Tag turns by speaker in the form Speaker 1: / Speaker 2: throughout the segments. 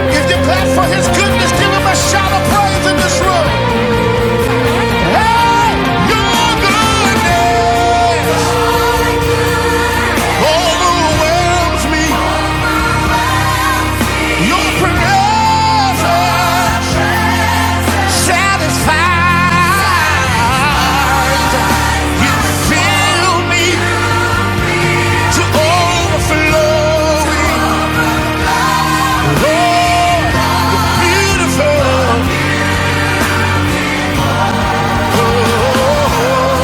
Speaker 1: If you clap for his goodness, give him a shout of praise in this room. Hey, your goodness overwhelms me. Your presence satisfies. You fill me to overflowing. Oh, the beautiful. Oh,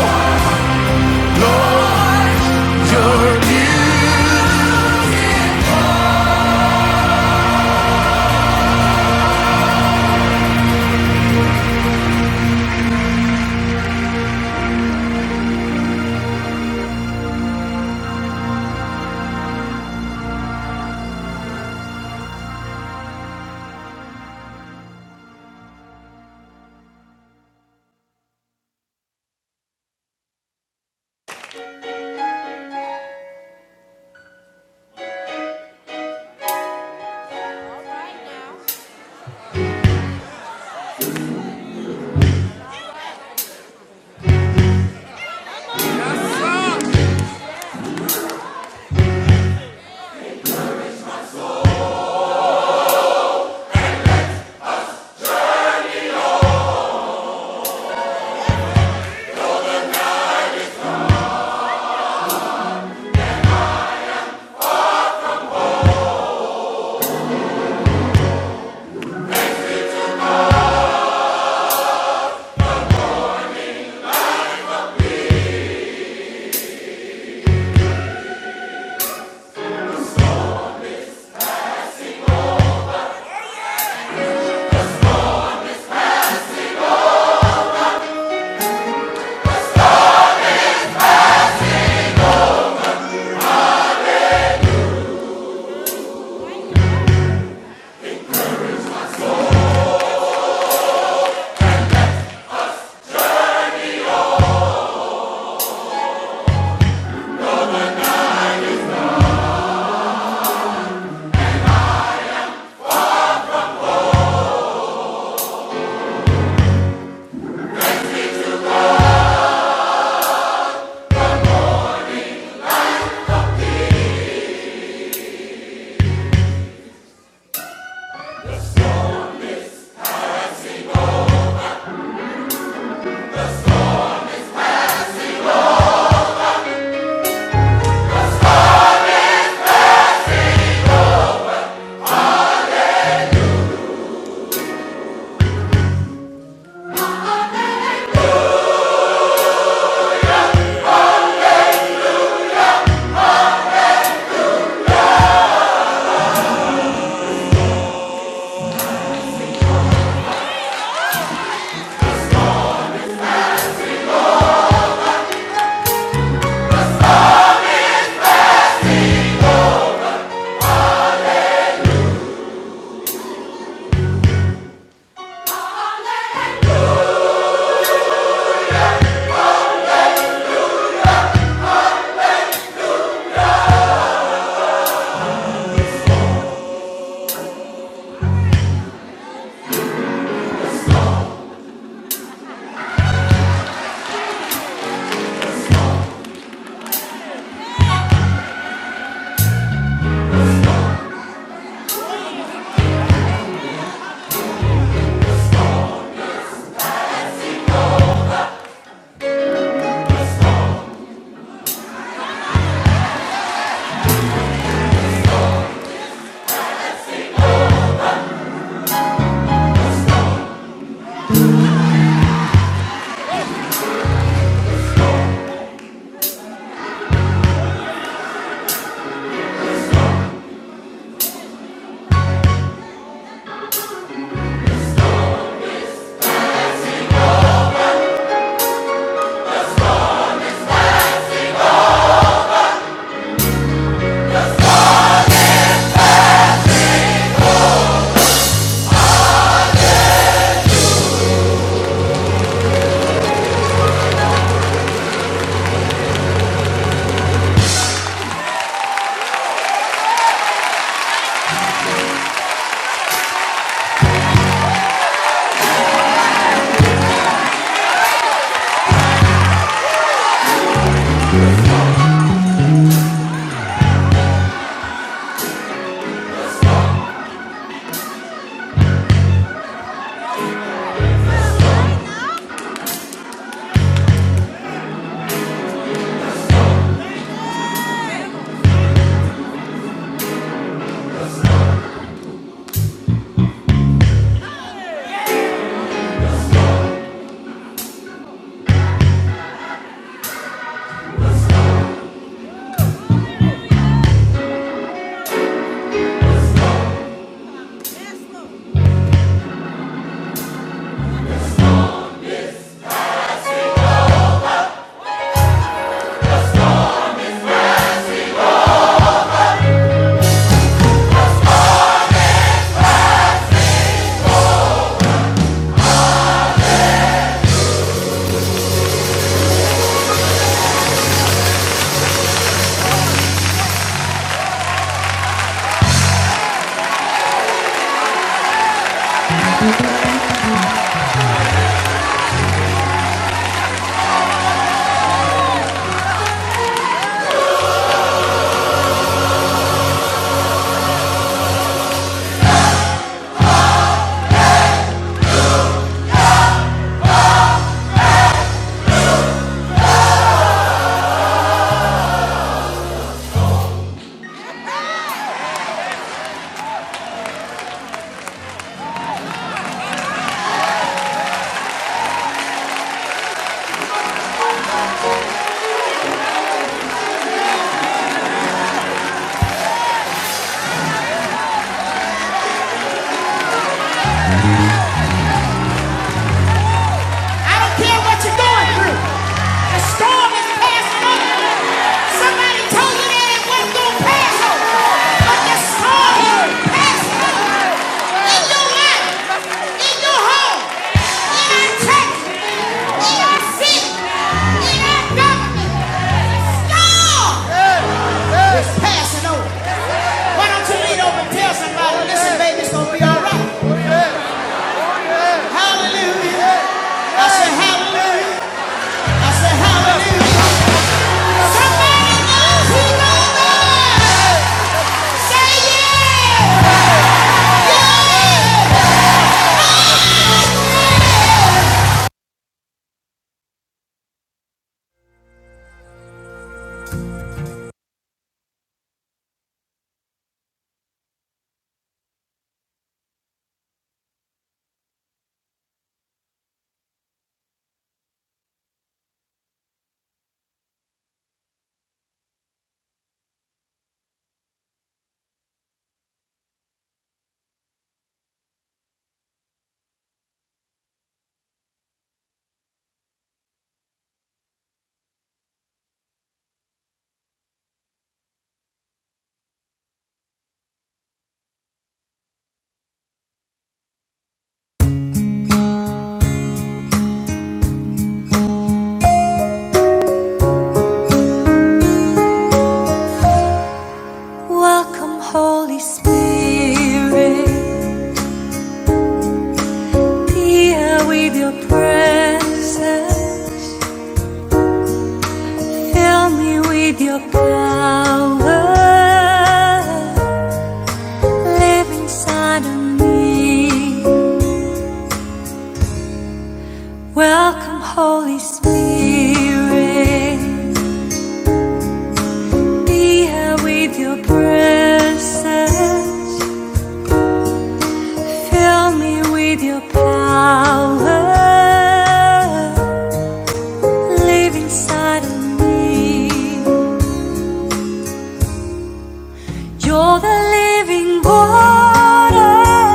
Speaker 1: I don't care what you're going through. The storm is passing over. Somebody told you that it wasn't going to pass over. But the storm is passing over. In your life, in your home, in our church, in our city, in our government, the storm is passing over. Why don't you lean over and tell somebody, listen, baby, it's going to be all right. Hallelujah. I said hallelujah. I said hallelujah. Somebody knows who knows that. Say yeah. Welcome, Holy Spirit. Be with your presence. Fill me with your power. Live inside of me. Welcome, Holy Spirit. Here with your presence, fill me with your power. Live inside of me. You're the living water,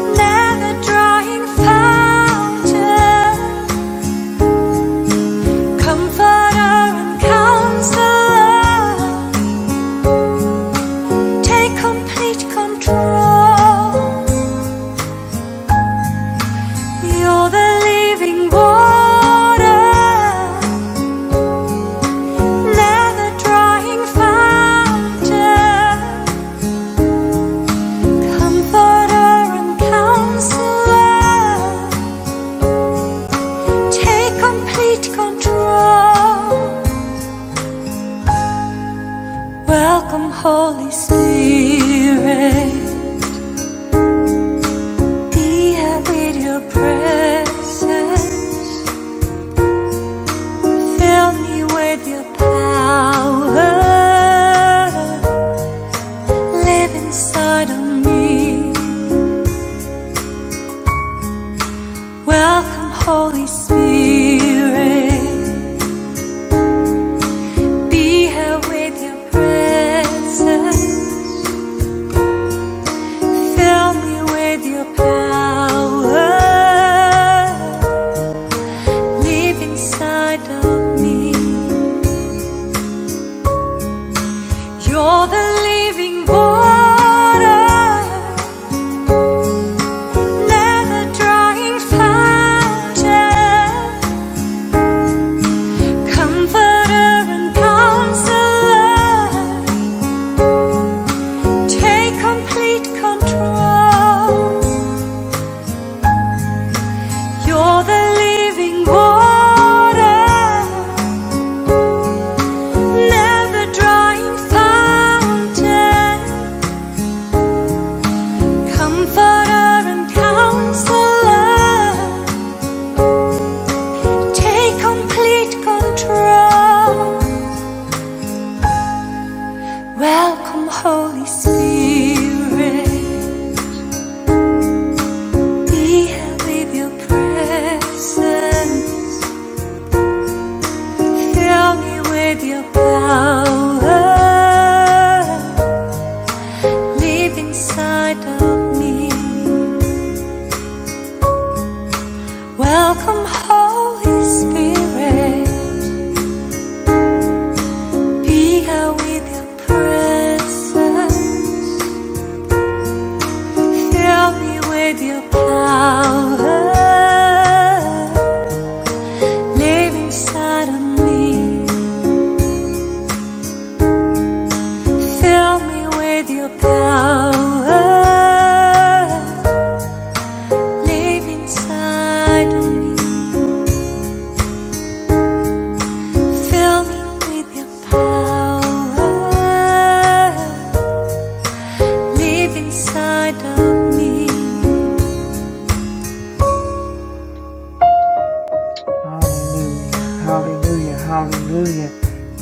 Speaker 1: never drying fountain, comforter and counselor. Take complete control. You're the living water. Leather drawing fighter, comforter and counselor. Take complete control. Welcome, Holy Spirit. Be here with your presence. Fill me with your power. Live inside of me. Welcome, Holy Spirit. Be here with your presence. Fill me with your power. Live inside of me. You're the living water. Never drying fountain. Comforter and counselor. Take complete control. You're the living water. Never drawing fountain, comforter and counselor. Take complete control. Welcome, Holy Spirit. Be with your presence. Fill me with your power. Live inside of me. Welcome, Holy Spirit. Be here with your presence, fill me with your power. Live inside of me, fill me with your power. Live inside of me, fill me with your power. Live inside of me,
Speaker 2: Hallelujah. Hallelujah. Hallelujah.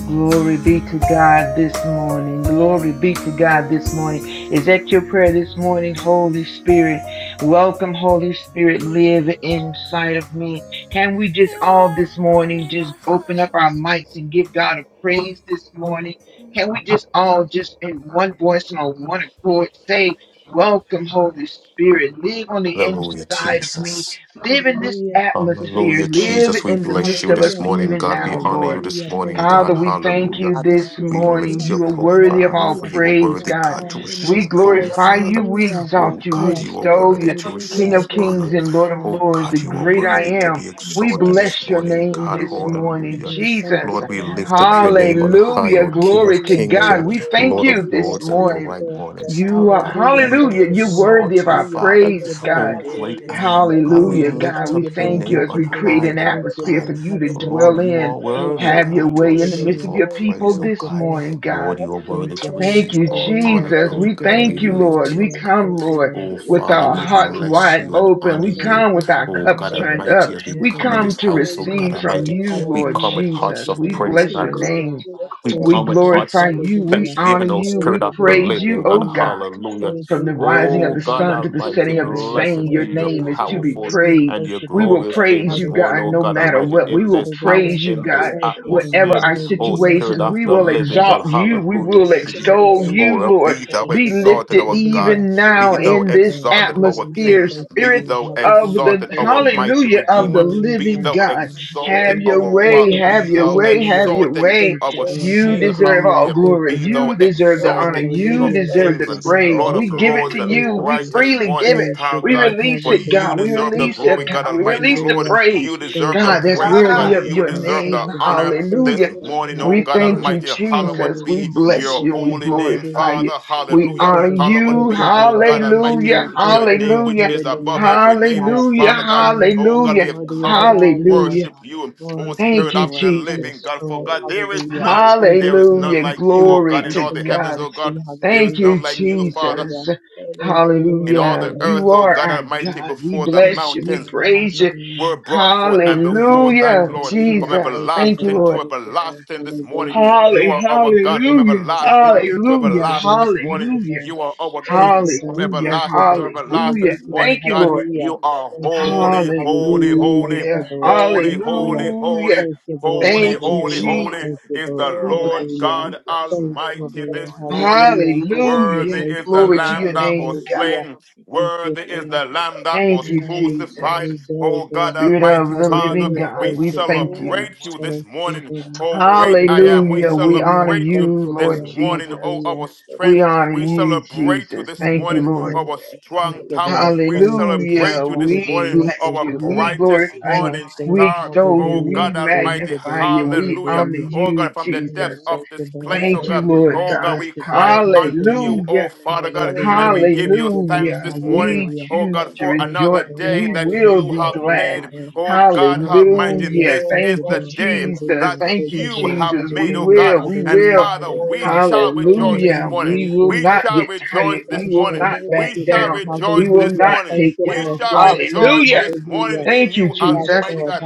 Speaker 2: Glory be to God this morning. Glory be to God this morning. Is that your prayer this morning, Holy Spirit? Welcome, Holy Spirit. Live inside of me. Can we just
Speaker 1: you
Speaker 2: all this
Speaker 1: welcome
Speaker 2: morning
Speaker 1: in my
Speaker 2: just open up
Speaker 1: heart.
Speaker 2: our mics and give God a praise this morning? Can we just all just in one voice and on one accord say, Welcome, Holy Spirit. Live on the
Speaker 3: Hallelujah,
Speaker 2: inside of me.
Speaker 3: Jesus.
Speaker 2: Live in this
Speaker 4: Hallelujah. Thank you, Lord.
Speaker 2: atmosphere.
Speaker 3: Hallelujah,
Speaker 4: Thank
Speaker 2: Live
Speaker 3: Jesus.
Speaker 4: you,
Speaker 3: We
Speaker 2: in
Speaker 4: Lord.
Speaker 2: the
Speaker 5: Hallelujah,
Speaker 3: bless
Speaker 2: midst
Speaker 3: you
Speaker 2: of us
Speaker 3: this
Speaker 4: Hallelujah.
Speaker 5: hallelujah,
Speaker 4: Thank
Speaker 3: morning,
Speaker 5: we
Speaker 2: even
Speaker 4: you,
Speaker 3: God.
Speaker 5: bless
Speaker 4: Lord.
Speaker 3: We
Speaker 2: now,
Speaker 5: the
Speaker 3: honor
Speaker 5: name
Speaker 2: Lord.
Speaker 3: you
Speaker 5: of
Speaker 3: this
Speaker 4: Hallelujah. Thank
Speaker 5: Jesus,
Speaker 3: morning,
Speaker 4: you,
Speaker 2: Father,
Speaker 3: God.
Speaker 4: Lord.
Speaker 2: we thank
Speaker 5: hallelujah,
Speaker 4: Hallelujah.
Speaker 3: Hallelujah.
Speaker 2: you
Speaker 6: Oh,
Speaker 4: Thank
Speaker 2: this
Speaker 4: you,
Speaker 3: We
Speaker 5: worthy
Speaker 4: Lord.
Speaker 2: morning.
Speaker 3: lift your
Speaker 2: You
Speaker 4: Yes,
Speaker 5: is
Speaker 2: are
Speaker 5: the
Speaker 4: Lord.
Speaker 5: name
Speaker 2: worthy
Speaker 6: Lord,
Speaker 2: of
Speaker 3: profile,
Speaker 5: this
Speaker 3: Father,
Speaker 2: all
Speaker 3: for
Speaker 4: Hallelujah.
Speaker 3: you are
Speaker 5: morning,
Speaker 2: praise,
Speaker 3: worthy,
Speaker 4: Yes,
Speaker 5: great
Speaker 2: God.
Speaker 3: God,
Speaker 5: is
Speaker 4: God,
Speaker 3: to
Speaker 5: the
Speaker 4: in
Speaker 5: name
Speaker 4: this
Speaker 2: We
Speaker 3: receive
Speaker 5: this
Speaker 3: glory,
Speaker 4: place.
Speaker 2: glorify
Speaker 5: morning,
Speaker 3: Father.
Speaker 2: you, we
Speaker 4: Hallelujah.
Speaker 5: excellent
Speaker 3: Oh,
Speaker 2: exalt you, we
Speaker 5: is
Speaker 3: God,
Speaker 5: the
Speaker 3: you
Speaker 4: Yes,
Speaker 3: are
Speaker 5: name
Speaker 4: Lord.
Speaker 2: extol
Speaker 5: this
Speaker 3: worthy
Speaker 2: you,
Speaker 3: to
Speaker 4: Hallelujah.
Speaker 5: morning,
Speaker 2: King
Speaker 3: receive
Speaker 2: of
Speaker 4: Very
Speaker 3: honor.
Speaker 2: kings
Speaker 5: and
Speaker 4: down
Speaker 2: and
Speaker 5: we
Speaker 2: Lord
Speaker 4: in
Speaker 2: of
Speaker 4: us,
Speaker 3: Oh,
Speaker 5: bless
Speaker 2: lords,
Speaker 4: Lord.
Speaker 3: God,
Speaker 2: the
Speaker 5: your
Speaker 3: you
Speaker 5: name,
Speaker 3: are
Speaker 2: great
Speaker 5: Lord,
Speaker 2: I
Speaker 3: worthy
Speaker 4: Hallelujah.
Speaker 5: and
Speaker 3: to
Speaker 2: am.
Speaker 3: be
Speaker 4: Yes,
Speaker 5: Almighty
Speaker 2: We
Speaker 5: God,
Speaker 3: exalted
Speaker 4: yes,
Speaker 5: we
Speaker 3: this
Speaker 2: bless your
Speaker 4: Lord.
Speaker 5: thank
Speaker 3: morning,
Speaker 5: you
Speaker 2: name
Speaker 3: God.
Speaker 5: this
Speaker 2: this
Speaker 4: Hallelujah.
Speaker 5: morning
Speaker 4: Thank you,
Speaker 2: morning,
Speaker 3: Hallelujah.
Speaker 5: for
Speaker 4: Lord. Thank
Speaker 5: being
Speaker 4: you,
Speaker 2: Jesus.
Speaker 3: Lord, we
Speaker 4: Lord.
Speaker 5: alive
Speaker 3: lift up
Speaker 5: this
Speaker 3: your
Speaker 7: Thank
Speaker 4: Hallelujah.
Speaker 3: name on
Speaker 5: morning,
Speaker 4: Thank you,
Speaker 5: oh
Speaker 3: high,
Speaker 4: Lord.
Speaker 2: Hallelujah.
Speaker 3: O
Speaker 5: God
Speaker 3: King
Speaker 2: Glory
Speaker 3: of
Speaker 2: to
Speaker 4: Hallelujah.
Speaker 3: kings
Speaker 4: Thank
Speaker 2: God.
Speaker 5: Almighty
Speaker 3: and
Speaker 4: you,
Speaker 2: We
Speaker 5: God,
Speaker 4: Lord.
Speaker 5: we
Speaker 2: thank
Speaker 3: Lord of
Speaker 5: thank
Speaker 2: you
Speaker 5: you
Speaker 4: Hallelujah.
Speaker 5: for
Speaker 2: this
Speaker 3: lords and
Speaker 5: life,
Speaker 4: Yes,
Speaker 2: morning.
Speaker 3: bright
Speaker 4: Lord.
Speaker 5: we
Speaker 3: morning
Speaker 5: thank you
Speaker 2: You
Speaker 3: star.
Speaker 5: that
Speaker 2: are,
Speaker 5: you
Speaker 3: God,
Speaker 5: wake
Speaker 4: Hallelujah.
Speaker 5: us up
Speaker 3: we
Speaker 4: Thank
Speaker 2: hallelujah,
Speaker 5: this
Speaker 4: you,
Speaker 2: you're
Speaker 4: Lord.
Speaker 5: morning in
Speaker 2: worthy
Speaker 3: exalt
Speaker 2: of
Speaker 5: your
Speaker 3: you,
Speaker 6: forgive
Speaker 2: our
Speaker 4: Hallelujah.
Speaker 5: own,
Speaker 3: Father.
Speaker 4: Thank you,
Speaker 2: praise,
Speaker 4: Lord.
Speaker 5: in
Speaker 3: Oh,
Speaker 2: God.
Speaker 5: your right
Speaker 3: great
Speaker 4: Hallelujah.
Speaker 6: and save
Speaker 3: I
Speaker 5: mind,
Speaker 3: am. Oh,
Speaker 6: me,
Speaker 3: God, we
Speaker 2: Hallelujah,
Speaker 6: Lord.
Speaker 5: in
Speaker 4: Oh,
Speaker 2: God.
Speaker 4: thank
Speaker 3: lift
Speaker 2: We
Speaker 3: up
Speaker 4: you,
Speaker 5: Jesus.
Speaker 3: your
Speaker 4: Lord.
Speaker 2: thank you
Speaker 3: name
Speaker 2: as
Speaker 3: on
Speaker 2: we create
Speaker 4: Hallelujah.
Speaker 3: high,
Speaker 5: Thank
Speaker 2: an
Speaker 5: you,
Speaker 3: oh
Speaker 4: Thank
Speaker 5: Lord.
Speaker 4: you,
Speaker 2: atmosphere
Speaker 3: God.
Speaker 2: for
Speaker 4: Lord.
Speaker 2: you to
Speaker 3: For
Speaker 5: Thank you,
Speaker 3: Lord,
Speaker 2: dwell
Speaker 4: Hallelujah.
Speaker 3: you
Speaker 2: in.
Speaker 3: are
Speaker 5: Jesus.
Speaker 4: Thank
Speaker 3: worthy,
Speaker 4: you,
Speaker 5: We
Speaker 2: Have your
Speaker 4: Lord.
Speaker 3: God,
Speaker 5: thank
Speaker 3: to
Speaker 2: way
Speaker 5: you
Speaker 2: in the
Speaker 5: this
Speaker 6: Lord,
Speaker 2: midst
Speaker 3: receive
Speaker 4: Hallelujah.
Speaker 2: of
Speaker 5: morning.
Speaker 3: all
Speaker 2: your
Speaker 5: Lord.
Speaker 3: praise,
Speaker 2: people
Speaker 4: Thank
Speaker 3: oh
Speaker 2: this
Speaker 4: you,
Speaker 3: God.
Speaker 4: Lord.
Speaker 5: Don't
Speaker 2: morning,
Speaker 3: Lord,
Speaker 2: God.
Speaker 5: want
Speaker 3: you are
Speaker 4: Thank
Speaker 3: worthy to
Speaker 5: worthy,
Speaker 4: you, Lord.
Speaker 5: Lord,
Speaker 2: Thank
Speaker 3: receive
Speaker 5: of
Speaker 2: you,
Speaker 5: the
Speaker 3: all
Speaker 5: light.
Speaker 4: Hallelujah.
Speaker 3: honor,
Speaker 5: You
Speaker 2: Jesus.
Speaker 6: forgive,
Speaker 3: oh
Speaker 5: don't
Speaker 4: Thank
Speaker 2: We
Speaker 4: you,
Speaker 5: like
Speaker 3: God. We
Speaker 4: Lord.
Speaker 2: thank you,
Speaker 5: this
Speaker 3: lift
Speaker 2: Lord.
Speaker 5: name.
Speaker 3: you
Speaker 2: We
Speaker 3: up,
Speaker 4: Hallelujah.
Speaker 3: God.
Speaker 4: Thank
Speaker 2: come,
Speaker 5: There
Speaker 4: you,
Speaker 5: is
Speaker 2: Lord,
Speaker 5: no
Speaker 4: Lord.
Speaker 3: Oh,
Speaker 5: like
Speaker 4: Thank
Speaker 2: with
Speaker 5: you,
Speaker 4: you,
Speaker 3: Father,
Speaker 2: our
Speaker 3: we
Speaker 5: Lord.
Speaker 4: Lord.
Speaker 2: hearts
Speaker 3: bless
Speaker 2: wide
Speaker 4: Hallelujah.
Speaker 3: you and
Speaker 2: open.
Speaker 3: honor
Speaker 2: We
Speaker 4: Thank
Speaker 5: Hallelujah.
Speaker 3: you.
Speaker 2: come
Speaker 4: you,
Speaker 2: with our
Speaker 4: Lord.
Speaker 3: Oh,
Speaker 2: cups
Speaker 3: God
Speaker 2: turned
Speaker 4: Hallelujah.
Speaker 2: up.
Speaker 3: Almighty, as we
Speaker 4: Thank
Speaker 2: We
Speaker 4: you,
Speaker 3: come in
Speaker 4: Lord.
Speaker 2: come
Speaker 3: this
Speaker 2: to
Speaker 5: Hallelujah.
Speaker 4: Thank
Speaker 3: house, oh
Speaker 4: you,
Speaker 3: God
Speaker 4: Lord.
Speaker 2: receive
Speaker 5: Hallelujah.
Speaker 2: from
Speaker 3: Almighty,
Speaker 2: you,
Speaker 3: we
Speaker 2: Lord
Speaker 3: come
Speaker 4: Hallelujah.
Speaker 3: with
Speaker 5: Hallelujah.
Speaker 4: Thank
Speaker 3: hearts
Speaker 2: Jesus.
Speaker 4: you,
Speaker 3: of
Speaker 2: We
Speaker 5: Jesus.
Speaker 4: Lord.
Speaker 3: praise,
Speaker 2: bless
Speaker 3: God.
Speaker 2: your
Speaker 4: Hallelujah.
Speaker 2: name.
Speaker 5: No art
Speaker 3: We
Speaker 4: Thank
Speaker 2: We
Speaker 3: come
Speaker 4: you,
Speaker 5: worthy,
Speaker 3: with
Speaker 5: no
Speaker 4: Lord.
Speaker 3: hearts
Speaker 2: glorify
Speaker 3: of
Speaker 5: art
Speaker 2: you. We
Speaker 4: Hallelujah.
Speaker 5: worthy,
Speaker 2: honor
Speaker 3: thanksgiving,
Speaker 5: no
Speaker 3: O
Speaker 5: art
Speaker 2: you.
Speaker 4: Thank
Speaker 3: Spirit
Speaker 2: We
Speaker 4: you,
Speaker 3: of the
Speaker 4: Lord.
Speaker 5: worthy.
Speaker 2: praise you,
Speaker 3: living
Speaker 2: oh
Speaker 3: God.
Speaker 4: Hallelujah.
Speaker 2: God.
Speaker 5: Hallelujah.
Speaker 3: Hallelujah.
Speaker 4: Thank
Speaker 2: From
Speaker 4: you,
Speaker 2: the
Speaker 4: Lord.
Speaker 2: rising of
Speaker 3: Oh
Speaker 2: the
Speaker 3: God
Speaker 4: Hallelujah.
Speaker 2: sun to the
Speaker 3: Almighty,
Speaker 2: setting of
Speaker 5: Hallelujah,
Speaker 2: the
Speaker 4: Oh, we
Speaker 2: same,
Speaker 3: blessed
Speaker 4: bless
Speaker 3: be
Speaker 5: Jesus,
Speaker 2: your
Speaker 4: you,
Speaker 3: your
Speaker 2: name
Speaker 4: Lord.
Speaker 2: is to
Speaker 5: mighty
Speaker 2: be
Speaker 5: God.
Speaker 3: powerful
Speaker 4: Hallelujah.
Speaker 2: praised.
Speaker 3: and
Speaker 4: Thank
Speaker 3: your
Speaker 4: you,
Speaker 2: We
Speaker 5: We
Speaker 4: Lord.
Speaker 2: will
Speaker 5: are
Speaker 3: glorious name
Speaker 2: praise
Speaker 3: this
Speaker 2: you,
Speaker 5: grateful
Speaker 3: morning,
Speaker 2: God,
Speaker 5: this
Speaker 3: oh
Speaker 4: Hallelujah.
Speaker 2: no
Speaker 3: God
Speaker 5: morning,
Speaker 4: Thank
Speaker 2: matter
Speaker 4: you,
Speaker 3: Almighty,
Speaker 2: what.
Speaker 4: Lord.
Speaker 2: We
Speaker 3: in
Speaker 5: Jesus.
Speaker 2: will
Speaker 3: this
Speaker 5: and We give
Speaker 4: Hallelujah.
Speaker 3: house,
Speaker 2: praise you,
Speaker 5: you
Speaker 3: in
Speaker 5: all the
Speaker 2: God,
Speaker 3: this
Speaker 4: Thank you,
Speaker 5: praise.
Speaker 4: Lord.
Speaker 2: whatever
Speaker 3: atmosphere.
Speaker 2: our
Speaker 3: Oh
Speaker 5: give you
Speaker 4: Hallelujah.
Speaker 3: Spirit
Speaker 5: all
Speaker 2: situations.
Speaker 5: the
Speaker 4: Thank
Speaker 3: of
Speaker 2: We
Speaker 4: you,
Speaker 3: the
Speaker 2: will
Speaker 4: Lord.
Speaker 5: praise,
Speaker 3: living
Speaker 5: we
Speaker 2: exalt
Speaker 3: God.
Speaker 5: give you
Speaker 4: Hallelujah.
Speaker 2: you.
Speaker 5: all
Speaker 2: We
Speaker 5: the
Speaker 4: Thank
Speaker 3: Hallelujah,
Speaker 4: you,
Speaker 2: will
Speaker 4: Lord.
Speaker 5: praise.
Speaker 8: Thank
Speaker 3: Jesus.
Speaker 8: you.
Speaker 2: extol
Speaker 4: Hallelujah.
Speaker 3: Oh,
Speaker 2: you,
Speaker 3: well,
Speaker 2: Lord.
Speaker 3: be
Speaker 5: Hallelujah,
Speaker 3: thou
Speaker 4: Thank
Speaker 2: Be
Speaker 4: you,
Speaker 5: hallelujah.
Speaker 4: Lord.
Speaker 3: exalted,
Speaker 2: lifted
Speaker 3: our
Speaker 4: Hallelujah.
Speaker 5: Welcome,
Speaker 3: God.
Speaker 2: even
Speaker 5: Holy
Speaker 2: now
Speaker 3: Be
Speaker 6: forgive.
Speaker 5: Spirit.
Speaker 4: Thank
Speaker 3: thou
Speaker 2: in
Speaker 4: you,
Speaker 2: this
Speaker 4: Lord.
Speaker 3: exalted, our
Speaker 5: We are
Speaker 4: Hallelujah.
Speaker 2: atmosphere,
Speaker 5: in
Speaker 3: King.
Speaker 5: your
Speaker 4: Thank you,
Speaker 3: Be
Speaker 6: I
Speaker 2: Spirit
Speaker 4: Lord.
Speaker 3: thou
Speaker 5: presence
Speaker 7: you.
Speaker 5: this
Speaker 2: of
Speaker 4: Hallelujah.
Speaker 2: the
Speaker 3: exalted,
Speaker 5: morning,
Speaker 4: Thank
Speaker 3: our
Speaker 4: you, Lord.
Speaker 3: mighty
Speaker 5: Lord
Speaker 2: hallelujah
Speaker 5: God
Speaker 2: of the
Speaker 3: Redeemer.
Speaker 4: Oh, we
Speaker 5: Almighty.
Speaker 3: Be
Speaker 2: living
Speaker 4: praise
Speaker 3: thou
Speaker 4: you,
Speaker 5: Our
Speaker 2: God.
Speaker 4: Lord.
Speaker 7: Thank
Speaker 5: heaven
Speaker 2: Have
Speaker 3: exalted,
Speaker 5: is
Speaker 2: your
Speaker 4: Hallelujah.
Speaker 3: our
Speaker 5: our
Speaker 4: Thank
Speaker 2: way,
Speaker 4: you,
Speaker 3: rock.
Speaker 5: reason
Speaker 2: have
Speaker 4: Lord.
Speaker 3: Be
Speaker 5: for
Speaker 2: your
Speaker 3: thou
Speaker 5: living
Speaker 2: way,
Speaker 5: this
Speaker 4: Hallelujah.
Speaker 2: have your
Speaker 3: exalted,
Speaker 2: way.
Speaker 5: morning.
Speaker 4: Thank you,
Speaker 3: our
Speaker 5: Our
Speaker 4: Lord.
Speaker 2: You
Speaker 3: shield.
Speaker 5: source of
Speaker 2: deserve
Speaker 4: Hallelujah.
Speaker 2: all
Speaker 3: Hallelujah.
Speaker 4: Thank
Speaker 2: glory.
Speaker 4: you,
Speaker 5: survival
Speaker 3: Be
Speaker 4: Lord.
Speaker 3: thou
Speaker 5: this
Speaker 2: You deserve the
Speaker 5: morning,
Speaker 2: honor.
Speaker 3: exalted,
Speaker 5: Lord.
Speaker 3: King
Speaker 2: You
Speaker 3: of
Speaker 4: Hallelujah.
Speaker 5: We
Speaker 2: deserve
Speaker 4: Thank
Speaker 3: kings
Speaker 2: the
Speaker 4: you,
Speaker 3: and
Speaker 5: bless your
Speaker 4: Lord.
Speaker 2: praise.
Speaker 3: Lord
Speaker 5: name,
Speaker 4: Thank
Speaker 3: of
Speaker 2: We
Speaker 4: you,
Speaker 2: give it
Speaker 4: Lord.
Speaker 3: lords
Speaker 2: to
Speaker 5: Jesus.
Speaker 3: and
Speaker 4: Thank
Speaker 5: We
Speaker 2: you.
Speaker 4: you,
Speaker 2: We
Speaker 5: bless
Speaker 4: Lord.
Speaker 5: your
Speaker 3: brightest
Speaker 2: freely
Speaker 3: morning
Speaker 2: give
Speaker 5: name.
Speaker 2: it.
Speaker 4: Thank
Speaker 3: star,
Speaker 4: you,
Speaker 2: We
Speaker 4: Lord.
Speaker 3: God.
Speaker 5: We
Speaker 2: release
Speaker 5: bless
Speaker 3: For
Speaker 2: it,
Speaker 5: your
Speaker 3: you
Speaker 5: name
Speaker 2: God. We
Speaker 4: Hallelujah.
Speaker 5: this
Speaker 3: deserve the
Speaker 4: Thank
Speaker 2: release
Speaker 5: morning,
Speaker 4: you,
Speaker 2: it,
Speaker 3: glory,
Speaker 2: God.
Speaker 5: Lord.
Speaker 4: Lord.
Speaker 3: God
Speaker 2: We
Speaker 3: Almighty.
Speaker 2: release
Speaker 5: Have
Speaker 2: the
Speaker 6: thank
Speaker 3: Lord,
Speaker 4: Hallelujah.
Speaker 5: your way,
Speaker 2: praise,
Speaker 6: you
Speaker 3: you
Speaker 6: this
Speaker 4: Thank
Speaker 3: deserve the
Speaker 4: you,
Speaker 6: morning,
Speaker 2: God,
Speaker 5: Lord
Speaker 2: that's
Speaker 4: Lord.
Speaker 3: praise, oh God.
Speaker 2: worthy
Speaker 4: Thank
Speaker 6: God.
Speaker 2: of
Speaker 4: you,
Speaker 3: You
Speaker 2: your
Speaker 5: among
Speaker 4: Lord.
Speaker 3: deserve
Speaker 5: us
Speaker 4: Thank
Speaker 3: the
Speaker 2: name.
Speaker 4: you,
Speaker 5: this
Speaker 3: honor
Speaker 5: morning.
Speaker 4: Lord. Thank
Speaker 3: this
Speaker 2: Hallelujah.
Speaker 4: you,
Speaker 5: Jesus,
Speaker 4: Lord.
Speaker 3: morning, oh
Speaker 5: have
Speaker 2: We
Speaker 3: God
Speaker 5: your way
Speaker 2: thank
Speaker 4: Hallelujah.
Speaker 6: Hallelujah.
Speaker 2: you,
Speaker 5: in
Speaker 3: Almighty.
Speaker 5: us
Speaker 4: Oh,
Speaker 5: this
Speaker 2: Jesus.
Speaker 3: Hallowed
Speaker 2: We
Speaker 4: we
Speaker 3: be
Speaker 5: morning.
Speaker 4: praise
Speaker 5: Lord
Speaker 2: bless
Speaker 3: your
Speaker 4: you,
Speaker 2: you. We
Speaker 4: Lord.
Speaker 3: holy name,
Speaker 5: Jesus,
Speaker 3: Father.
Speaker 2: glorify
Speaker 4: Hallelujah.
Speaker 2: you.
Speaker 3: Father,
Speaker 2: We
Speaker 4: Thank
Speaker 3: hallelujah.
Speaker 4: you,
Speaker 2: honor
Speaker 4: Lord.
Speaker 5: hallelujah.
Speaker 3: Hallowed
Speaker 4: Thank
Speaker 2: you.
Speaker 3: be,
Speaker 4: you,
Speaker 3: O
Speaker 4: Lord.
Speaker 3: God Almighty,
Speaker 4: Hallelujah.
Speaker 2: Hallelujah.
Speaker 5: We
Speaker 4: Thank
Speaker 3: your
Speaker 5: bless
Speaker 4: you,
Speaker 5: the
Speaker 3: name
Speaker 5: name
Speaker 4: Lord.
Speaker 3: which
Speaker 5: of
Speaker 2: Hallelujah.
Speaker 3: is above
Speaker 4: Hallelujah.
Speaker 5: Jesus.
Speaker 3: every
Speaker 5: We
Speaker 3: name, O
Speaker 5: bless
Speaker 4: Yes,
Speaker 5: the
Speaker 2: Hallelujah.
Speaker 3: Father
Speaker 4: Lord.
Speaker 3: God.
Speaker 5: name.
Speaker 4: Yes,
Speaker 3: Oh
Speaker 4: you are
Speaker 3: God, we
Speaker 2: Hallelujah.
Speaker 3: have
Speaker 4: worthy of it
Speaker 5: Hallelujah.
Speaker 3: come to
Speaker 4: all, Lord.
Speaker 2: Hallelujah.
Speaker 3: worship you, O
Speaker 4: Lord,
Speaker 5: Hallelujah.
Speaker 4: you,
Speaker 2: Thank
Speaker 3: Spirit
Speaker 2: you,
Speaker 3: of
Speaker 4: Lord.
Speaker 3: the
Speaker 4: Thank
Speaker 2: Jesus.
Speaker 3: living
Speaker 5: Hallelujah.
Speaker 4: you,
Speaker 3: God. For
Speaker 4: Lord.
Speaker 3: God,
Speaker 5: Hallelujah.
Speaker 3: there is
Speaker 4: Hallelujah.
Speaker 5: Christ.
Speaker 3: none,
Speaker 4: Thank
Speaker 3: there
Speaker 4: you,
Speaker 3: is
Speaker 4: Lord.
Speaker 3: none
Speaker 2: Hallelujah.
Speaker 3: like
Speaker 4: For
Speaker 3: you,
Speaker 4: your
Speaker 3: O God,
Speaker 2: Glory
Speaker 3: in
Speaker 4: grace
Speaker 3: all
Speaker 2: to
Speaker 5: Hallelujah.
Speaker 3: the
Speaker 4: and your
Speaker 3: heavens,
Speaker 2: God.
Speaker 3: O
Speaker 5: Hallelujah.
Speaker 4: mercy.
Speaker 3: God. There
Speaker 5: We
Speaker 3: is
Speaker 2: Thank
Speaker 4: Hallelujah.
Speaker 3: none
Speaker 2: you,
Speaker 5: praise
Speaker 3: like
Speaker 4: Thank
Speaker 5: you
Speaker 3: you,
Speaker 4: you,
Speaker 5: that
Speaker 3: Father,
Speaker 2: Jesus.
Speaker 4: Lord.
Speaker 5: morning. We
Speaker 4: Thank you, Lord.
Speaker 3: in
Speaker 5: glorify
Speaker 3: all
Speaker 5: you.
Speaker 2: Hallelujah.
Speaker 3: the
Speaker 2: You
Speaker 3: earth,
Speaker 4: Hallelujah.
Speaker 3: O
Speaker 5: We
Speaker 2: are
Speaker 3: God
Speaker 4: Thank
Speaker 2: our
Speaker 4: you,
Speaker 3: Almighty,
Speaker 4: Lord.
Speaker 5: magnify
Speaker 2: God.
Speaker 5: your
Speaker 2: We
Speaker 3: before
Speaker 5: name,
Speaker 3: the
Speaker 4: Thank
Speaker 2: bless
Speaker 4: you,
Speaker 2: you.
Speaker 5: Jesus.
Speaker 2: We
Speaker 3: mountains
Speaker 4: Lord.
Speaker 2: praise
Speaker 5: We
Speaker 2: you.
Speaker 5: give you
Speaker 3: were
Speaker 4: Hallelujah.
Speaker 5: thanks
Speaker 3: brought
Speaker 5: this
Speaker 3: forth,
Speaker 5: morning,
Speaker 4: Thank
Speaker 3: and
Speaker 4: you,
Speaker 5: Lord.
Speaker 3: before
Speaker 4: Lord.
Speaker 3: that,
Speaker 2: Hallelujah.
Speaker 5: We
Speaker 3: Lord,
Speaker 5: return and
Speaker 3: from
Speaker 4: Hallelujah.
Speaker 5: We're eternally
Speaker 4: Thank
Speaker 2: Jesus.
Speaker 4: you,
Speaker 2: Thank you,
Speaker 3: everlasting
Speaker 4: Lord.
Speaker 5: grateful
Speaker 3: to
Speaker 2: Lord.
Speaker 5: unto
Speaker 4: Thank
Speaker 5: you
Speaker 4: you,
Speaker 5: this
Speaker 4: Lord.
Speaker 3: everlasting
Speaker 5: morning,
Speaker 3: this morning,
Speaker 4: Hallelujah.
Speaker 5: Jesus.
Speaker 3: you
Speaker 2: Holly,
Speaker 3: are our
Speaker 4: Thank you,
Speaker 3: God. From
Speaker 5: Hallelujah.
Speaker 4: Lord.
Speaker 2: hallelujah.
Speaker 3: everlasting
Speaker 5: Thank
Speaker 4: Hallelujah.
Speaker 3: to
Speaker 5: you,
Speaker 4: Thank
Speaker 2: Hallelujah.
Speaker 4: you,
Speaker 5: Lord.
Speaker 3: everlasting
Speaker 4: Lord.
Speaker 3: this
Speaker 4: Thank
Speaker 3: morning,
Speaker 4: you,
Speaker 5: Thank
Speaker 2: Hallelujah.
Speaker 4: Lord.
Speaker 3: you
Speaker 5: you,
Speaker 3: are our
Speaker 5: Jesus.
Speaker 4: Thank
Speaker 3: King.
Speaker 4: you,
Speaker 3: From
Speaker 4: Lord.
Speaker 2: Hallelujah.
Speaker 4: Thank
Speaker 5: Thank you,
Speaker 4: you,
Speaker 3: everlasting to
Speaker 5: Lord.
Speaker 4: Lord.
Speaker 5: Thank
Speaker 3: everlasting
Speaker 2: Hallelujah.
Speaker 5: you,
Speaker 3: this
Speaker 4: Hallelujah.
Speaker 3: morning,
Speaker 5: thank
Speaker 2: Thank
Speaker 5: you,
Speaker 2: you,
Speaker 3: God,
Speaker 2: Lord.
Speaker 5: thank
Speaker 4: Hallelujah.
Speaker 3: you
Speaker 5: you,
Speaker 3: are
Speaker 4: Thank
Speaker 5: Jesus.
Speaker 4: you, Lord.
Speaker 3: holy,
Speaker 5: Hallelujah.
Speaker 3: holy,
Speaker 4: Hallelujah.
Speaker 5: The
Speaker 4: Thank
Speaker 5: King
Speaker 3: holy.
Speaker 5: of
Speaker 2: Hallelujah.
Speaker 4: you, Lord.
Speaker 5: Kings and
Speaker 3: Holy,
Speaker 5: Lord
Speaker 4: Hallelujah.
Speaker 5: of
Speaker 3: holy,
Speaker 5: the
Speaker 2: Hallelujah.
Speaker 5: Lord.
Speaker 3: holy,
Speaker 4: Thank you, Lord.
Speaker 3: holy,
Speaker 2: Thank you,
Speaker 3: holy,
Speaker 5: Hallelujah to
Speaker 4: Hallelujah.
Speaker 5: the
Speaker 2: Jesus.
Speaker 3: holy
Speaker 4: Thank
Speaker 5: all
Speaker 4: you,
Speaker 3: is
Speaker 5: knowing,
Speaker 3: the
Speaker 4: Lord.
Speaker 5: all
Speaker 2: We
Speaker 3: Lord
Speaker 5: seeing
Speaker 2: bless you.
Speaker 5: God,
Speaker 4: Hallelujah.
Speaker 2: We
Speaker 3: God
Speaker 5: who
Speaker 2: bless
Speaker 5: never
Speaker 2: you.
Speaker 4: Thank
Speaker 5: slumber,
Speaker 4: you,
Speaker 3: Almighty
Speaker 4: Lord.
Speaker 3: this
Speaker 5: nor sleep.
Speaker 3: morning.
Speaker 4: Hallelujah. Thank you
Speaker 5: The
Speaker 4: for
Speaker 5: one
Speaker 4: your
Speaker 5: who
Speaker 3: Worthy
Speaker 2: Hallelujah.
Speaker 5: sit
Speaker 4: grace
Speaker 3: is
Speaker 4: and
Speaker 3: the
Speaker 5: between
Speaker 4: your
Speaker 2: Glory to your
Speaker 3: Lamb
Speaker 4: mercy.
Speaker 3: that
Speaker 5: cherubims
Speaker 3: was
Speaker 2: name,
Speaker 5: and
Speaker 2: God.
Speaker 4: Hallelujah.
Speaker 3: slain.
Speaker 5: seraphims,
Speaker 4: Thank you
Speaker 3: Worthy
Speaker 5: be
Speaker 3: is
Speaker 5: thou
Speaker 4: for
Speaker 3: the Lamb that
Speaker 5: glorified
Speaker 2: Thank
Speaker 3: was
Speaker 2: you,
Speaker 5: this
Speaker 4: always for a
Speaker 7: you.
Speaker 5: morning,
Speaker 3: crucified.
Speaker 4: new
Speaker 2: Jesus.
Speaker 5: be thou
Speaker 4: day,
Speaker 3: Oh God
Speaker 4: Lord
Speaker 2: Spirit
Speaker 4: God.
Speaker 5: exalted,
Speaker 3: Almighty
Speaker 2: of the
Speaker 7: In
Speaker 3: Father,
Speaker 2: living
Speaker 5: be
Speaker 7: the
Speaker 4: Hallelujah.
Speaker 5: thou
Speaker 2: God,
Speaker 3: we
Speaker 7: great
Speaker 4: Thank
Speaker 2: we
Speaker 4: you,
Speaker 5: lifted up
Speaker 2: thank
Speaker 4: Lord.
Speaker 7: name of
Speaker 5: this
Speaker 2: you.
Speaker 3: celebrate you
Speaker 5: morning,
Speaker 7: Jesus,
Speaker 3: this
Speaker 4: Thank you,
Speaker 3: morning,
Speaker 5: Jesus.
Speaker 4: Lord.
Speaker 3: oh
Speaker 4: Thank
Speaker 3: great
Speaker 4: you,
Speaker 5: Oh
Speaker 3: I
Speaker 5: God
Speaker 4: Lord.
Speaker 3: am. We
Speaker 7: Lord,
Speaker 2: Hallelujah. We
Speaker 5: Almighty,
Speaker 4: Hallelujah.
Speaker 2: honor
Speaker 5: be
Speaker 3: celebrate
Speaker 5: thou
Speaker 4: Thank
Speaker 3: you
Speaker 2: you,
Speaker 4: you,
Speaker 5: lifted up
Speaker 3: this
Speaker 2: Lord
Speaker 7: Lord,
Speaker 4: Lord.
Speaker 5: in
Speaker 3: morning,
Speaker 5: our
Speaker 3: oh
Speaker 2: Jesus.
Speaker 5: midst
Speaker 4: Hallelujah.
Speaker 3: our
Speaker 5: this
Speaker 7: Lord,
Speaker 2: We
Speaker 3: strength.
Speaker 5: morning,
Speaker 2: honor
Speaker 3: We
Speaker 5: Lord
Speaker 2: you,
Speaker 4: Yes.
Speaker 5: God
Speaker 3: celebrate you
Speaker 2: Jesus.
Speaker 3: this
Speaker 5: Almighty
Speaker 2: Thank you,
Speaker 3: morning,
Speaker 7: thank
Speaker 5: God.
Speaker 2: Lord.
Speaker 7: you,
Speaker 4: Hallelujah.
Speaker 3: our
Speaker 7: Lord.
Speaker 5: Be thou
Speaker 4: Thank
Speaker 3: strong
Speaker 7: We
Speaker 4: you,
Speaker 3: tower.
Speaker 4: Lord.
Speaker 5: exalted
Speaker 3: We
Speaker 4: Thank
Speaker 5: among us
Speaker 4: you,
Speaker 5: this
Speaker 2: Hallelujah.
Speaker 4: Lord.
Speaker 3: celebrate you
Speaker 5: morning,
Speaker 3: this
Speaker 2: We
Speaker 3: morning,
Speaker 4: Hallelujah.
Speaker 5: Jesus.
Speaker 2: bless
Speaker 4: Thank
Speaker 3: our
Speaker 2: you.
Speaker 4: you,
Speaker 7: Thank
Speaker 4: Lord.
Speaker 2: We
Speaker 5: We
Speaker 7: you,
Speaker 3: brightest
Speaker 5: thank
Speaker 2: glorify
Speaker 5: you,
Speaker 2: you.
Speaker 4: Yes,
Speaker 3: morning
Speaker 5: Lord.
Speaker 2: We
Speaker 4: Lord.
Speaker 3: star.
Speaker 5: We
Speaker 2: extol you.
Speaker 3: Oh
Speaker 5: thank
Speaker 4: Hallelujah.
Speaker 2: We
Speaker 3: God
Speaker 5: you, Lord,
Speaker 4: Thank
Speaker 5: that
Speaker 3: Almighty,
Speaker 4: you,
Speaker 5: I'm
Speaker 2: magnify
Speaker 5: like
Speaker 4: Lord.
Speaker 2: you. We
Speaker 3: hallelujah.
Speaker 2: honor
Speaker 4: Hallelujah.
Speaker 3: Oh
Speaker 5: you.
Speaker 2: you,
Speaker 3: God, from the
Speaker 4: Mm,
Speaker 3: depths
Speaker 5: Oh,
Speaker 2: Jesus.
Speaker 3: of
Speaker 4: thank
Speaker 3: this
Speaker 4: you,
Speaker 5: glory,
Speaker 4: Lord.
Speaker 3: place,
Speaker 7: Lord.
Speaker 3: oh
Speaker 2: Thank
Speaker 4: Thank
Speaker 2: you,
Speaker 3: God,
Speaker 4: you,
Speaker 2: Lord
Speaker 5: hallelujah.
Speaker 4: Lord.
Speaker 3: oh God,
Speaker 4: Thank
Speaker 2: God.
Speaker 5: Thank
Speaker 3: we
Speaker 5: you,
Speaker 4: you,
Speaker 3: cry
Speaker 4: Lord.
Speaker 5: Lord
Speaker 3: out
Speaker 5: God. I
Speaker 3: unto
Speaker 5: am
Speaker 4: Hallelujah.
Speaker 3: you,
Speaker 2: Hallelujah.
Speaker 3: oh
Speaker 5: eternally
Speaker 3: Father
Speaker 7: Hallelujah.
Speaker 3: God,
Speaker 5: grateful
Speaker 3: and we
Speaker 4: Hallelujah.
Speaker 5: for
Speaker 7: Hallelujah.
Speaker 5: being
Speaker 3: give
Speaker 4: Thank
Speaker 3: you
Speaker 4: you,
Speaker 5: alive
Speaker 4: Lord.
Speaker 3: thanks
Speaker 2: Hallelujah.
Speaker 3: this
Speaker 5: this
Speaker 3: morning morning,
Speaker 2: We
Speaker 4: Hallelujah.
Speaker 5: morning,
Speaker 3: oh
Speaker 2: choose
Speaker 3: God,
Speaker 7: Thank
Speaker 2: to
Speaker 3: for
Speaker 5: Jesus.
Speaker 4: Thank you,
Speaker 3: another
Speaker 2: rejoice
Speaker 5: And
Speaker 4: Lord.
Speaker 2: and
Speaker 3: day
Speaker 5: one
Speaker 2: we
Speaker 3: that
Speaker 5: more
Speaker 2: will
Speaker 3: you
Speaker 5: day
Speaker 7: you.
Speaker 4: Hallelujah.
Speaker 2: be
Speaker 3: have
Speaker 7: Lord.
Speaker 5: again,
Speaker 4: Thank
Speaker 2: glad.
Speaker 4: you,
Speaker 3: made.
Speaker 5: God, to
Speaker 4: Lord.
Speaker 3: Oh
Speaker 5: worship.
Speaker 3: God
Speaker 5: The
Speaker 3: Almighty,
Speaker 5: next
Speaker 7: We
Speaker 4: Hallelujah.
Speaker 2: Hallelujah.
Speaker 5: chance
Speaker 3: this
Speaker 5: to
Speaker 4: Thank
Speaker 7: all are
Speaker 3: is
Speaker 2: Thank
Speaker 4: you,
Speaker 2: you,
Speaker 3: the
Speaker 7: going
Speaker 4: Lord.
Speaker 5: worship,
Speaker 7: to
Speaker 5: to
Speaker 3: day
Speaker 5: honor,
Speaker 2: Jesus.
Speaker 3: that
Speaker 4: Hallelujah.
Speaker 5: to
Speaker 2: Thank
Speaker 4: Thank
Speaker 2: you,
Speaker 4: you,
Speaker 3: you
Speaker 4: Lord.
Speaker 5: glorify
Speaker 3: have
Speaker 5: you,
Speaker 2: Jesus.
Speaker 3: made,
Speaker 2: We
Speaker 5: to
Speaker 3: oh
Speaker 4: Hallelujah.
Speaker 3: God.
Speaker 2: will.
Speaker 5: bless
Speaker 2: We
Speaker 3: And
Speaker 5: you.
Speaker 4: Hallelujah.
Speaker 2: will.
Speaker 3: Father,
Speaker 5: Oh
Speaker 7: We
Speaker 5: God,
Speaker 7: all
Speaker 3: we
Speaker 5: to
Speaker 7: are
Speaker 4: Hallelujah.
Speaker 5: give you
Speaker 3: shall
Speaker 7: going
Speaker 5: all the
Speaker 3: rejoice
Speaker 4: Oh,
Speaker 7: Lord,
Speaker 3: this
Speaker 4: we
Speaker 5: praise
Speaker 2: Hallelujah.
Speaker 7: this
Speaker 3: morning.
Speaker 5: and
Speaker 4: praise
Speaker 2: We
Speaker 7: morning.
Speaker 4: you,
Speaker 2: will
Speaker 7: We
Speaker 3: We
Speaker 2: not
Speaker 5: worship
Speaker 4: Lord.
Speaker 3: shall
Speaker 2: get
Speaker 5: and
Speaker 3: rejoice
Speaker 2: tired.
Speaker 7: have
Speaker 2: We
Speaker 3: this
Speaker 4: Yes,
Speaker 7: your
Speaker 5: adoration
Speaker 2: will
Speaker 4: Lord.
Speaker 3: morning.
Speaker 2: not
Speaker 5: you
Speaker 7: glory
Speaker 4: Thank
Speaker 7: to
Speaker 2: back
Speaker 3: We
Speaker 4: you,
Speaker 5: just
Speaker 7: you.
Speaker 3: shall
Speaker 4: Lord.
Speaker 2: down.
Speaker 7: Lord,
Speaker 5: deserve
Speaker 2: We
Speaker 3: rejoice
Speaker 5: this
Speaker 2: will
Speaker 3: this
Speaker 4: Hallelujah.
Speaker 5: morning.
Speaker 2: not
Speaker 3: morning.
Speaker 4: Thank
Speaker 2: take
Speaker 4: you,
Speaker 3: We
Speaker 2: down.
Speaker 5: We
Speaker 4: Lord.
Speaker 3: shall
Speaker 5: bless
Speaker 4: Yes,
Speaker 5: the
Speaker 7: Thank you
Speaker 5: name,
Speaker 4: Lord.
Speaker 3: rejoice
Speaker 2: Hallelujah.
Speaker 7: Holy
Speaker 3: this
Speaker 5: Jesus.
Speaker 7: Spirit, for
Speaker 3: morning
Speaker 4: Hallelujah.
Speaker 7: the
Speaker 5: We
Speaker 7: gift of
Speaker 3: in
Speaker 5: bless
Speaker 2: Thank
Speaker 5: the
Speaker 2: you,
Speaker 3: you,
Speaker 5: name,
Speaker 4: Yes,
Speaker 7: Jesus.
Speaker 2: Jesus.
Speaker 5: Lord.
Speaker 3: Almighty
Speaker 4: Lord.
Speaker 3: God,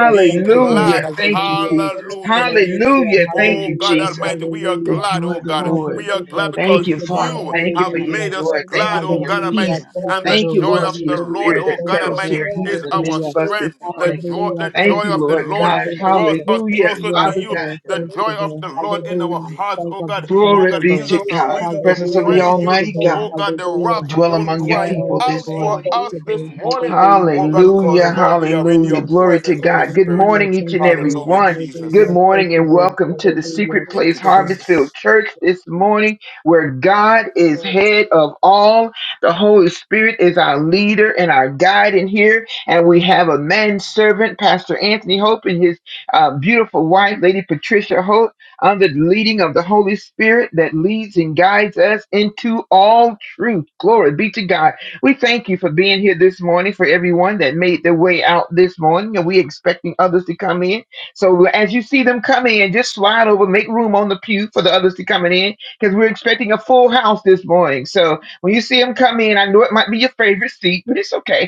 Speaker 7: We thank
Speaker 3: be
Speaker 5: We
Speaker 4: Thank
Speaker 7: you,
Speaker 4: you,
Speaker 7: Lord,
Speaker 4: Lord.
Speaker 5: exalt
Speaker 7: for the gift
Speaker 3: glad.
Speaker 7: of
Speaker 5: your
Speaker 2: Thank
Speaker 5: name
Speaker 2: you,
Speaker 5: on
Speaker 4: Hallelujah.
Speaker 5: high
Speaker 2: Jesus.
Speaker 3: Hallelujah,
Speaker 7: Jesus.
Speaker 5: this
Speaker 3: Jesus.
Speaker 4: Hallelujah.
Speaker 5: morning.
Speaker 2: Hallelujah.
Speaker 7: Lord,
Speaker 2: Thank
Speaker 3: Oh
Speaker 5: Almighty.
Speaker 2: you,
Speaker 7: we
Speaker 3: God
Speaker 4: Hallelujah.
Speaker 7: thank you for
Speaker 2: Jesus.
Speaker 3: Almighty,
Speaker 7: being in
Speaker 3: we are
Speaker 7: the
Speaker 2: The
Speaker 4: Hallelujah.
Speaker 7: gift
Speaker 3: glad,
Speaker 2: joy
Speaker 7: of
Speaker 3: oh
Speaker 2: of the
Speaker 3: God.
Speaker 7: Jesus.
Speaker 5: Blessed
Speaker 2: Lord.
Speaker 5: be
Speaker 3: We are
Speaker 5: the
Speaker 4: Hallelujah.
Speaker 3: glad
Speaker 5: name
Speaker 2: Thank
Speaker 4: Thank
Speaker 3: because
Speaker 2: you,
Speaker 5: of
Speaker 4: you,
Speaker 5: the
Speaker 4: Lord.
Speaker 2: Father.
Speaker 3: you
Speaker 5: Most
Speaker 7: we
Speaker 2: Thank you for
Speaker 3: have
Speaker 7: thank
Speaker 5: High
Speaker 2: your
Speaker 4: Hallelujah.
Speaker 3: made
Speaker 7: you, Lord, for the gift of Lord, we thank
Speaker 3: us
Speaker 5: God.
Speaker 2: joy.
Speaker 7: you,
Speaker 2: Thank
Speaker 7: Lord,
Speaker 2: you
Speaker 3: glad,
Speaker 2: for
Speaker 7: for
Speaker 3: oh
Speaker 2: your
Speaker 7: the
Speaker 3: God
Speaker 5: Oh
Speaker 7: gift
Speaker 4: Hallelujah.
Speaker 5: God
Speaker 3: Almighty.
Speaker 2: peace.
Speaker 4: Thank
Speaker 7: of
Speaker 3: And
Speaker 5: Almighty,
Speaker 4: you,
Speaker 3: the
Speaker 5: we
Speaker 2: Thank you,
Speaker 4: Lord.
Speaker 3: joy
Speaker 5: thank
Speaker 2: Lord,
Speaker 3: of
Speaker 2: for
Speaker 5: you
Speaker 3: the
Speaker 2: your
Speaker 5: this
Speaker 3: Lord,
Speaker 4: Hallelujah.
Speaker 2: spirit
Speaker 5: morning,
Speaker 7: Holy
Speaker 3: oh
Speaker 2: that
Speaker 4: Thank
Speaker 3: God
Speaker 5: God.
Speaker 4: you,
Speaker 2: settles
Speaker 7: Spirit,
Speaker 3: Almighty,
Speaker 2: here,
Speaker 4: Lord.
Speaker 7: Mary,
Speaker 2: even
Speaker 5: We
Speaker 2: in
Speaker 7: to
Speaker 3: is
Speaker 2: the
Speaker 7: the
Speaker 5: thank
Speaker 3: our
Speaker 2: midst
Speaker 4: Hallelujah.
Speaker 2: of
Speaker 5: you,
Speaker 2: us
Speaker 7: Spirit,
Speaker 5: we
Speaker 2: this
Speaker 3: strength.
Speaker 5: thank
Speaker 3: The
Speaker 7: let
Speaker 5: you,
Speaker 2: morning.
Speaker 7: it
Speaker 5: we
Speaker 7: give
Speaker 3: joy,
Speaker 7: us
Speaker 4: Hallelujah.
Speaker 3: the
Speaker 5: thank
Speaker 7: the
Speaker 5: you
Speaker 2: Thank
Speaker 4: Thank
Speaker 3: joy
Speaker 2: you,
Speaker 5: this
Speaker 4: you,
Speaker 3: of the
Speaker 2: Lord
Speaker 4: Lord.
Speaker 5: morning,
Speaker 7: Think
Speaker 3: Lord
Speaker 2: God.
Speaker 7: about the
Speaker 5: Jesus.
Speaker 3: draws
Speaker 4: Hallelujah.
Speaker 3: us
Speaker 7: Lord.
Speaker 2: Hallelujah.
Speaker 5: We
Speaker 7: Think
Speaker 3: closer to
Speaker 4: Yes,
Speaker 5: bless
Speaker 2: Father
Speaker 7: about
Speaker 5: your
Speaker 7: the
Speaker 3: you.
Speaker 2: God.
Speaker 5: name
Speaker 4: Lord.
Speaker 5: this
Speaker 3: The
Speaker 4: Thank
Speaker 7: goodness
Speaker 4: you,
Speaker 3: joy
Speaker 7: of
Speaker 5: morning,
Speaker 3: of
Speaker 4: Lord.
Speaker 3: the
Speaker 5: Lord.
Speaker 3: Lord
Speaker 7: Jesus.
Speaker 3: in our
Speaker 4: Hallelujah.
Speaker 5: We
Speaker 3: hearts,
Speaker 4: Thank
Speaker 5: exalt
Speaker 3: oh
Speaker 4: you,
Speaker 5: your
Speaker 4: Lord.
Speaker 3: God.
Speaker 5: name
Speaker 4: Thank
Speaker 3: Oh
Speaker 5: on
Speaker 2: Glory
Speaker 4: you,
Speaker 3: God,
Speaker 2: be
Speaker 4: Lord.
Speaker 5: high
Speaker 3: gives
Speaker 2: to
Speaker 3: us
Speaker 7: Lord
Speaker 5: this
Speaker 3: a
Speaker 2: God.
Speaker 7: God,
Speaker 3: reason
Speaker 7: Mary,
Speaker 5: morning.
Speaker 3: to
Speaker 7: for
Speaker 2: Presence of
Speaker 7: all
Speaker 2: the
Speaker 4: Hallelujah.
Speaker 7: that
Speaker 5: For
Speaker 3: praise
Speaker 4: Thank
Speaker 7: you've
Speaker 3: you.
Speaker 5: who
Speaker 4: you,
Speaker 2: Almighty
Speaker 5: you
Speaker 7: done
Speaker 4: Lord.
Speaker 3: Oh
Speaker 2: God.
Speaker 7: for
Speaker 5: are,
Speaker 7: us,
Speaker 3: God,
Speaker 5: the
Speaker 3: the
Speaker 7: O God.
Speaker 4: Hallelujah.
Speaker 3: rocks
Speaker 2: Dwell
Speaker 5: Almighty
Speaker 7: We
Speaker 3: won't
Speaker 5: God.
Speaker 2: among your
Speaker 3: cry
Speaker 5: We
Speaker 7: share
Speaker 2: people
Speaker 4: Oh,
Speaker 3: out
Speaker 2: this
Speaker 5: continue
Speaker 4: Lord.
Speaker 3: for
Speaker 5: to
Speaker 2: morning.
Speaker 4: Thank
Speaker 5: give
Speaker 3: us
Speaker 7: hallelujah,
Speaker 4: you,
Speaker 5: you
Speaker 3: this
Speaker 4: Lord.
Speaker 5: glory, we
Speaker 3: morning.
Speaker 4: Hallelujah.
Speaker 3: Oh
Speaker 5: continue
Speaker 7: thank
Speaker 3: God,
Speaker 5: to
Speaker 4: Thank
Speaker 7: you,
Speaker 5: give
Speaker 4: you,
Speaker 5: you
Speaker 3: because
Speaker 2: Hallelujah,
Speaker 7: God,
Speaker 4: Lord.
Speaker 3: Lord,
Speaker 7: for
Speaker 3: we are
Speaker 7: you,
Speaker 5: praise,
Speaker 3: in
Speaker 2: hallelujah.
Speaker 3: your
Speaker 7: for
Speaker 4: Yes.
Speaker 7: you, for you,
Speaker 5: we
Speaker 2: Glory to
Speaker 3: presence,
Speaker 5: continue
Speaker 3: Holy
Speaker 2: God.
Speaker 5: to
Speaker 2: Good
Speaker 3: Spirit.
Speaker 4: Hallelujah.
Speaker 5: worship
Speaker 2: morning,
Speaker 5: you.
Speaker 2: each
Speaker 4: Thank
Speaker 7: for
Speaker 2: and
Speaker 4: you,
Speaker 7: you,
Speaker 2: every
Speaker 4: Lord.
Speaker 3: Hallelujah,
Speaker 7: for
Speaker 2: one.
Speaker 5: Hallelujah.
Speaker 2: Good
Speaker 3: Jesus.
Speaker 4: Hallelujah. Thank
Speaker 2: morning
Speaker 4: you,
Speaker 2: and
Speaker 4: Lord.
Speaker 2: welcome
Speaker 7: you,
Speaker 2: to the Secret
Speaker 4: Hallelujah.
Speaker 7: for you, for
Speaker 3: Thank
Speaker 4: Thank
Speaker 2: Place
Speaker 3: you,
Speaker 4: you, Lord.
Speaker 2: Harvest
Speaker 5: Hallelujah.
Speaker 2: Field
Speaker 3: Jesus.
Speaker 2: Church this morning, where God is
Speaker 7: you.
Speaker 2: head of all. The Holy Spirit is our leader and our guide in here. And we have a
Speaker 5: Morning,
Speaker 2: manservant, Pastor Anthony Hope, and his uh, beautiful wife, Lady Patricia Hope, under the leading of the Holy Spirit that leads and guides us into all truth. Glory be to God. We thank you for being here this morning, for everyone that made their way out this morning. And we expecting others to come in. So as you see them come in, just slide over, make room on the pew for the others to come in, because we're expecting a full house this morning. So when you see them come in, I know it might be your favorite seat, but it's okay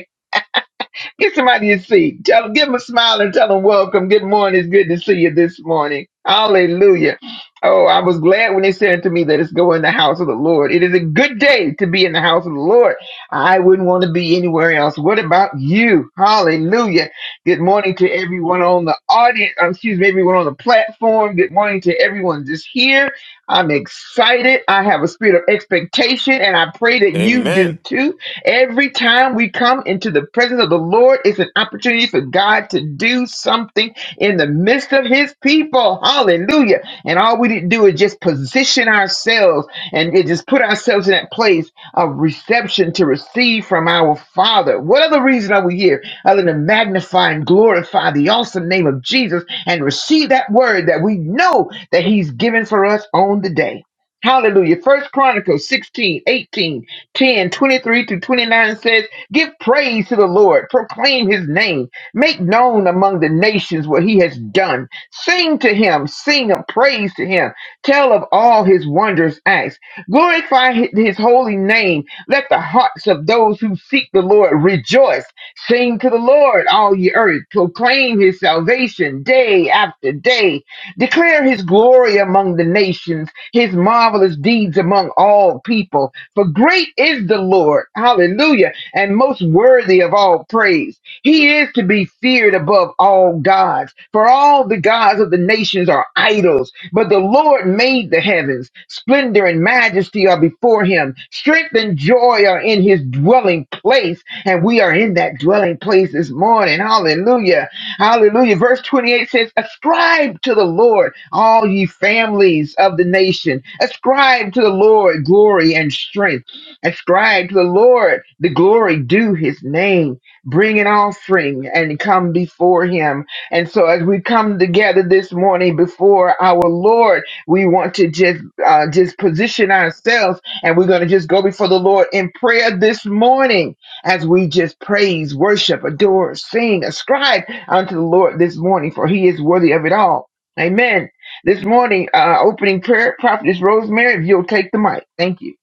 Speaker 2: Get somebody a seat. Tell them, give them a smile and tell them welcome. Good morning. It's good to see you this morning. Hallelujah. Oh, I was glad when they said to me, that it's go in the house of the Lord. It is a good day to be in the house of the Lord. I wouldn't want to be anywhere else. What about you? Hallelujah. Good morning to everyone on the audience. um, Excuse me, everyone on the platform. Good morning to everyone just here. I'm excited. I have a spirit of expectation and I pray that you do
Speaker 3: Amen.
Speaker 2: too. Every time we come into the presence of the Lord, it's an opportunity for God to do something in the midst of his people. Hallelujah. And all we need to do is just position ourselves and to just put ourselves in that place of reception to receive from our Father. What other reason are we here other than magnify and glorify the awesome name of Jesus and receive that word that we know that he's given for us on the day? Hallelujah. First Chronicles 16 18. Ten, twenty-three 23 to 29 says, Give praise to the Lord, proclaim his name, make known among the nations what he has done. Sing to him, sing of praise to him, tell of all his wondrous acts, glorify hi- his holy name. Let the hearts of those who seek the Lord rejoice. Sing to the Lord, all ye earth, proclaim his salvation day after day Declare his glory among the nations, his marvelous deeds among all people. For great is the Lord, hallelujah, and most worthy of all praise. He is to be feared above all gods, for all the gods of the nations are idols. But the Lord made the heavens. Splendor and majesty are before him. Strength and joy are in his dwelling place. And we are in that dwelling place this morning. Hallelujah. Hallelujah. Verse 28 says, Ascribe to the Lord, all ye families of the nation. Ascribe to the Lord glory and strength. Ascribe to the Lord the glory due his name. Bring an offering and come before him. And so, as we come together this morning before our Lord, we want to just uh, just position ourselves, and we're going to just go before the Lord in prayer this morning as we just praise, worship, adore, sing, ascribe unto the Lord this morning, for he is worthy of it all. Amen. This morning, uh, opening prayer, Prophetess Rosemary, if you'll take the mic. Thank you.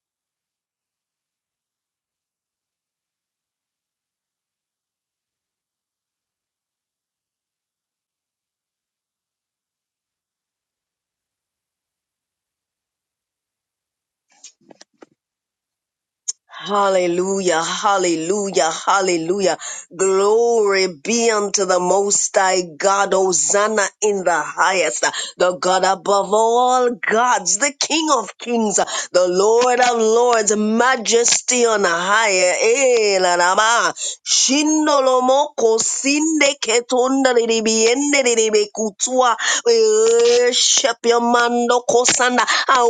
Speaker 9: Hallelujah, hallelujah, hallelujah. Glory be unto the Most High God. Hosanna in the highest the God above all gods, the King of kings, the Lord of lords, majesty on high. Eh, la, la, ma. Shindo lo moko sinde ketunda li li biende li li be kutua. We worship you, Mando Kosanda. I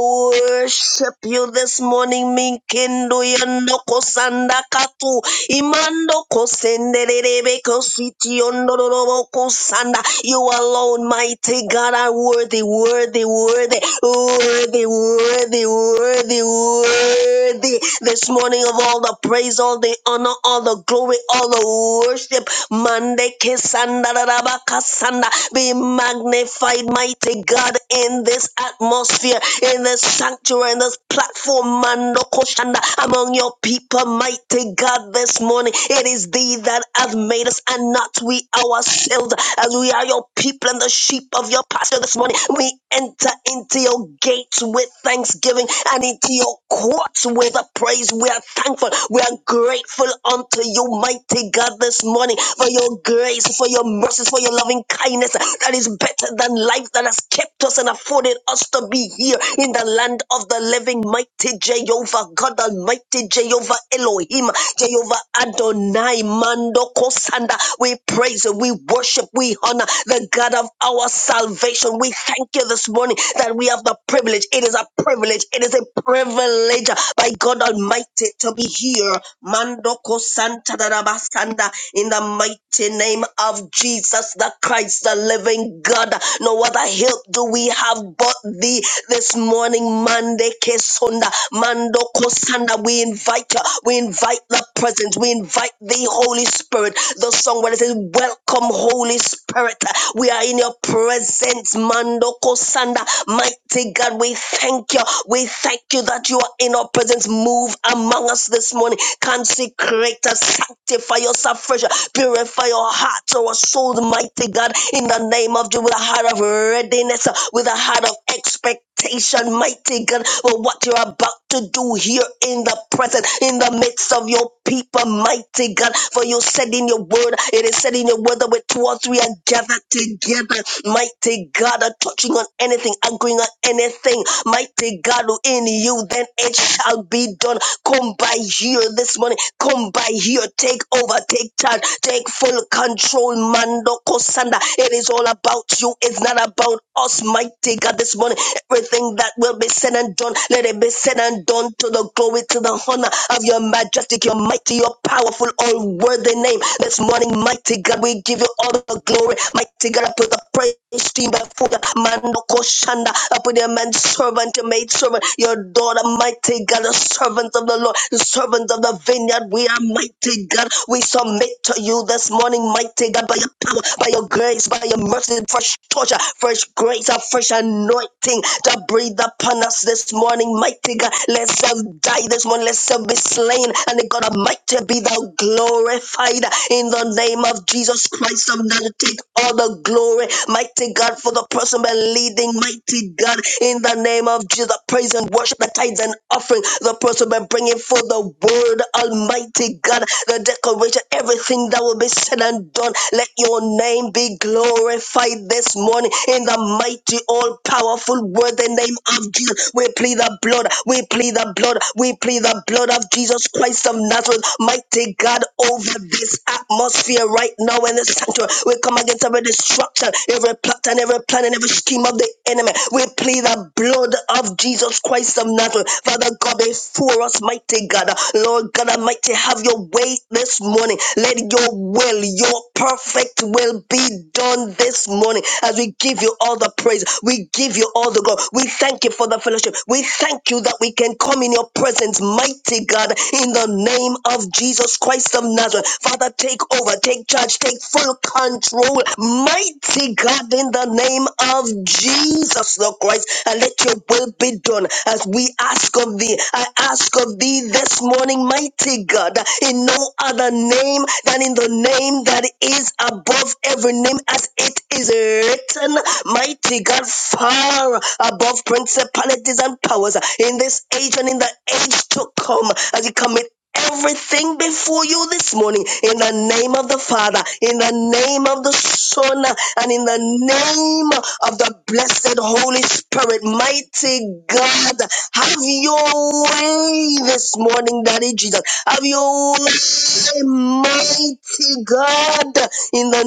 Speaker 9: worship you this morning, Minkendo Yando Kosanda Katu. Imando Kosende Rebe Kositi yondo lo lo moko sanda. Son. You alone, mighty God, are worthy, worthy, worthy, worthy, worthy, worthy, worthy. This morning of all the praise, all the honor, all the glory, all the worship. Mande kesanda rabaka sanda. Be magnified, mighty God, in this atmosphere, in this sanctuary, in this platform, Mando Koshanda, among your people, mighty God, this morning. It is thee that hath made made us and not we ourselves. As we are your people and the sheep of your pasture this morning, we enter into your gates with thanksgiving and into your courts with a praise. We are thankful. We are grateful unto you, mighty God, this morning for your grace, for your mercies, for your loving kindness that is better than life that has kept us and afforded us to be here in the land of the living, mighty Jehovah, God Almighty, Jehovah Elohim, Jehovah Adonai Mando Kosanda. We praise you, we worship, we honor the God of our salvation. We thank you this morning that we have the privilege. It is a privilege. It is a privilege by God Almighty to be here. Mando Kosanta Darabasanda in the mighty name of Jesus the Christ, the living God. No other help do we have but thee this morning. Mande Kesonda Mando Sanda. We invite you. We invite the presence. We invite the Holy Spirit. The song where it says, Welcome, Holy Spirit. We are in your presence, Mandoko Sanda. Mighty God, we thank you. We thank you that you are in our presence. Move among us this morning. Consecrate us, sanctify us afresh, purify our hearts, our souls, mighty God, in the name of Jesus, with a heart of readiness, with a heart of expectation expectation, mighty God, for what you're about to do here in the present, in the midst of your people, mighty God. For you said in your word, it is said in your word that with two or three are gathered together, mighty God, are touching on anything, agreeing on anything, mighty God, in you, then it shall be done. Come by here this morning, come by here, take over, take charge, take full control, Mando Kosanda. It is all about you, it's not about about us, mighty God, this morning. Everything that will be said and done, let it be said and done to the glory, to the honor of your majestic, your mighty, your powerful, all worthy name. This morning, mighty God, we give you all the glory. Mighty God, I put the praise team before you. Mandoko Shanda, I put your man servant, your maid servant, your daughter, mighty God, the servants of the Lord, the servants of the vineyard. We are mighty God. We submit to you this morning, mighty God, by your power, by your grace, by your mercy, fresh torture, fresh grace, a fresh anointing to breathe upon us this morning, mighty God. Let self die this morning, let self be slain, and the God Almighty be thou glorified in the name of Jesus Christ of Nazareth. Take all the glory, mighty God, for the person by leading, mighty God, in the name of Jesus. The praise and worship, the tithes and offering, the person by bringing for the word, Almighty God, the declaration, everything that will be will be said and done. Let your name be glorified this morning in the mighty, all powerful, worthy name of Jesus. We plead the blood, we plead the blood, we plead the blood of Jesus Christ of Nazareth, mighty God, over this atmosphere right now in the sanctuary. We come against every destruction, every plot and every plan and every scheme of the enemy. We plead the blood of Jesus Christ of Nazareth, Father God, before us, mighty God. Lord God Almighty, have your your way this morning. Let your will, your perfect will be done this morning as we give you all the praise. We give you all the glory. We thank you for the fellowship. We thank you that we can come in your presence, mighty God, in the name of Jesus Christ of Nazareth. Father, take over, take charge, take full control, mighty God, in the name of Jesus the Christ. And let your will be done as we ask of thee. I ask of to thee this morning, mighty God, in no other name than in the name that is above every name, as it is written, mighty God, far above principalities and powers in this age and in the age to come, as you commit everything before you this morning in the name of the Father, in the name of the Son, and in the name of the blessed Holy Spirit. Mighty God, have your way this morning, Daddy Jesus. Have your way, mighty God, in the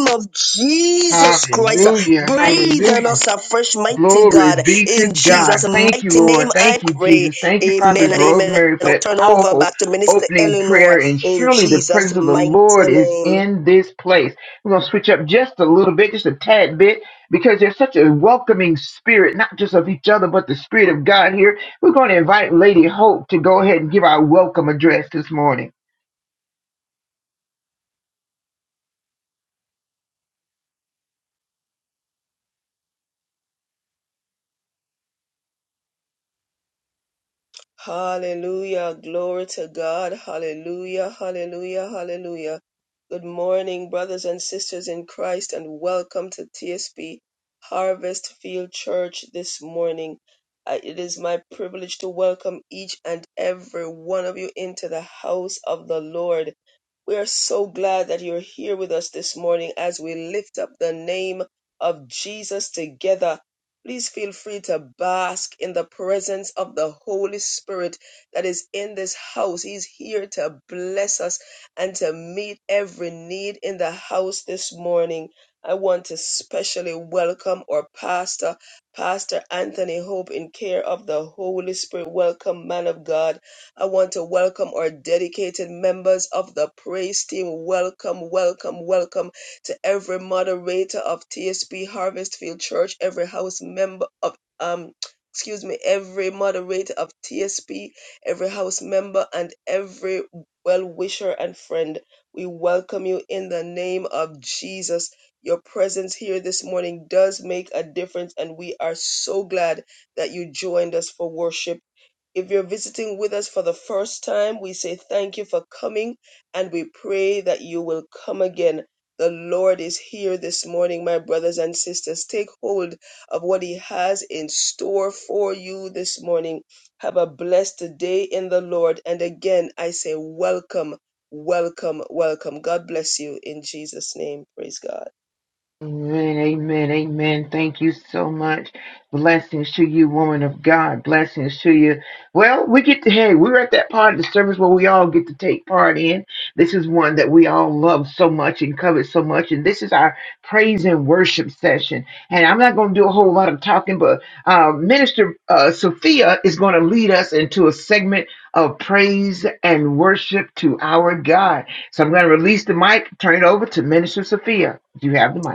Speaker 9: name of Jesus Christ.
Speaker 2: Hallelujah.
Speaker 9: Breathe on
Speaker 2: Hallelujah.
Speaker 9: us
Speaker 5: Hallelujah.
Speaker 9: afresh, mighty
Speaker 2: Glory
Speaker 9: God.
Speaker 2: be to
Speaker 9: In
Speaker 2: God.
Speaker 9: Jesus'
Speaker 2: Thank you,
Speaker 9: mighty name,
Speaker 2: Lord.
Speaker 9: I
Speaker 2: Thank you,
Speaker 9: pray.
Speaker 2: Jesus. Thank you,
Speaker 9: Amen
Speaker 2: Prophet
Speaker 9: and amen.
Speaker 2: Rosemary, for
Speaker 9: And I'll
Speaker 2: that
Speaker 9: turn over
Speaker 2: powerful
Speaker 9: back to Minister
Speaker 2: opening
Speaker 9: Eleanor
Speaker 2: prayer. And
Speaker 9: in
Speaker 2: surely the
Speaker 9: Jesus'
Speaker 2: presence of the
Speaker 9: mighty
Speaker 2: Lord is
Speaker 9: name.
Speaker 2: in this place. We're going to switch up just a little bit, just a tad bit, because there's such a welcoming spirit, not just of each other, but the spirit of God here. We're going to invite Lady Hope to go ahead and give our welcome address this morning.
Speaker 7: Hallelujah. Glory to God. Hallelujah. Hallelujah. Hallelujah. Good morning, brothers and sisters in Christ, and welcome to TSP Harvest Field Church this morning. Uh, It is my privilege to welcome each and every one of you into the house of the Lord. We are so glad that you're here with us this morning as we lift up the name of Jesus together Please feel free to bask in the presence of the Holy Spirit that is in this house. He's here to bless us and to meet every need in the house this morning. I want to specially welcome our pastor, Pastor Anthony Hope, in care of the Holy Spirit. Welcome, man of God. I want to welcome our dedicated members of the praise team. Welcome, welcome, welcome to every moderator of TSP Harvest Field Church, every house member of um excuse me, every moderator of TSP, every house member and every well wisher and friend. We welcome you in the name of Jesus. Your presence here this morning does make a difference, and we are so glad that you joined us for worship if you're visiting with us for the first time, we say thank you for coming and we pray that you will come again. The Lord is here this morning, my brothers and sisters. Take hold of what He has in store for you this morning. Have a blessed day in the Lord. And again, I say welcome, welcome, welcome. God bless you in Jesus' name. Praise God.
Speaker 2: Amen, amen, amen. Thank you so much. Blessings to you, woman of God. Blessings to you. Well, we get to, hey, we're at that part of the service where we all get to take part in. This is one that we all love so much and covet so much. And this is our praise and worship session. And I'm not going to do a whole lot of talking, but uh, Minister uh, Sophia is going to lead us into a segment of praise and worship to our God. So I'm going to release the mic, turn it over to Minister Sophia. You have the mic.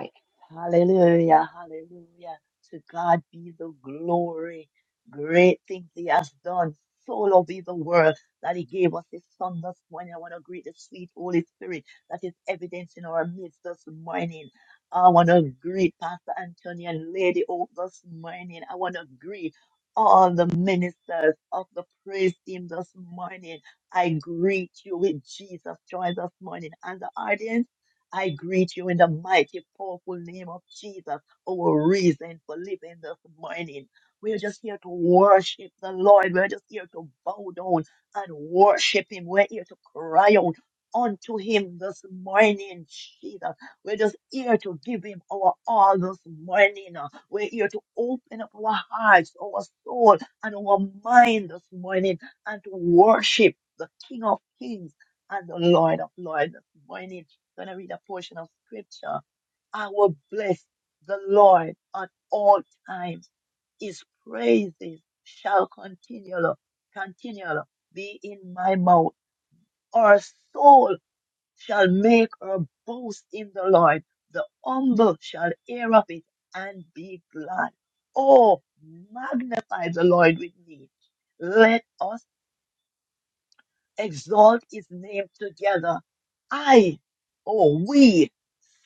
Speaker 5: Hallelujah. Hallelujah. To God be the glory. Great things He has done. So loved is the world that He gave us His Son this morning. I want to greet the sweet Holy Spirit that is evident in our midst this morning. I want to greet Pastor Anthony and Lady Hope this morning. I want to greet all the ministers of the praise team this morning. I greet you with Jesus joy this morning. And the audience. I greet you in the mighty, powerful name of Jesus, our reason for living this morning. We're just here to worship the Lord. We're just here to bow down and worship Him. We're here to cry out unto Him this morning, Jesus. We're just here to give Him our all this morning. We're here to open up our hearts, our soul, and our mind this morning and to worship the King of Kings and the Lord of Lords this morning going to read a portion of scripture. I will bless the Lord at all times. His praises shall continually, continually be in my mouth. Our soul shall make her boast in the Lord. The humble shall hear of it and be glad. Oh, magnify the Lord with me. Let us exalt his name together. I, or we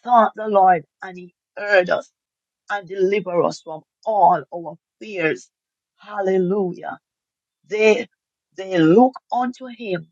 Speaker 5: sought the Lord and he heard us and delivered us from all our fears. Hallelujah. They, they look unto him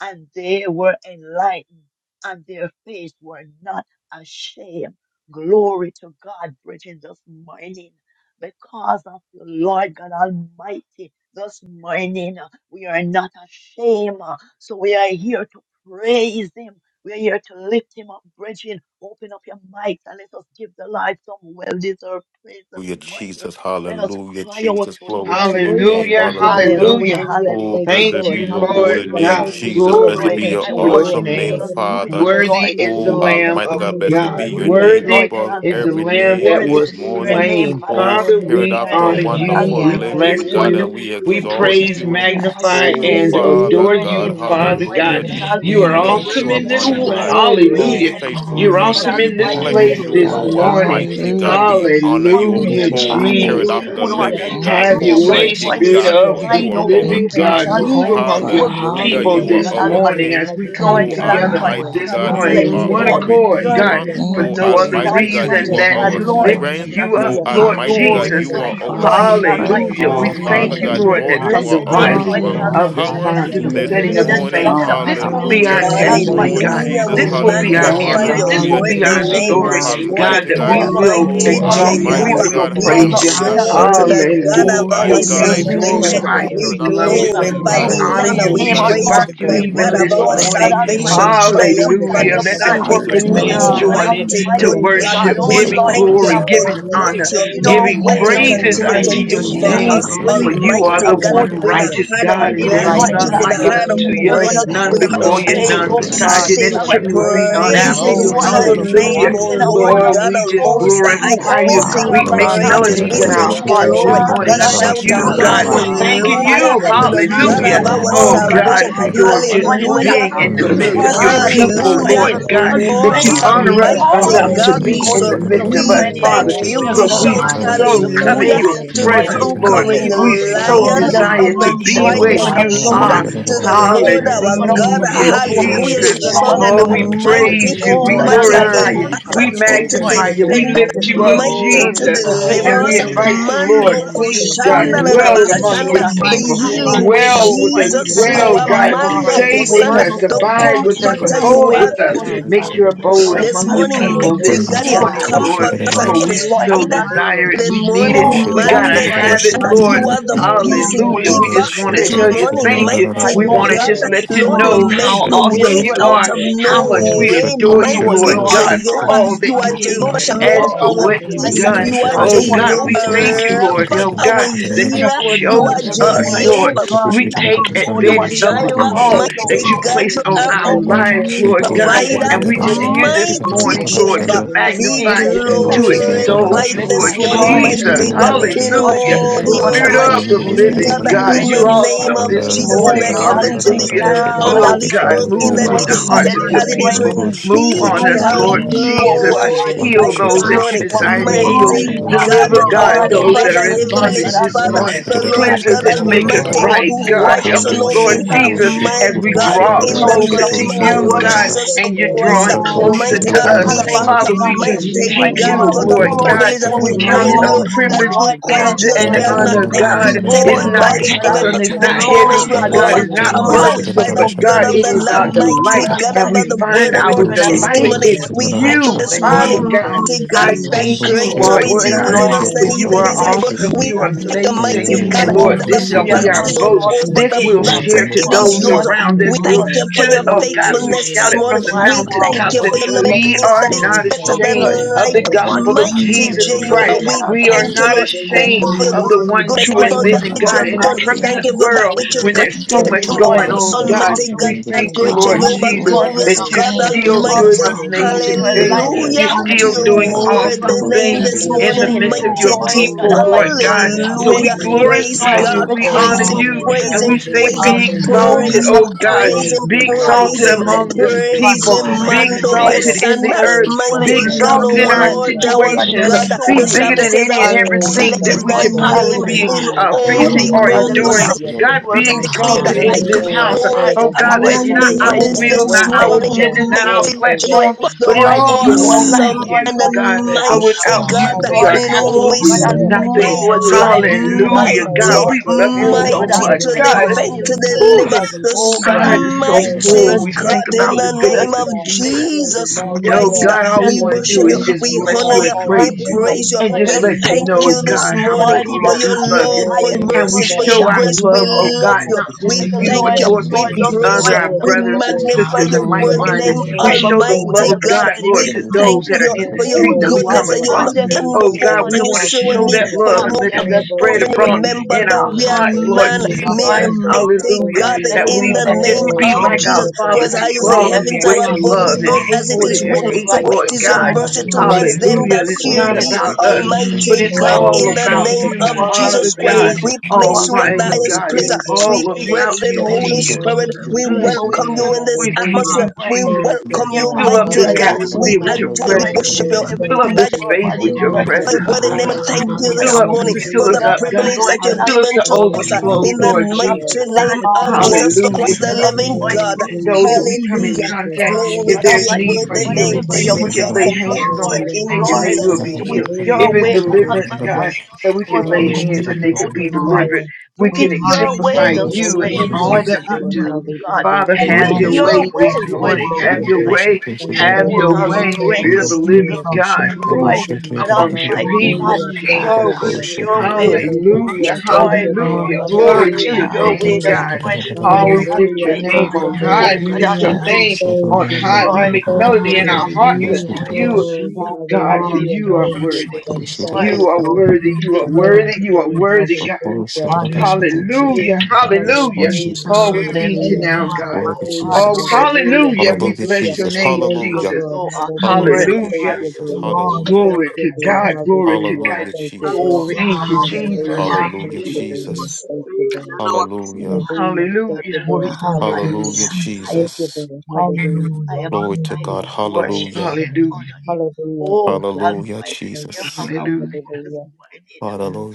Speaker 5: and they were enlightened, and their faces were not ashamed. Glory to God, Bridget, this morning. Because of the Lord God Almighty, this morning uh, we are not ashamed. uh, So we are here to praise Him. We are here to lift Him up, Bridget. Open up your mics and let us give the Lord some well deserved praise this
Speaker 3: Hallelujah,
Speaker 5: morning.
Speaker 3: Jesus.
Speaker 5: Let us
Speaker 3: Hallelujah,
Speaker 5: cry out
Speaker 3: Jesus.
Speaker 5: to Him
Speaker 3: Glory
Speaker 5: this
Speaker 3: to your
Speaker 5: morning.
Speaker 4: Hallelujah.
Speaker 3: name.
Speaker 2: Hallelujah.
Speaker 4: Thank you, Lord.
Speaker 3: Hallelujah.
Speaker 5: Hallelujah,
Speaker 2: Hallelujah.
Speaker 4: Hallelujah.
Speaker 3: Oh,
Speaker 8: Thank
Speaker 4: Thank
Speaker 8: you.
Speaker 5: hallelujah.
Speaker 4: you,
Speaker 2: Thank
Speaker 3: blessed
Speaker 4: Lord.
Speaker 3: be
Speaker 5: I
Speaker 2: you,
Speaker 3: your
Speaker 5: bless
Speaker 3: holy
Speaker 5: you
Speaker 2: Lord
Speaker 4: Hallelujah.
Speaker 5: this
Speaker 3: name,
Speaker 4: Thank
Speaker 2: God.
Speaker 4: you,
Speaker 5: morning,
Speaker 3: Jesus.
Speaker 4: Lord.
Speaker 2: Glory
Speaker 3: Blessed
Speaker 5: Lord.
Speaker 8: Hallelujah,
Speaker 3: be
Speaker 2: be
Speaker 4: Lord,
Speaker 3: your
Speaker 2: to
Speaker 5: I
Speaker 4: you,
Speaker 2: your
Speaker 8: Jesus,
Speaker 4: Lord.
Speaker 5: worship
Speaker 3: awesome
Speaker 5: you
Speaker 3: name,
Speaker 4: Lord,
Speaker 2: name.
Speaker 5: this
Speaker 4: of you,
Speaker 8: hallelujah.
Speaker 5: morning,
Speaker 3: Father.
Speaker 4: Lord.
Speaker 2: Worthy
Speaker 5: Lord.
Speaker 2: is the
Speaker 3: Oh,
Speaker 5: We
Speaker 4: Hallelujah.
Speaker 5: give you
Speaker 8: Mighty
Speaker 2: Lamb
Speaker 4: Thank
Speaker 3: Almighty
Speaker 8: God,
Speaker 4: you,
Speaker 2: of
Speaker 3: God,
Speaker 5: thanks
Speaker 4: Lord.
Speaker 5: this
Speaker 3: blessed be
Speaker 2: God.
Speaker 3: your
Speaker 5: morning,
Speaker 4: Hallelujah.
Speaker 8: hallelujah.
Speaker 3: name
Speaker 4: It's
Speaker 2: Worthy
Speaker 5: Lord God
Speaker 4: all
Speaker 3: above
Speaker 2: is
Speaker 4: about
Speaker 2: the
Speaker 5: Almighty.
Speaker 3: every
Speaker 4: you,
Speaker 2: Lamb
Speaker 8: Hallelujah
Speaker 4: Lord.
Speaker 3: name
Speaker 8: to
Speaker 2: that
Speaker 8: the
Speaker 5: Worthy
Speaker 3: this
Speaker 2: was
Speaker 5: is
Speaker 8: Jesus,
Speaker 5: your
Speaker 4: Hallelujah.
Speaker 3: morning.
Speaker 5: name,
Speaker 2: slain.
Speaker 8: hallelujah.
Speaker 5: God.
Speaker 3: Oh,
Speaker 4: Oh,
Speaker 2: Father,
Speaker 5: Awesome
Speaker 4: my
Speaker 5: is
Speaker 3: Spirit
Speaker 2: we
Speaker 3: of
Speaker 5: your
Speaker 3: the
Speaker 4: God.
Speaker 2: honor
Speaker 5: name,
Speaker 4: The
Speaker 5: God
Speaker 4: Lord
Speaker 2: you.
Speaker 3: wonderful
Speaker 4: of
Speaker 2: We
Speaker 10: Hallelujah.
Speaker 5: Almighty.
Speaker 4: life.
Speaker 3: living
Speaker 2: bless
Speaker 3: God,
Speaker 2: you.
Speaker 3: and
Speaker 8: Hallelujah,
Speaker 5: Wonderful
Speaker 4: Hallelujah.
Speaker 3: we
Speaker 5: is your
Speaker 4: The
Speaker 2: We
Speaker 5: name
Speaker 10: Thank
Speaker 4: God
Speaker 3: exalt
Speaker 10: you,
Speaker 5: this
Speaker 4: of
Speaker 2: praise,
Speaker 3: you.
Speaker 4: life.
Speaker 5: morning.
Speaker 10: Jesus.
Speaker 8: hallelujah. We
Speaker 2: magnify,
Speaker 3: Oh,
Speaker 4: Hallelujah.
Speaker 8: honor
Speaker 5: Magnificent
Speaker 2: and
Speaker 8: your
Speaker 5: is
Speaker 3: Father
Speaker 8: name
Speaker 2: adore
Speaker 5: your
Speaker 8: this
Speaker 3: God,
Speaker 5: name
Speaker 2: you,
Speaker 4: Okay,
Speaker 5: this
Speaker 8: morning.
Speaker 2: Father
Speaker 4: yes,
Speaker 5: morning,
Speaker 2: God.
Speaker 3: hallelujah,
Speaker 4: Lord.
Speaker 5: God
Speaker 10: Hallelujah.
Speaker 3: Jesus.
Speaker 2: You
Speaker 3: We
Speaker 2: are
Speaker 10: Thank
Speaker 8: We
Speaker 10: you,
Speaker 4: Hallelujah.
Speaker 5: Almighty.
Speaker 3: lift
Speaker 4: The
Speaker 2: awesome
Speaker 3: you
Speaker 2: in
Speaker 3: up
Speaker 8: Worship
Speaker 2: this
Speaker 3: on
Speaker 8: your
Speaker 4: God,
Speaker 5: You
Speaker 8: holy
Speaker 5: are
Speaker 2: place.
Speaker 4: Lord
Speaker 10: Jesus.
Speaker 3: high.
Speaker 5: our
Speaker 4: God
Speaker 8: name.
Speaker 3: Oh,
Speaker 2: Hallelujah.
Speaker 5: reason
Speaker 4: Almighty.
Speaker 5: for
Speaker 3: faithful
Speaker 10: Glory
Speaker 2: You're
Speaker 5: living, God
Speaker 3: God,
Speaker 4: Hallelujah.
Speaker 2: awesome
Speaker 10: be to
Speaker 3: we
Speaker 2: in this
Speaker 10: the
Speaker 5: Almighty
Speaker 4: Thank
Speaker 3: bless
Speaker 4: you,
Speaker 5: God,
Speaker 8: Praise
Speaker 5: and
Speaker 10: Lamb
Speaker 2: place
Speaker 10: of
Speaker 8: the
Speaker 3: you,
Speaker 4: Lord.
Speaker 2: this
Speaker 5: without
Speaker 10: God.
Speaker 3: oh
Speaker 8: Lord,
Speaker 5: you, God,
Speaker 4: Hallelujah.
Speaker 8: the
Speaker 2: morning.
Speaker 3: Almighty
Speaker 5: it
Speaker 4: Thank
Speaker 8: Lord.
Speaker 5: is
Speaker 4: you,
Speaker 3: God.
Speaker 10: Hallelujah.
Speaker 5: going
Speaker 3: We
Speaker 5: to
Speaker 4: Lord.
Speaker 5: be
Speaker 3: honor you,
Speaker 5: impossible
Speaker 4: Hallelujah.
Speaker 10: Thank
Speaker 5: this
Speaker 2: Hallelujah,
Speaker 10: you,
Speaker 8: Hallelujah,
Speaker 3: oh
Speaker 4: Mighty
Speaker 5: morning.
Speaker 10: Father.
Speaker 4: God.
Speaker 3: Spirit
Speaker 8: Jesus, hallelujah.
Speaker 3: of
Speaker 5: We
Speaker 3: the
Speaker 5: would
Speaker 2: Jesus.
Speaker 5: on
Speaker 8: Mighty
Speaker 4: Hallelujah.
Speaker 5: this
Speaker 3: Living
Speaker 8: God,
Speaker 10: Thank
Speaker 3: God,
Speaker 10: you,
Speaker 2: Have
Speaker 4: Thank
Speaker 2: your
Speaker 4: you,
Speaker 5: platform this
Speaker 2: way,
Speaker 4: Lord.
Speaker 3: Almighty
Speaker 5: morning
Speaker 2: Spirit
Speaker 10: Jesus.
Speaker 3: God,
Speaker 4: Hallelujah.
Speaker 2: of
Speaker 3: for
Speaker 2: the
Speaker 4: Thank
Speaker 3: you
Speaker 5: crying
Speaker 4: you,
Speaker 3: are
Speaker 5: out to you,
Speaker 3: our
Speaker 4: Lord.
Speaker 2: living
Speaker 8: hallelujah.
Speaker 10: Thank
Speaker 4: Thank
Speaker 10: you,
Speaker 5: God
Speaker 4: you,
Speaker 2: God.
Speaker 3: God.
Speaker 4: Lord.
Speaker 2: Move
Speaker 5: Almighty God.
Speaker 2: among
Speaker 10: Jehovah.
Speaker 5: We
Speaker 2: your
Speaker 5: will bless
Speaker 3: Hallelujah.
Speaker 5: your
Speaker 2: people
Speaker 4: Hallelujah.
Speaker 3: You
Speaker 5: name,
Speaker 3: are
Speaker 5: God
Speaker 4: Thank
Speaker 2: this
Speaker 4: you,
Speaker 3: our
Speaker 10: Hallelujah.
Speaker 5: Almighty.
Speaker 2: morning
Speaker 4: Lord.
Speaker 3: King,
Speaker 2: as we come
Speaker 5: Lord
Speaker 3: oh
Speaker 4: Hallelujah.
Speaker 10: Thank
Speaker 5: God
Speaker 10: you,
Speaker 4: Thank
Speaker 2: together
Speaker 4: you, Lord.
Speaker 5: Almighty
Speaker 10: Yahweh.
Speaker 3: Almighty
Speaker 2: this
Speaker 5: God, we
Speaker 3: God.
Speaker 5: will
Speaker 8: Jesus,
Speaker 2: morning
Speaker 3: You
Speaker 4: Thank
Speaker 2: in
Speaker 3: are
Speaker 4: you,
Speaker 2: one
Speaker 10: Hallelujah.
Speaker 3: our
Speaker 5: exalt
Speaker 4: Lord.
Speaker 8: hallelujah,
Speaker 2: accord,
Speaker 5: your
Speaker 7: Amen.
Speaker 2: God,
Speaker 3: Redeemer,
Speaker 4: Hallelujah.
Speaker 5: name
Speaker 2: for
Speaker 8: hallelujah.
Speaker 4: Thank
Speaker 3: oh
Speaker 10: Thank
Speaker 4: you,
Speaker 10: you,
Speaker 5: forever,
Speaker 2: no
Speaker 4: Lord.
Speaker 10: King
Speaker 2: other
Speaker 5: God
Speaker 3: Almighty
Speaker 10: of
Speaker 3: God.
Speaker 10: Kings
Speaker 3: You
Speaker 2: reason
Speaker 4: Hallelujah.
Speaker 3: are
Speaker 5: Almighty
Speaker 10: and
Speaker 2: than
Speaker 10: Lord
Speaker 5: God,
Speaker 4: Thank
Speaker 3: our
Speaker 10: of
Speaker 2: to
Speaker 4: you,
Speaker 8: Hallelujah,
Speaker 5: Lord
Speaker 4: Lord.
Speaker 10: Lords.
Speaker 2: lift
Speaker 3: strength,
Speaker 2: you
Speaker 5: Jesus.
Speaker 6: You
Speaker 3: oh
Speaker 2: up,
Speaker 4: Hallelujah.
Speaker 5: We
Speaker 2: Lord
Speaker 3: Almighty
Speaker 4: Thank
Speaker 3: God.
Speaker 4: you,
Speaker 2: Jesus.
Speaker 3: You
Speaker 5: glorify
Speaker 10: Hallelujah.
Speaker 4: Lord.
Speaker 3: are
Speaker 5: you,
Speaker 3: our
Speaker 10: Father,
Speaker 5: Lord
Speaker 10: we
Speaker 5: God
Speaker 4: Hallelujah.
Speaker 3: shield,
Speaker 5: Almighty,
Speaker 4: Thank
Speaker 10: praise
Speaker 2: Hallelujah.
Speaker 10: your
Speaker 4: you,
Speaker 3: oh
Speaker 5: this
Speaker 2: We
Speaker 10: holy
Speaker 4: Lord.
Speaker 6: Almighty
Speaker 5: morning.
Speaker 3: Father
Speaker 2: thank
Speaker 10: name.
Speaker 2: you,
Speaker 4: Thank
Speaker 3: God,
Speaker 4: you,
Speaker 2: Lord,
Speaker 5: We
Speaker 3: Lord.
Speaker 4: Lord.
Speaker 2: that
Speaker 6: God,
Speaker 3: You
Speaker 2: from
Speaker 5: bless
Speaker 3: are
Speaker 2: the
Speaker 5: your
Speaker 3: our
Speaker 5: name,
Speaker 4: Yes,
Speaker 6: Savior,
Speaker 5: Lord
Speaker 2: rising
Speaker 3: strong
Speaker 5: God
Speaker 4: Lord.
Speaker 6: Lord,
Speaker 5: Almighty.
Speaker 2: of the
Speaker 5: We
Speaker 6: God,
Speaker 10: Hallelujah.
Speaker 3: tower
Speaker 2: sun
Speaker 5: thank
Speaker 4: Hallelujah.
Speaker 2: to
Speaker 5: you
Speaker 2: the
Speaker 4: Thank
Speaker 6: Redeemer,
Speaker 3: this
Speaker 5: for
Speaker 10: We
Speaker 2: setting
Speaker 4: you,
Speaker 2: of the
Speaker 5: another
Speaker 7: mighty
Speaker 4: Lord.
Speaker 10: thank
Speaker 5: day,
Speaker 7: God.
Speaker 3: morning.
Speaker 2: same,
Speaker 10: you,
Speaker 5: another
Speaker 6: strong
Speaker 7: You
Speaker 4: Hallelujah.
Speaker 2: this
Speaker 10: Father,
Speaker 6: tower.
Speaker 7: will
Speaker 2: will
Speaker 10: on
Speaker 2: be
Speaker 5: Village,
Speaker 7: release
Speaker 2: our
Speaker 3: Hallelujah.
Speaker 7: the
Speaker 5: God
Speaker 4: Glory,
Speaker 10: today.
Speaker 7: rest
Speaker 6: Thank
Speaker 4: thank
Speaker 2: testament,
Speaker 6: you,
Speaker 7: of
Speaker 4: you,
Speaker 3: Oh,
Speaker 5: Almighty, that
Speaker 7: our
Speaker 2: God.
Speaker 6: Jesus.
Speaker 4: Lord.
Speaker 9: Hallelujah.
Speaker 3: Jesus,
Speaker 9: We
Speaker 7: mighty
Speaker 2: This will
Speaker 10: Glory to
Speaker 2: be
Speaker 7: thank
Speaker 4: Hallelujah.
Speaker 5: call
Speaker 3: hallelujah,
Speaker 2: our
Speaker 10: God.
Speaker 7: you
Speaker 6: Thank
Speaker 5: upon
Speaker 4: Thank
Speaker 9: magnify
Speaker 5: your
Speaker 6: you,
Speaker 5: name
Speaker 2: anthem.
Speaker 4: you,
Speaker 9: your
Speaker 2: This
Speaker 4: Lord.
Speaker 3: hallelujah,
Speaker 2: will
Speaker 7: and
Speaker 5: this
Speaker 6: Jesus.
Speaker 2: be
Speaker 4: Thank
Speaker 9: worthy
Speaker 2: our
Speaker 4: you,
Speaker 7: God,
Speaker 3: Jesus,
Speaker 9: name
Speaker 5: morning
Speaker 10: Hallelujah.
Speaker 4: thank
Speaker 3: oh,
Speaker 4: you,
Speaker 2: story,
Speaker 7: your
Speaker 9: this
Speaker 4: Lord.
Speaker 5: to
Speaker 6: Rising
Speaker 7: will
Speaker 6: of the
Speaker 9: morning.
Speaker 2: God,
Speaker 5: give
Speaker 7: be
Speaker 4: Thank
Speaker 3: almighty
Speaker 4: you,
Speaker 2: that
Speaker 5: you
Speaker 2: we
Speaker 3: God,
Speaker 5: all
Speaker 6: sun,
Speaker 10: Thank
Speaker 4: Lord.
Speaker 7: done
Speaker 5: the
Speaker 10: you.
Speaker 7: in
Speaker 2: will
Speaker 7: the
Speaker 5: praise,
Speaker 3: oh,
Speaker 9: Mighty
Speaker 7: midst
Speaker 5: all the
Speaker 2: exalt
Speaker 6: going
Speaker 2: you.
Speaker 4: Hallelujah.
Speaker 6: down
Speaker 2: We
Speaker 6: of
Speaker 3: almighty
Speaker 5: glory,
Speaker 4: Thank
Speaker 9: Jehovah,
Speaker 6: the
Speaker 4: you,
Speaker 2: will
Speaker 3: God,
Speaker 9: we
Speaker 6: same.
Speaker 4: Lord.
Speaker 5: all
Speaker 10: Thank
Speaker 2: praise
Speaker 5: the
Speaker 2: you.
Speaker 10: you,
Speaker 6: You
Speaker 3: hallelujah.
Speaker 5: honor.
Speaker 7: of
Speaker 4: Hallelujah.
Speaker 9: exalt
Speaker 10: Yeshua.
Speaker 7: the
Speaker 4: Thank
Speaker 5: We
Speaker 9: the
Speaker 4: you,
Speaker 6: worthy,
Speaker 5: give
Speaker 7: soil
Speaker 4: Lord.
Speaker 9: God
Speaker 5: you
Speaker 7: of
Speaker 3: Oh,
Speaker 9: of
Speaker 3: I
Speaker 2: Hallelujah.
Speaker 9: our
Speaker 6: you
Speaker 5: praise, we
Speaker 4: Hallelujah.
Speaker 3: God,
Speaker 7: your
Speaker 2: We
Speaker 3: I
Speaker 6: worthy,
Speaker 5: give you
Speaker 10: Thank
Speaker 7: body
Speaker 10: you,
Speaker 7: to
Speaker 3: thank you,
Speaker 4: Thank
Speaker 5: praise,
Speaker 9: salvation.
Speaker 3: oh,
Speaker 2: glorify
Speaker 5: we
Speaker 10: Lord.
Speaker 4: you,
Speaker 6: worthy,
Speaker 5: give
Speaker 2: you.
Speaker 5: you
Speaker 7: gather
Speaker 4: Lord.
Speaker 9: We
Speaker 2: We
Speaker 3: Spirit
Speaker 7: the
Speaker 3: of the
Speaker 2: love
Speaker 6: worthy
Speaker 5: praise.
Speaker 2: you.
Speaker 7: soil
Speaker 4: Hallelujah.
Speaker 6: to
Speaker 3: living
Speaker 7: of
Speaker 6: be
Speaker 9: glorify,
Speaker 4: Thank
Speaker 2: We
Speaker 10: Lord,
Speaker 3: God.
Speaker 5: we
Speaker 10: I
Speaker 9: we
Speaker 4: you,
Speaker 7: Christ
Speaker 6: praised.
Speaker 2: honor
Speaker 4: Lord.
Speaker 7: in
Speaker 5: bless
Speaker 9: honor,
Speaker 7: the
Speaker 2: you.
Speaker 3: Oh,
Speaker 5: your
Speaker 9: we
Speaker 2: We
Speaker 10: thank
Speaker 5: name
Speaker 4: Hallelujah.
Speaker 10: you,
Speaker 3: God
Speaker 5: at
Speaker 9: praise
Speaker 5: all
Speaker 10: Jesus.
Speaker 3: Almighty,
Speaker 2: shabak you
Speaker 3: that
Speaker 9: the
Speaker 6: You
Speaker 5: times.
Speaker 3: you,
Speaker 9: God
Speaker 2: even
Speaker 6: worthy,
Speaker 7: in
Speaker 3: oh,
Speaker 9: of
Speaker 7: the
Speaker 2: this
Speaker 3: God,
Speaker 9: our
Speaker 3: are
Speaker 5: Lord
Speaker 6: to be
Speaker 5: God
Speaker 2: morning.
Speaker 4: Thank
Speaker 7: name
Speaker 3: here
Speaker 4: you,
Speaker 7: of
Speaker 3: this
Speaker 10: Thank
Speaker 4: Lord.
Speaker 5: Almighty,
Speaker 9: salvation,
Speaker 6: praised.
Speaker 10: you,
Speaker 3: morning.
Speaker 5: through the
Speaker 7: Jesus
Speaker 10: Jesus.
Speaker 5: good
Speaker 7: Christ.
Speaker 5: times,
Speaker 9: triumphant
Speaker 2: Hallelujah.
Speaker 4: Hallelujah.
Speaker 5: the
Speaker 3: Hallelujah,
Speaker 2: Let
Speaker 10: Peace.
Speaker 2: the
Speaker 9: and
Speaker 5: bad
Speaker 7: Lord
Speaker 5: times.
Speaker 3: Jesus.
Speaker 2: corporate
Speaker 6: You
Speaker 7: God,
Speaker 4: Thank
Speaker 3: Holy
Speaker 2: man
Speaker 4: you, Lord. Thank you, Lord. Hallelujah. Thank you,
Speaker 9: victorious,
Speaker 7: we
Speaker 5: Oh
Speaker 6: God.
Speaker 3: shit, da,
Speaker 10: Hallelujah.
Speaker 5: God
Speaker 4: Lord.
Speaker 3: da,
Speaker 2: join
Speaker 7: pray
Speaker 3: da,
Speaker 2: in
Speaker 3: shit,
Speaker 9: mighty
Speaker 3: da.
Speaker 2: to
Speaker 9: good
Speaker 4: Hallelujah.
Speaker 5: Almighty
Speaker 6: Praise,
Speaker 9: God.
Speaker 5: God,
Speaker 2: worship,
Speaker 10: Thank
Speaker 7: for
Speaker 5: oh
Speaker 3: And
Speaker 10: you,
Speaker 3: da,
Speaker 9: We
Speaker 6: praise,
Speaker 3: da,
Speaker 2: giving
Speaker 5: Lord,
Speaker 3: da,
Speaker 7: all
Speaker 3: da,
Speaker 9: thank
Speaker 5: when
Speaker 10: Jehovah
Speaker 3: da,
Speaker 5: we
Speaker 9: you
Speaker 2: glory,
Speaker 3: da,
Speaker 5: have
Speaker 10: Shah.
Speaker 6: praise
Speaker 9: for
Speaker 3: da, da, da,
Speaker 4: Thank
Speaker 7: God
Speaker 2: giving
Speaker 4: you,
Speaker 3: da,
Speaker 4: Lord.
Speaker 3: da, da,
Speaker 4: Hallelujah. Thank you, Lord.
Speaker 9: what
Speaker 3: da,
Speaker 5: obstacles
Speaker 2: honor
Speaker 9: you
Speaker 3: da.
Speaker 9: have
Speaker 5: in
Speaker 9: done,
Speaker 5: our
Speaker 4: Hallelujah.
Speaker 7: Almighty,
Speaker 2: giving
Speaker 9: what
Speaker 5: way
Speaker 9: you
Speaker 10: Thank you.
Speaker 5: this
Speaker 4: Oh,
Speaker 3: And da, da,
Speaker 4: we
Speaker 2: praises
Speaker 3: da, da,
Speaker 9: continue
Speaker 5: morning,
Speaker 9: to
Speaker 2: unto
Speaker 4: praise
Speaker 3: shit,
Speaker 4: you,
Speaker 3: da,
Speaker 9: do
Speaker 2: your
Speaker 5: Jesus,
Speaker 4: Lord.
Speaker 9: for
Speaker 3: shit, da,
Speaker 7: hallelujah.
Speaker 10: Thank you
Speaker 3: da, da,
Speaker 6: Jesus
Speaker 2: name.
Speaker 10: for
Speaker 3: da,
Speaker 9: us,
Speaker 5: when
Speaker 10: being
Speaker 4: Hallelujah.
Speaker 2: For
Speaker 5: we
Speaker 3: shit,
Speaker 10: our
Speaker 3: da, da,
Speaker 5: come
Speaker 4: Thank
Speaker 3: da, da,
Speaker 2: you
Speaker 10: peace.
Speaker 4: you,
Speaker 2: are
Speaker 3: da,
Speaker 5: upon
Speaker 2: the
Speaker 5: a
Speaker 9: Almighty
Speaker 7: Lord,
Speaker 4: Lord.
Speaker 6: in
Speaker 3: shit,
Speaker 9: God,
Speaker 3: da,
Speaker 6: a
Speaker 3: da,
Speaker 2: one
Speaker 3: da.
Speaker 9: with
Speaker 5: roadblock
Speaker 9: a
Speaker 6: mighty,
Speaker 4: Hallelujah.
Speaker 5: this
Speaker 2: righteous
Speaker 9: heart of
Speaker 2: God,
Speaker 3: And
Speaker 2: and
Speaker 3: da,
Speaker 4: You
Speaker 3: da, da, oh, shit, da, da, da, da, shit, da, da, da, da, da, da,
Speaker 7: Lord,
Speaker 5: morning,
Speaker 3: da,
Speaker 2: there
Speaker 4: are
Speaker 2: is
Speaker 4: the
Speaker 5: Lord
Speaker 7: God,
Speaker 2: none
Speaker 9: gratitude,
Speaker 8: Thank
Speaker 5: God
Speaker 6: righteous,
Speaker 9: with a
Speaker 2: like
Speaker 10: Hallelujah.
Speaker 2: it
Speaker 6: loving,
Speaker 5: Almighty.
Speaker 7: Lord,
Speaker 9: heart of
Speaker 2: unto you,
Speaker 5: We're
Speaker 4: Oh,
Speaker 9: praise
Speaker 5: gonna
Speaker 4: praise the
Speaker 5: give
Speaker 10: At
Speaker 6: merciful
Speaker 2: none
Speaker 9: with a
Speaker 5: you
Speaker 9: heart
Speaker 4: Lord.
Speaker 9: of
Speaker 2: before
Speaker 10: night.
Speaker 7: Lord,
Speaker 2: you,
Speaker 9: thanks.
Speaker 6: Savior.
Speaker 5: praise.
Speaker 2: none
Speaker 4: Hallelujah.
Speaker 5: Oh God,
Speaker 9: We
Speaker 5: I'm
Speaker 10: Hallelujah.
Speaker 2: beside you,
Speaker 5: going
Speaker 6: God,
Speaker 2: and
Speaker 5: to
Speaker 2: there
Speaker 9: sing
Speaker 4: Hallelujah.
Speaker 6: full
Speaker 5: stand right
Speaker 6: of
Speaker 2: certainly
Speaker 5: up.
Speaker 4: Hallelujah.
Speaker 2: will be
Speaker 6: grace
Speaker 4: hallelujah.
Speaker 2: none
Speaker 6: and
Speaker 5: Praise
Speaker 10: Thank
Speaker 2: after
Speaker 10: you,
Speaker 5: is
Speaker 2: you.
Speaker 9: praises to
Speaker 6: glory,
Speaker 5: what
Speaker 4: Jesus,
Speaker 10: Jesus.
Speaker 5: I
Speaker 9: your
Speaker 6: full of
Speaker 3: da, da,
Speaker 5: do
Speaker 4: Jesus,
Speaker 3: da,
Speaker 2: Hallelujah.
Speaker 9: name,
Speaker 3: da,
Speaker 9: O
Speaker 3: da.
Speaker 5: when I
Speaker 6: wonder.
Speaker 4: Jesus,
Speaker 9: Lord
Speaker 5: want to
Speaker 6: God.
Speaker 2: Lord,
Speaker 5: be
Speaker 4: Jesus,
Speaker 9: God
Speaker 2: we just
Speaker 5: close
Speaker 4: Jesus,
Speaker 10: Glory
Speaker 9: Almost
Speaker 5: to
Speaker 10: to
Speaker 5: you.
Speaker 9: High.
Speaker 4: Jesus,
Speaker 10: God.
Speaker 2: glorify
Speaker 9: We
Speaker 2: you.
Speaker 5: Oh, God
Speaker 4: Jesus,
Speaker 9: sing
Speaker 2: We
Speaker 5: Almighty,
Speaker 2: make
Speaker 5: I
Speaker 4: Jesus,
Speaker 9: praises,
Speaker 2: melodies
Speaker 9: we
Speaker 10: Hallelujah.
Speaker 2: in
Speaker 4: Jesus.
Speaker 5: praise
Speaker 7: and
Speaker 2: our
Speaker 9: sing
Speaker 6: Hallelujah.
Speaker 7: Lord,
Speaker 5: you.
Speaker 7: to
Speaker 2: hearts
Speaker 7: the
Speaker 2: this
Speaker 9: glory,
Speaker 4: Oh,
Speaker 5: Ah,
Speaker 2: morning
Speaker 5: God
Speaker 9: we
Speaker 7: Spirit of
Speaker 10: Thank
Speaker 4: Jesus,
Speaker 2: unto
Speaker 10: you,
Speaker 6: Great
Speaker 5: Almighty,
Speaker 9: shout a
Speaker 5: through
Speaker 2: you,
Speaker 10: Jehovah
Speaker 6: are
Speaker 4: Jesus,
Speaker 5: the
Speaker 6: you,
Speaker 2: God,
Speaker 7: your
Speaker 5: good
Speaker 6: God,
Speaker 4: Jesus.
Speaker 7: youth,
Speaker 10: Rapha.
Speaker 5: and
Speaker 6: and
Speaker 5: the
Speaker 2: thanking
Speaker 5: bad,
Speaker 9: hallelujah
Speaker 2: you.
Speaker 5: I
Speaker 4: Hallelujah.
Speaker 6: greatly
Speaker 9: to the
Speaker 6: to
Speaker 10: Thank you
Speaker 6: be
Speaker 5: praise
Speaker 10: for
Speaker 9: God
Speaker 2: Hallelujah.
Speaker 5: you.
Speaker 9: of
Speaker 10: being
Speaker 4: Jesus,
Speaker 6: praised,
Speaker 10: our
Speaker 9: our
Speaker 10: healer
Speaker 2: Oh,
Speaker 6: God.
Speaker 5: Oh, God
Speaker 4: Jesus,
Speaker 10: on
Speaker 7: your
Speaker 2: God,
Speaker 9: salvation.
Speaker 2: for
Speaker 5: Almighty,
Speaker 10: today,
Speaker 4: Jesus.
Speaker 2: your
Speaker 5: this
Speaker 10: God.
Speaker 6: What
Speaker 2: just
Speaker 6: a
Speaker 5: morning, whether
Speaker 4: Hallelujah.
Speaker 9: Hallelujah.
Speaker 2: being
Speaker 6: wonderful
Speaker 10: the
Speaker 2: in the
Speaker 5: happy
Speaker 10: name
Speaker 6: Savior,
Speaker 10: of
Speaker 2: midst
Speaker 5: or
Speaker 2: of
Speaker 4: Jesus,
Speaker 2: your
Speaker 7: Spirit,
Speaker 5: sad
Speaker 6: mighty
Speaker 5: this
Speaker 4: Jesus,
Speaker 10: Jesus.
Speaker 7: Spirit,
Speaker 6: God,
Speaker 2: people,
Speaker 7: that
Speaker 9: Hallelujah.
Speaker 7: you
Speaker 2: Lord
Speaker 5: morning,
Speaker 4: Jesus,
Speaker 6: everlasting
Speaker 7: bring
Speaker 2: God,
Speaker 5: I
Speaker 7: me,
Speaker 2: that
Speaker 4: Jesus,
Speaker 2: you
Speaker 5: praise
Speaker 9: Awesome,
Speaker 6: Father,
Speaker 10: Glory
Speaker 5: you
Speaker 10: to
Speaker 2: honor
Speaker 5: in
Speaker 2: us
Speaker 4: hallelujah.
Speaker 10: God.
Speaker 9: mighty
Speaker 5: all
Speaker 7: Spirit
Speaker 2: enough to
Speaker 4: Oh,
Speaker 10: Thank
Speaker 9: God,
Speaker 10: you,
Speaker 5: we
Speaker 4: we
Speaker 9: we
Speaker 2: be
Speaker 5: go
Speaker 10: Jehovah.
Speaker 2: in
Speaker 9: serve.
Speaker 4: thank
Speaker 2: the
Speaker 5: through
Speaker 4: you,
Speaker 5: this
Speaker 2: midst of
Speaker 4: Lord,
Speaker 2: us
Speaker 6: Jesus,
Speaker 2: of
Speaker 9: We
Speaker 2: us,
Speaker 7: Your
Speaker 5: morning.
Speaker 9: thank
Speaker 2: Father,
Speaker 7: word
Speaker 5: We
Speaker 7: is
Speaker 9: you.
Speaker 5: are
Speaker 7: the
Speaker 5: going
Speaker 9: We
Speaker 2: but
Speaker 5: to
Speaker 6: being a
Speaker 4: hallelujah.
Speaker 2: we
Speaker 9: shout
Speaker 5: give him
Speaker 7: fellowship
Speaker 6: direction.
Speaker 4: Oh,
Speaker 2: so
Speaker 4: we
Speaker 5: the
Speaker 4: thank
Speaker 7: of
Speaker 10: Hallelujah.
Speaker 2: covet
Speaker 9: hallelujah
Speaker 4: you,
Speaker 7: us,
Speaker 6: Thank
Speaker 5: praise
Speaker 2: your
Speaker 5: this
Speaker 4: Lord,
Speaker 6: you
Speaker 9: to
Speaker 6: for
Speaker 5: morning.
Speaker 7: Lord,
Speaker 6: knowing
Speaker 2: presence,
Speaker 4: hallelujah.
Speaker 2: Lord.
Speaker 5: We're going to
Speaker 3: One
Speaker 6: what
Speaker 10: Thank
Speaker 9: conquering
Speaker 5: give
Speaker 4: Thank
Speaker 6: we
Speaker 2: We
Speaker 4: you,
Speaker 10: you for
Speaker 4: Lord,
Speaker 6: need
Speaker 2: so
Speaker 5: him
Speaker 9: lion
Speaker 6: when
Speaker 5: honor
Speaker 6: we
Speaker 5: this
Speaker 4: hallelujah.
Speaker 10: Adonai.
Speaker 2: desire
Speaker 9: of
Speaker 6: need it
Speaker 2: to
Speaker 9: the
Speaker 5: morning.
Speaker 2: be
Speaker 4: Thank
Speaker 6: most,
Speaker 9: tribe
Speaker 5: We're
Speaker 2: where
Speaker 4: you,
Speaker 9: of
Speaker 5: going to
Speaker 6: God.
Speaker 4: Lord,
Speaker 2: you
Speaker 5: love
Speaker 6: Thank you,
Speaker 9: Judah
Speaker 5: upon
Speaker 2: are.
Speaker 5: you
Speaker 6: Jesus.
Speaker 9: to
Speaker 4: hallelujah.
Speaker 5: this
Speaker 10: Hallelujah.
Speaker 9: the
Speaker 4: Thank you,
Speaker 5: morning.
Speaker 9: Lord
Speaker 4: Lord,
Speaker 6: Thank
Speaker 5: We're
Speaker 9: our
Speaker 5: going to
Speaker 9: God.
Speaker 10: Thank
Speaker 6: you,
Speaker 10: you,
Speaker 4: hallelujah.
Speaker 2: Hallelujah,
Speaker 6: Jesus.
Speaker 5: pour out
Speaker 8: you.
Speaker 6: Thank
Speaker 5: our
Speaker 10: God.
Speaker 6: you,
Speaker 9: Hallelujah.
Speaker 4: Oh,
Speaker 2: Jesus.
Speaker 5: praise
Speaker 4: we
Speaker 5: and our
Speaker 8: Father
Speaker 9: Strong
Speaker 4: thank
Speaker 9: and
Speaker 2: Oh,
Speaker 4: you,
Speaker 8: God,
Speaker 10: Hallelujah.
Speaker 2: we
Speaker 8: we
Speaker 4: Lord,
Speaker 6: God. Thank
Speaker 5: gratitude.
Speaker 10: We
Speaker 9: mighty,
Speaker 8: come
Speaker 7: and
Speaker 2: praise
Speaker 6: you
Speaker 2: you.
Speaker 7: then
Speaker 4: hallelujah.
Speaker 5: Oh,
Speaker 6: for
Speaker 2: We
Speaker 8: before
Speaker 6: your
Speaker 7: all
Speaker 5: God
Speaker 7: those
Speaker 8: you
Speaker 9: mighty
Speaker 4: Holy,
Speaker 10: glorify
Speaker 5: Almighty,
Speaker 7: who
Speaker 6: word
Speaker 8: as
Speaker 2: glorify
Speaker 10: your
Speaker 4: holy,
Speaker 7: obey
Speaker 9: in
Speaker 2: you.
Speaker 10: name,
Speaker 5: unto
Speaker 6: coming
Speaker 4: holy.
Speaker 9: battle,
Speaker 2: We
Speaker 5: Him
Speaker 10: Father.
Speaker 5: this
Speaker 9: mighty
Speaker 10: We
Speaker 6: forward.
Speaker 9: to
Speaker 6: God.
Speaker 4: Thank
Speaker 5: morning.
Speaker 10: thank
Speaker 2: magnify
Speaker 8: in
Speaker 4: you,
Speaker 10: you.
Speaker 2: you. We
Speaker 4: Lord.
Speaker 9: defend
Speaker 6: Thank
Speaker 9: us,
Speaker 6: you
Speaker 2: lift
Speaker 6: for
Speaker 2: you
Speaker 6: your
Speaker 5: Oh,
Speaker 2: up,
Speaker 4: Hallelujah.
Speaker 9: mighty
Speaker 4: Thank
Speaker 9: to
Speaker 6: service.
Speaker 4: you,
Speaker 8: your
Speaker 5: we
Speaker 2: Jesus.
Speaker 4: Lord.
Speaker 9: deliver
Speaker 5: praise
Speaker 2: And
Speaker 5: Him
Speaker 2: we
Speaker 9: us.
Speaker 7: us,
Speaker 8: sinful
Speaker 4: Hallelujah.
Speaker 5: this
Speaker 2: invite
Speaker 10: Hallelujah.
Speaker 5: morning.
Speaker 2: you,
Speaker 8: praise
Speaker 2: Lord,
Speaker 9: Mando
Speaker 6: Thank
Speaker 4: Oh,
Speaker 6: you
Speaker 2: please,
Speaker 6: for
Speaker 8: and
Speaker 4: thank
Speaker 6: the
Speaker 4: you.
Speaker 2: God,
Speaker 9: koshanda
Speaker 10: King
Speaker 6: true
Speaker 9: da
Speaker 10: of
Speaker 8: worship,
Speaker 9: da
Speaker 2: dwell
Speaker 5: Hallelujah,
Speaker 6: worship.
Speaker 4: Hallelujah.
Speaker 10: kings,
Speaker 2: among your
Speaker 4: Thank
Speaker 5: Jesus.
Speaker 4: you,
Speaker 9: The
Speaker 10: Lord of
Speaker 2: people.
Speaker 8: Almighty
Speaker 5: Have
Speaker 4: Lord.
Speaker 7: and your word
Speaker 8: God,
Speaker 7: is
Speaker 5: your
Speaker 9: healing
Speaker 10: lords.
Speaker 5: way
Speaker 8: to
Speaker 5: this
Speaker 2: Dwell
Speaker 8: you,
Speaker 2: with
Speaker 5: morning
Speaker 2: us.
Speaker 8: it's
Speaker 4: Hallelujah.
Speaker 9: Jesus,
Speaker 5: with us,
Speaker 4: Holy,
Speaker 6: Thank
Speaker 8: you,
Speaker 9: you
Speaker 2: Dwell,
Speaker 10: Father,
Speaker 6: you,
Speaker 9: are
Speaker 10: we
Speaker 4: holy,
Speaker 2: God.
Speaker 5: Lord.
Speaker 6: Jesus,
Speaker 8: God,
Speaker 4: holy,
Speaker 7: the
Speaker 6: for
Speaker 10: thank
Speaker 9: Mande
Speaker 6: the
Speaker 10: you.
Speaker 5: Have your
Speaker 2: Stay
Speaker 5: way
Speaker 7: fellowship
Speaker 2: with
Speaker 8: we
Speaker 9: kosanda.
Speaker 4: holy,
Speaker 5: in
Speaker 8: praise
Speaker 2: us.
Speaker 7: of
Speaker 5: us
Speaker 6: worship.
Speaker 9: The
Speaker 5: this
Speaker 4: holy.
Speaker 8: you, we
Speaker 10: Thank you
Speaker 2: Abide
Speaker 5: morning.
Speaker 10: for
Speaker 2: with
Speaker 10: your
Speaker 8: praise
Speaker 2: us.
Speaker 9: comforter
Speaker 5: Have
Speaker 4: Oh,
Speaker 10: grace
Speaker 7: your
Speaker 5: your
Speaker 8: you,
Speaker 10: and
Speaker 9: you
Speaker 7: angel,
Speaker 2: Abode
Speaker 10: your
Speaker 5: way
Speaker 4: thank
Speaker 9: are
Speaker 2: with
Speaker 4: you,
Speaker 2: us.
Speaker 5: through us
Speaker 6: God,
Speaker 4: Lord.
Speaker 5: this
Speaker 2: Make
Speaker 6: we
Speaker 10: Father.
Speaker 6: thank
Speaker 2: your
Speaker 6: you. We
Speaker 5: morning,
Speaker 2: abode
Speaker 6: Bless
Speaker 5: Lord
Speaker 4: Hallelujah.
Speaker 9: this
Speaker 2: among
Speaker 6: you. We
Speaker 5: God
Speaker 2: your
Speaker 9: morning,
Speaker 6: praise
Speaker 5: Almighty.
Speaker 10: Thank
Speaker 2: people
Speaker 6: you.
Speaker 3: Shit,
Speaker 10: you,
Speaker 9: mighty
Speaker 4: Hallelujah.
Speaker 2: this
Speaker 8: Almighty
Speaker 9: God,
Speaker 10: Father
Speaker 5: Move
Speaker 9: you
Speaker 8: God,
Speaker 10: God.
Speaker 5: upon
Speaker 2: morning,
Speaker 4: Hallelujah.
Speaker 5: us this
Speaker 2: Lord,
Speaker 9: comfort
Speaker 7: and
Speaker 4: Thank
Speaker 9: us
Speaker 7: that
Speaker 9: on
Speaker 8: for
Speaker 4: you,
Speaker 2: for
Speaker 10: Hallelujah.
Speaker 5: morning,
Speaker 9: every
Speaker 2: we
Speaker 4: Lord.
Speaker 8: the
Speaker 5: Lord
Speaker 9: side.
Speaker 2: so
Speaker 5: God
Speaker 10: For who
Speaker 4: Hallelujah.
Speaker 2: desire
Speaker 8: Almighty
Speaker 2: it.
Speaker 9: This
Speaker 5: Almighty.
Speaker 2: We
Speaker 10: you
Speaker 2: need
Speaker 8: God,
Speaker 2: it.
Speaker 9: morning,
Speaker 5: Oh
Speaker 10: are
Speaker 8: we,
Speaker 2: We
Speaker 5: God
Speaker 2: got to
Speaker 9: Monday,
Speaker 2: have
Speaker 5: Almighty
Speaker 2: it,
Speaker 9: Koshanda,
Speaker 5: God,
Speaker 7: is
Speaker 9: you
Speaker 5: we
Speaker 2: Lord.
Speaker 9: are the
Speaker 5: bless
Speaker 8: Almighty
Speaker 10: in
Speaker 5: the
Speaker 10: the
Speaker 9: peace
Speaker 5: name,
Speaker 8: God,
Speaker 10: name of
Speaker 7: all
Speaker 2: Hallelujah.
Speaker 5: Holy
Speaker 2: We
Speaker 10: Jesus.
Speaker 9: giver.
Speaker 2: just
Speaker 8: Lord,
Speaker 2: want
Speaker 8: we praise
Speaker 2: to
Speaker 9: This
Speaker 5: Spirit
Speaker 2: tell
Speaker 5: of
Speaker 2: you
Speaker 5: the
Speaker 9: morning,
Speaker 5: living
Speaker 2: thank you.
Speaker 9: mighty
Speaker 5: God,
Speaker 2: We
Speaker 4: Thank
Speaker 10: I
Speaker 7: silent,
Speaker 2: want
Speaker 5: most
Speaker 4: you,
Speaker 2: to
Speaker 9: God,
Speaker 2: just
Speaker 7: Lord,
Speaker 4: God.
Speaker 7: and
Speaker 5: holy
Speaker 2: let
Speaker 10: can't
Speaker 2: you
Speaker 8: You
Speaker 9: Lord,
Speaker 7: we
Speaker 5: God.
Speaker 9: you
Speaker 8: are
Speaker 2: know
Speaker 8: the
Speaker 4: Jesus,
Speaker 10: on
Speaker 7: thank
Speaker 9: make
Speaker 5: We
Speaker 2: how
Speaker 10: the
Speaker 7: you,
Speaker 9: the
Speaker 7: Lord,
Speaker 5: bow
Speaker 8: King
Speaker 7: your
Speaker 4: Jesus,
Speaker 5: in
Speaker 9: way
Speaker 8: of
Speaker 2: awesome
Speaker 7: word,
Speaker 10: stairs
Speaker 2: you
Speaker 7: your word,
Speaker 9: out
Speaker 8: all
Speaker 7: your word, and your God, your word,
Speaker 5: reverence
Speaker 2: are,
Speaker 9: of
Speaker 5: to
Speaker 7: your
Speaker 4: Jesus.
Speaker 5: you
Speaker 9: no
Speaker 2: how
Speaker 5: this
Speaker 10: shall
Speaker 7: faith,
Speaker 8: things.
Speaker 7: and
Speaker 2: much
Speaker 7: your
Speaker 10: be
Speaker 4: Oh,
Speaker 10: able
Speaker 5: morning
Speaker 2: we
Speaker 10: to
Speaker 9: way.
Speaker 4: you're
Speaker 2: adore
Speaker 7: faith,
Speaker 5: as
Speaker 8: You are
Speaker 2: you,
Speaker 10: prosper,
Speaker 7: Lord,
Speaker 5: our
Speaker 8: the
Speaker 9: Mighty
Speaker 2: Lord
Speaker 4: awesome,
Speaker 10: Father.
Speaker 4: Lord.
Speaker 5: Lord,
Speaker 2: God,
Speaker 8: one
Speaker 2: for
Speaker 4: God.
Speaker 9: Jehovah,
Speaker 8: true
Speaker 5: Master,
Speaker 2: all
Speaker 9: you
Speaker 2: that
Speaker 9: are
Speaker 8: and
Speaker 2: you
Speaker 10: I
Speaker 2: do
Speaker 5: Savior.
Speaker 9: Jehovah
Speaker 4: Hallelujah.
Speaker 10: thank
Speaker 7: in
Speaker 10: you every
Speaker 9: Shalom,
Speaker 5: Oh
Speaker 2: and
Speaker 8: God.
Speaker 2: for
Speaker 10: time the
Speaker 9: our
Speaker 5: God
Speaker 2: what
Speaker 10: rise
Speaker 2: you've
Speaker 10: of
Speaker 9: peace.
Speaker 5: Almighty
Speaker 10: it
Speaker 8: There is
Speaker 4: Hallelujah.
Speaker 2: done.
Speaker 9: You are
Speaker 4: Thank
Speaker 5: God,
Speaker 8: no
Speaker 5: the
Speaker 2: Oh,
Speaker 4: you,
Speaker 5: one
Speaker 4: Lord.
Speaker 2: God,
Speaker 8: God
Speaker 5: we
Speaker 2: we
Speaker 9: Jehovah
Speaker 5: live
Speaker 8: like
Speaker 10: shall
Speaker 5: and
Speaker 2: thank you,
Speaker 10: be
Speaker 5: breathe
Speaker 2: Lord.
Speaker 4: Thank
Speaker 9: Rapha,
Speaker 8: you.
Speaker 5: this
Speaker 4: you,
Speaker 10: condemned,
Speaker 2: Oh,
Speaker 4: Lord.
Speaker 8: No
Speaker 9: our
Speaker 2: God,
Speaker 10: Father.
Speaker 5: morning,
Speaker 2: that
Speaker 5: and
Speaker 2: you
Speaker 5: of
Speaker 4: Hallelujah.
Speaker 9: healer.
Speaker 5: our
Speaker 8: anything
Speaker 9: You
Speaker 10: In
Speaker 7: the
Speaker 5: being
Speaker 9: are
Speaker 8: like
Speaker 2: chose
Speaker 10: the
Speaker 7: mighty
Speaker 5: this
Speaker 10: name
Speaker 2: us,
Speaker 10: of
Speaker 7: name of
Speaker 5: morning,
Speaker 4: Hallelujah.
Speaker 10: Jesus,
Speaker 7: Jesus,
Speaker 2: Lord.
Speaker 9: Jehovah
Speaker 7: we pray, in
Speaker 8: God.
Speaker 5: Jesus.
Speaker 2: We
Speaker 10: thank
Speaker 2: take
Speaker 8: God
Speaker 4: Thank
Speaker 10: you
Speaker 8: is
Speaker 5: Oh,
Speaker 4: you,
Speaker 5: the one
Speaker 8: never
Speaker 5: who
Speaker 2: advantage
Speaker 4: Lord.
Speaker 5: is
Speaker 2: of
Speaker 10: for
Speaker 8: too
Speaker 2: the
Speaker 10: the
Speaker 4: Hallelujah.
Speaker 9: Jireh,
Speaker 8: big
Speaker 10: fruits
Speaker 4: Thank
Speaker 10: of
Speaker 5: altogether
Speaker 2: call
Speaker 4: you,
Speaker 10: the
Speaker 7: the
Speaker 8: for
Speaker 9: mighty
Speaker 4: Lord.
Speaker 2: that
Speaker 5: lovely,
Speaker 2: you
Speaker 10: Spirit.
Speaker 7: name
Speaker 8: God.
Speaker 9: God.
Speaker 4: Thank
Speaker 10: I
Speaker 2: placed
Speaker 9: You
Speaker 4: you,
Speaker 7: of
Speaker 2: on
Speaker 10: thank
Speaker 5: altogether
Speaker 9: are
Speaker 4: Lord.
Speaker 10: you
Speaker 2: our
Speaker 8: So
Speaker 5: worthy,
Speaker 9: all
Speaker 10: for
Speaker 8: we
Speaker 10: the joy of
Speaker 2: lives,
Speaker 10: the
Speaker 7: God,
Speaker 8: really
Speaker 2: Lord
Speaker 10: Lord,
Speaker 4: Oh,
Speaker 5: altogether
Speaker 2: God,
Speaker 8: thank
Speaker 7: and
Speaker 4: thank
Speaker 9: provider,
Speaker 2: and
Speaker 4: you,
Speaker 2: we
Speaker 5: wonderful
Speaker 8: you
Speaker 2: just
Speaker 5: this
Speaker 4: Lord.
Speaker 10: Father.
Speaker 8: this
Speaker 7: all
Speaker 2: here
Speaker 10: I
Speaker 2: here
Speaker 5: morning.
Speaker 7: those who
Speaker 2: this
Speaker 7: are
Speaker 10: thank
Speaker 9: mighty
Speaker 10: you
Speaker 7: with us,
Speaker 2: morning,
Speaker 4: Hallelujah.
Speaker 6: Thank
Speaker 4: Hallelujah.
Speaker 2: Lord,
Speaker 4: Thank
Speaker 2: to
Speaker 9: Jehovah.
Speaker 5: We
Speaker 4: you,
Speaker 5: bless the
Speaker 9: Be
Speaker 5: name,
Speaker 2: magnify you,
Speaker 8: Hallelujah,
Speaker 7: bless
Speaker 10: for
Speaker 7: your
Speaker 5: Jesus.
Speaker 2: to
Speaker 10: just the
Speaker 7: mighty
Speaker 4: Lord.
Speaker 8: Jesus.
Speaker 10: gift
Speaker 2: extol
Speaker 10: of
Speaker 5: We
Speaker 9: glorified
Speaker 2: you,
Speaker 5: bless the
Speaker 9: this
Speaker 2: Lord
Speaker 5: name,
Speaker 10: life,
Speaker 9: morning,
Speaker 7: name,
Speaker 10: health,
Speaker 5: Lord.
Speaker 4: Hallelujah.
Speaker 10: and
Speaker 4: Thank
Speaker 2: Jesus.
Speaker 9: mighty
Speaker 5: We
Speaker 4: you,
Speaker 8: Hallelujah,
Speaker 9: God,
Speaker 7: Lord,
Speaker 10: strength.
Speaker 4: Lord.
Speaker 5: thank
Speaker 9: in
Speaker 5: you, Lord,
Speaker 2: Hallelujah.
Speaker 8: mercy
Speaker 9: all
Speaker 5: for
Speaker 10: Thank you for
Speaker 9: the
Speaker 4: Thank
Speaker 8: God.
Speaker 5: everyone
Speaker 4: you,
Speaker 9: earth,
Speaker 5: that
Speaker 2: Spirit
Speaker 5: is
Speaker 9: my
Speaker 10: blessing
Speaker 7: In the mighty
Speaker 5: on the
Speaker 4: Lord.
Speaker 2: of
Speaker 10: us
Speaker 2: the
Speaker 10: and
Speaker 5: praise
Speaker 10: for
Speaker 7: name
Speaker 5: team
Speaker 10: they are
Speaker 2: living
Speaker 9: Father,
Speaker 5: this
Speaker 10: held
Speaker 4: Hallelujah.
Speaker 9: in
Speaker 2: God,
Speaker 10: us
Speaker 5: morning,
Speaker 7: of
Speaker 9: the
Speaker 2: you're
Speaker 8: Hallelujah,
Speaker 4: Thank
Speaker 10: forever,
Speaker 8: God
Speaker 10: Father.
Speaker 9: name
Speaker 4: you,
Speaker 5: Jesus.
Speaker 2: awesome
Speaker 7: God,
Speaker 8: is
Speaker 9: of
Speaker 3: And
Speaker 4: Lord.
Speaker 2: this
Speaker 3: uh,
Speaker 9: Jesus, in
Speaker 5: Oh,
Speaker 9: the
Speaker 8: Jesus.
Speaker 2: morning.
Speaker 4: Hallelujah.
Speaker 5: God
Speaker 7: your
Speaker 9: heavens, in
Speaker 10: Thank you,
Speaker 9: the
Speaker 5: Almighty,
Speaker 2: Hallelujah.
Speaker 4: Thank
Speaker 8: Hallelujah,
Speaker 9: earth,
Speaker 4: you,
Speaker 5: ah, God
Speaker 10: Jesus.
Speaker 9: under
Speaker 8: God.
Speaker 4: Lord.
Speaker 2: Oh,
Speaker 9: the
Speaker 5: Almighty.
Speaker 7: will
Speaker 2: God,
Speaker 9: earth, in the
Speaker 2: move
Speaker 8: Thank
Speaker 5: Our
Speaker 4: Hallelujah.
Speaker 2: in
Speaker 9: deep
Speaker 2: the
Speaker 8: you,
Speaker 7: be
Speaker 9: seas,
Speaker 2: hearts
Speaker 5: desire
Speaker 2: of
Speaker 10: Hallelujah.
Speaker 5: this
Speaker 2: your
Speaker 9: as it
Speaker 4: Hallelujah.
Speaker 7: done.
Speaker 9: is
Speaker 5: morning
Speaker 4: Thank
Speaker 2: people.
Speaker 3: ಒಂದು
Speaker 5: is
Speaker 8: Emmanuel.
Speaker 4: you.
Speaker 9: written,
Speaker 5: to- for
Speaker 2: Move
Speaker 5: you
Speaker 9: be
Speaker 2: on
Speaker 5: to
Speaker 4: Thank
Speaker 2: us,
Speaker 9: thou
Speaker 4: you,
Speaker 5: bask
Speaker 2: Lord
Speaker 10: Thank you
Speaker 4: Lord.
Speaker 5: in
Speaker 10: for your
Speaker 5: our
Speaker 4: Thank
Speaker 2: Jesus.
Speaker 4: you,
Speaker 5: worship,
Speaker 8: Hallelujah.
Speaker 10: mercy.
Speaker 4: Lord.
Speaker 5: and
Speaker 2: Heal
Speaker 9: glorified
Speaker 2: those
Speaker 9: this
Speaker 4: Holy.
Speaker 8: God.
Speaker 5: bask
Speaker 2: that you
Speaker 9: morning,
Speaker 5: in our
Speaker 2: desire to
Speaker 4: Thank
Speaker 5: praise,
Speaker 4: you,
Speaker 2: heal.
Speaker 9: mighty
Speaker 5: and
Speaker 8: on
Speaker 4: Lord.
Speaker 8: the
Speaker 5: bask
Speaker 10: Thank you
Speaker 9: God,
Speaker 10: for
Speaker 2: Deliver,
Speaker 5: in
Speaker 8: heart
Speaker 4: Holy.
Speaker 5: our
Speaker 9: our
Speaker 2: God,
Speaker 8: of
Speaker 4: Thank
Speaker 2: those that
Speaker 4: you,
Speaker 8: the
Speaker 10: your
Speaker 2: are
Speaker 9: Father,
Speaker 5: adoration,
Speaker 2: in
Speaker 4: Lord.
Speaker 5: Lord,
Speaker 9: Heavenly
Speaker 5: God
Speaker 2: bondage
Speaker 8: Abraham
Speaker 2: this
Speaker 4: Hallelujah.
Speaker 9: Father,
Speaker 10: mercy.
Speaker 2: morning.
Speaker 9: the
Speaker 8: of
Speaker 5: Almighty,
Speaker 9: Lord
Speaker 5: God.
Speaker 2: Cleanse
Speaker 9: God
Speaker 2: us
Speaker 5: So
Speaker 2: and
Speaker 5: we
Speaker 2: make
Speaker 4: Holy.
Speaker 2: us
Speaker 10: Glory
Speaker 9: Almighty,
Speaker 5: pour
Speaker 10: to
Speaker 5: out
Speaker 2: right.
Speaker 9: who
Speaker 4: Thank you,
Speaker 10: God.
Speaker 5: our
Speaker 4: Lord.
Speaker 2: God,
Speaker 5: worship
Speaker 9: fights
Speaker 2: help
Speaker 9: on
Speaker 2: us,
Speaker 5: upon
Speaker 9: our
Speaker 10: Hallelujah.
Speaker 4: Thank
Speaker 2: Lord
Speaker 5: you,
Speaker 4: you,
Speaker 5: God
Speaker 9: behalf,
Speaker 5: Almighty
Speaker 2: Jesus,
Speaker 4: Lord.
Speaker 9: my
Speaker 2: as
Speaker 5: mighty
Speaker 2: we
Speaker 4: Thank
Speaker 5: God.
Speaker 9: God,
Speaker 4: you,
Speaker 2: draw
Speaker 9: in
Speaker 4: Lord.
Speaker 5: Lord,
Speaker 9: the
Speaker 5: we're going
Speaker 2: closer
Speaker 5: to
Speaker 2: to
Speaker 9: name
Speaker 8: in the
Speaker 9: of
Speaker 5: pour
Speaker 2: you,
Speaker 5: worship
Speaker 4: Hallelujah.
Speaker 8: last
Speaker 2: God.
Speaker 5: on
Speaker 10: Father.
Speaker 9: Jesus
Speaker 2: God,
Speaker 5: you,
Speaker 2: and you're
Speaker 5: God.
Speaker 4: Thank you,
Speaker 9: Christ,
Speaker 2: drawing
Speaker 5: Like the
Speaker 4: Lord.
Speaker 8: Jehovah
Speaker 2: closer
Speaker 5: lady
Speaker 9: mighty
Speaker 5: with
Speaker 2: to
Speaker 9: God,
Speaker 5: the
Speaker 2: us.
Speaker 9: we
Speaker 8: Nisi,
Speaker 4: Hallelujah.
Speaker 9: thank
Speaker 5: alabaster
Speaker 9: you,
Speaker 2: Father, we
Speaker 5: box
Speaker 8: glory
Speaker 4: Thank
Speaker 5: of
Speaker 2: just
Speaker 9: mighty
Speaker 8: be
Speaker 4: you,
Speaker 2: thank
Speaker 5: morning,
Speaker 8: to
Speaker 5: we're
Speaker 4: Lord.
Speaker 9: God,
Speaker 2: you,
Speaker 5: going to
Speaker 8: our
Speaker 9: for
Speaker 4: Thank
Speaker 9: the
Speaker 5: pour
Speaker 4: you,
Speaker 2: Lord
Speaker 5: out
Speaker 8: God,
Speaker 4: Lord.
Speaker 2: God.
Speaker 9: privilege that
Speaker 5: our
Speaker 7: Of
Speaker 9: we
Speaker 2: We
Speaker 7: your
Speaker 9: have
Speaker 5: praise
Speaker 2: count
Speaker 9: in
Speaker 7: will
Speaker 2: it
Speaker 7: with
Speaker 4: Oh,
Speaker 9: you,
Speaker 2: a
Speaker 7: us,
Speaker 5: upon
Speaker 7: and
Speaker 9: that
Speaker 5: you,
Speaker 4: thank
Speaker 2: privilege
Speaker 8: Jehovah
Speaker 9: through
Speaker 5: Lord
Speaker 4: you, Lord.
Speaker 5: God
Speaker 9: Christ
Speaker 8: Rapha,
Speaker 2: and
Speaker 9: Jesus
Speaker 7: God,
Speaker 2: an
Speaker 9: we
Speaker 5: Almighty,
Speaker 7: every
Speaker 9: are
Speaker 7: day,
Speaker 9: not
Speaker 2: honor.
Speaker 4: Hallelujah.
Speaker 8: Lord
Speaker 7: God,
Speaker 5: God.
Speaker 4: Thank
Speaker 2: God
Speaker 7: we
Speaker 4: you,
Speaker 9: defeated
Speaker 5: Oh,
Speaker 7: thank
Speaker 2: is
Speaker 4: Lord.
Speaker 9: by
Speaker 2: not
Speaker 8: tomorrow,
Speaker 5: Lord
Speaker 9: the
Speaker 5: God
Speaker 9: amen,
Speaker 10: Glory
Speaker 5: Almighty,
Speaker 2: taxing,
Speaker 4: Thank
Speaker 9: but
Speaker 2: it's
Speaker 4: you,
Speaker 10: to
Speaker 2: not
Speaker 10: God.
Speaker 4: Lord.
Speaker 2: heavy.
Speaker 9: victorious.
Speaker 8: Lord
Speaker 9: We are
Speaker 5: God. We're
Speaker 10: Hallelujah.
Speaker 5: going
Speaker 2: God
Speaker 5: to
Speaker 7: you,
Speaker 2: is
Speaker 7: Lord,
Speaker 3: ಶೆಟ್ಟು
Speaker 4: Hallelujah.
Speaker 2: not
Speaker 7: your
Speaker 5: pour
Speaker 3: ಒಂದು
Speaker 9: overcomers
Speaker 8: in
Speaker 4: Thank
Speaker 9: uh,
Speaker 5: out
Speaker 4: you, Lord.
Speaker 9: by
Speaker 2: burdensome,
Speaker 3: ಶಿರಡಾಡ
Speaker 9: the
Speaker 5: our
Speaker 2: but
Speaker 3: ಶತು
Speaker 9: blood
Speaker 2: God,
Speaker 8: Hallelujah,
Speaker 9: of
Speaker 10: You
Speaker 5: praise
Speaker 2: it
Speaker 9: the
Speaker 10: are
Speaker 2: is
Speaker 4: Hallelujah.
Speaker 5: upon
Speaker 9: Lamb,
Speaker 2: our
Speaker 5: you,
Speaker 10: holy,
Speaker 3: ಶಿರಡಾಡ
Speaker 9: mighty
Speaker 5: God
Speaker 3: ಶತ
Speaker 2: delight.
Speaker 10: Father.
Speaker 9: God,
Speaker 8: Jehovah
Speaker 2: And
Speaker 9: and
Speaker 2: we
Speaker 9: by
Speaker 5: Almighty.
Speaker 4: Thank
Speaker 9: the
Speaker 8: Nisi,
Speaker 4: you,
Speaker 2: find
Speaker 9: word
Speaker 5: We
Speaker 9: of
Speaker 4: Lord.
Speaker 3: Shito,
Speaker 2: our
Speaker 9: our
Speaker 10: You
Speaker 5: return all
Speaker 10: are
Speaker 5: the
Speaker 8: God,
Speaker 4: Thank
Speaker 2: delight
Speaker 5: great
Speaker 4: you,
Speaker 3: Shito,
Speaker 9: testimony.
Speaker 10: worthy,
Speaker 4: Lord.
Speaker 2: in
Speaker 5: unto you
Speaker 9: We
Speaker 5: this
Speaker 9: thank you
Speaker 10: Father.
Speaker 2: you.
Speaker 9: this
Speaker 5: morning,
Speaker 9: morning,
Speaker 4: Hallelujah.
Speaker 2: Father
Speaker 8: you
Speaker 5: Jesus.
Speaker 3: Shito,
Speaker 2: God,
Speaker 8: are
Speaker 4: Thank
Speaker 9: mighty
Speaker 4: you,
Speaker 9: God,
Speaker 10: I
Speaker 2: I
Speaker 4: Lord.
Speaker 8: good,
Speaker 9: that
Speaker 10: bless
Speaker 2: thank
Speaker 3: Hondo,
Speaker 10: your
Speaker 6: you,
Speaker 2: you,
Speaker 5: You
Speaker 10: holy
Speaker 9: greater
Speaker 5: are
Speaker 4: Thank
Speaker 2: Lord
Speaker 3: Shito,
Speaker 9: is
Speaker 4: you,
Speaker 9: He
Speaker 5: worthy,
Speaker 3: we
Speaker 9: who is
Speaker 2: God,
Speaker 8: you
Speaker 4: Lord.
Speaker 9: in
Speaker 3: lift
Speaker 5: Lord,
Speaker 8: are
Speaker 3: you
Speaker 9: us
Speaker 3: up,
Speaker 2: for
Speaker 9: than
Speaker 3: O
Speaker 4: Thank
Speaker 9: He
Speaker 5: this
Speaker 3: God,
Speaker 2: you
Speaker 4: you,
Speaker 9: that
Speaker 2: are
Speaker 3: and
Speaker 9: is
Speaker 8: worthy,
Speaker 3: we
Speaker 9: in
Speaker 4: Lord.
Speaker 9: the
Speaker 3: lift
Speaker 9: world.
Speaker 5: morning,
Speaker 3: you
Speaker 2: awesome.
Speaker 3: up.
Speaker 2: You
Speaker 9: We
Speaker 2: are
Speaker 5: Jesus,
Speaker 8: Jesus,
Speaker 5: to
Speaker 9: thank
Speaker 10: prayer.
Speaker 4: Hallelujah.
Speaker 9: you,
Speaker 2: amazing.
Speaker 10: Even
Speaker 9: mighty
Speaker 5: receive
Speaker 4: Thank
Speaker 3: Oh
Speaker 4: you,
Speaker 8: you
Speaker 9: God,
Speaker 2: And
Speaker 10: as
Speaker 3: God,
Speaker 8: are
Speaker 4: Lord.
Speaker 10: in
Speaker 3: we
Speaker 5: all
Speaker 2: Lord,
Speaker 9: that the
Speaker 2: this
Speaker 10: need.
Speaker 3: bless you,
Speaker 2: shall
Speaker 5: glory
Speaker 10: Thank
Speaker 5: and
Speaker 2: be
Speaker 8: worthy,
Speaker 3: Hondo,
Speaker 9: battle
Speaker 2: our
Speaker 9: is
Speaker 5: honor,
Speaker 9: not
Speaker 2: boast.
Speaker 4: Hallelujah.
Speaker 3: Shito.
Speaker 5: all
Speaker 9: ours,
Speaker 8: and
Speaker 9: but
Speaker 4: Thank
Speaker 2: This
Speaker 9: the
Speaker 4: you,
Speaker 5: praise.
Speaker 2: we'll
Speaker 3: Oh,
Speaker 4: Lord.
Speaker 8: honor.
Speaker 9: battle
Speaker 2: share
Speaker 3: Hondo,
Speaker 5: You
Speaker 2: to
Speaker 9: it
Speaker 3: Shito.
Speaker 5: are
Speaker 9: is
Speaker 10: you
Speaker 2: those
Speaker 10: for
Speaker 9: yours.
Speaker 8: Praise
Speaker 4: Hallelujah.
Speaker 10: life.
Speaker 2: around
Speaker 8: and
Speaker 5: wonderful
Speaker 4: Praise
Speaker 9: We
Speaker 2: us.
Speaker 4: the
Speaker 5: to
Speaker 2: We'll
Speaker 9: thank
Speaker 5: us,
Speaker 9: you
Speaker 4: Lord.
Speaker 9: for
Speaker 2: tell
Speaker 5: God.
Speaker 2: it,
Speaker 9: your
Speaker 5: You
Speaker 8: honor.
Speaker 2: oh
Speaker 5: are
Speaker 2: God,
Speaker 5: gracious
Speaker 4: Hallelujah.
Speaker 2: we'll
Speaker 9: faithfulness
Speaker 5: to
Speaker 2: shout
Speaker 9: this
Speaker 5: us.
Speaker 3: We
Speaker 4: Hallelujah.
Speaker 2: it from
Speaker 9: morning.
Speaker 5: You
Speaker 2: the
Speaker 3: bless
Speaker 5: are
Speaker 4: Praise
Speaker 3: you,
Speaker 10: Thank
Speaker 4: the
Speaker 10: you
Speaker 9: We
Speaker 8: You
Speaker 10: for
Speaker 8: are
Speaker 5: kind
Speaker 4: Lord.
Speaker 3: Hondo,
Speaker 9: thank
Speaker 10: deliverance.
Speaker 5: to
Speaker 2: mountaintops
Speaker 9: you
Speaker 5: us.
Speaker 2: that
Speaker 9: for
Speaker 3: Shito.
Speaker 5: You
Speaker 9: your
Speaker 10: For
Speaker 5: are
Speaker 3: We
Speaker 8: worthy,
Speaker 9: loving
Speaker 4: Hallelujah.
Speaker 10: doing
Speaker 5: loving
Speaker 2: we
Speaker 5: to
Speaker 9: kindness
Speaker 3: bless
Speaker 5: us.
Speaker 2: are
Speaker 3: you,
Speaker 9: that
Speaker 10: for
Speaker 9: is
Speaker 10: my
Speaker 8: God.
Speaker 3: Hondo, Shito. We bless
Speaker 10: life.
Speaker 4: Glory,
Speaker 2: not
Speaker 5: And
Speaker 9: better
Speaker 4: praise
Speaker 5: your
Speaker 10: Thank
Speaker 9: than
Speaker 4: the
Speaker 10: you
Speaker 2: ashamed
Speaker 5: mercy,
Speaker 8: of
Speaker 10: for
Speaker 4: Lord.
Speaker 2: of
Speaker 7: prayer,
Speaker 2: the
Speaker 9: life.
Speaker 3: you,
Speaker 7: God,
Speaker 5: you
Speaker 7: we
Speaker 10: salvation,
Speaker 3: Hondo,
Speaker 5: are
Speaker 2: gospel
Speaker 5: to
Speaker 4: Hallelujah.
Speaker 3: Shito. We
Speaker 2: of
Speaker 5: us
Speaker 10: Father.
Speaker 7: thank you, Lord, for our lives. We
Speaker 9: Mighty
Speaker 3: bless
Speaker 7: will
Speaker 8: Jesus,
Speaker 3: you,
Speaker 2: Jesus
Speaker 5: every
Speaker 3: Hondo, Shito.
Speaker 4: Glory,
Speaker 2: Christ.
Speaker 5: day,
Speaker 9: Jehovah,
Speaker 8: you
Speaker 4: praise
Speaker 5: God
Speaker 9: we
Speaker 8: are
Speaker 7: do
Speaker 4: the
Speaker 2: We
Speaker 7: this,
Speaker 2: are
Speaker 9: thank
Speaker 4: Lord.
Speaker 5: Almighty.
Speaker 9: you,
Speaker 10: Thank
Speaker 8: worthy.
Speaker 10: you,
Speaker 2: not
Speaker 7: Lord,
Speaker 9: Lord.
Speaker 5: We
Speaker 10: yes,
Speaker 4: Hallelujah.
Speaker 8: You
Speaker 9: Thank
Speaker 5: thank
Speaker 2: ashamed
Speaker 9: you
Speaker 4: Praise
Speaker 8: are
Speaker 9: for your
Speaker 5: you
Speaker 10: God.
Speaker 4: the
Speaker 2: of
Speaker 5: this
Speaker 2: the
Speaker 6: Jesus.
Speaker 4: Lord.
Speaker 2: one
Speaker 7: and
Speaker 3: We
Speaker 8: worthy,
Speaker 7: I
Speaker 3: bless you, Hondo, Shito. We
Speaker 5: morning,
Speaker 9: goodness. Thank
Speaker 2: true
Speaker 9: you
Speaker 3: bless
Speaker 7: thank
Speaker 5: Lord. We
Speaker 2: and
Speaker 9: for
Speaker 10: Thank
Speaker 5: want
Speaker 7: you
Speaker 5: to
Speaker 10: you
Speaker 3: you,
Speaker 9: that
Speaker 6: Amen.
Speaker 3: Hondo, Shito. We
Speaker 2: living
Speaker 4: Glory,
Speaker 10: for
Speaker 3: bless
Speaker 5: show
Speaker 10: the
Speaker 9: which
Speaker 5: our
Speaker 9: you
Speaker 10: Holy
Speaker 8: Jesus.
Speaker 2: God
Speaker 3: you,
Speaker 4: praise
Speaker 9: have
Speaker 2: in
Speaker 3: Hondo, Shito.
Speaker 2: a
Speaker 4: the
Speaker 9: done.
Speaker 8: Hallelujah.
Speaker 4: Lord.
Speaker 9: Thank
Speaker 2: turbulent
Speaker 5: gratitude
Speaker 9: you
Speaker 10: Spirit.
Speaker 9: for
Speaker 2: world
Speaker 9: that
Speaker 5: unto
Speaker 2: world
Speaker 9: which you
Speaker 4: Hallelujah.
Speaker 5: you
Speaker 2: when
Speaker 5: this
Speaker 2: there's
Speaker 10: Thank
Speaker 9: continue
Speaker 2: so
Speaker 10: you
Speaker 9: to
Speaker 8: You
Speaker 4: Praise
Speaker 10: for
Speaker 2: much
Speaker 5: morning,
Speaker 9: do
Speaker 4: the
Speaker 8: are
Speaker 10: your
Speaker 5: Lord,
Speaker 9: for
Speaker 2: going
Speaker 4: Lord.
Speaker 9: us,
Speaker 5: for
Speaker 2: on,
Speaker 5: your
Speaker 4: Praise
Speaker 10: angels.
Speaker 2: God.
Speaker 8: worthy.
Speaker 4: the
Speaker 9: Almighty
Speaker 5: awesome
Speaker 2: We
Speaker 4: Lord.
Speaker 9: God,
Speaker 2: thank
Speaker 4: Praise
Speaker 5: goodness
Speaker 2: you,
Speaker 9: great
Speaker 4: the
Speaker 5: and
Speaker 2: Lord
Speaker 7: in
Speaker 4: Lord.
Speaker 7: the
Speaker 9: Jehovah,
Speaker 2: Jesus,
Speaker 5: towards
Speaker 10: Hallelujah.
Speaker 5: us,
Speaker 7: mighty
Speaker 9: glorious
Speaker 8: Hallelujah.
Speaker 2: that
Speaker 4: Oh,
Speaker 7: name
Speaker 2: you're
Speaker 9: God
Speaker 5: Lord
Speaker 7: of
Speaker 4: thank
Speaker 10: Thank
Speaker 5: for
Speaker 8: You
Speaker 4: you,
Speaker 3: We bless you,
Speaker 5: your
Speaker 10: you
Speaker 2: still
Speaker 3: Hondo,
Speaker 8: are
Speaker 10: for
Speaker 4: Lord.
Speaker 2: doing
Speaker 5: awesome
Speaker 9: Almighty.
Speaker 3: Shito.
Speaker 10: Psalms
Speaker 8: matchless
Speaker 5: goodness in
Speaker 10: 91
Speaker 2: amazing
Speaker 4: Hallelujah.
Speaker 5: our
Speaker 4: Thank
Speaker 2: things.
Speaker 8: name.
Speaker 5: life,
Speaker 4: you,
Speaker 3: Thank
Speaker 2: You're
Speaker 4: Lord.
Speaker 9: Hallelujah
Speaker 5: God
Speaker 10: covers,
Speaker 9: to
Speaker 5: Almighty,
Speaker 2: still
Speaker 9: your
Speaker 5: for
Speaker 2: doing
Speaker 4: Hallelujah.
Speaker 5: every
Speaker 8: Hallelujah.
Speaker 10: Father.
Speaker 4: Thank
Speaker 8: You
Speaker 4: you,
Speaker 9: worthy
Speaker 2: awesome
Speaker 8: are
Speaker 5: miracle,
Speaker 4: Lord.
Speaker 9: name
Speaker 5: for
Speaker 2: things
Speaker 5: every
Speaker 9: this
Speaker 10: Thank you,
Speaker 4: Thank
Speaker 2: in
Speaker 10: Jesus.
Speaker 2: the
Speaker 4: you,
Speaker 9: morning,
Speaker 5: healing,
Speaker 2: midst
Speaker 4: Lord.
Speaker 2: of
Speaker 9: mighty
Speaker 8: victorious
Speaker 2: your
Speaker 9: J.
Speaker 5: Lord God
Speaker 2: people,
Speaker 4: Hallelujah.
Speaker 6: Glory.
Speaker 10: Oh
Speaker 4: Thank
Speaker 5: Almighty,
Speaker 2: Lord
Speaker 8: name.
Speaker 4: you,
Speaker 2: God.
Speaker 5: for every
Speaker 4: Lord.
Speaker 2: So
Speaker 10: Lord,
Speaker 2: we
Speaker 9: Hallelujah.
Speaker 5: breakthrough,
Speaker 4: Hallelujah.
Speaker 10: thank
Speaker 3: you.
Speaker 8: Hallelujah.
Speaker 10: you,
Speaker 9: Praise
Speaker 5: Lord,
Speaker 2: glorify
Speaker 4: Oh,
Speaker 5: for
Speaker 2: you,
Speaker 9: God.
Speaker 4: we
Speaker 10: Father
Speaker 5: every
Speaker 2: we
Speaker 8: You
Speaker 4: praise
Speaker 2: honor
Speaker 9: Praise
Speaker 10: God,
Speaker 8: are
Speaker 4: you,
Speaker 9: Him.
Speaker 5: change
Speaker 2: you,
Speaker 5: and
Speaker 4: Lord.
Speaker 5: for
Speaker 9: Praise
Speaker 10: for
Speaker 5: every
Speaker 8: worthy.
Speaker 2: and
Speaker 9: Him.
Speaker 2: we
Speaker 10: things
Speaker 5: shift.
Speaker 2: say,
Speaker 9: Praise
Speaker 10: seen
Speaker 4: Hallelujah.
Speaker 9: Him.
Speaker 10: and
Speaker 2: Be
Speaker 4: Thank you,
Speaker 5: Oh
Speaker 4: Lord.
Speaker 10: unseen,
Speaker 2: exalted,
Speaker 5: God
Speaker 9: Praise
Speaker 8: Hallelujah,
Speaker 4: Thank
Speaker 9: Him.
Speaker 10: Father.
Speaker 2: oh
Speaker 10: I
Speaker 2: God.
Speaker 5: Almighty,
Speaker 10: thank
Speaker 9: Praise
Speaker 10: you.
Speaker 9: Him.
Speaker 2: Be
Speaker 8: mighty
Speaker 4: you, Lord.
Speaker 5: God,
Speaker 9: Praise
Speaker 2: exalted
Speaker 5: we
Speaker 8: God.
Speaker 9: Him.
Speaker 5: bless
Speaker 2: among
Speaker 5: your
Speaker 4: Hallelujah.
Speaker 8: The
Speaker 2: this
Speaker 5: name
Speaker 4: Thank
Speaker 5: this
Speaker 8: God
Speaker 9: Praise
Speaker 4: you,
Speaker 8: that
Speaker 2: people.
Speaker 9: Him.
Speaker 4: Lord.
Speaker 5: morning,
Speaker 2: Be
Speaker 8: never
Speaker 9: Mando
Speaker 8: lost
Speaker 10: Hallelujah.
Speaker 5: Lord.
Speaker 2: exalted
Speaker 4: Hallelujah.
Speaker 8: and
Speaker 10: I
Speaker 2: in
Speaker 5: We
Speaker 2: the
Speaker 10: thank
Speaker 9: Kosanda.
Speaker 5: are
Speaker 8: battle.
Speaker 10: you,
Speaker 2: earth.
Speaker 4: Thank
Speaker 5: truly
Speaker 10: Father.
Speaker 2: Be
Speaker 4: you,
Speaker 9: Mighty
Speaker 2: exalted.
Speaker 4: Lord.
Speaker 9: God,
Speaker 2: How can our
Speaker 5: solely,
Speaker 9: O Lord,
Speaker 4: Hallelujah.
Speaker 8: Hallelujah,
Speaker 5: oh
Speaker 9: our
Speaker 4: Thank
Speaker 5: God, we
Speaker 4: you,
Speaker 5: are
Speaker 2: situations uh,
Speaker 4: Lord.
Speaker 9: God.
Speaker 2: be
Speaker 9: The
Speaker 8: Jesus.
Speaker 5: solely
Speaker 2: bigger
Speaker 4: Hallelujah.
Speaker 9: psalmist
Speaker 2: than
Speaker 9: says,
Speaker 2: any
Speaker 9: How
Speaker 2: and
Speaker 5: dependent on
Speaker 4: Oh, we
Speaker 2: everything
Speaker 9: excellent
Speaker 2: that
Speaker 4: thank
Speaker 9: is
Speaker 5: you,
Speaker 8: Hallelujah,
Speaker 2: we
Speaker 9: thy
Speaker 4: you,
Speaker 5: Lord
Speaker 2: can
Speaker 5: God
Speaker 4: Lord.
Speaker 10: Glory
Speaker 2: possibly
Speaker 9: name
Speaker 10: to
Speaker 5: Almighty,
Speaker 2: be
Speaker 8: hallelujah.
Speaker 9: in
Speaker 4: Hallelujah.
Speaker 5: because
Speaker 2: uh,
Speaker 10: God.
Speaker 4: Thank
Speaker 9: all
Speaker 5: you
Speaker 4: you,
Speaker 2: facing
Speaker 9: the
Speaker 2: or
Speaker 4: Lord.
Speaker 5: are the
Speaker 9: earth
Speaker 5: Lamb.
Speaker 10: Hallelujah.
Speaker 9: for
Speaker 8: Hallelujah,
Speaker 2: enduring?
Speaker 4: Hallelujah.
Speaker 5: But
Speaker 4: Thank
Speaker 5: you
Speaker 2: God,
Speaker 4: you,
Speaker 5: are
Speaker 2: be
Speaker 9: and
Speaker 4: Lord.
Speaker 5: key and
Speaker 8: mighty
Speaker 9: declared
Speaker 2: exalted
Speaker 5: the light
Speaker 2: in
Speaker 5: that
Speaker 9: thy
Speaker 2: this
Speaker 5: you
Speaker 4: Oh,
Speaker 5: are
Speaker 10: Hallelujah.
Speaker 2: house. Uh,
Speaker 5: part
Speaker 9: glory
Speaker 4: Lord
Speaker 5: of
Speaker 2: Oh
Speaker 4: of
Speaker 5: the
Speaker 2: God, that
Speaker 4: life.
Speaker 5: void
Speaker 2: is
Speaker 9: above
Speaker 2: not
Speaker 9: the
Speaker 10: Thank
Speaker 5: Lord.
Speaker 10: you,
Speaker 2: our
Speaker 9: heavens
Speaker 4: Hallelujah.
Speaker 2: will,
Speaker 8: Hallelujah.
Speaker 5: You
Speaker 9: this
Speaker 2: not
Speaker 10: Father.
Speaker 5: know it
Speaker 2: our
Speaker 9: morning,
Speaker 5: where we
Speaker 2: agenda,
Speaker 4: Waymaker.
Speaker 2: not
Speaker 8: Hallelujah,
Speaker 5: take
Speaker 2: our
Speaker 5: us
Speaker 9: mighty
Speaker 4: Miracle
Speaker 5: Lord, void
Speaker 2: platform,
Speaker 9: Jehovah,
Speaker 5: in
Speaker 4: working
Speaker 9: the
Speaker 2: but it
Speaker 4: God.
Speaker 5: Lord.
Speaker 10: Glory
Speaker 2: all
Speaker 5: In
Speaker 10: to
Speaker 5: our
Speaker 2: belongs
Speaker 5: life,
Speaker 2: to
Speaker 9: awesome
Speaker 10: God.
Speaker 8: Jesus,
Speaker 4: Hallelujah.
Speaker 5: Lord,
Speaker 9: and
Speaker 2: you,
Speaker 4: Oh,
Speaker 5: sometimes
Speaker 2: God.
Speaker 5: we may have
Speaker 2: For
Speaker 4: powerful
Speaker 8: hallelujah.
Speaker 9: mighty
Speaker 2: without
Speaker 4: God.
Speaker 2: you,
Speaker 5: shipwreck,
Speaker 9: God
Speaker 2: we are
Speaker 5: Lord.
Speaker 9: in
Speaker 4: Hallelujah
Speaker 10: Hallelujah.
Speaker 9: whom
Speaker 5: Oh
Speaker 9: we
Speaker 2: absolutely
Speaker 5: God
Speaker 4: bread
Speaker 9: so
Speaker 4: of
Speaker 5: Almighty, but
Speaker 8: Hallelujah,
Speaker 4: life.
Speaker 2: nothing.
Speaker 5: our
Speaker 9: mighty,
Speaker 8: Lord,
Speaker 5: life,
Speaker 10: Thank you.
Speaker 5: oh, God,
Speaker 4: Hallelujah.
Speaker 5: are
Speaker 8: hallelujah,
Speaker 2: Hallelujah,
Speaker 5: not
Speaker 4: Thank
Speaker 9: mighty
Speaker 8: Lord.
Speaker 2: God.
Speaker 4: you
Speaker 5: lost.
Speaker 2: We
Speaker 4: for
Speaker 3: Thank
Speaker 2: love you
Speaker 5: Oh
Speaker 4: the
Speaker 2: so
Speaker 5: God
Speaker 9: mighty
Speaker 4: light
Speaker 9: to
Speaker 8: Hallelujah,
Speaker 2: much,
Speaker 4: in
Speaker 6: Amen.
Speaker 4: the
Speaker 5: Almighty,
Speaker 2: God.
Speaker 5: we're
Speaker 9: defend,
Speaker 5: still
Speaker 9: to
Speaker 4: darkness,
Speaker 8: God,
Speaker 4: Lord.
Speaker 2: Whew,
Speaker 9: deliver,
Speaker 5: breathing.
Speaker 9: the
Speaker 5: Oh God
Speaker 4: Hallelujah.
Speaker 8: God,
Speaker 2: our eyes are so
Speaker 5: Almighty,
Speaker 4: And
Speaker 5: God,
Speaker 4: the
Speaker 2: full
Speaker 9: mighty
Speaker 5: we're
Speaker 2: when we
Speaker 4: peace
Speaker 5: still
Speaker 4: of
Speaker 2: think
Speaker 9: God in
Speaker 2: about the
Speaker 9: the
Speaker 4: peace,
Speaker 5: fighting, we're
Speaker 4: Lord
Speaker 9: name
Speaker 2: goodness of
Speaker 9: of
Speaker 5: still
Speaker 4: God, the
Speaker 2: Jesus.
Speaker 5: praising,
Speaker 4: good
Speaker 5: we're
Speaker 9: Jesus
Speaker 5: still
Speaker 2: And Oh
Speaker 9: Christ.
Speaker 5: praying,
Speaker 4: Emmanuel,
Speaker 2: God, all
Speaker 5: we're
Speaker 2: we
Speaker 9: We
Speaker 2: want
Speaker 4: the
Speaker 2: to
Speaker 5: still
Speaker 9: worship
Speaker 2: do
Speaker 9: you,
Speaker 2: is
Speaker 4: great I
Speaker 2: just
Speaker 5: believing.
Speaker 9: we
Speaker 2: bless
Speaker 4: am.
Speaker 9: honor
Speaker 2: you
Speaker 5: Oh
Speaker 2: and
Speaker 9: you,
Speaker 5: God
Speaker 9: we
Speaker 2: praise you
Speaker 4: Hallelujah.
Speaker 9: praise you,
Speaker 5: Almighty,
Speaker 2: and
Speaker 5: God,
Speaker 4: Oh,
Speaker 2: just
Speaker 5: we're
Speaker 9: we
Speaker 4: we
Speaker 2: let
Speaker 5: still
Speaker 2: you
Speaker 9: thank
Speaker 4: thank you,
Speaker 2: know,
Speaker 5: hold
Speaker 9: you this
Speaker 4: Lord.
Speaker 2: God,
Speaker 5: you,
Speaker 2: how
Speaker 9: morning
Speaker 2: much
Speaker 5: Lord, in
Speaker 2: we
Speaker 5: the
Speaker 9: for
Speaker 4: Hallelujah.
Speaker 9: your
Speaker 2: do love
Speaker 5: highest,
Speaker 2: you.
Speaker 9: love, for
Speaker 5: highest
Speaker 4: Oh,
Speaker 9: your
Speaker 2: And we
Speaker 5: because
Speaker 9: mercies, for
Speaker 5: they
Speaker 9: your
Speaker 4: let's
Speaker 2: show
Speaker 5: shall
Speaker 2: our
Speaker 5: the
Speaker 4: thank
Speaker 9: grace.
Speaker 5: King
Speaker 9: We
Speaker 4: you,
Speaker 2: love,
Speaker 5: of
Speaker 2: oh
Speaker 4: Lord
Speaker 9: love
Speaker 5: Kings
Speaker 2: God,
Speaker 4: God.
Speaker 9: you.
Speaker 2: not just
Speaker 9: We
Speaker 5: and
Speaker 4: The
Speaker 2: to you,
Speaker 5: the
Speaker 4: King
Speaker 2: but
Speaker 9: thank
Speaker 5: Lord
Speaker 4: of
Speaker 9: you.
Speaker 5: of
Speaker 2: towards
Speaker 9: We
Speaker 5: Lords
Speaker 7: God.
Speaker 4: Kings
Speaker 2: each
Speaker 5: just
Speaker 4: and the
Speaker 9: praise
Speaker 2: other,
Speaker 9: you.
Speaker 5: pointing
Speaker 2: our
Speaker 4: Lord
Speaker 5: the
Speaker 9: We
Speaker 4: of
Speaker 2: brothers and
Speaker 4: Lords.
Speaker 9: magnify
Speaker 2: sisters
Speaker 5: lion
Speaker 9: your
Speaker 2: and like
Speaker 4: Hallelujah.
Speaker 5: of
Speaker 9: worthy
Speaker 10: Hallelujah.
Speaker 5: the
Speaker 2: minded.
Speaker 9: name,
Speaker 2: We
Speaker 4: Oh,
Speaker 5: tribe of
Speaker 4: we
Speaker 2: show the
Speaker 4: thank
Speaker 5: Judah
Speaker 2: love
Speaker 9: Almighty
Speaker 4: you,
Speaker 5: this
Speaker 2: of
Speaker 9: God.
Speaker 2: God,
Speaker 5: morning.
Speaker 4: Lord.
Speaker 2: Lord,
Speaker 5: We
Speaker 9: We
Speaker 2: to
Speaker 4: Hallelujah.
Speaker 9: thank
Speaker 2: those
Speaker 5: continue
Speaker 2: that are
Speaker 9: you
Speaker 2: in
Speaker 5: to
Speaker 2: the
Speaker 9: for
Speaker 4: Oh,
Speaker 9: your
Speaker 2: street
Speaker 5: hold
Speaker 2: that
Speaker 4: praise
Speaker 2: we
Speaker 5: you
Speaker 4: the
Speaker 5: as
Speaker 9: goodness
Speaker 2: come
Speaker 5: the
Speaker 9: and
Speaker 4: Lord.
Speaker 9: your
Speaker 2: across.
Speaker 9: love
Speaker 4: Praise
Speaker 9: and your
Speaker 2: Oh
Speaker 4: the
Speaker 5: undisputed,
Speaker 2: God,
Speaker 9: faults
Speaker 4: Lord.
Speaker 2: we
Speaker 9: and your
Speaker 2: want to
Speaker 9: sure
Speaker 5: undefeated
Speaker 2: show
Speaker 9: need
Speaker 2: that
Speaker 4: Hallelujah.
Speaker 9: for
Speaker 2: love
Speaker 9: your
Speaker 2: and
Speaker 9: no
Speaker 2: let it
Speaker 5: champion
Speaker 2: be
Speaker 5: this
Speaker 4: Oh,
Speaker 2: spread
Speaker 4: we
Speaker 9: often
Speaker 5: morning.
Speaker 2: abroad
Speaker 4: praise
Speaker 9: remember
Speaker 4: the
Speaker 2: in
Speaker 9: that
Speaker 2: our
Speaker 4: Lord.
Speaker 9: we are
Speaker 2: hearts,
Speaker 5: We bless the
Speaker 2: Lord
Speaker 9: man,
Speaker 4: Hallelujah.
Speaker 5: name,
Speaker 4: Praise
Speaker 9: mere
Speaker 5: Lord.
Speaker 2: Jesus.
Speaker 4: the Lord.
Speaker 9: mighty
Speaker 2: Hallelujah.
Speaker 5: We
Speaker 9: God
Speaker 4: Hallelujah.
Speaker 5: bless
Speaker 2: That
Speaker 5: the
Speaker 9: in
Speaker 2: we
Speaker 5: name,
Speaker 9: the
Speaker 5: Heavenly
Speaker 2: just
Speaker 9: name
Speaker 4: Oh,
Speaker 2: be
Speaker 9: of
Speaker 5: Father.
Speaker 2: like
Speaker 4: praise
Speaker 9: Jesus.
Speaker 2: our
Speaker 4: the
Speaker 3: you.
Speaker 9: For
Speaker 2: Father
Speaker 4: Lord.
Speaker 9: as
Speaker 5: Oh,
Speaker 9: high
Speaker 2: to
Speaker 9: as the
Speaker 5: coming
Speaker 2: love
Speaker 8: the
Speaker 9: heavens
Speaker 4: Hallelujah.
Speaker 2: what
Speaker 9: are
Speaker 5: Messiah,
Speaker 3: Thank
Speaker 4: Praise
Speaker 2: you
Speaker 9: above
Speaker 4: the
Speaker 9: the
Speaker 2: love
Speaker 8: same
Speaker 2: and
Speaker 4: Lord.
Speaker 9: earth,
Speaker 5: most
Speaker 2: hate
Speaker 9: as it
Speaker 2: what
Speaker 5: holy,
Speaker 9: is
Speaker 2: you
Speaker 5: most
Speaker 9: written,
Speaker 4: Oh,
Speaker 2: hate,
Speaker 9: so
Speaker 4: praise
Speaker 9: great
Speaker 2: Lord
Speaker 4: the
Speaker 5: righteous,
Speaker 9: is your
Speaker 4: Lord.
Speaker 5: Lord
Speaker 2: God.
Speaker 10: Thank
Speaker 5: God
Speaker 9: mercy
Speaker 10: you,
Speaker 4: Hallelujah.
Speaker 9: towards
Speaker 10: Jesus.
Speaker 5: Almighty.
Speaker 9: them
Speaker 4: Praise
Speaker 2: Hallelujah.
Speaker 9: that
Speaker 2: And
Speaker 4: the
Speaker 2: It's
Speaker 8: one,
Speaker 5: We
Speaker 9: fear
Speaker 4: Lord.
Speaker 2: not
Speaker 5: bless
Speaker 9: thee,
Speaker 5: the
Speaker 2: about
Speaker 5: name this
Speaker 8: Father, I
Speaker 2: us,
Speaker 4: Hallelujah.
Speaker 5: morning,
Speaker 2: but
Speaker 9: Almighty
Speaker 2: it's
Speaker 9: God.
Speaker 5: Lord.
Speaker 2: all
Speaker 9: In
Speaker 4: Oh,
Speaker 9: the
Speaker 5: And
Speaker 4: praise
Speaker 2: about
Speaker 5: we
Speaker 8: want
Speaker 4: the
Speaker 9: name
Speaker 8: to
Speaker 5: give you
Speaker 2: you,
Speaker 9: of
Speaker 4: Lord.
Speaker 5: all the
Speaker 2: Father
Speaker 9: Jesus Christ,
Speaker 4: Hallelujah.
Speaker 2: God,
Speaker 5: praise.
Speaker 8: know
Speaker 5: We
Speaker 9: we
Speaker 5: give you all
Speaker 9: place
Speaker 4: Praise
Speaker 9: you
Speaker 5: the
Speaker 9: at
Speaker 4: the
Speaker 9: the
Speaker 2: Almighty
Speaker 4: Lord.
Speaker 3: you.
Speaker 5: praise.
Speaker 4: We
Speaker 9: highest
Speaker 2: God.
Speaker 9: place.
Speaker 2: It's
Speaker 4: praise
Speaker 5: We
Speaker 4: Him.
Speaker 9: Sweet,
Speaker 2: all
Speaker 5: praise
Speaker 2: about
Speaker 5: you,
Speaker 9: blessed
Speaker 2: you,
Speaker 4: Hallelujah.
Speaker 5: Heavenly
Speaker 9: Holy
Speaker 2: Jesus.
Speaker 4: Oh,
Speaker 5: Father.
Speaker 9: Spirit, we
Speaker 5: We
Speaker 4: yes,
Speaker 2: Mm,
Speaker 5: bow in
Speaker 9: welcome
Speaker 4: Lord.
Speaker 9: you in
Speaker 5: reverence
Speaker 9: this
Speaker 5: to
Speaker 2: we
Speaker 5: you
Speaker 2: thank
Speaker 5: this
Speaker 4: Hallelujah.
Speaker 9: atmosphere.
Speaker 2: you,
Speaker 9: We
Speaker 5: morning.
Speaker 2: Jesus.
Speaker 4: Praise
Speaker 5: The
Speaker 4: the
Speaker 9: welcome
Speaker 5: mere
Speaker 9: you,
Speaker 4: Lord.
Speaker 5: fact
Speaker 2: Fill
Speaker 5: that
Speaker 2: up
Speaker 5: we are
Speaker 9: mighty
Speaker 2: this
Speaker 9: God.
Speaker 5: alive and
Speaker 4: Hallelujah.
Speaker 9: We
Speaker 2: atmosphere
Speaker 5: well
Speaker 2: with your
Speaker 5: this
Speaker 9: adore you. We
Speaker 5: morning,
Speaker 2: presence.
Speaker 9: worship
Speaker 4: Oh,
Speaker 5: and every
Speaker 2: Fill
Speaker 4: thank
Speaker 2: up
Speaker 9: you
Speaker 4: you,
Speaker 5: member of
Speaker 2: this
Speaker 5: our
Speaker 4: Lord.
Speaker 2: space
Speaker 5: body
Speaker 2: with
Speaker 5: is
Speaker 2: your
Speaker 10: Thank
Speaker 5: working
Speaker 4: Hallelujah.
Speaker 10: you,
Speaker 9: your
Speaker 2: presence,
Speaker 5: deep.
Speaker 9: word in the name
Speaker 2: Lord.
Speaker 9: of
Speaker 10: Father.
Speaker 5: And
Speaker 4: Thank
Speaker 5: you,
Speaker 9: thank
Speaker 4: you,
Speaker 9: you
Speaker 4: Lord.
Speaker 2: Fill
Speaker 9: this
Speaker 5: God
Speaker 2: up,
Speaker 10: Hallelujah.
Speaker 9: morning
Speaker 5: Almighty,
Speaker 2: just fill
Speaker 9: for
Speaker 2: us
Speaker 9: the
Speaker 4: Hallelujah.
Speaker 5: that
Speaker 2: up,
Speaker 5: we,
Speaker 2: God.
Speaker 9: privilege that
Speaker 5: Lord
Speaker 9: you
Speaker 5: God
Speaker 4: Hallelujah.
Speaker 9: have
Speaker 2: Fill us
Speaker 9: given
Speaker 5: Almighty,
Speaker 2: to
Speaker 5: you
Speaker 9: to
Speaker 4: Oh,
Speaker 9: us uh,
Speaker 5: have a
Speaker 2: overflow,
Speaker 9: in the
Speaker 4: thank
Speaker 2: Lord
Speaker 4: you,
Speaker 5: purpose
Speaker 4: Lord.
Speaker 9: mighty
Speaker 2: Jesus.
Speaker 9: name
Speaker 5: plan
Speaker 9: of
Speaker 4: Oh,
Speaker 5: full of
Speaker 9: Jesus the
Speaker 2: Hallelujah
Speaker 9: Christ, the
Speaker 5: future this
Speaker 9: living
Speaker 5: morning.
Speaker 9: God.
Speaker 4: oh,
Speaker 2: those that
Speaker 4: Jesus,
Speaker 5: So
Speaker 2: we
Speaker 5: we
Speaker 2: come
Speaker 5: give
Speaker 2: in
Speaker 9: Hallelujah.
Speaker 5: you
Speaker 4: Jesus,
Speaker 2: contact.
Speaker 5: thanks,
Speaker 9: Glory
Speaker 2: If
Speaker 5: God
Speaker 9: to
Speaker 4: Jesus,
Speaker 7: Hallelujah,
Speaker 2: there's
Speaker 9: your
Speaker 5: Almighty.
Speaker 2: need for
Speaker 4: Jesus.
Speaker 9: worthy name
Speaker 2: healing,
Speaker 5: Whatever your
Speaker 2: we
Speaker 4: Hallelujah.
Speaker 2: can
Speaker 9: Jesus,
Speaker 5: plan
Speaker 9: the
Speaker 2: lay
Speaker 5: this
Speaker 2: hands
Speaker 4: Thank
Speaker 9: mighty
Speaker 2: on
Speaker 5: morning,
Speaker 2: the
Speaker 4: you.
Speaker 9: King
Speaker 2: sick and they
Speaker 5: Lord,
Speaker 9: Jesus.
Speaker 2: will be
Speaker 5: do it
Speaker 2: healed.
Speaker 4: Hallelujah.
Speaker 2: If
Speaker 5: your
Speaker 2: it's
Speaker 5: way, God
Speaker 8: this
Speaker 2: deliverance,
Speaker 5: Almighty.
Speaker 4: Hallelujah.
Speaker 2: God,
Speaker 5: In
Speaker 8: month,
Speaker 5: us,
Speaker 2: that we
Speaker 5: through us,
Speaker 2: can
Speaker 8: oh,
Speaker 2: lay
Speaker 7: Lord,
Speaker 5: above us,
Speaker 2: hands
Speaker 5: and
Speaker 2: and
Speaker 8: mighty
Speaker 4: Hallelujah.
Speaker 2: they
Speaker 5: around
Speaker 2: could
Speaker 5: us,
Speaker 2: be
Speaker 4: Thank you,
Speaker 8: God.
Speaker 5: Lord.
Speaker 2: delivered.
Speaker 4: Lord.
Speaker 5: Do
Speaker 2: We
Speaker 8: And
Speaker 5: it
Speaker 2: can
Speaker 8: Lord,
Speaker 4: Mm.
Speaker 5: your
Speaker 8: I
Speaker 5: way
Speaker 2: exemplify
Speaker 5: this
Speaker 8: know
Speaker 3: Yes,
Speaker 8: this
Speaker 2: you in
Speaker 7: Lord,
Speaker 4: Hallelujah.
Speaker 10: Thank you,
Speaker 5: morning,
Speaker 2: all
Speaker 5: Lord,
Speaker 4: Thank
Speaker 8: morning,
Speaker 10: Jesus.
Speaker 2: that
Speaker 4: you,
Speaker 5: God
Speaker 2: we
Speaker 4: Lord.
Speaker 8: you
Speaker 2: do.
Speaker 7: and
Speaker 5: Almighty,
Speaker 8: are
Speaker 5: God.
Speaker 4: Hallelujah.
Speaker 2: Father,
Speaker 5: Do
Speaker 4: Thank
Speaker 3: Lord
Speaker 2: have
Speaker 4: you,
Speaker 5: it
Speaker 2: your
Speaker 4: Lord.
Speaker 8: Almighty
Speaker 5: your
Speaker 2: way
Speaker 5: way,
Speaker 2: this
Speaker 8: God,
Speaker 4: Hallelujah.
Speaker 5: Lord,
Speaker 8: you
Speaker 2: morning.
Speaker 4: Thank
Speaker 8: are,
Speaker 2: Have
Speaker 5: God
Speaker 4: you,
Speaker 2: your
Speaker 4: Lord.
Speaker 2: way.
Speaker 5: Almighty. We
Speaker 2: Have
Speaker 8: you
Speaker 2: your
Speaker 8: are
Speaker 5: total
Speaker 7: hallelujah.
Speaker 4: Hallelujah.
Speaker 2: way.
Speaker 8: worthy,
Speaker 4: Thank
Speaker 5: surrender
Speaker 2: Spirit of
Speaker 4: you,
Speaker 5: to
Speaker 2: the
Speaker 5: you
Speaker 8: Jesus,
Speaker 5: this
Speaker 2: living
Speaker 4: Lord.
Speaker 5: morning,
Speaker 2: God,
Speaker 8: you are
Speaker 4: Thank
Speaker 5: Lord.
Speaker 2: move
Speaker 4: you,
Speaker 8: worthy,
Speaker 5: God
Speaker 2: amongst
Speaker 4: Lord.
Speaker 2: your
Speaker 8: you are
Speaker 5: Almighty,
Speaker 10: Thank
Speaker 2: people.
Speaker 5: God,
Speaker 4: Hallelujah.
Speaker 10: you,
Speaker 8: worthy
Speaker 4: Thank
Speaker 5: your
Speaker 4: you,
Speaker 10: Father.
Speaker 2: Jesus.
Speaker 5: will,
Speaker 4: Lord.
Speaker 8: of
Speaker 7: Hallelujah
Speaker 5: your
Speaker 8: the
Speaker 5: way
Speaker 8: Lord.
Speaker 5: this
Speaker 2: Hallelujah.
Speaker 4: Hallelujah.
Speaker 5: morning,
Speaker 4: Thank
Speaker 5: Lord
Speaker 8: You
Speaker 4: you,
Speaker 8: are
Speaker 4: Lord.
Speaker 2: Hallelujah.
Speaker 10: Glory to
Speaker 8: worthy,
Speaker 5: your
Speaker 2: Glory
Speaker 10: God.
Speaker 7: to
Speaker 2: to
Speaker 5: will,
Speaker 4: Hallelujah.
Speaker 2: your
Speaker 8: Lord,
Speaker 5: your
Speaker 4: Thank you,
Speaker 5: way
Speaker 2: name,
Speaker 5: this
Speaker 4: Lord.
Speaker 2: God.
Speaker 10: Hallelujah.
Speaker 5: morning,
Speaker 8: you are worthy,
Speaker 5: Lord
Speaker 2: Oh,
Speaker 8: you are
Speaker 2: we
Speaker 5: God
Speaker 2: lift your
Speaker 4: Hallelujah.
Speaker 8: worthy,
Speaker 5: Almighty.
Speaker 2: name
Speaker 4: Thank
Speaker 2: on
Speaker 4: you, Lord.
Speaker 2: high.
Speaker 5: Oh,
Speaker 2: We
Speaker 8: Jesus.
Speaker 5: God
Speaker 4: Thank
Speaker 2: lift your
Speaker 4: you.
Speaker 10: Hallelujah.
Speaker 5: Almighty,
Speaker 8: Oh,
Speaker 2: name
Speaker 5: we
Speaker 4: Thank
Speaker 8: great
Speaker 2: on
Speaker 5: thank
Speaker 4: you,
Speaker 5: you,
Speaker 8: you
Speaker 2: high. We
Speaker 4: Lord.
Speaker 5: Lord.
Speaker 2: make
Speaker 8: are, oh,
Speaker 4: Thank
Speaker 2: melody
Speaker 4: you,
Speaker 2: in
Speaker 5: We
Speaker 2: our
Speaker 4: Lord.
Speaker 5: thank
Speaker 8: great,
Speaker 5: you
Speaker 2: hearts
Speaker 5: this
Speaker 2: unto
Speaker 10: Hallelujah.
Speaker 5: morning,
Speaker 8: oh,
Speaker 2: you,
Speaker 5: Jesus.
Speaker 4: Oh,
Speaker 8: great
Speaker 2: oh
Speaker 8: you
Speaker 2: God,
Speaker 5: We
Speaker 2: for
Speaker 8: are,
Speaker 4: hallelujah.
Speaker 5: lift
Speaker 2: you
Speaker 5: you up
Speaker 8: and
Speaker 2: are
Speaker 4: Thank
Speaker 5: this
Speaker 10: Thank
Speaker 4: you,
Speaker 8: mighty
Speaker 10: you,
Speaker 2: worthy.
Speaker 4: Lord.
Speaker 8: God.
Speaker 4: Thank
Speaker 5: morning,
Speaker 2: You
Speaker 10: Jesus.
Speaker 4: you,
Speaker 2: are
Speaker 4: Lord.
Speaker 8: Oh,
Speaker 2: worthy.
Speaker 8: great
Speaker 2: You
Speaker 5: we
Speaker 2: are
Speaker 5: lift you
Speaker 8: you
Speaker 5: up
Speaker 4: Thank
Speaker 8: are,
Speaker 2: worthy.
Speaker 5: this
Speaker 4: you,
Speaker 2: You are
Speaker 5: morning,
Speaker 4: Lord.
Speaker 8: Jesus.
Speaker 2: worthy,
Speaker 5: Jesus,
Speaker 2: God.
Speaker 4: Hallelujah.
Speaker 5: and we
Speaker 4: Thank
Speaker 5: give you
Speaker 8: Hallelujah,
Speaker 4: you,
Speaker 2: Hallelujah.
Speaker 5: praise.
Speaker 8: thank
Speaker 5: We
Speaker 8: you,
Speaker 5: give
Speaker 4: Lord.
Speaker 5: you
Speaker 8: Jesus.
Speaker 2: Hallelujah.
Speaker 8: Thank
Speaker 5: praise.
Speaker 4: Hallelujah.
Speaker 2: Oh, we thank you
Speaker 8: you,
Speaker 4: Hallelujah.
Speaker 5: Hallelujah.
Speaker 2: now,
Speaker 10: Hallelujah.
Speaker 3: Jesus.
Speaker 2: God.
Speaker 3: Glory
Speaker 5: Thou
Speaker 3: to
Speaker 8: Almighty
Speaker 4: Hallelujah.
Speaker 5: art
Speaker 2: Oh,
Speaker 3: Jesus.
Speaker 5: worthy
Speaker 8: God.
Speaker 4: Hallelujah.
Speaker 2: hallelujah.
Speaker 5: this
Speaker 2: We
Speaker 3: Hallelujah,
Speaker 5: morning,
Speaker 4: Hallelujah.
Speaker 2: bless your
Speaker 3: Jesus.
Speaker 2: name,
Speaker 4: Thank
Speaker 5: Jesus.
Speaker 4: you,
Speaker 3: Hallelujah.
Speaker 8: Thank
Speaker 2: Jesus.
Speaker 8: you,
Speaker 4: Lord.
Speaker 5: Thou art
Speaker 8: Jesus.
Speaker 4: Hallelujah.
Speaker 5: worthy.
Speaker 3: Hallelujah,
Speaker 4: Thank
Speaker 2: Hallelujah.
Speaker 4: you,
Speaker 8: Thank
Speaker 3: Jesus.
Speaker 8: you,
Speaker 4: Lord.
Speaker 5: Hallelujah,
Speaker 8: Lord.
Speaker 3: Hallelujah.
Speaker 5: Jesus.
Speaker 4: Thank
Speaker 2: Glory to
Speaker 4: you,
Speaker 5: We
Speaker 4: Lord.
Speaker 5: bless
Speaker 8: Thank
Speaker 2: God.
Speaker 5: the
Speaker 8: you.
Speaker 2: Glory
Speaker 5: name,
Speaker 2: to
Speaker 4: Hallelujah.
Speaker 2: God.
Speaker 5: Lord.
Speaker 3: Hallelujah,
Speaker 4: Thank you,
Speaker 8: Thank
Speaker 4: Lord.
Speaker 3: Jesus.
Speaker 5: Glory.
Speaker 8: you,
Speaker 2: Thank you,
Speaker 8: our Father.
Speaker 5: Hallelujah.
Speaker 2: Jesus.
Speaker 4: Hallelujah.
Speaker 10: Hallelujah.
Speaker 2: Thank you,
Speaker 5: We
Speaker 3: Hallelujah,
Speaker 4: Thank
Speaker 7: the
Speaker 2: Jesus.
Speaker 4: you,
Speaker 5: bless the
Speaker 7: Holy
Speaker 4: Lord.
Speaker 5: name
Speaker 8: Our
Speaker 5: this
Speaker 3: Jesus.
Speaker 4: Thank
Speaker 7: Spirit,
Speaker 5: morning,
Speaker 4: you,
Speaker 8: Savior
Speaker 4: Lord.
Speaker 8: and
Speaker 5: Jesus.
Speaker 8: our
Speaker 3: Hallelujah.
Speaker 8: King.
Speaker 4: Hallelujah. Thank
Speaker 5: Hallelujah.
Speaker 4: you,
Speaker 2: Hallelujah.
Speaker 8: We
Speaker 5: Glory
Speaker 4: Lord.
Speaker 5: to
Speaker 8: Thank
Speaker 5: God
Speaker 8: you,
Speaker 4: Hallelujah.
Speaker 5: in
Speaker 3: Hallelujah,
Speaker 10: Hallelujah.
Speaker 5: the
Speaker 8: Jesus.
Speaker 4: Thank
Speaker 5: highest
Speaker 4: you,
Speaker 5: this
Speaker 3: Jesus.
Speaker 4: Lord.
Speaker 5: morning.
Speaker 4: Hallelujah.
Speaker 8: Hallelujah.
Speaker 5: I am
Speaker 3: Glory to
Speaker 5: excited
Speaker 4: Yes,
Speaker 3: God.
Speaker 8: Hallelujah.
Speaker 5: to
Speaker 4: we bless
Speaker 5: worship
Speaker 4: you,
Speaker 5: Him,
Speaker 3: Hallelujah.
Speaker 5: to
Speaker 4: Lord.
Speaker 2: Hallelujah.
Speaker 5: honor Him.
Speaker 4: Hallelujah.
Speaker 5: Oh,
Speaker 4: Thank
Speaker 5: God
Speaker 4: you, Lord.
Speaker 3: Hallelujah,
Speaker 5: Almighty, the
Speaker 4: Thank
Speaker 5: mere
Speaker 4: you,
Speaker 3: Jesus.
Speaker 5: fact
Speaker 4: Lord.
Speaker 5: I
Speaker 2: Hallelujah.
Speaker 5: woke up this
Speaker 4: Hallelujah.
Speaker 5: morning,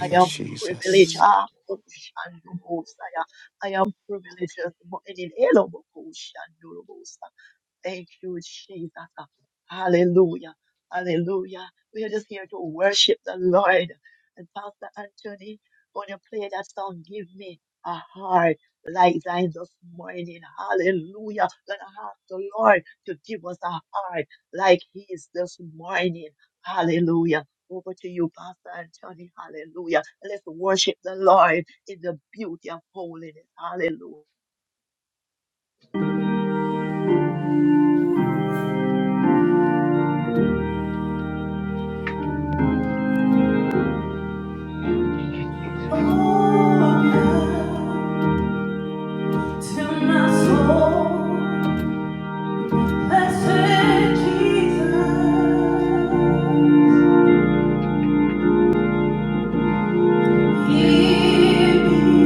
Speaker 5: I am privileged.
Speaker 3: Jesus.
Speaker 5: Ah, oh, Shandobosaya. I am privileged this morning. Hello, Thank you, Jesus. Hallelujah. Hallelujah. We are just here to worship the Lord. And Pastor Anthony, when you play that song, give me a heart like thine this morning. Hallelujah. Gonna ask the Lord to give us a heart like his this morning. Hallelujah. Over to you, Pastor Anthony. Hallelujah. Let's worship the Lord in the beauty of holiness. Hallelujah.
Speaker 1: To my soul, blessed Jesus. Hear me,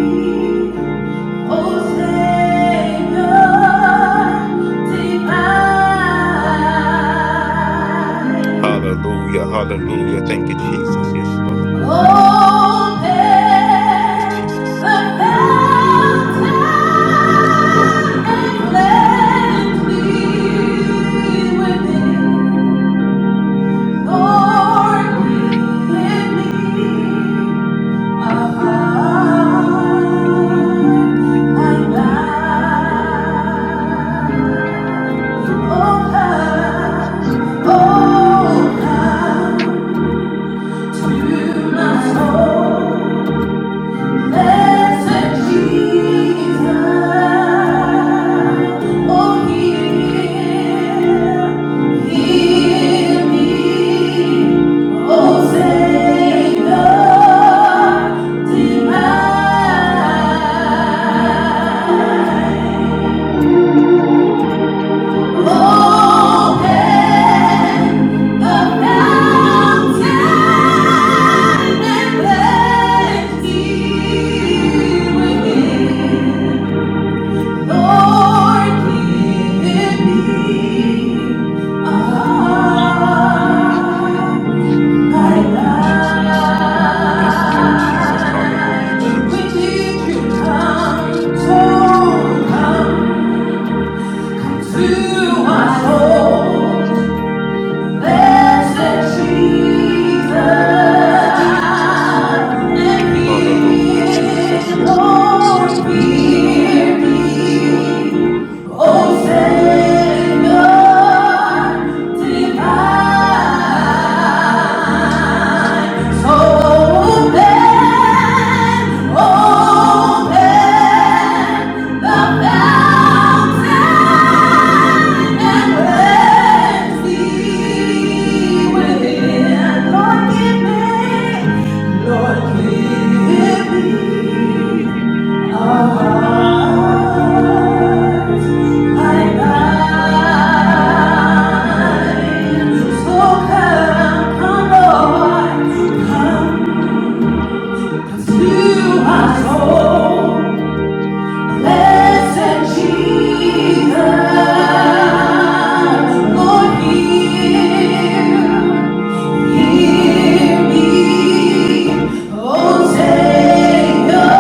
Speaker 1: O Savior
Speaker 2: Thank
Speaker 1: divine.
Speaker 3: Hallelujah.
Speaker 2: you,
Speaker 3: Hallelujah. Thank
Speaker 2: Jesus.
Speaker 3: you, Jesus. Yes, Lord.
Speaker 1: Open
Speaker 3: Yes, Jesus.
Speaker 1: the fountain
Speaker 3: Glory,
Speaker 1: and
Speaker 3: glory,
Speaker 1: let me within. Lord, give me a heart like thine. Oh, come,
Speaker 2: Jesus.
Speaker 1: oh, to my soul. Thank Open the fountain and plenty within. Lord, give me a heart like
Speaker 3: Jesus. Yes, Lord Jesus. Hallelujah,
Speaker 1: thine. We
Speaker 3: Jesus. Yes,
Speaker 1: need
Speaker 3: Lord.
Speaker 1: you,
Speaker 3: Yes, Lord. Yes, Lord.
Speaker 1: come,
Speaker 3: Yes, Lord. Yes,
Speaker 1: so
Speaker 3: Lord. Yes, Lord.
Speaker 1: come to my soul. Blessed Jesus,
Speaker 3: Hallelujah, Jesus.
Speaker 1: and He
Speaker 3: Hallelujah, Jesus. Yes, Lord. Yes,
Speaker 1: alone
Speaker 3: yes, yes. Yes.
Speaker 1: hear me.
Speaker 3: Yes, Lord.
Speaker 1: O Savior
Speaker 3: Yes,
Speaker 1: divine. Come, come, Lord, come. To my soul, blessed Jesus, Lord, hear. Hear me, O Savior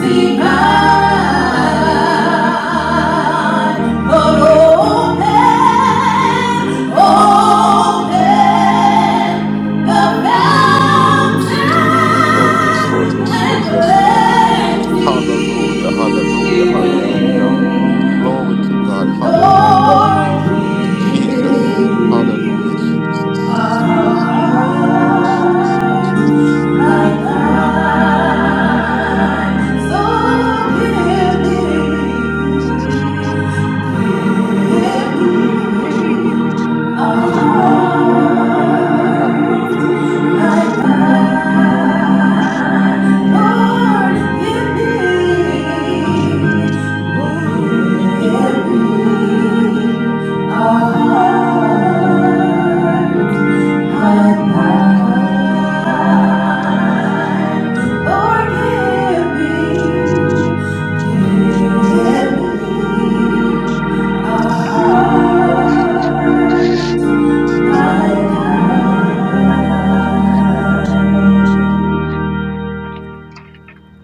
Speaker 1: divine. Lord, open, open the
Speaker 3: Lord. Yes, Lord.
Speaker 1: fountain
Speaker 3: Yes,
Speaker 1: and
Speaker 3: Lord. Yes, Lord.
Speaker 1: let me
Speaker 3: Hallelujah. Hallelujah. Hallelujah.
Speaker 1: win.
Speaker 3: Glory to God. Hallelujah.
Speaker 1: Lord,
Speaker 5: Hallelujah, Jesus.
Speaker 1: hear
Speaker 3: Jesus.
Speaker 5: My God,
Speaker 3: Hallelujah.
Speaker 5: hallelujah.
Speaker 3: Jesus.
Speaker 1: me.
Speaker 3: Jesus. Jesus. Hallelujah. Jesus. Hallelujah. Jesus. Jesus. Jesus. Jesus. Hallelujah. Lord, my shepherd. Jesus.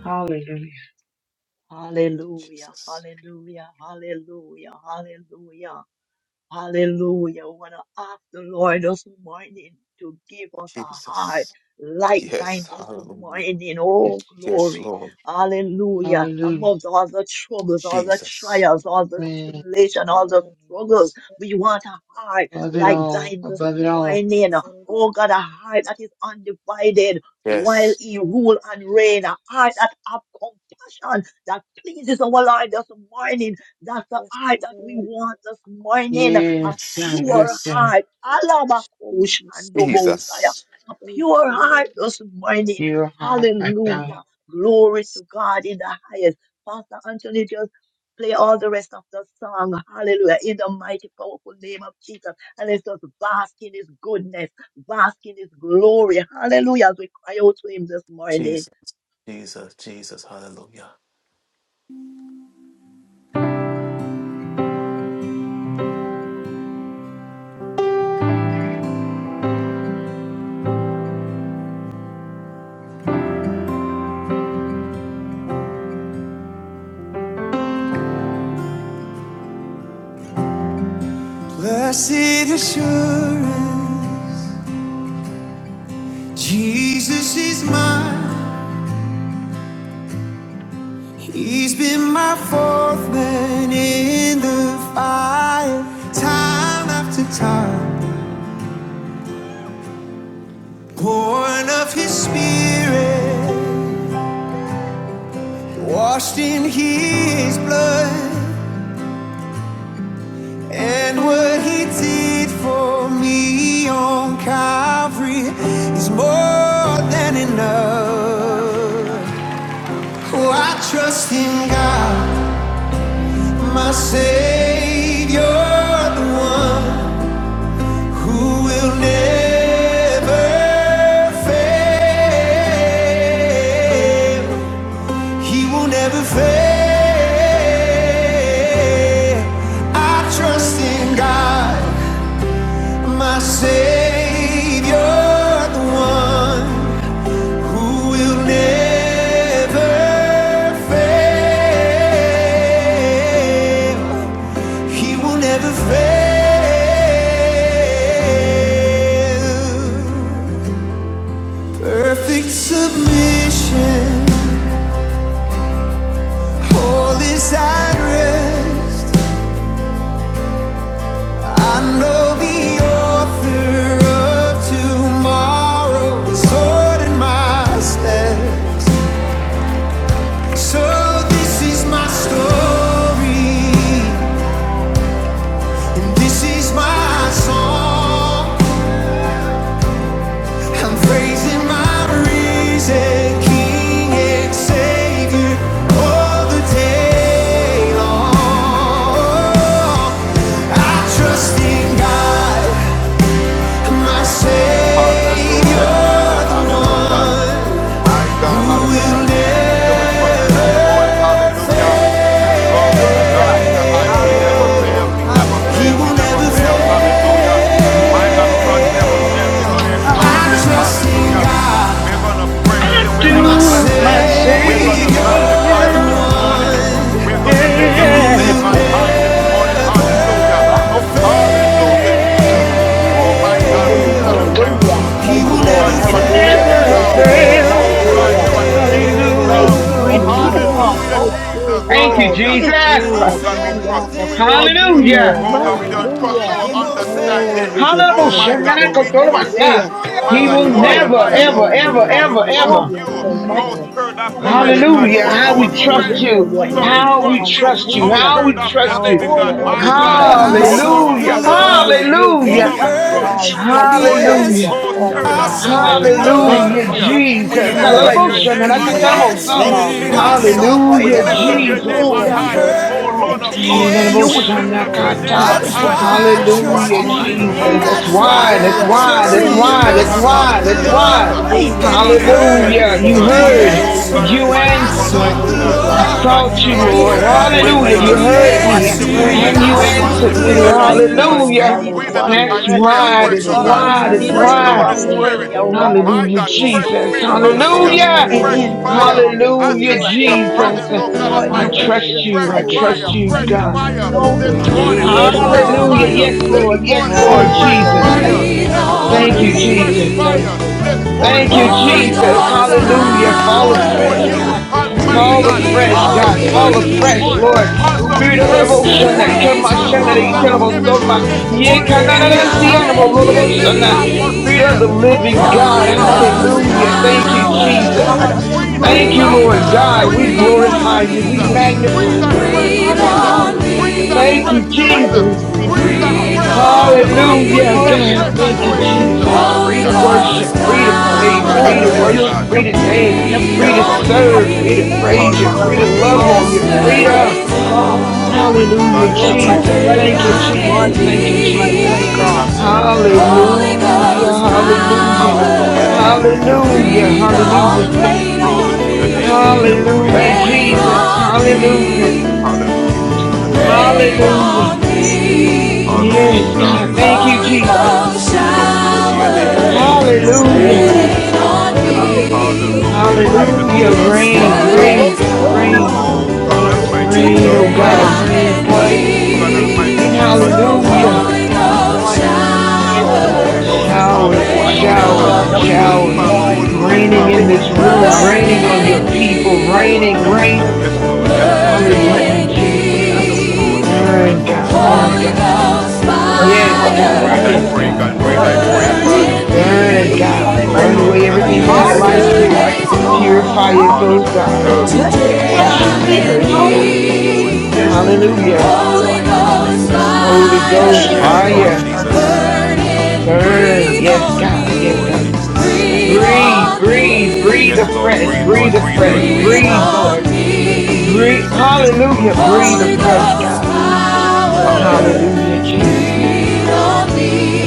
Speaker 2: Hallelujah.
Speaker 5: Hallelujah,
Speaker 3: Jesus.
Speaker 5: hallelujah, hallelujah, hallelujah. Hallelujah. We want to ask the Lord this morning to give us a heart
Speaker 3: Jesus.
Speaker 5: like thine
Speaker 3: Yes.
Speaker 5: this
Speaker 3: Hallelujah.
Speaker 5: morning.
Speaker 2: Yes, Jesus.
Speaker 5: Oh,
Speaker 3: Yes,
Speaker 5: glory.
Speaker 3: Lord.
Speaker 5: Hallelujah.
Speaker 2: Hallelujah.
Speaker 5: Amongst all the troubles, all the
Speaker 3: Jesus.
Speaker 5: trials, all
Speaker 2: Amen.
Speaker 5: the
Speaker 2: Amen.
Speaker 5: tribulation, all the
Speaker 7: God.
Speaker 2: Amen.
Speaker 5: struggles,
Speaker 7: So,
Speaker 5: we want a heart
Speaker 2: Above it
Speaker 5: like
Speaker 2: all.
Speaker 5: thine this
Speaker 2: Above it all.
Speaker 5: morning. Oh, God, a heart that is undivided while
Speaker 3: Yes.
Speaker 5: he
Speaker 7: God,
Speaker 5: rule and
Speaker 7: we
Speaker 5: reign. A heart that have compassion that pleases our Lord this morning that's the
Speaker 7: bless
Speaker 5: heart
Speaker 7: the
Speaker 5: that we
Speaker 7: Lord.
Speaker 5: want this morning. A
Speaker 2: Yes,
Speaker 3: Yes.
Speaker 2: Jesus. Yes, God.
Speaker 5: pure
Speaker 2: Yes,
Speaker 3: Yes.
Speaker 2: God.
Speaker 5: heart.
Speaker 7: Jesus.
Speaker 5: Alabakushandobosaya.
Speaker 3: Jesus.
Speaker 5: A
Speaker 7: Thank
Speaker 5: pure
Speaker 7: you,
Speaker 5: heart
Speaker 7: Lord.
Speaker 5: this morning.
Speaker 2: Pure heart, my God.
Speaker 5: Hallelujah. Glory to God in the highest. Pastor Anthony just play all the rest of the song. Hallelujah. In the mighty, powerful name of Jesus. And let's just bask in his goodness, bask in his glory. Hallelujah. As we cry out to him this morning.
Speaker 3: Jesus, Jesus, Jesus. Hallelujah.
Speaker 1: Blessed assurance, Jesus is mine. He's been my fourth man in the fire, time after time. Born of his spirit, washed in his blood, and what he did for me on Calvary is more than enough. Oh, I trust in God, my Savior, the one. who will never fail. He will never fail. I trust in God, my Savior, the one who will never fail. He will never fail. Perfect submission, all is at rest. I know the author of tomorrow is ordering my steps. So this is my story, and this is my song. I'm praising my risen King and Savior all the day long. I trust in God, my Savior,
Speaker 3: Hallelujah, Jesus.
Speaker 1: the
Speaker 3: Hallelujah.
Speaker 1: one
Speaker 3: My God,
Speaker 1: who will
Speaker 3: hallelujah. That we trust him
Speaker 1: never
Speaker 3: this morning. Hallelujah.
Speaker 1: fail.
Speaker 3: Glory to God
Speaker 6: Hallelujah.
Speaker 3: in the highest. He never
Speaker 6: Hallelujah.
Speaker 3: fails. He never
Speaker 1: He
Speaker 3: fails. He
Speaker 6: Hallelujah.
Speaker 1: will
Speaker 3: never
Speaker 2: I
Speaker 1: never
Speaker 2: will
Speaker 3: fails.
Speaker 1: fail.
Speaker 2: never
Speaker 3: Hallelujah. My God, because he never
Speaker 2: fail.
Speaker 3: fails, we're
Speaker 6: Hallelujah.
Speaker 3: going to
Speaker 1: I
Speaker 3: exalt him.
Speaker 2: Hallelujah.
Speaker 1: trust in
Speaker 3: Hallelujah.
Speaker 5: never
Speaker 1: God,
Speaker 3: We're
Speaker 5: failing
Speaker 3: going to
Speaker 5: Savior
Speaker 3: praise
Speaker 2: I
Speaker 5: this
Speaker 3: him. We're going to
Speaker 1: my
Speaker 5: morning.
Speaker 2: do
Speaker 3: bless
Speaker 1: Savior,
Speaker 2: my
Speaker 5: That's
Speaker 3: him. We're
Speaker 5: all,
Speaker 3: going to
Speaker 5: God
Speaker 3: magnify
Speaker 1: the
Speaker 3: him
Speaker 5: Almighty.
Speaker 3: this
Speaker 2: Savior.
Speaker 3: morning.
Speaker 1: one.
Speaker 5: Hallelujah.
Speaker 3: We're going to lift up
Speaker 5: Eko
Speaker 3: his
Speaker 2: Yeah,
Speaker 3: name on
Speaker 5: dobo
Speaker 3: high this
Speaker 5: shandobo
Speaker 3: morning.
Speaker 5: saya.
Speaker 3: Hallelujah.
Speaker 5: Rabo
Speaker 3: Hallelujah,
Speaker 5: shandobo
Speaker 3: Jesus.
Speaker 5: oshia.
Speaker 2: fail.
Speaker 3: Oh my God, we
Speaker 5: Hallelujah. To the
Speaker 3: celebrate
Speaker 5: King of
Speaker 3: you.
Speaker 4: Thank
Speaker 5: Kings
Speaker 4: you,
Speaker 3: Oh
Speaker 5: this
Speaker 6: Thank
Speaker 4: Lord.
Speaker 2: He
Speaker 3: God, your
Speaker 2: will
Speaker 5: morning. We bless
Speaker 4: Hallelujah.
Speaker 5: the
Speaker 3: unfailing
Speaker 2: never
Speaker 4: Thank you,
Speaker 5: name,
Speaker 3: love.
Speaker 4: Lord.
Speaker 5: Jesus.
Speaker 2: fail.
Speaker 3: Oh
Speaker 6: you.
Speaker 3: God,
Speaker 4: Hallelujah.
Speaker 3: your
Speaker 6: Hallelujah.
Speaker 2: Hallelujah.
Speaker 3: unchanging
Speaker 4: Oh, we
Speaker 3: love.
Speaker 5: Mighty
Speaker 4: trust you,
Speaker 5: Redeemer,
Speaker 4: Lord.
Speaker 6: Hallelujah.
Speaker 5: thou
Speaker 3: Hallelujah,
Speaker 4: Thank
Speaker 5: art
Speaker 4: you,
Speaker 3: Jesus.
Speaker 2: Thank you,
Speaker 4: Lord.
Speaker 3: Hallelujah.
Speaker 2: Jesus.
Speaker 5: worthy. Ah,
Speaker 4: Oh,
Speaker 3: Oh
Speaker 4: I
Speaker 3: God, we
Speaker 4: bow
Speaker 5: Jesus.
Speaker 4: down
Speaker 3: trust you. We
Speaker 4: before
Speaker 6: Thank
Speaker 3: trust
Speaker 4: you,
Speaker 3: you.
Speaker 6: you.
Speaker 2: Hallelujah. Hallelujah.
Speaker 4: Lord.
Speaker 5: Mm,
Speaker 3: Oh God, we
Speaker 5: Matu
Speaker 3: don't trust
Speaker 4: Hallelujah.
Speaker 6: Hallelujah.
Speaker 3: our
Speaker 5: shandobo.
Speaker 4: Oh, we
Speaker 3: understanding.
Speaker 4: just
Speaker 3: Oh
Speaker 4: thank
Speaker 3: my
Speaker 4: you,
Speaker 5: Jesus,
Speaker 3: God, but
Speaker 5: we
Speaker 4: Lord.
Speaker 3: we
Speaker 5: bless the
Speaker 3: trust
Speaker 5: name
Speaker 4: Hallelujah.
Speaker 3: you.
Speaker 5: this
Speaker 6: Hallelujah.
Speaker 3: My
Speaker 2: He
Speaker 4: Oh,
Speaker 3: God,
Speaker 5: morning,
Speaker 2: will
Speaker 4: we
Speaker 3: you are
Speaker 5: Lord.
Speaker 4: bless
Speaker 2: never,
Speaker 4: your
Speaker 3: reliable.
Speaker 2: ever,
Speaker 4: name,
Speaker 5: Hallelujah.
Speaker 2: ever,
Speaker 4: Lord.
Speaker 3: So we
Speaker 2: ever,
Speaker 5: Oh
Speaker 2: ever.
Speaker 3: trust
Speaker 4: Hallelujah.
Speaker 5: God
Speaker 3: you,
Speaker 4: Thank you,
Speaker 6: Thank
Speaker 3: oh
Speaker 6: you.
Speaker 4: Lord.
Speaker 5: Almighty
Speaker 3: Spirit
Speaker 5: God,
Speaker 3: of
Speaker 5: you
Speaker 3: the
Speaker 6: Thank you.
Speaker 4: Oh,
Speaker 5: are
Speaker 4: we
Speaker 5: the
Speaker 3: living God.
Speaker 4: thank
Speaker 5: never
Speaker 3: You
Speaker 2: Hallelujah.
Speaker 4: you,
Speaker 3: are
Speaker 2: How
Speaker 5: failing
Speaker 4: Lord.
Speaker 2: we
Speaker 3: our
Speaker 7: Sweet
Speaker 5: Savior
Speaker 2: trust
Speaker 3: strength.
Speaker 5: this
Speaker 4: Hallelujah.
Speaker 2: you.
Speaker 4: Your
Speaker 3: So
Speaker 5: morning.
Speaker 4: love
Speaker 3: we
Speaker 4: is
Speaker 2: How
Speaker 5: Oh
Speaker 2: we
Speaker 3: trust
Speaker 4: strong.
Speaker 3: you,
Speaker 5: God
Speaker 2: trust you.
Speaker 6: Thank
Speaker 3: oh
Speaker 4: Hallelujah.
Speaker 6: you.
Speaker 2: How
Speaker 5: Almighty
Speaker 3: Spirit
Speaker 2: we
Speaker 3: of
Speaker 5: God.
Speaker 3: the
Speaker 2: trust
Speaker 6: Hallelujah.
Speaker 2: you.
Speaker 4: Oh,
Speaker 3: living
Speaker 5: Oh
Speaker 3: God.
Speaker 4: you're
Speaker 5: Lord
Speaker 3: My
Speaker 5: God
Speaker 4: everything
Speaker 3: God,
Speaker 4: to
Speaker 7: Hallelujah.
Speaker 1: I
Speaker 3: you are
Speaker 4: me,
Speaker 5: Almighty
Speaker 7: sweet
Speaker 1: sought
Speaker 4: Lord.
Speaker 3: our
Speaker 1: the
Speaker 2: Hallelujah.
Speaker 3: rock and
Speaker 5: Jesus.
Speaker 3: our
Speaker 1: Lord
Speaker 4: Hallelujah.
Speaker 3: shield.
Speaker 4: You're
Speaker 1: and
Speaker 4: my
Speaker 5: Hey,
Speaker 1: he
Speaker 2: Hallelujah.
Speaker 3: So we
Speaker 1: heard
Speaker 3: trust
Speaker 4: life.
Speaker 5: Yakush,
Speaker 3: you this
Speaker 1: and he
Speaker 4: Hallelujah.
Speaker 6: Hallelujah.
Speaker 3: morning,
Speaker 4: You're
Speaker 2: Hallelujah.
Speaker 5: Akulomos,
Speaker 4: the
Speaker 3: oh
Speaker 4: breath
Speaker 1: answered.
Speaker 3: Spirit
Speaker 4: in
Speaker 1: I
Speaker 3: of
Speaker 4: my
Speaker 3: the
Speaker 5: Yandaboshia.
Speaker 1: sought
Speaker 4: body.
Speaker 1: the
Speaker 3: living God.
Speaker 5: We bless the
Speaker 1: Lord
Speaker 2: Hallelujah,
Speaker 4: Hallelujah.
Speaker 5: name
Speaker 3: Hallelujah.
Speaker 5: this
Speaker 1: and he
Speaker 3: We
Speaker 2: Jesus.
Speaker 5: morning,
Speaker 3: lift
Speaker 4: Oh,
Speaker 1: heard
Speaker 3: up
Speaker 5: Lord.
Speaker 3: your
Speaker 4: you
Speaker 5: We
Speaker 3: name
Speaker 1: and
Speaker 4: infuse
Speaker 1: he
Speaker 3: on
Speaker 4: me
Speaker 5: trust
Speaker 4: with
Speaker 5: in
Speaker 3: high,
Speaker 4: your
Speaker 5: you
Speaker 6: Thank
Speaker 3: oh
Speaker 6: you.
Speaker 5: this
Speaker 4: love,
Speaker 3: King
Speaker 1: answered.
Speaker 4: Lord
Speaker 3: of
Speaker 1: I
Speaker 5: morning,
Speaker 4: God.
Speaker 3: kings.
Speaker 1: sought the
Speaker 5: Lord.
Speaker 3: We
Speaker 2: Hallelujah,
Speaker 3: lift
Speaker 4: Hallelujah.
Speaker 3: up
Speaker 4: Your
Speaker 5: Every
Speaker 3: your name
Speaker 2: Jesus.
Speaker 1: Lord
Speaker 5: hope,
Speaker 3: on
Speaker 1: and
Speaker 4: strength,
Speaker 6: Hallelujah.
Speaker 1: he
Speaker 5: every
Speaker 7: Hallelujah.
Speaker 3: high,
Speaker 4: Lord
Speaker 3: oh
Speaker 4: God.
Speaker 3: Lord
Speaker 5: confidence
Speaker 6: Hallelujah.
Speaker 1: heard
Speaker 3: of
Speaker 1: and
Speaker 7: Mm,
Speaker 4: I
Speaker 1: he
Speaker 5: is
Speaker 3: lords.
Speaker 5: in
Speaker 4: just
Speaker 1: answered.
Speaker 3: We
Speaker 5: you
Speaker 4: thank
Speaker 5: this
Speaker 3: lift
Speaker 4: you,
Speaker 3: up your
Speaker 4: Lord.
Speaker 5: morning,
Speaker 3: name
Speaker 2: Shanakata.
Speaker 5: Lord
Speaker 3: on
Speaker 1: That's
Speaker 6: Thank
Speaker 4: Hallelujah.
Speaker 1: why
Speaker 3: high,
Speaker 5: God
Speaker 6: you.
Speaker 1: I
Speaker 3: oh
Speaker 4: You are
Speaker 3: bright
Speaker 1: trust
Speaker 2: Hallelujah,
Speaker 5: Almighty,
Speaker 7: Thank
Speaker 5: God.
Speaker 1: him.
Speaker 3: morning
Speaker 4: awesome,
Speaker 2: Jesus.
Speaker 5: Hey,
Speaker 3: star
Speaker 4: God.
Speaker 2: That's
Speaker 1: That's
Speaker 3: this
Speaker 1: why
Speaker 2: why,
Speaker 3: morning,
Speaker 5: Jesus.
Speaker 1: I
Speaker 2: that's
Speaker 4: Hallelujah.
Speaker 3: oh
Speaker 2: why,
Speaker 1: trust
Speaker 3: Spirit
Speaker 2: that's
Speaker 4: Thank
Speaker 3: of
Speaker 4: you,
Speaker 1: him.
Speaker 3: the
Speaker 2: why,
Speaker 1: I
Speaker 3: living
Speaker 2: that's
Speaker 4: Lord.
Speaker 5: Hallelujah,
Speaker 3: God.
Speaker 4: Thank
Speaker 1: sought
Speaker 2: why,
Speaker 4: you,
Speaker 1: the
Speaker 2: that's
Speaker 5: Jesus.
Speaker 3: Hallelujah,
Speaker 4: Lord.
Speaker 1: Lord
Speaker 2: why.
Speaker 3: Jesus.
Speaker 4: Hallelujah.
Speaker 1: and
Speaker 5: Mighty
Speaker 1: he
Speaker 6: Thank
Speaker 7: you,
Speaker 5: God.
Speaker 1: heard
Speaker 3: Hallelujah,
Speaker 4: Thank
Speaker 6: you.
Speaker 4: you,
Speaker 2: Hallelujah. You
Speaker 1: and
Speaker 7: Lord.
Speaker 4: Lord.
Speaker 3: Jesus.
Speaker 1: he
Speaker 2: heard,
Speaker 5: Hallelujah,
Speaker 7: Thank
Speaker 3: Oh
Speaker 4: Hallelujah.
Speaker 3: God
Speaker 5: Jesus.
Speaker 2: you
Speaker 4: Thank
Speaker 1: answered.
Speaker 4: you,
Speaker 1: I
Speaker 3: Almighty,
Speaker 4: Lord.
Speaker 8: We
Speaker 2: answered.
Speaker 1: sought
Speaker 3: Almighty
Speaker 1: the
Speaker 6: Jesus. Thank you.
Speaker 8: love
Speaker 5: You,
Speaker 8: you.
Speaker 6: Jesus.
Speaker 3: God.
Speaker 4: Hallelujah.
Speaker 5: thou
Speaker 2: I
Speaker 6: Thank
Speaker 3: Oh
Speaker 1: Lord
Speaker 5: art
Speaker 3: God,
Speaker 2: sought
Speaker 5: worthy
Speaker 4: Thank
Speaker 6: you.
Speaker 3: even
Speaker 2: you,
Speaker 1: and
Speaker 4: you,
Speaker 6: Jesus.
Speaker 5: this
Speaker 1: he
Speaker 3: right
Speaker 2: Lord.
Speaker 4: Lord.
Speaker 3: now,
Speaker 5: morning,
Speaker 1: heard
Speaker 3: Almighty
Speaker 2: Hallelujah.
Speaker 5: Lord.
Speaker 2: You
Speaker 4: Hallelujah.
Speaker 1: and
Speaker 3: God,
Speaker 1: he
Speaker 3: we
Speaker 6: Hallelujah.
Speaker 2: heard
Speaker 5: Thou
Speaker 3: want
Speaker 5: art
Speaker 3: you
Speaker 2: me
Speaker 3: to
Speaker 4: Thank you,
Speaker 3: breathe
Speaker 1: answered.
Speaker 4: Lord.
Speaker 5: worthy,
Speaker 3: on
Speaker 2: and
Speaker 6: Jesus.
Speaker 1: I
Speaker 3: us.
Speaker 2: you
Speaker 3: We
Speaker 5: God.
Speaker 6: Thank
Speaker 3: want you
Speaker 2: answered
Speaker 1: sought
Speaker 3: to
Speaker 1: the
Speaker 5: In
Speaker 4: Hallelujah.
Speaker 3: breathe
Speaker 2: me.
Speaker 5: our
Speaker 3: on
Speaker 1: Lord. Fill
Speaker 3: us
Speaker 1: this
Speaker 5: life
Speaker 4: Thank
Speaker 3: this
Speaker 4: you,
Speaker 5: this
Speaker 1: place,
Speaker 3: morning.
Speaker 4: Lord.
Speaker 2: Hallelujah.
Speaker 5: morning,
Speaker 1: God.
Speaker 5: thou
Speaker 3: Breathe on
Speaker 5: art
Speaker 3: us,
Speaker 4: Hallelujah.
Speaker 2: That's
Speaker 3: I pray,
Speaker 5: worthy.
Speaker 1: Thank
Speaker 2: why,
Speaker 1: you,
Speaker 4: Thank
Speaker 3: afresh,
Speaker 2: that's
Speaker 4: you,
Speaker 3: oh God.
Speaker 5: Oh,
Speaker 4: Lord.
Speaker 2: why,
Speaker 5: God,
Speaker 1: Jesus.
Speaker 2: that's
Speaker 5: in us,
Speaker 3: Breathe
Speaker 5: thou
Speaker 8: We
Speaker 3: on
Speaker 2: why.
Speaker 4: Hallelujah.
Speaker 3: the
Speaker 5: art
Speaker 8: shall
Speaker 4: Thank
Speaker 6: you.
Speaker 8: not
Speaker 4: you,
Speaker 3: Spirit.
Speaker 5: worthy.
Speaker 4: Lord.
Speaker 6: Hallelujah.
Speaker 8: be
Speaker 5: Around
Speaker 8: for
Speaker 3: My
Speaker 5: us,
Speaker 2: Hallelujah,
Speaker 3: God,
Speaker 8: the
Speaker 4: Hallelujah.
Speaker 5: above
Speaker 1: Just
Speaker 3: fresh
Speaker 8: mighty
Speaker 5: us,
Speaker 2: Jesus.
Speaker 1: breathe
Speaker 3: wind,
Speaker 8: God,
Speaker 4: Oh,
Speaker 1: on
Speaker 4: we
Speaker 1: us
Speaker 5: thou
Speaker 8: we
Speaker 5: art
Speaker 3: hallelujah,
Speaker 4: bless
Speaker 8: love
Speaker 5: this
Speaker 4: the
Speaker 1: tonight,
Speaker 2: Hallelujah.
Speaker 8: you.
Speaker 3: fresh
Speaker 1: Father.
Speaker 5: morning,
Speaker 4: name, Lord.
Speaker 5: Lord,
Speaker 3: fire.
Speaker 5: in
Speaker 8: the
Speaker 5: every
Speaker 3: As we
Speaker 2: Hallelujah,
Speaker 8: Holy
Speaker 4: Hallelujah.
Speaker 5: era.
Speaker 3: are in
Speaker 8: Spirit
Speaker 3: your
Speaker 4: Thank
Speaker 5: And
Speaker 4: you,
Speaker 5: I
Speaker 2: Jesus.
Speaker 3: presence,
Speaker 4: Lord.
Speaker 5: thank,
Speaker 3: oh God
Speaker 8: is
Speaker 5: Lord, in
Speaker 2: I
Speaker 5: our
Speaker 3: Almighty,
Speaker 2: trust
Speaker 4: Hallelujah.
Speaker 5: daily
Speaker 8: this
Speaker 2: you.
Speaker 6: Jesus.
Speaker 3: fresh
Speaker 2: I
Speaker 4: Thank
Speaker 5: life
Speaker 4: you,
Speaker 5: this
Speaker 3: fire,
Speaker 2: trust
Speaker 4: Lord.
Speaker 8: morning.
Speaker 2: you,
Speaker 3: fresh
Speaker 2: God.
Speaker 5: morning,
Speaker 10: Hallelujah.
Speaker 8: Praise
Speaker 3: fire
Speaker 8: you.
Speaker 4: Thank
Speaker 5: thou
Speaker 3: this
Speaker 4: you,
Speaker 5: art
Speaker 4: Lord.
Speaker 8: We
Speaker 3: morning,
Speaker 1: Breathe
Speaker 8: honor
Speaker 3: fresh
Speaker 5: worthy,
Speaker 4: Hallelujah.
Speaker 8: you
Speaker 1: on
Speaker 2: Hallelujah.
Speaker 4: Thank
Speaker 8: this
Speaker 5: Jesus.
Speaker 3: fire
Speaker 4: you,
Speaker 2: Yes,
Speaker 4: Lord.
Speaker 3: this
Speaker 2: Lord.
Speaker 1: me.
Speaker 8: morning,
Speaker 2: Yes,
Speaker 3: morning,
Speaker 4: Oh,
Speaker 2: Lord
Speaker 4: we
Speaker 8: Jesus.
Speaker 3: fresh
Speaker 5: Hallelujah,
Speaker 4: praise
Speaker 2: Jesus.
Speaker 5: Jesus.
Speaker 4: you,
Speaker 3: fire
Speaker 1: Breathe
Speaker 4: Lord.
Speaker 8: We
Speaker 3: this
Speaker 5: Hallelujah.
Speaker 1: on
Speaker 2: Thank
Speaker 3: morning,
Speaker 4: Hallelujah.
Speaker 2: you,
Speaker 8: worship
Speaker 3: fresh
Speaker 2: Jesus.
Speaker 8: you, our
Speaker 6: Thank you,
Speaker 4: Thank
Speaker 1: me.
Speaker 3: fire
Speaker 4: you,
Speaker 5: We
Speaker 6: Lord
Speaker 3: this
Speaker 6: God.
Speaker 8: mighty
Speaker 4: God.
Speaker 5: praise you,
Speaker 8: God,
Speaker 4: Thank
Speaker 2: Thank
Speaker 3: morning,
Speaker 8: and
Speaker 5: Lord.
Speaker 2: you,
Speaker 4: you,
Speaker 5: We
Speaker 8: we
Speaker 5: give you
Speaker 3: fresh
Speaker 1: Holy
Speaker 5: thanks,
Speaker 4: Jesus.
Speaker 2: Jesus.
Speaker 5: Lord.
Speaker 1: Ghost
Speaker 4: Thank
Speaker 8: continue
Speaker 3: passion
Speaker 4: you,
Speaker 8: to
Speaker 2: Hallelujah.
Speaker 3: this
Speaker 5: We
Speaker 4: Jesus.
Speaker 5: give
Speaker 2: Fall
Speaker 5: you
Speaker 3: morning
Speaker 8: glorify
Speaker 3: for
Speaker 5: thanks,
Speaker 2: afresh,
Speaker 1: power.
Speaker 8: you
Speaker 3: you,
Speaker 4: Hallelujah.
Speaker 2: God.
Speaker 5: Jesus.
Speaker 8: and
Speaker 4: Thank you,
Speaker 8: worship
Speaker 4: God.
Speaker 3: Almighty
Speaker 2: Fall
Speaker 3: God,
Speaker 8: you.
Speaker 1: Breathe
Speaker 2: afresh,
Speaker 3: hearts
Speaker 1: on
Speaker 3: of
Speaker 2: God.
Speaker 5: Thank
Speaker 2: Fall
Speaker 4: Hallelujah.
Speaker 8: We
Speaker 5: you,
Speaker 3: worship this
Speaker 4: Thank
Speaker 8: trust
Speaker 5: Lord.
Speaker 2: afresh,
Speaker 4: you,
Speaker 1: me.
Speaker 3: morning,
Speaker 4: God.
Speaker 2: Lord.
Speaker 8: in you, we
Speaker 5: Hallelujah.
Speaker 3: Hearts
Speaker 8: know
Speaker 6: Hallelujah.
Speaker 3: of
Speaker 2: Spirit of the
Speaker 4: Thank
Speaker 3: praise
Speaker 4: you,
Speaker 8: that
Speaker 5: Thank
Speaker 3: this
Speaker 8: you
Speaker 2: devotion,
Speaker 4: God.
Speaker 5: you,
Speaker 3: morning.
Speaker 1: Yesterday's
Speaker 5: Jesus.
Speaker 3: Hearts
Speaker 8: come
Speaker 3: of
Speaker 4: Hallelujah.
Speaker 1: gone.
Speaker 5: Oh,
Speaker 8: through
Speaker 5: God
Speaker 3: thanksgiving
Speaker 8: for us,
Speaker 4: Hallelujah.
Speaker 3: this
Speaker 5: Almighty.
Speaker 3: morning
Speaker 8: Almighty
Speaker 3: in
Speaker 1: Today
Speaker 8: God.
Speaker 3: this
Speaker 1: I'm
Speaker 4: Hallelujah.
Speaker 3: house,
Speaker 5: Hallelujah,
Speaker 1: in
Speaker 8: Hallelujah,
Speaker 3: in
Speaker 5: Jesus.
Speaker 3: this
Speaker 4: Thank
Speaker 5: Hallelujah.
Speaker 4: you, God.
Speaker 2: Spirit
Speaker 1: need.
Speaker 2: of
Speaker 3: atmosphere.
Speaker 2: the
Speaker 8: Jesus.
Speaker 4: Hallelujah.
Speaker 3: Oh,
Speaker 2: living
Speaker 5: Hallelujah.
Speaker 2: God,
Speaker 1: Holy
Speaker 3: Almighty God,
Speaker 1: Ghost
Speaker 8: Hallelujah,
Speaker 3: breathe
Speaker 5: Hallelujah.
Speaker 2: hallelujah.
Speaker 8: Jesus.
Speaker 2: Thank you,
Speaker 3: afresh.
Speaker 5: Mighty
Speaker 1: power.
Speaker 3: Oh,
Speaker 2: Jesus.
Speaker 5: God.
Speaker 3: God,
Speaker 4: Hallelujah.
Speaker 3: breathe
Speaker 2: Thank you,
Speaker 5: Hallelujah.
Speaker 3: afresh.
Speaker 1: Breathe
Speaker 2: Lord
Speaker 8: Hallelujah,
Speaker 5: Jesus.
Speaker 2: God.
Speaker 1: on,
Speaker 3: Breathe
Speaker 2: We
Speaker 1: breathe
Speaker 3: afresh,
Speaker 8: hallelujah.
Speaker 1: on
Speaker 2: glorify
Speaker 1: me.
Speaker 2: you.
Speaker 7: you,
Speaker 2: We
Speaker 3: Jesus.
Speaker 7: Lord
Speaker 3: Breathe
Speaker 2: magnify
Speaker 8: Glory
Speaker 2: you.
Speaker 7: God.
Speaker 8: to
Speaker 4: Thank
Speaker 3: afresh,
Speaker 4: you, Lord. Hallelujah. Thank you,
Speaker 1: Breathe
Speaker 4: Lord.
Speaker 8: God.
Speaker 3: Jesus.
Speaker 1: on
Speaker 5: Hallelujah,
Speaker 3: Breathe
Speaker 4: Hallelujah. Thank
Speaker 2: Thank
Speaker 5: Jesus.
Speaker 4: you,
Speaker 2: you,
Speaker 3: afresh,
Speaker 1: me.
Speaker 4: God.
Speaker 7: Please,
Speaker 3: Jesus.
Speaker 2: Jesus.
Speaker 5: Mighty
Speaker 7: Lord
Speaker 8: Hallelujah.
Speaker 4: Hallelujah.
Speaker 3: Breathe
Speaker 7: Jesus.
Speaker 5: Redeemer.
Speaker 1: Breathe
Speaker 8: Hallelujah.
Speaker 3: afresh,
Speaker 1: on
Speaker 5: Thou
Speaker 3: Jesus.
Speaker 5: art
Speaker 4: Hallelujah.
Speaker 2: Hallelujah,
Speaker 3: Breathe
Speaker 4: Thank you,
Speaker 5: worthy
Speaker 1: me.
Speaker 2: God.
Speaker 5: this
Speaker 3: afresh,
Speaker 4: God.
Speaker 3: I
Speaker 2: Thank you,
Speaker 3: pray,
Speaker 7: Please,
Speaker 5: morning,
Speaker 4: Hallelujah.
Speaker 3: Jesus.
Speaker 2: Jesus.
Speaker 7: Lord
Speaker 5: Lord.
Speaker 8: Hallelujah.
Speaker 2: Free
Speaker 1: Holy
Speaker 2: to
Speaker 3: Hallelujah.
Speaker 5: God
Speaker 7: God.
Speaker 2: worship,
Speaker 1: Ghost
Speaker 2: free to
Speaker 4: Hallelujah,
Speaker 5: Almighty.
Speaker 3: Oh,
Speaker 2: praise,
Speaker 3: Spirit
Speaker 1: power.
Speaker 3: of
Speaker 2: free
Speaker 5: Oh,
Speaker 3: the
Speaker 2: to
Speaker 4: hallelujah,
Speaker 5: God,
Speaker 3: living
Speaker 5: you have
Speaker 2: worship,
Speaker 3: God.
Speaker 5: been
Speaker 4: thank
Speaker 5: the
Speaker 2: free
Speaker 4: you,
Speaker 8: Hallelujah.
Speaker 2: to
Speaker 5: foreman
Speaker 4: Lord,
Speaker 2: dance,
Speaker 5: in the
Speaker 7: Hallelujah.
Speaker 1: Breathe
Speaker 5: fire
Speaker 2: free
Speaker 3: Yes,
Speaker 2: to
Speaker 8: Hallelujah.
Speaker 1: on
Speaker 4: hallelujah,
Speaker 3: Lord
Speaker 5: time
Speaker 4: thank
Speaker 2: serve,
Speaker 5: after
Speaker 4: you,
Speaker 2: free to
Speaker 3: Jesus.
Speaker 4: Lord,
Speaker 5: time.
Speaker 1: me.
Speaker 2: praise
Speaker 8: Holy
Speaker 2: you, free
Speaker 3: Hallelujah,
Speaker 2: to
Speaker 5: Ah,
Speaker 4: hallelujah,
Speaker 8: Ghost
Speaker 2: love
Speaker 3: Jesus.
Speaker 2: on
Speaker 8: power
Speaker 5: Jesus.
Speaker 4: thank
Speaker 2: you,
Speaker 4: you, Lord,
Speaker 2: freedom.
Speaker 1: Yesterday's
Speaker 5: Hey,
Speaker 8: mighty
Speaker 5: God
Speaker 7: Yes,
Speaker 8: God.
Speaker 4: hallelujah,
Speaker 1: gone.
Speaker 5: Almighty.
Speaker 7: Lord
Speaker 3: Glory
Speaker 8: Breathe
Speaker 3: to
Speaker 7: Jesus.
Speaker 2: Hallelujah,
Speaker 3: God
Speaker 5: Thank
Speaker 3: in
Speaker 8: on
Speaker 3: the
Speaker 8: us
Speaker 5: you,
Speaker 3: highest,
Speaker 2: Jesus.
Speaker 8: afresh
Speaker 4: hallelujah,
Speaker 1: Today
Speaker 2: Thank you,
Speaker 5: Jesus.
Speaker 8: this
Speaker 3: Jesus.
Speaker 4: thank
Speaker 1: I'm
Speaker 5: I
Speaker 4: you,
Speaker 1: in
Speaker 2: Jesus.
Speaker 4: Lord,
Speaker 2: Thank you,
Speaker 8: morning,
Speaker 5: thank you,
Speaker 3: Oh,
Speaker 8: mighty
Speaker 4: hallelujah,
Speaker 2: Jesus.
Speaker 5: Lord. I
Speaker 3: Spirit
Speaker 8: God.
Speaker 3: of
Speaker 1: need.
Speaker 5: thank
Speaker 3: the
Speaker 5: you,
Speaker 4: thank
Speaker 3: living
Speaker 4: you,
Speaker 3: God.
Speaker 5: Jesus.
Speaker 4: Lord,
Speaker 1: Holy
Speaker 8: Breathe on
Speaker 5: I
Speaker 8: us
Speaker 2: Hallelujah,
Speaker 1: Ghost
Speaker 5: exalt
Speaker 4: hallelujah,
Speaker 8: afresh
Speaker 5: your
Speaker 8: this
Speaker 4: thank
Speaker 5: name
Speaker 4: you, Lord, thank you, Lord, hallelujah,
Speaker 2: hallelujah,
Speaker 5: on
Speaker 1: power,
Speaker 5: high
Speaker 8: morning.
Speaker 3: Hallelujah,
Speaker 5: this morning,
Speaker 3: Jesus.
Speaker 5: Lord.
Speaker 2: hallelujah,
Speaker 1: breathe
Speaker 5: I
Speaker 4: hallelujah,
Speaker 5: bless
Speaker 2: hallelujah,
Speaker 1: on,
Speaker 5: the
Speaker 3: Oh,
Speaker 1: rain
Speaker 5: name,
Speaker 3: glory
Speaker 1: on
Speaker 8: Hallelujah.
Speaker 5: Jesus.
Speaker 3: to your
Speaker 8: God,
Speaker 3: name,
Speaker 1: me,
Speaker 3: Jesus. Breathe, I
Speaker 2: hallelujah,
Speaker 5: Hallelujah.
Speaker 3: pray,
Speaker 8: Hallelujah.
Speaker 1: rain
Speaker 3: God. Breathe,
Speaker 2: Jesus.
Speaker 3: I
Speaker 1: on
Speaker 3: pray.
Speaker 5: Hallelujah.
Speaker 2: Hallelujah,
Speaker 7: Yes,
Speaker 1: me,
Speaker 4: hallelujah,
Speaker 8: Jesus.
Speaker 5: Hallelujah.
Speaker 4: thank
Speaker 3: Hallelujah,
Speaker 7: Lord.
Speaker 4: you,
Speaker 8: Jesus.
Speaker 3: Jesus.
Speaker 5: Hallelujah,
Speaker 8: Jesus.
Speaker 4: Lord,
Speaker 1: rain
Speaker 2: hallelujah.
Speaker 4: Lord, thank
Speaker 5: Jesus.
Speaker 1: on
Speaker 4: you, Lord,
Speaker 5: Don't God
Speaker 7: Hallelujah,
Speaker 1: me.
Speaker 4: hallelujah, thank you, Lord, hallelujah,
Speaker 8: Jesus,
Speaker 4: thank
Speaker 2: Yes,
Speaker 5: worthy,
Speaker 7: Jesus.
Speaker 3: Hallelujah.
Speaker 8: Jesus,
Speaker 2: God.
Speaker 5: Lord.
Speaker 2: Thank you,
Speaker 1: Holy
Speaker 8: Jesus,
Speaker 5: We
Speaker 2: Jesus.
Speaker 1: Ghost
Speaker 5: bless the
Speaker 8: Jesus,
Speaker 5: name,
Speaker 3: Glory to your
Speaker 5: Jesus.
Speaker 8: hallelujah.
Speaker 3: name,
Speaker 1: shower,
Speaker 4: you,
Speaker 3: Jesus.
Speaker 4: Lord,
Speaker 3: Oh,
Speaker 2: Hallelujah.
Speaker 4: hallelujah,
Speaker 7: Hallelujah.
Speaker 5: Hallelujah,
Speaker 3: Jesus.
Speaker 8: Jesus,
Speaker 1: rain on
Speaker 5: Jesus.
Speaker 4: hallelujah.
Speaker 8: ever,
Speaker 5: Hallelujah.
Speaker 7: Yes,
Speaker 8: and
Speaker 1: me.
Speaker 3: Hallelujah,
Speaker 7: Holy
Speaker 8: never,
Speaker 4: Hallelujah.
Speaker 3: Jesus. We
Speaker 7: Ghost.
Speaker 2: Hallelujah.
Speaker 8: ever,
Speaker 5: Handoboboshandobosai.
Speaker 3: love you,
Speaker 8: and
Speaker 2: Rain,
Speaker 4: Hallelujah.
Speaker 3: Father.
Speaker 2: rain,
Speaker 1: Yesterday's
Speaker 2: God,
Speaker 4: Thank you,
Speaker 2: rain.
Speaker 8: never,
Speaker 1: gone.
Speaker 5: We
Speaker 4: Lord.
Speaker 5: bless
Speaker 3: Oh,
Speaker 5: the
Speaker 7: Yes,
Speaker 3: God
Speaker 5: name this
Speaker 3: Almighty,
Speaker 4: Hallelujah.
Speaker 7: Lord.
Speaker 3: we
Speaker 5: morning,
Speaker 2: Rain, oh
Speaker 3: love
Speaker 1: Today
Speaker 3: you.
Speaker 2: God,
Speaker 8: hallelujah.
Speaker 5: Lord.
Speaker 4: Hallelujah.
Speaker 1: I'm
Speaker 2: rain,
Speaker 4: Thank
Speaker 1: in
Speaker 4: you,
Speaker 2: God.
Speaker 5: Lord, we're
Speaker 4: Lord.
Speaker 3: Oh, God
Speaker 8: Jesus,
Speaker 5: truly
Speaker 1: need,
Speaker 3: Almighty, we
Speaker 5: grateful
Speaker 8: Jesus,
Speaker 3: bless
Speaker 5: to
Speaker 3: you,
Speaker 1: so
Speaker 5: you this
Speaker 8: Jesus,
Speaker 2: Hallelujah.
Speaker 7: Hallelujah.
Speaker 4: Hallelujah.
Speaker 1: Holy
Speaker 3: Jesus.
Speaker 5: morning,
Speaker 7: Jesus.
Speaker 4: Thank
Speaker 8: Jesus,
Speaker 4: you,
Speaker 1: Ghost
Speaker 5: Lord,
Speaker 4: Lord.
Speaker 5: for saving
Speaker 3: Oh,
Speaker 8: Jesus,
Speaker 5: us,
Speaker 3: Holy
Speaker 5: for
Speaker 8: Jesus, Jesus,
Speaker 4: Mm,
Speaker 1: shower,
Speaker 5: keeping
Speaker 3: Ghost
Speaker 7: Yes,
Speaker 4: Thank you,
Speaker 5: us,
Speaker 3: power,
Speaker 2: Showers and
Speaker 4: Lord.
Speaker 3: Holy
Speaker 5: Lord,
Speaker 1: rain
Speaker 7: Lord.
Speaker 3: Ghost
Speaker 5: to
Speaker 2: showers
Speaker 3: power,
Speaker 5: all
Speaker 2: and
Speaker 5: the
Speaker 1: on
Speaker 4: Mm,
Speaker 3: Holy
Speaker 5: struggle,
Speaker 3: Ghost
Speaker 8: Jesus,
Speaker 2: showers.
Speaker 3: power,
Speaker 8: Jesus,
Speaker 5: Lord,
Speaker 3: Holy
Speaker 1: me.
Speaker 3: Ghost
Speaker 5: to
Speaker 2: Raining
Speaker 3: power,
Speaker 2: in
Speaker 7: Hallelujah.
Speaker 3: Holy
Speaker 2: this
Speaker 5: everything,
Speaker 3: Ghost
Speaker 2: room,
Speaker 5: Lord,
Speaker 3: power.
Speaker 1: Burn
Speaker 5: and
Speaker 4: Thank
Speaker 5: to
Speaker 2: raining
Speaker 5: all
Speaker 4: you,
Speaker 2: on
Speaker 5: the
Speaker 2: your
Speaker 4: Lord.
Speaker 2: people,
Speaker 5: obstacle,
Speaker 8: Jesus,
Speaker 5: Lord,
Speaker 1: me,
Speaker 3: Oh,
Speaker 4: Hallelujah.
Speaker 5: all
Speaker 2: raining,
Speaker 5: the
Speaker 2: rain
Speaker 3: Jesus.
Speaker 2: on
Speaker 5: ups
Speaker 3: Yes,
Speaker 4: Hallelujah.
Speaker 2: us.
Speaker 5: and
Speaker 8: Jesus,
Speaker 3: Lord.
Speaker 5: the
Speaker 4: Thank
Speaker 3: Yes,
Speaker 4: you,
Speaker 3: Lord.
Speaker 5: downs,
Speaker 1: burn
Speaker 8: Jesus,
Speaker 4: Lord.
Speaker 3: Yes,
Speaker 8: Jesus,
Speaker 5: Lord,
Speaker 3: Lord.
Speaker 2: Hallelujah,
Speaker 5: the
Speaker 7: Yes,
Speaker 5: ins
Speaker 2: Jesus.
Speaker 5: and
Speaker 7: Lord.
Speaker 5: the
Speaker 4: Hallelujah.
Speaker 7: Yes,
Speaker 5: outs
Speaker 3: Oh,
Speaker 1: me.
Speaker 4: Thank
Speaker 8: Jesus,
Speaker 5: this
Speaker 4: you,
Speaker 7: Lord.
Speaker 2: Burn,
Speaker 4: Lord.
Speaker 3: Jesus.
Speaker 5: morning,
Speaker 2: God,
Speaker 8: Jesus,
Speaker 2: burn,
Speaker 5: Lord.
Speaker 1: Holy
Speaker 4: Hallelujah.
Speaker 2: God.
Speaker 5: We
Speaker 1: Ghost
Speaker 5: just
Speaker 4: Hallelujah.
Speaker 5: want to
Speaker 8: Jesus,
Speaker 2: Yes,
Speaker 5: show
Speaker 3: Oh,
Speaker 2: God,
Speaker 4: Hallelujah.
Speaker 3: breathe, I
Speaker 2: yes,
Speaker 1: fire,
Speaker 3: pray,
Speaker 8: Almighty
Speaker 5: gratitude,
Speaker 7: Yes,
Speaker 3: God.
Speaker 2: God.
Speaker 3: Breathe,
Speaker 7: Holy
Speaker 8: God,
Speaker 3: I
Speaker 5: Lord, God
Speaker 7: Ghost.
Speaker 3: pray,
Speaker 4: Fire,
Speaker 1: burn
Speaker 3: God.
Speaker 5: Almighty
Speaker 4: fire,
Speaker 8: Jesus,
Speaker 7: Hallelujah.
Speaker 4: fire,
Speaker 2: Burn,
Speaker 4: fire,
Speaker 3: Yes,
Speaker 2: God.
Speaker 1: me.
Speaker 3: Lord
Speaker 5: enjoyment
Speaker 4: fire,
Speaker 2: Burn
Speaker 7: Jesus.
Speaker 8: hallelujah,
Speaker 2: away
Speaker 5: in
Speaker 3: Jesus.
Speaker 5: what
Speaker 4: fire,
Speaker 5: you
Speaker 2: everything
Speaker 3: Yes,
Speaker 4: fire.
Speaker 2: not
Speaker 5: hear
Speaker 3: Lord.
Speaker 2: like
Speaker 5: this
Speaker 4: Hallelujah.
Speaker 2: you.
Speaker 1: Yesterday's
Speaker 5: morning.
Speaker 8: hallelujah,
Speaker 5: Um,
Speaker 4: Thank
Speaker 2: Purify
Speaker 5: oh,
Speaker 4: you,
Speaker 2: us,
Speaker 5: oh,
Speaker 1: gone,
Speaker 2: oh
Speaker 5: Shana.
Speaker 2: God.
Speaker 3: Hallelujah.
Speaker 5: Let
Speaker 8: hallelujah,
Speaker 5: it be
Speaker 1: today
Speaker 5: a
Speaker 2: Wash
Speaker 1: I'm
Speaker 2: us and
Speaker 8: Jesus,
Speaker 5: sweet
Speaker 1: in
Speaker 2: purge us,
Speaker 5: sound
Speaker 2: God.
Speaker 5: in
Speaker 3: Oh,
Speaker 5: your
Speaker 4: Lord.
Speaker 8: Jesus, Jesus,
Speaker 1: need.
Speaker 5: ears
Speaker 3: Jesus,
Speaker 5: this
Speaker 8: Jesus,
Speaker 3: Jesus,
Speaker 2: Hallelujah.
Speaker 5: morning,
Speaker 3: Jesus,
Speaker 1: Holy
Speaker 5: Lord.
Speaker 3: Jesus,
Speaker 8: Jesus,
Speaker 4: Hallelujah.
Speaker 1: Ghost
Speaker 3: Jesus.
Speaker 4: Hallelujah.
Speaker 2: Holy
Speaker 5: We
Speaker 8: Jesus,
Speaker 2: Ghost
Speaker 5: worship you,
Speaker 1: fire.
Speaker 3: Yes,
Speaker 8: Jesus,
Speaker 3: Lord
Speaker 5: Lord God
Speaker 2: fire.
Speaker 4: Hallelujah,
Speaker 3: Jesus.
Speaker 4: thank
Speaker 8: Jesus,
Speaker 5: Almighty. We give you
Speaker 7: Amen.
Speaker 2: Burn.
Speaker 8: Jesus, Jesus, Jesus, Jesus, Jesus, Jesus, Jesus, Jesus,
Speaker 1: breathe
Speaker 4: you,
Speaker 5: thanks.
Speaker 2: Yes,
Speaker 4: Lord.
Speaker 1: on
Speaker 2: God.
Speaker 5: We
Speaker 2: Yes,
Speaker 3: Oh,
Speaker 5: give you
Speaker 2: God.
Speaker 1: me,
Speaker 8: Jesus,
Speaker 5: thanks,
Speaker 3: Jesus.
Speaker 5: Lord.
Speaker 1: breathe
Speaker 7: Hallelujah.
Speaker 8: Jesus,
Speaker 2: Breathe,
Speaker 1: on
Speaker 2: breathe,
Speaker 1: me,
Speaker 2: breathe
Speaker 3: Yes,
Speaker 7: Yes,
Speaker 5: Hallelujah.
Speaker 3: Lord.
Speaker 2: afresh,
Speaker 8: Jesus,
Speaker 3: Breathe,
Speaker 7: Lord.
Speaker 5: Hallelujah.
Speaker 3: Lord.
Speaker 2: breathe
Speaker 3: Breathe, Lord.
Speaker 2: afresh,
Speaker 3: Breathe,
Speaker 1: breathe
Speaker 2: breathe,
Speaker 3: Lord.
Speaker 1: on
Speaker 2: Lord.
Speaker 5: Hallelujah.
Speaker 7: Yes,
Speaker 1: me.
Speaker 2: Breathe.
Speaker 5: Hallelujah.
Speaker 7: Lord.
Speaker 3: Jesus.
Speaker 7: Yes,
Speaker 3: Yes, Lord
Speaker 2: Hallelujah.
Speaker 7: Lord.
Speaker 4: Hallelujah,
Speaker 2: Breathe
Speaker 3: Jesus.
Speaker 5: Hallelujah.
Speaker 1: Holy
Speaker 4: thank you,
Speaker 2: afresh,
Speaker 4: Lord.
Speaker 1: Ghost
Speaker 2: God.
Speaker 5: Jesus.
Speaker 4: Hallelujah.
Speaker 7: Yes,
Speaker 5: Hallelujah.
Speaker 1: power,
Speaker 3: Hallelujah,
Speaker 7: Lord.
Speaker 2: Hallelujah, Jesus.
Speaker 3: Jesus.
Speaker 1: breathe on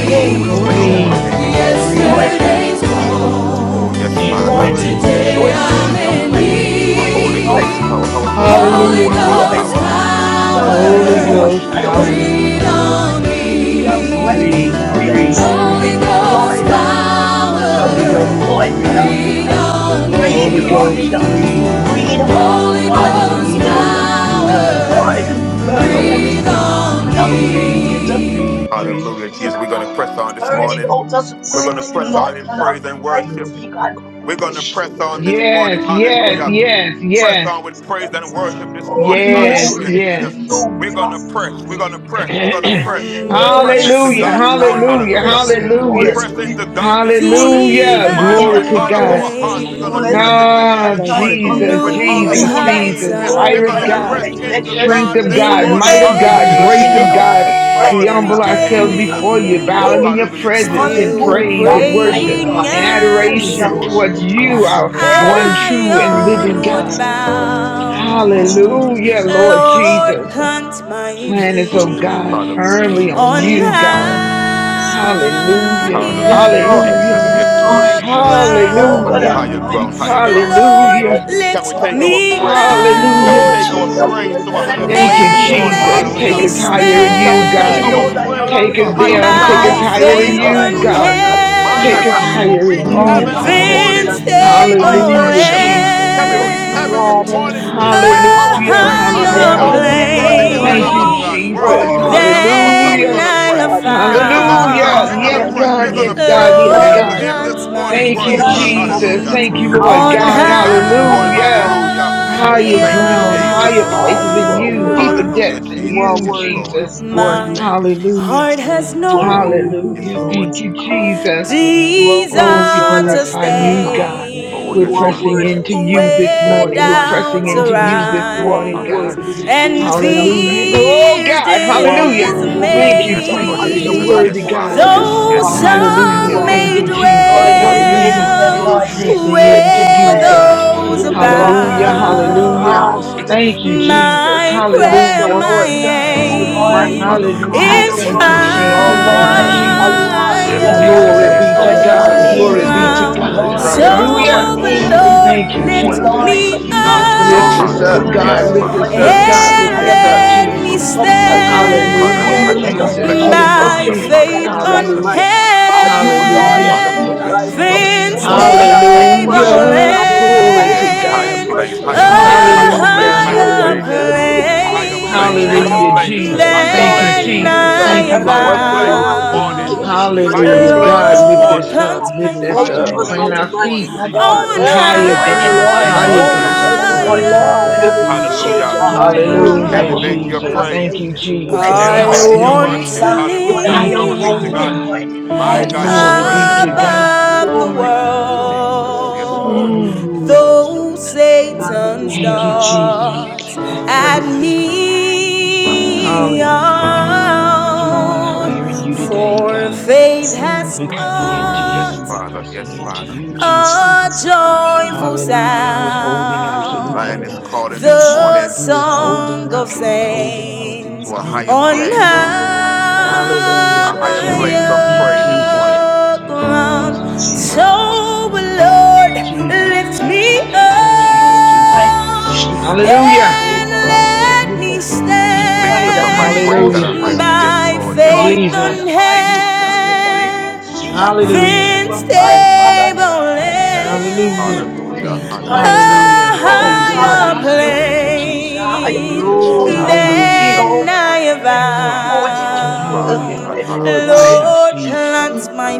Speaker 5: Hey,
Speaker 3: Glory to your
Speaker 5: breathe
Speaker 8: Jesus,
Speaker 5: on
Speaker 3: holy
Speaker 5: us
Speaker 7: Thank
Speaker 2: Breathe,
Speaker 5: this
Speaker 3: name,
Speaker 8: Jesus,
Speaker 2: God,
Speaker 5: morning,
Speaker 8: Jesus,
Speaker 3: Jesus.
Speaker 2: breathe.
Speaker 5: Lord.
Speaker 1: Yesterday's
Speaker 5: Breathe upon us
Speaker 8: Hallelujah.
Speaker 5: this
Speaker 3: Oh,
Speaker 1: gone,
Speaker 8: Thank
Speaker 3: yes,
Speaker 8: you,
Speaker 5: morning,
Speaker 2: Yes,
Speaker 3: Father.
Speaker 8: Jesus.
Speaker 5: Lord.
Speaker 2: Lord.
Speaker 5: We
Speaker 8: Hallelujah.
Speaker 1: today
Speaker 5: surely
Speaker 1: I'm
Speaker 5: need your
Speaker 1: in
Speaker 5: breath this
Speaker 8: Hallelujah.
Speaker 5: morning,
Speaker 3: Holy
Speaker 5: Lord, to
Speaker 3: Ghost
Speaker 1: need.
Speaker 3: power.
Speaker 5: breathe
Speaker 3: Holy
Speaker 5: on us
Speaker 3: Ghost
Speaker 5: this
Speaker 3: power.
Speaker 1: Holy
Speaker 3: Holy
Speaker 5: morning,
Speaker 2: Hallelujah.
Speaker 3: Ghost
Speaker 5: Lord.
Speaker 1: Ghost
Speaker 3: power.
Speaker 8: Hallelujah.
Speaker 5: We need your
Speaker 8: Jesus.
Speaker 1: power,
Speaker 5: breath to
Speaker 2: Holy Ghost
Speaker 5: overshadow
Speaker 8: Hallelujah.
Speaker 5: us this
Speaker 2: power.
Speaker 1: breathe
Speaker 5: morning.
Speaker 1: on
Speaker 5: We need your
Speaker 1: me.
Speaker 5: breath
Speaker 3: Jesus,
Speaker 7: you,
Speaker 5: to
Speaker 7: Holy
Speaker 3: Jesus,
Speaker 2: Breathe,
Speaker 5: carry
Speaker 3: Jesus,
Speaker 8: Hallelujah.
Speaker 5: us
Speaker 7: Spirit.
Speaker 5: this
Speaker 2: breathe,
Speaker 8: Jesus.
Speaker 1: Holy
Speaker 2: breathe.
Speaker 5: morning,
Speaker 1: Ghost
Speaker 5: Lord. We need your
Speaker 2: Holy
Speaker 1: power.
Speaker 5: breath,
Speaker 8: Jesus.
Speaker 2: Ghost,
Speaker 5: Lord
Speaker 8: Yes,
Speaker 5: God
Speaker 2: breathe.
Speaker 8: God.
Speaker 1: Breathe
Speaker 8: Yes,
Speaker 1: on
Speaker 5: Almighty.
Speaker 8: Lord,
Speaker 5: Breathe,
Speaker 2: Holy
Speaker 5: Lord.
Speaker 1: me,
Speaker 2: Ghost,
Speaker 3: Jesus,
Speaker 7: Thank
Speaker 3: Jesus.
Speaker 7: you,
Speaker 8: lead
Speaker 2: breathe.
Speaker 8: our
Speaker 5: Breathe
Speaker 7: Lord.
Speaker 5: upon
Speaker 8: soul.
Speaker 5: us,
Speaker 1: Holy
Speaker 5: God.
Speaker 1: Ghost
Speaker 5: Breathe in
Speaker 8: Lead
Speaker 5: us
Speaker 2: Hallelujah.
Speaker 8: our
Speaker 5: this
Speaker 1: power.
Speaker 8: soul.
Speaker 5: morning,
Speaker 2: Breathe.
Speaker 5: Lord
Speaker 8: Jesus.
Speaker 5: burn
Speaker 8: Lead our
Speaker 5: out every
Speaker 1: Breathe
Speaker 5: sin
Speaker 8: soul.
Speaker 1: on
Speaker 5: and carnal
Speaker 1: me.
Speaker 5: weaknesses
Speaker 2: Breathe,
Speaker 5: this
Speaker 8: Jesus.
Speaker 2: breathe,
Speaker 5: morning,
Speaker 8: Hallelujah.
Speaker 2: breathe.
Speaker 3: Hallelujah, Jesus.
Speaker 5: Jesus
Speaker 3: We're going to press on this
Speaker 5: burning
Speaker 3: morning.
Speaker 5: out
Speaker 8: Hallelujah.
Speaker 5: this
Speaker 3: We're going to
Speaker 5: mighty
Speaker 3: press
Speaker 8: Jesus.
Speaker 3: on
Speaker 5: light
Speaker 3: in
Speaker 5: and
Speaker 3: praise and worship.
Speaker 8: Glory
Speaker 5: almighty
Speaker 8: to
Speaker 5: God.
Speaker 8: God.
Speaker 5: Eh,
Speaker 3: We're going to
Speaker 7: Thank
Speaker 5: Jesus,
Speaker 7: you,
Speaker 3: press
Speaker 8: Hallelujah.
Speaker 7: Lord.
Speaker 3: on this morning.
Speaker 2: Yes,
Speaker 4: Thank
Speaker 2: yes,
Speaker 3: Hallelujah.
Speaker 2: yes,
Speaker 3: Press
Speaker 2: yes,
Speaker 3: on with
Speaker 8: Jesus.
Speaker 3: praise
Speaker 5: Jesus.
Speaker 3: and
Speaker 8: Jesus.
Speaker 3: worship this
Speaker 5: Oh,
Speaker 3: morning.
Speaker 8: Jesus.
Speaker 2: yes,
Speaker 3: Hallelujah,
Speaker 5: glory,
Speaker 8: Jesus.
Speaker 3: Jesus.
Speaker 2: yes.
Speaker 3: We're going
Speaker 5: hallelujah.
Speaker 3: to
Speaker 8: Jesus.
Speaker 3: press. We're going
Speaker 8: Jesus.
Speaker 3: to
Speaker 10: Hallelujah.
Speaker 3: press. We're going to
Speaker 7: Thank you,
Speaker 3: press.
Speaker 1: I'm
Speaker 7: Lord.
Speaker 5: Hey,
Speaker 3: Press
Speaker 8: Jesus,
Speaker 7: Thank
Speaker 3: into
Speaker 2: hallelujah,
Speaker 3: God
Speaker 1: pressing
Speaker 10: Thank
Speaker 5: Jesus.
Speaker 7: you,
Speaker 3: this
Speaker 10: you,
Speaker 5: ah.
Speaker 8: Jesus,
Speaker 7: Lord.
Speaker 3: morning.
Speaker 2: hallelujah,
Speaker 5: Hey,
Speaker 3: Hallelujah.
Speaker 10: Jesus.
Speaker 8: Jesus,
Speaker 1: on
Speaker 5: sweet Holy
Speaker 2: hallelujah,
Speaker 3: Press
Speaker 8: Jesus,
Speaker 3: into
Speaker 5: Spirit,
Speaker 10: Hallelujah.
Speaker 5: breathe
Speaker 3: God this
Speaker 5: on us
Speaker 8: Jesus, Jesus,
Speaker 5: this
Speaker 3: morning.
Speaker 1: the
Speaker 2: hallelujah.
Speaker 8: Jesus,
Speaker 3: My God,
Speaker 5: morning.
Speaker 2: Glory
Speaker 3: with
Speaker 2: to
Speaker 3: all
Speaker 1: upward
Speaker 3: of
Speaker 5: Hey,
Speaker 2: God.
Speaker 3: our hearts,
Speaker 1: way.
Speaker 5: sweet
Speaker 3: we're going to
Speaker 8: Jesus,
Speaker 5: Holy
Speaker 3: press
Speaker 10: Thank you,
Speaker 3: into
Speaker 5: Spirit,
Speaker 3: Him
Speaker 2: Ah,
Speaker 3: this
Speaker 10: Jesus.
Speaker 4: you,
Speaker 5: anoint
Speaker 8: Jesus,
Speaker 3: morning.
Speaker 5: us
Speaker 4: Lord.
Speaker 2: Jesus,
Speaker 5: this
Speaker 8: Jesus,
Speaker 3: With
Speaker 4: Thank
Speaker 1: New
Speaker 4: you,
Speaker 3: all of
Speaker 2: Jesus,
Speaker 4: Lord.
Speaker 3: our
Speaker 5: morning. ah.
Speaker 1: heights
Speaker 3: beings,
Speaker 2: Jesus,
Speaker 8: Jesus,
Speaker 3: we're,
Speaker 1: I'm
Speaker 4: Hallelujah.
Speaker 5: Oh,
Speaker 3: we're
Speaker 2: fire
Speaker 3: going
Speaker 2: of
Speaker 4: Thank
Speaker 3: to
Speaker 5: God
Speaker 4: you,
Speaker 2: God,
Speaker 3: press
Speaker 4: Lord.
Speaker 5: Almighty, let
Speaker 3: into
Speaker 5: your
Speaker 2: strength
Speaker 3: God
Speaker 5: sweet
Speaker 2: of
Speaker 4: Hallelujah.
Speaker 3: this
Speaker 2: God,
Speaker 5: Holy
Speaker 1: gaining
Speaker 3: morning.
Speaker 2: might of
Speaker 5: Spirit
Speaker 2: God,
Speaker 3: Hallelujah,
Speaker 10: Hallelujah.
Speaker 2: grace
Speaker 5: breathe in
Speaker 3: Jesus.
Speaker 2: of
Speaker 5: us
Speaker 4: Hallelujah.
Speaker 2: God.
Speaker 5: this morning.
Speaker 2: We
Speaker 3: Glory be
Speaker 1: every
Speaker 5: Ah,
Speaker 3: to
Speaker 2: humble
Speaker 3: your
Speaker 8: Jesus, Jesus,
Speaker 3: name,
Speaker 1: day.
Speaker 2: ourselves
Speaker 5: Jesus.
Speaker 3: Jesus.
Speaker 2: before
Speaker 4: Hallelujah.
Speaker 2: you,
Speaker 4: Hallelujah.
Speaker 8: Jesus,
Speaker 2: bowing in your
Speaker 5: Glory.
Speaker 3: Hallelujah,
Speaker 8: Jesus.
Speaker 2: presence in
Speaker 3: Jesus.
Speaker 1: Still
Speaker 2: praise
Speaker 5: Hallelujah,
Speaker 2: and
Speaker 5: my
Speaker 2: worship
Speaker 8: Hallelujah,
Speaker 4: Yes,
Speaker 1: praying
Speaker 5: God.
Speaker 2: and
Speaker 4: Lord.
Speaker 8: Jesus,
Speaker 1: as
Speaker 10: Thank
Speaker 5: Hallelujah.
Speaker 2: adoration
Speaker 10: you,
Speaker 4: Hallelujah.
Speaker 8: glory
Speaker 2: towards
Speaker 8: to
Speaker 4: Thank
Speaker 2: you,
Speaker 8: God,
Speaker 10: Jesus.
Speaker 4: you,
Speaker 2: our
Speaker 4: Lord.
Speaker 2: one
Speaker 5: Hey,
Speaker 1: I
Speaker 2: true and living
Speaker 8: Jesus,
Speaker 1: onward
Speaker 2: God.
Speaker 3: Jesus,
Speaker 4: Hallelujah.
Speaker 8: Jesus,
Speaker 3: Jesus, Jesus,
Speaker 4: Hallelujah.
Speaker 7: Yes,
Speaker 3: Jesus,
Speaker 5: Jesus.
Speaker 7: Lord.
Speaker 3: Jesus.
Speaker 8: Jesus,
Speaker 2: Hallelujah,
Speaker 1: bound,
Speaker 3: Yes,
Speaker 7: Yes,
Speaker 3: Lord
Speaker 2: Lord
Speaker 3: Jesus.
Speaker 4: Mm,
Speaker 1: Lord,
Speaker 2: Jesus.
Speaker 8: Jesus.
Speaker 1: plant my
Speaker 2: Plan is, oh
Speaker 8: Mighty God,
Speaker 2: God,
Speaker 1: feet
Speaker 8: Jesus,
Speaker 3: Hallelujah,
Speaker 2: firmly
Speaker 4: Yes,
Speaker 2: on
Speaker 1: on
Speaker 3: Jesus.
Speaker 4: Lord.
Speaker 2: you,
Speaker 5: Oh, God
Speaker 2: God.
Speaker 5: Almighty.
Speaker 7: yes.
Speaker 8: Jesus,
Speaker 2: Hallelujah,
Speaker 4: Hallelujah.
Speaker 5: Yes,
Speaker 3: Hallelujah,
Speaker 5: Lord.
Speaker 2: hallelujah,
Speaker 3: Jesus.
Speaker 4: Hallelujah.
Speaker 5: Yes,
Speaker 10: Thank
Speaker 3: Yes, Lord
Speaker 8: Jesus,
Speaker 1: higher
Speaker 5: Lord.
Speaker 10: you, Jesus.
Speaker 3: Jesus.
Speaker 8: Jesus.
Speaker 5: Oh, God
Speaker 3: Oh,
Speaker 2: hallelujah,
Speaker 3: higher
Speaker 4: Hallelujah.
Speaker 1: ground.
Speaker 8: Jesus,
Speaker 3: ground,
Speaker 5: Almighty,
Speaker 3: higher
Speaker 5: God,
Speaker 3: ground.
Speaker 2: hallelujah.
Speaker 5: Master of
Speaker 1: Lord,
Speaker 5: thee,
Speaker 3: Can
Speaker 1: lift
Speaker 3: we
Speaker 8: Mighty
Speaker 3: take
Speaker 5: Lord.
Speaker 3: our
Speaker 8: God,
Speaker 1: me
Speaker 7: Hallelujah,
Speaker 3: praise?
Speaker 7: Jesus.
Speaker 3: Can we
Speaker 8: lift
Speaker 2: Hallelujah.
Speaker 8: us
Speaker 5: Oh,
Speaker 3: take
Speaker 8: up,
Speaker 3: our
Speaker 1: up
Speaker 5: Jesus.
Speaker 10: Jesus.
Speaker 7: Yes,
Speaker 3: praise
Speaker 8: Almighty
Speaker 5: Yes,
Speaker 3: to a
Speaker 5: and let
Speaker 7: Lord.
Speaker 3: higher
Speaker 5: me
Speaker 8: God,
Speaker 2: Thank
Speaker 3: place
Speaker 2: you,
Speaker 8: lift
Speaker 3: this
Speaker 5: stand
Speaker 1: and
Speaker 8: us
Speaker 5: this
Speaker 3: morning?
Speaker 5: morning,
Speaker 2: Jesus.
Speaker 1: let
Speaker 2: Take
Speaker 3: Hallelujah.
Speaker 1: me
Speaker 5: Jesus.
Speaker 8: up,
Speaker 2: us
Speaker 10: Hallelujah.
Speaker 4: Hallelujah.
Speaker 2: higher in
Speaker 3: Can
Speaker 2: you,
Speaker 5: That
Speaker 3: we
Speaker 1: stay
Speaker 8: Jesus,
Speaker 3: take
Speaker 5: we
Speaker 2: God.
Speaker 7: Hallelujah,
Speaker 3: our
Speaker 5: know
Speaker 4: Thank
Speaker 5: that
Speaker 8: Jesus,
Speaker 4: you,
Speaker 5: you're
Speaker 3: praise
Speaker 5: our
Speaker 7: Jesus.
Speaker 4: Lord.
Speaker 2: Take
Speaker 4: Hallelujah. Hallelujah.
Speaker 3: to
Speaker 8: lift
Speaker 2: us
Speaker 8: us up,
Speaker 3: higher
Speaker 2: there.
Speaker 10: Thank you,
Speaker 5: foundation
Speaker 2: Take
Speaker 3: ground
Speaker 2: us
Speaker 5: this
Speaker 8: God,
Speaker 3: this
Speaker 10: Jesus.
Speaker 2: higher
Speaker 5: morning,
Speaker 3: morning?
Speaker 2: in
Speaker 8: lift us
Speaker 4: Hallelujah.
Speaker 2: you,
Speaker 5: Lord.
Speaker 3: Hallelujah.
Speaker 2: God.
Speaker 8: down,
Speaker 5: And it
Speaker 3: My
Speaker 5: can
Speaker 2: Take
Speaker 3: God,
Speaker 5: never
Speaker 8: hallelujah,
Speaker 2: us
Speaker 3: can
Speaker 1: there
Speaker 3: we
Speaker 2: higher
Speaker 10: Thank
Speaker 7: Hallelujah,
Speaker 5: crumble,
Speaker 2: in
Speaker 10: you,
Speaker 3: reach
Speaker 5: will
Speaker 2: you,
Speaker 5: never
Speaker 10: Lord.
Speaker 3: heaven
Speaker 7: Jesus.
Speaker 3: this
Speaker 2: Father.
Speaker 4: Hallelujah.
Speaker 3: morning
Speaker 5: crumble
Speaker 8: hallelujah,
Speaker 10: Hallelujah.
Speaker 5: this
Speaker 3: with
Speaker 4: Hallelujah.
Speaker 5: morning,
Speaker 3: our
Speaker 1: unstable
Speaker 8: Jesus,
Speaker 2: Hallelujah,
Speaker 3: worship?
Speaker 5: Jesus.
Speaker 2: Jesus.
Speaker 3: Can
Speaker 4: Hallelujah.
Speaker 3: we
Speaker 8: yes,
Speaker 3: reach
Speaker 5: Mm.
Speaker 4: Hallelujah.
Speaker 3: heaven this
Speaker 8: God,
Speaker 1: land,
Speaker 3: morning
Speaker 4: Hallelujah,
Speaker 1: a
Speaker 3: with
Speaker 8: hallelujah,
Speaker 7: Hallelujah.
Speaker 4: thank
Speaker 3: our
Speaker 2: Hallelujah.
Speaker 4: you,
Speaker 3: praise?
Speaker 8: the
Speaker 4: Lord.
Speaker 1: higher
Speaker 3: Hallelujah.
Speaker 2: Hallelujah.
Speaker 5: Hey,
Speaker 8: higher
Speaker 4: Hallelujah.
Speaker 5: yes,
Speaker 3: Worthy
Speaker 8: place,
Speaker 7: Yes,
Speaker 3: is the
Speaker 5: Lord.
Speaker 2: Thank
Speaker 3: Lamb
Speaker 2: you,
Speaker 3: of
Speaker 4: Thank
Speaker 8: God,
Speaker 3: God.
Speaker 7: Lord.
Speaker 8: we
Speaker 1: plane
Speaker 7: Yes,
Speaker 8: want
Speaker 2: Jesus.
Speaker 3: Worthy
Speaker 8: to
Speaker 5: Oh,
Speaker 4: you, Lord. Thank
Speaker 3: is
Speaker 4: you,
Speaker 3: the
Speaker 7: Lord.
Speaker 3: Lamb
Speaker 8: be
Speaker 5: God,
Speaker 7: Yes,
Speaker 3: of
Speaker 8: with
Speaker 3: God.
Speaker 1: than
Speaker 3: We're going
Speaker 2: Hallelujah.
Speaker 4: Lord.
Speaker 3: to
Speaker 8: you,
Speaker 1: I
Speaker 7: Lord.
Speaker 3: press.
Speaker 1: have
Speaker 8: God,
Speaker 3: Yes,
Speaker 5: Almighty.
Speaker 3: we're going to
Speaker 8: Almighty,
Speaker 4: Hallelujah.
Speaker 10: Thank
Speaker 5: take
Speaker 10: you,
Speaker 3: press.
Speaker 2: Hallelujah.
Speaker 5: us
Speaker 3: We're going to
Speaker 2: Yes,
Speaker 10: Lord.
Speaker 5: higher
Speaker 7: Yes,
Speaker 5: this
Speaker 3: press.
Speaker 1: found.
Speaker 4: Hallelujah.
Speaker 2: God.
Speaker 3: We're going
Speaker 7: Lord,
Speaker 5: morning,
Speaker 3: to
Speaker 2: Yes,
Speaker 8: Jesus,
Speaker 3: press
Speaker 2: God. Yes,
Speaker 7: Jesus.
Speaker 4: Amen.
Speaker 1: Lord,
Speaker 5: Lord.
Speaker 3: into
Speaker 2: God.
Speaker 3: Him
Speaker 8: hallelujah,
Speaker 3: this
Speaker 1: plant my
Speaker 3: morning.
Speaker 2: Thank you,
Speaker 10: Thank
Speaker 5: Oh,
Speaker 3: Worthy
Speaker 10: you,
Speaker 3: God.
Speaker 8: plant
Speaker 5: Jesus.
Speaker 8: our
Speaker 10: Jesus.
Speaker 7: Yes,
Speaker 2: Jesus.
Speaker 3: Hallelujah.
Speaker 1: feet
Speaker 8: feet,
Speaker 2: Thank you,
Speaker 4: Yes,
Speaker 7: yes,
Speaker 1: on
Speaker 2: Lord
Speaker 8: God,
Speaker 4: God.
Speaker 2: God.
Speaker 7: God.
Speaker 3: Worthy
Speaker 10: Hallelujah.
Speaker 3: God this
Speaker 8: in
Speaker 3: morning.
Speaker 8: higher
Speaker 4: Hallelujah.
Speaker 2: Hallelujah
Speaker 8: ground,
Speaker 3: Hallelujah.
Speaker 7: Oh,
Speaker 5: Hallelujah.
Speaker 2: higher
Speaker 8: Jesus,
Speaker 3: Thank you,
Speaker 2: grounds,
Speaker 7: God.
Speaker 5: Jesus.
Speaker 7: Oh,
Speaker 8: Almighty
Speaker 2: higher
Speaker 3: Jesus.
Speaker 8: God,
Speaker 7: God.
Speaker 2: places
Speaker 7: In
Speaker 8: you
Speaker 2: in
Speaker 7: the
Speaker 8: are
Speaker 1: higher
Speaker 5: Hallelujah.
Speaker 2: you,
Speaker 8: worthy.
Speaker 2: deeper
Speaker 5: To
Speaker 7: name
Speaker 3: Hallelujah,
Speaker 2: depths
Speaker 5: God
Speaker 1: ground.
Speaker 2: in
Speaker 5: be
Speaker 8: You
Speaker 7: of
Speaker 5: the
Speaker 8: are
Speaker 3: Jesus.
Speaker 2: you,
Speaker 3: Yes,
Speaker 7: Jesus.
Speaker 8: worthy
Speaker 5: glory.
Speaker 3: Lord.
Speaker 2: Jesus.
Speaker 8: this
Speaker 5: Hallelujah.
Speaker 4: Hallelujah.
Speaker 1: My
Speaker 8: morning,
Speaker 3: Thank you,
Speaker 2: Hallelujah.
Speaker 8: Jesus.
Speaker 1: heart
Speaker 3: Jesus.
Speaker 4: Yes,
Speaker 1: has
Speaker 8: You are
Speaker 4: God.
Speaker 8: worthy,
Speaker 1: known.
Speaker 7: Thank
Speaker 3: Yes,
Speaker 2: Hallelujah.
Speaker 8: Almighty
Speaker 3: Lord.
Speaker 2: Thank
Speaker 4: Yes,
Speaker 2: you,
Speaker 8: God.
Speaker 2: Jesus.
Speaker 4: yes,
Speaker 8: You are
Speaker 3: Oh,
Speaker 2: Oh,
Speaker 8: worthy,
Speaker 4: God.
Speaker 2: we
Speaker 1: Desire
Speaker 3: yes.
Speaker 1: to
Speaker 2: glorify
Speaker 8: everlasting
Speaker 2: you,
Speaker 8: God.
Speaker 4: Hallelujah.
Speaker 2: God.
Speaker 4: Thank
Speaker 3: Oh,
Speaker 4: you,
Speaker 7: you,
Speaker 2: We're
Speaker 8: You
Speaker 3: yes,
Speaker 8: are
Speaker 1: stay,
Speaker 4: Lord.
Speaker 2: pressing
Speaker 3: Father.
Speaker 8: worthy,
Speaker 5: Jesus.
Speaker 2: into
Speaker 7: Lord.
Speaker 8: King of
Speaker 2: you
Speaker 7: Thank
Speaker 2: this
Speaker 8: kings and
Speaker 1: way
Speaker 2: morning.
Speaker 7: you,
Speaker 2: We're
Speaker 4: Hallelujah.
Speaker 8: Lord
Speaker 7: Lord.
Speaker 8: of
Speaker 1: down
Speaker 2: pressing
Speaker 1: to
Speaker 2: into
Speaker 8: lords.
Speaker 2: you
Speaker 4: Hallelujah.
Speaker 2: this
Speaker 8: You are
Speaker 2: morning,
Speaker 1: rise,
Speaker 2: God.
Speaker 3: Hallelujah,
Speaker 8: worthy, the
Speaker 5: Jesus.
Speaker 1: and
Speaker 8: great I am
Speaker 3: Jesus.
Speaker 8: that
Speaker 2: Hallelujah.
Speaker 8: I am.
Speaker 2: Oh,
Speaker 1: fears
Speaker 2: God.
Speaker 8: You are
Speaker 2: Hallelujah.
Speaker 4: Thank
Speaker 8: worthy,
Speaker 1: dismay.
Speaker 5: Oh,
Speaker 4: you,
Speaker 5: God
Speaker 3: Oh,
Speaker 2: Thank
Speaker 8: Lily of
Speaker 2: you,
Speaker 3: Yes,
Speaker 8: the
Speaker 3: Lord
Speaker 4: Lord.
Speaker 8: valley,
Speaker 2: Jesus.
Speaker 5: Almighty.
Speaker 8: the
Speaker 2: You're
Speaker 3: Jesus.
Speaker 4: Hallelujah.
Speaker 8: bright
Speaker 3: Yes,
Speaker 2: worthy,
Speaker 8: and
Speaker 2: God.
Speaker 3: Father.
Speaker 7: Lord,
Speaker 8: burning
Speaker 5: Jesus.
Speaker 3: Yes,
Speaker 1: Though
Speaker 3: yes,
Speaker 8: star.
Speaker 4: Amen.
Speaker 7: Jesus.
Speaker 3: yes,
Speaker 4: Thank
Speaker 8: You
Speaker 3: yes,
Speaker 2: Hallelujah.
Speaker 1: some
Speaker 8: are
Speaker 4: you,
Speaker 2: Thank
Speaker 1: may
Speaker 3: yes.
Speaker 2: you,
Speaker 1: dwell
Speaker 8: worthy,
Speaker 5: Yes,
Speaker 8: the
Speaker 4: Lord.
Speaker 2: Jesus.
Speaker 5: Lord. Do
Speaker 8: fierce
Speaker 5: it
Speaker 8: and
Speaker 5: may
Speaker 3: Yes,
Speaker 2: Hallelujah.
Speaker 3: Lord
Speaker 5: dwell,
Speaker 8: control
Speaker 5: Lord.
Speaker 4: Hallelujah.
Speaker 8: of
Speaker 5: May,
Speaker 2: Pressing
Speaker 1: way
Speaker 3: Jesus.
Speaker 5: do it
Speaker 2: into
Speaker 8: Almighty
Speaker 5: may
Speaker 1: where
Speaker 2: you,
Speaker 8: God,
Speaker 5: dwell.
Speaker 4: Hallelujah.
Speaker 2: God.
Speaker 1: those
Speaker 8: creator
Speaker 4: Hallelujah.
Speaker 8: of
Speaker 7: Yes,
Speaker 2: Hallelujah.
Speaker 4: Thank
Speaker 8: heaven
Speaker 4: you,
Speaker 8: and
Speaker 5: Jesus.
Speaker 3: Oh,
Speaker 4: Jesus.
Speaker 8: earth.
Speaker 7: Lord.
Speaker 2: Hallelujah.
Speaker 5: Ah,
Speaker 3: Father
Speaker 8: God,
Speaker 7: Yes,
Speaker 8: you
Speaker 1: abound.
Speaker 5: God
Speaker 3: Jesus.
Speaker 8: are
Speaker 2: Thank you,
Speaker 7: Lord.
Speaker 5: Almighty.
Speaker 7: Yes,
Speaker 8: worthy.
Speaker 2: Jesus.
Speaker 1: My
Speaker 7: Lord.
Speaker 8: Plant
Speaker 1: prayer,
Speaker 2: Hallelujah,
Speaker 8: our
Speaker 1: my
Speaker 2: Lord
Speaker 5: Ah,
Speaker 8: feet,
Speaker 2: God.
Speaker 4: Mm.
Speaker 5: Yes, Lord.
Speaker 1: aim
Speaker 8: Almighty
Speaker 3: Hallelujah,
Speaker 5: There's
Speaker 2: Hallelujah.
Speaker 8: God,
Speaker 1: is
Speaker 5: higher
Speaker 8: and
Speaker 3: Jesus.
Speaker 2: Thank you,
Speaker 5: ground
Speaker 7: Have
Speaker 5: in
Speaker 8: earth
Speaker 5: you,
Speaker 7: your
Speaker 2: Jesus. Thank
Speaker 8: ground.
Speaker 4: Thank
Speaker 2: you,
Speaker 5: Lord.
Speaker 4: you,
Speaker 7: God.
Speaker 5: You
Speaker 4: Lord.
Speaker 2: Jesus.
Speaker 5: are
Speaker 3: Yes,
Speaker 5: higher
Speaker 8: Hallelujah,
Speaker 5: ground
Speaker 8: lift
Speaker 3: Jesus.
Speaker 2: Glory
Speaker 5: this
Speaker 4: Hallelujah.
Speaker 8: us
Speaker 3: Yes,
Speaker 2: be
Speaker 8: up,
Speaker 3: Lord
Speaker 2: to
Speaker 5: morning.
Speaker 7: Yes,
Speaker 8: God
Speaker 5: Our
Speaker 2: God.
Speaker 1: higher
Speaker 5: aim
Speaker 7: Lord.
Speaker 2: Glory
Speaker 3: Jesus.
Speaker 5: is
Speaker 2: be
Speaker 8: Almighty.
Speaker 7: Yes,
Speaker 2: to
Speaker 5: you,
Speaker 1: ground.
Speaker 2: God.
Speaker 8: We
Speaker 4: Hallelujah.
Speaker 7: Lord.
Speaker 3: My
Speaker 5: Lord.
Speaker 1: So,
Speaker 7: Yes,
Speaker 8: us
Speaker 3: God.
Speaker 8: up,
Speaker 5: Our
Speaker 2: Hallelujah.
Speaker 7: Lord.
Speaker 8: God,
Speaker 4: Hallelujah.
Speaker 5: aim
Speaker 8: and
Speaker 5: is
Speaker 8: we
Speaker 1: Lord,
Speaker 5: in
Speaker 2: Thank you,
Speaker 8: feel
Speaker 1: lift
Speaker 4: Thank
Speaker 5: you,
Speaker 4: you,
Speaker 8: we
Speaker 5: Lord
Speaker 1: me
Speaker 2: Jesus.
Speaker 4: Lord.
Speaker 8: come down
Speaker 5: Jesus.
Speaker 10: Thank
Speaker 8: and
Speaker 10: you,
Speaker 2: Lift
Speaker 1: up.
Speaker 8: all,
Speaker 2: this
Speaker 4: Hallelujah.
Speaker 5: You
Speaker 7: Let
Speaker 10: Jesus.
Speaker 2: up,
Speaker 5: will
Speaker 3: Hallelujah.
Speaker 5: lift
Speaker 2: God.
Speaker 3: Yes,
Speaker 5: us
Speaker 7: God.
Speaker 2: Lift
Speaker 5: up
Speaker 8: hallelujah.
Speaker 5: and
Speaker 2: this
Speaker 3: Father.
Speaker 5: you will
Speaker 2: up,
Speaker 5: take us
Speaker 2: God.
Speaker 4: Hallelujah.
Speaker 2: Lift
Speaker 5: higher
Speaker 2: this
Speaker 7: Hallelujah.
Speaker 8: Jesus,
Speaker 5: this
Speaker 2: up,
Speaker 10: Thank
Speaker 1: And
Speaker 10: you,
Speaker 5: morning,
Speaker 1: let
Speaker 8: lift
Speaker 1: me
Speaker 8: us
Speaker 2: Jesus.
Speaker 1: stand
Speaker 10: Lord.
Speaker 8: up,
Speaker 4: Mm.
Speaker 5: Jesus.
Speaker 3: Oh,
Speaker 5: I
Speaker 8: Almighty
Speaker 3: God
Speaker 4: Yes,
Speaker 5: know
Speaker 7: Stand,
Speaker 4: Lord.
Speaker 2: Hallelujah.
Speaker 5: you will
Speaker 8: God.
Speaker 7: oh
Speaker 3: Almighty,
Speaker 5: let
Speaker 3: we
Speaker 5: us
Speaker 4: Mm.
Speaker 2: Jesus,
Speaker 5: stand
Speaker 3: bless
Speaker 7: God.
Speaker 8: Help
Speaker 3: you,
Speaker 5: this
Speaker 2: Jesus,
Speaker 8: us
Speaker 10: Hallelujah.
Speaker 8: to
Speaker 1: by
Speaker 3: Father. We
Speaker 5: morning,
Speaker 4: Thank
Speaker 3: honor
Speaker 5: God
Speaker 2: Jesus.
Speaker 1: faith
Speaker 7: Hallelujah.
Speaker 3: you,
Speaker 8: stand,
Speaker 4: you,
Speaker 1: on
Speaker 5: Almighty.
Speaker 2: Hallelujah.
Speaker 4: Lord.
Speaker 8: Almighty
Speaker 3: Jesus.
Speaker 5: In
Speaker 8: God,
Speaker 5: you,
Speaker 8: and
Speaker 10: Glory
Speaker 5: Lord
Speaker 2: Hallelujah.
Speaker 8: receive
Speaker 7: Yes,
Speaker 8: the
Speaker 10: to
Speaker 5: Jesus.
Speaker 10: God.
Speaker 4: Hallelujah.
Speaker 7: Lord.
Speaker 3: Hallelujah,
Speaker 8: Christ
Speaker 7: Jesus.
Speaker 8: of
Speaker 5: And
Speaker 4: Thank
Speaker 3: Jesus.
Speaker 4: you,
Speaker 5: for
Speaker 1: heaven's
Speaker 10: Hallelujah.
Speaker 5: you
Speaker 4: Lord.
Speaker 3: Worthy
Speaker 8: Nazareth.
Speaker 5: this
Speaker 3: Lamb.
Speaker 5: morning,
Speaker 8: Father
Speaker 4: Hallelujah.
Speaker 1: table
Speaker 5: Jesus.
Speaker 10: Thank you,
Speaker 2: Hallelujah.
Speaker 8: God,
Speaker 10: Jesus.
Speaker 2: Glory to
Speaker 8: Almighty,
Speaker 3: Yes,
Speaker 8: this
Speaker 3: higher
Speaker 2: God.
Speaker 4: Hallelujah.
Speaker 1: and
Speaker 3: place,
Speaker 8: morning,
Speaker 7: Yes,
Speaker 3: higher
Speaker 8: God,
Speaker 1: a
Speaker 5: Glory,
Speaker 4: Mm.
Speaker 8: we
Speaker 3: place,
Speaker 7: Lord.
Speaker 4: Thank
Speaker 5: hallelujah.
Speaker 3: higher
Speaker 4: you,
Speaker 8: come
Speaker 7: Jesus.
Speaker 3: place,
Speaker 2: Hallelujah.
Speaker 4: Lord.
Speaker 3: higher
Speaker 8: before your
Speaker 4: Praise you,
Speaker 3: place,
Speaker 2: Hallelujah.
Speaker 4: Lord.
Speaker 1: plain.
Speaker 8: presence,
Speaker 3: higher
Speaker 5: Yes,
Speaker 4: We
Speaker 3: place,
Speaker 8: Almighty
Speaker 4: are
Speaker 3: higher
Speaker 5: Lord.
Speaker 2: Hallelujah,
Speaker 8: God.
Speaker 4: asking
Speaker 3: place,
Speaker 4: that
Speaker 7: Stand,
Speaker 4: our
Speaker 2: Jesus.
Speaker 3: higher
Speaker 2: Thank
Speaker 7: Lord.
Speaker 8: Lord
Speaker 2: you,
Speaker 1: that
Speaker 4: holy,
Speaker 3: place,
Speaker 4: holy,
Speaker 8: Jesus,
Speaker 2: Jesus.
Speaker 8: help
Speaker 1: I
Speaker 2: Thank you,
Speaker 1: have
Speaker 4: holy
Speaker 2: Lord
Speaker 3: higher
Speaker 8: us,
Speaker 2: God.
Speaker 3: place
Speaker 8: Lord
Speaker 3: this
Speaker 4: Jesus,
Speaker 10: Thank
Speaker 3: morning,
Speaker 10: you,
Speaker 7: Yes,
Speaker 8: Almighty
Speaker 4: Jesus,
Speaker 8: God,
Speaker 7: Lord.
Speaker 3: higher
Speaker 8: help
Speaker 10: Jesus.
Speaker 2: Hallelujah.
Speaker 4: Jesus,
Speaker 8: us,
Speaker 3: place
Speaker 1: found.
Speaker 2: God,
Speaker 3: this
Speaker 2: lift
Speaker 1: Lord,
Speaker 2: us
Speaker 8: Jesus,
Speaker 3: morning,
Speaker 2: up,
Speaker 1: plant
Speaker 4: Jesus,
Speaker 2: lift
Speaker 5: Yes,
Speaker 10: Thank
Speaker 2: us
Speaker 4: Jesus.
Speaker 8: help
Speaker 10: you,
Speaker 3: higher
Speaker 2: up,
Speaker 5: Lord.
Speaker 7: Stand,
Speaker 8: us,
Speaker 10: Lord.
Speaker 3: place
Speaker 2: plant our
Speaker 7: Lord.
Speaker 3: this
Speaker 2: feet.
Speaker 3: morning,
Speaker 8: Almighty
Speaker 7: Jesus.
Speaker 5: Plant our
Speaker 8: God,
Speaker 1: on
Speaker 3: Jesus.
Speaker 4: Amen.
Speaker 5: feet
Speaker 8: help
Speaker 5: this
Speaker 7: Lord.
Speaker 2: Higher
Speaker 8: us,
Speaker 5: morning,
Speaker 2: grounds,
Speaker 7: Thank
Speaker 5: Lord,
Speaker 8: Lord,
Speaker 3: Yes,
Speaker 5: on
Speaker 2: higher
Speaker 3: Lord
Speaker 10: Thank
Speaker 8: help
Speaker 10: you,
Speaker 5: higher
Speaker 2: grounds,
Speaker 8: us,
Speaker 4: Jesus,
Speaker 5: ground,
Speaker 7: you,
Speaker 10: Jesus.
Speaker 3: Jesus.
Speaker 2: Lord.
Speaker 5: Lord.
Speaker 1: higher
Speaker 8: Lord,
Speaker 4: Jesus,
Speaker 5: When we feel
Speaker 4: Jesus,
Speaker 3: Hallelujah.
Speaker 5: shaky,
Speaker 8: hallelujah,
Speaker 5: Lord, when we
Speaker 4: Jesus,
Speaker 10: Thank
Speaker 8: help
Speaker 10: you,
Speaker 5: feel
Speaker 8: us,
Speaker 5: like
Speaker 2: Hallelujah,
Speaker 5: we're
Speaker 8: God,
Speaker 10: Father.
Speaker 1: ground.
Speaker 3: Elevate
Speaker 4: Jesus,
Speaker 5: put
Speaker 3: your
Speaker 5: on
Speaker 8: help
Speaker 5: a
Speaker 2: Jesus.
Speaker 8: us,
Speaker 2: Thank
Speaker 5: slip
Speaker 4: Jesus,
Speaker 7: Lord. Thank
Speaker 3: praise,
Speaker 2: you,
Speaker 5: this
Speaker 7: you,
Speaker 8: lift us
Speaker 4: Jesus.
Speaker 2: Jesus.
Speaker 5: morning,
Speaker 8: up,
Speaker 7: Lord.
Speaker 1: I
Speaker 10: Thank
Speaker 3: elevate
Speaker 5: Lord.
Speaker 3: your
Speaker 7: Thank
Speaker 8: Jesus,
Speaker 2: Hallelujah.
Speaker 1: want
Speaker 10: you,
Speaker 3: worship.
Speaker 1: to
Speaker 10: Lord.
Speaker 5: Plant it on
Speaker 8: lift us
Speaker 3: Hallelujah.
Speaker 5: higher
Speaker 2: Thank
Speaker 8: up,
Speaker 2: you,
Speaker 3: Glory be
Speaker 1: live.
Speaker 5: ground
Speaker 3: to
Speaker 2: Father
Speaker 5: this
Speaker 3: God.
Speaker 2: God.
Speaker 8: Jesus,
Speaker 4: Amen.
Speaker 5: morning,
Speaker 3: My
Speaker 5: Lord
Speaker 8: lift
Speaker 10: Thank
Speaker 3: God,
Speaker 10: you,
Speaker 8: us
Speaker 3: He's
Speaker 8: up,
Speaker 2: Glory
Speaker 5: Jesus.
Speaker 3: worthy
Speaker 4: Thank
Speaker 2: be
Speaker 10: Jesus.
Speaker 3: this
Speaker 4: you,
Speaker 2: to
Speaker 3: morning.
Speaker 8: Jesus,
Speaker 4: Lord.
Speaker 2: God.
Speaker 1: above
Speaker 8: lift
Speaker 1: the
Speaker 8: us
Speaker 5: Glory.
Speaker 8: up,
Speaker 4: Hallelujah.
Speaker 7: you, yes,
Speaker 4: Thank
Speaker 8: Jesus,
Speaker 3: Jesus.
Speaker 4: you,
Speaker 5: Hallelujah,
Speaker 7: Lord
Speaker 3: Yes,
Speaker 4: Lord.
Speaker 5: Jesus.
Speaker 1: world.
Speaker 7: God.
Speaker 3: Lord.
Speaker 7: Yes,
Speaker 2: Hmm.
Speaker 8: hallelujah,
Speaker 7: Lord.
Speaker 4: Hallelujah.
Speaker 1: Though
Speaker 4: Jesus.
Speaker 1: Satan's
Speaker 5: Glory.
Speaker 2: Thank
Speaker 8: hallelujah,
Speaker 2: you, Jesus.
Speaker 8: Jesus,
Speaker 5: Hallelujah.
Speaker 10: Thank
Speaker 1: darts
Speaker 10: you,
Speaker 3: Thank you,
Speaker 10: Lord.
Speaker 2: Thank you,
Speaker 1: at
Speaker 2: Lord.
Speaker 8: hallelujah,
Speaker 3: Jesus.
Speaker 5: Obokosa,
Speaker 8: Jesus.
Speaker 5: dobosa,
Speaker 4: Hallelujah.
Speaker 1: me
Speaker 2: Hallelujah.
Speaker 8: Jesus,
Speaker 5: dobosa.
Speaker 4: Thank you, Lord.
Speaker 2: We're going
Speaker 1: out,
Speaker 2: higher
Speaker 5: Rebokoshi,
Speaker 2: in
Speaker 4: Thank
Speaker 2: you
Speaker 4: you,
Speaker 8: Jesus,
Speaker 4: God.
Speaker 2: today,
Speaker 1: for
Speaker 2: God.
Speaker 5: adalabakaya.
Speaker 8: Jesus, Jesus,
Speaker 1: faith
Speaker 4: Hallelujah.
Speaker 1: has
Speaker 2: We're
Speaker 5: Oh,
Speaker 2: coming into
Speaker 5: worthy
Speaker 4: Hallelujah.
Speaker 1: gone
Speaker 3: Yes,
Speaker 2: you.
Speaker 8: Jesus,
Speaker 2: We're
Speaker 5: Jesus.
Speaker 3: Father.
Speaker 2: pressing
Speaker 3: Yes,
Speaker 2: into
Speaker 3: Father.
Speaker 10: Thank
Speaker 5: Hallelujah.
Speaker 10: you,
Speaker 2: you,
Speaker 8: Jesus,
Speaker 4: Hallelujah.
Speaker 8: Jesus,
Speaker 2: Jesus.
Speaker 1: a
Speaker 4: Thank you, God.
Speaker 1: joyful
Speaker 4: Thank you,
Speaker 2: Hallelujah.
Speaker 4: God.
Speaker 2: Withholding
Speaker 7: Yes,
Speaker 8: Jesus,
Speaker 2: absolutely
Speaker 3: Zion
Speaker 4: Mm.
Speaker 1: sound,
Speaker 3: is
Speaker 7: Lord.
Speaker 2: nothing.
Speaker 10: thank you,
Speaker 3: calling
Speaker 4: Thank
Speaker 7: Yes,
Speaker 4: you,
Speaker 3: this
Speaker 4: God.
Speaker 5: Jesus.
Speaker 1: the
Speaker 7: Lord.
Speaker 3: morning
Speaker 8: Jesus,
Speaker 2: We
Speaker 10: Jesus.
Speaker 2: withholding
Speaker 1: song of
Speaker 4: Hallelujah.
Speaker 2: nothing,
Speaker 8: Jesus,
Speaker 4: Thank
Speaker 8: Jesus,
Speaker 2: withholding
Speaker 4: you, God.
Speaker 2: nothing,
Speaker 1: saints
Speaker 3: to a higher
Speaker 2: withholding
Speaker 8: Jesus,
Speaker 1: on
Speaker 2: nothing.
Speaker 8: you are
Speaker 3: place,
Speaker 8: worthy.
Speaker 7: Oh,
Speaker 4: Hallelujah.
Speaker 7: Lord
Speaker 4: Thank
Speaker 3: a
Speaker 2: Hallelujah,
Speaker 4: you,
Speaker 3: higher
Speaker 7: God,
Speaker 4: God.
Speaker 3: place of
Speaker 8: Hallelujah,
Speaker 2: Jesus,
Speaker 10: Thank
Speaker 3: praise
Speaker 10: you,
Speaker 8: God,
Speaker 3: this
Speaker 8: you
Speaker 10: Lord.
Speaker 2: Jesus,
Speaker 8: are
Speaker 3: morning.
Speaker 8: worthy.
Speaker 1: higher
Speaker 2: Jesus,
Speaker 1: ground.
Speaker 2: Jesus,
Speaker 3: Yes,
Speaker 2: Jesus,
Speaker 8: Jesus,
Speaker 3: Lord
Speaker 5: Hallelujah.
Speaker 1: So,
Speaker 3: Jesus.
Speaker 8: hallelujah.
Speaker 1: Lord,
Speaker 2: Jesus,
Speaker 1: lift me
Speaker 2: Jesus,
Speaker 5: Lift
Speaker 2: Jesus,
Speaker 5: us up
Speaker 4: Hallelujah.
Speaker 2: Jesus,
Speaker 5: this
Speaker 2: Jesus.
Speaker 5: morning,
Speaker 1: up
Speaker 8: Look at
Speaker 4: Mm.
Speaker 5: Jesus.
Speaker 8: this
Speaker 2: Hallelujah,
Speaker 8: man.
Speaker 1: and
Speaker 5: Lift up the
Speaker 4: Thank you,
Speaker 5: praise
Speaker 1: let
Speaker 8: Look
Speaker 5: team
Speaker 4: God.
Speaker 8: at
Speaker 1: me
Speaker 5: this
Speaker 8: that
Speaker 7: let
Speaker 5: morning,
Speaker 7: me
Speaker 8: Jesus.
Speaker 3: Lift
Speaker 4: Thank
Speaker 5: Lord.
Speaker 3: us up,
Speaker 4: you,
Speaker 3: I
Speaker 7: stand
Speaker 4: God.
Speaker 10: Thank
Speaker 1: stand
Speaker 7: the
Speaker 3: pray,
Speaker 10: you,
Speaker 5: Oh
Speaker 3: God
Speaker 5: God
Speaker 2: hallelujah,
Speaker 8: Look at
Speaker 4: Thank
Speaker 3: Almighty.
Speaker 8: that
Speaker 10: Jesus.
Speaker 5: Almighty,
Speaker 4: you,
Speaker 7: answer,
Speaker 3: Yes,
Speaker 5: lift
Speaker 1: by
Speaker 4: God.
Speaker 7: Lord,
Speaker 5: up,
Speaker 3: Lord.
Speaker 8: Jesus.
Speaker 3: Yes,
Speaker 5: Lord
Speaker 1: faith
Speaker 3: Lord.
Speaker 1: on
Speaker 5: God,
Speaker 2: Jesus,
Speaker 5: the
Speaker 8: Look
Speaker 5: audience
Speaker 8: at
Speaker 5: this
Speaker 8: that
Speaker 5: morning,
Speaker 1: unheld
Speaker 8: mighty
Speaker 5: Jesus.
Speaker 4: Thank
Speaker 8: God.
Speaker 4: you,
Speaker 2: hallelujah,
Speaker 1: in
Speaker 5: Every
Speaker 4: God. Thank you,
Speaker 5: brother and
Speaker 8: Hallelujah,
Speaker 4: God.
Speaker 5: every
Speaker 4: Hallelujah.
Speaker 1: stable
Speaker 5: sister,
Speaker 8: Jesus,
Speaker 5: lift them up
Speaker 2: hallelujah,
Speaker 5: this
Speaker 7: Yes,
Speaker 3: Hallelujah.
Speaker 5: morning,
Speaker 10: Thank
Speaker 7: Lord.
Speaker 10: you,
Speaker 4: Thank
Speaker 5: Lord.
Speaker 7: Yes,
Speaker 10: Lord.
Speaker 8: Hallelujah.
Speaker 4: you,
Speaker 1: a
Speaker 3: Hallelujah.
Speaker 4: God.
Speaker 7: Lord.
Speaker 2: hallelujah,
Speaker 7: Yes,
Speaker 5: Oh
Speaker 2: Jesus,
Speaker 5: God,
Speaker 8: Glory
Speaker 1: higher
Speaker 5: I
Speaker 8: to
Speaker 7: Lord.
Speaker 4: Hallelujah.
Speaker 2: Jesus.
Speaker 5: am
Speaker 8: God.
Speaker 4: Thank
Speaker 2: Thank you,
Speaker 4: you, God.
Speaker 5: praying.
Speaker 2: Jesus.
Speaker 5: I am,
Speaker 1: plane
Speaker 10: Thank you,
Speaker 7: And
Speaker 4: Hallelujah.
Speaker 10: Jesus.
Speaker 3: Yes,
Speaker 7: I
Speaker 5: oh
Speaker 8: Glory
Speaker 3: Lord
Speaker 5: God,
Speaker 8: to
Speaker 5: that
Speaker 7: thank
Speaker 8: God.
Speaker 4: Thank
Speaker 2: Hallelujah,
Speaker 5: we,
Speaker 1: than
Speaker 5: oh
Speaker 1: I
Speaker 3: Jesus.
Speaker 5: God,
Speaker 4: you,
Speaker 5: let
Speaker 4: Lord.
Speaker 5: me
Speaker 8: Glory
Speaker 5: hold
Speaker 8: to
Speaker 5: it in
Speaker 8: God.
Speaker 3: Oh,
Speaker 4: Hallelujah.
Speaker 5: you
Speaker 10: Glory to
Speaker 5: this
Speaker 3: Father
Speaker 10: God.
Speaker 2: hallelujah.
Speaker 3: God.
Speaker 7: Hallelujah.
Speaker 5: morning,
Speaker 1: found.
Speaker 2: Lord,
Speaker 3: Hallelujah.
Speaker 4: Hallelujah.
Speaker 2: plant
Speaker 5: Lord.
Speaker 2: our
Speaker 1: Lord,
Speaker 8: Jesus.
Speaker 2: feet
Speaker 1: plant
Speaker 5: She
Speaker 8: Jesus.
Speaker 1: my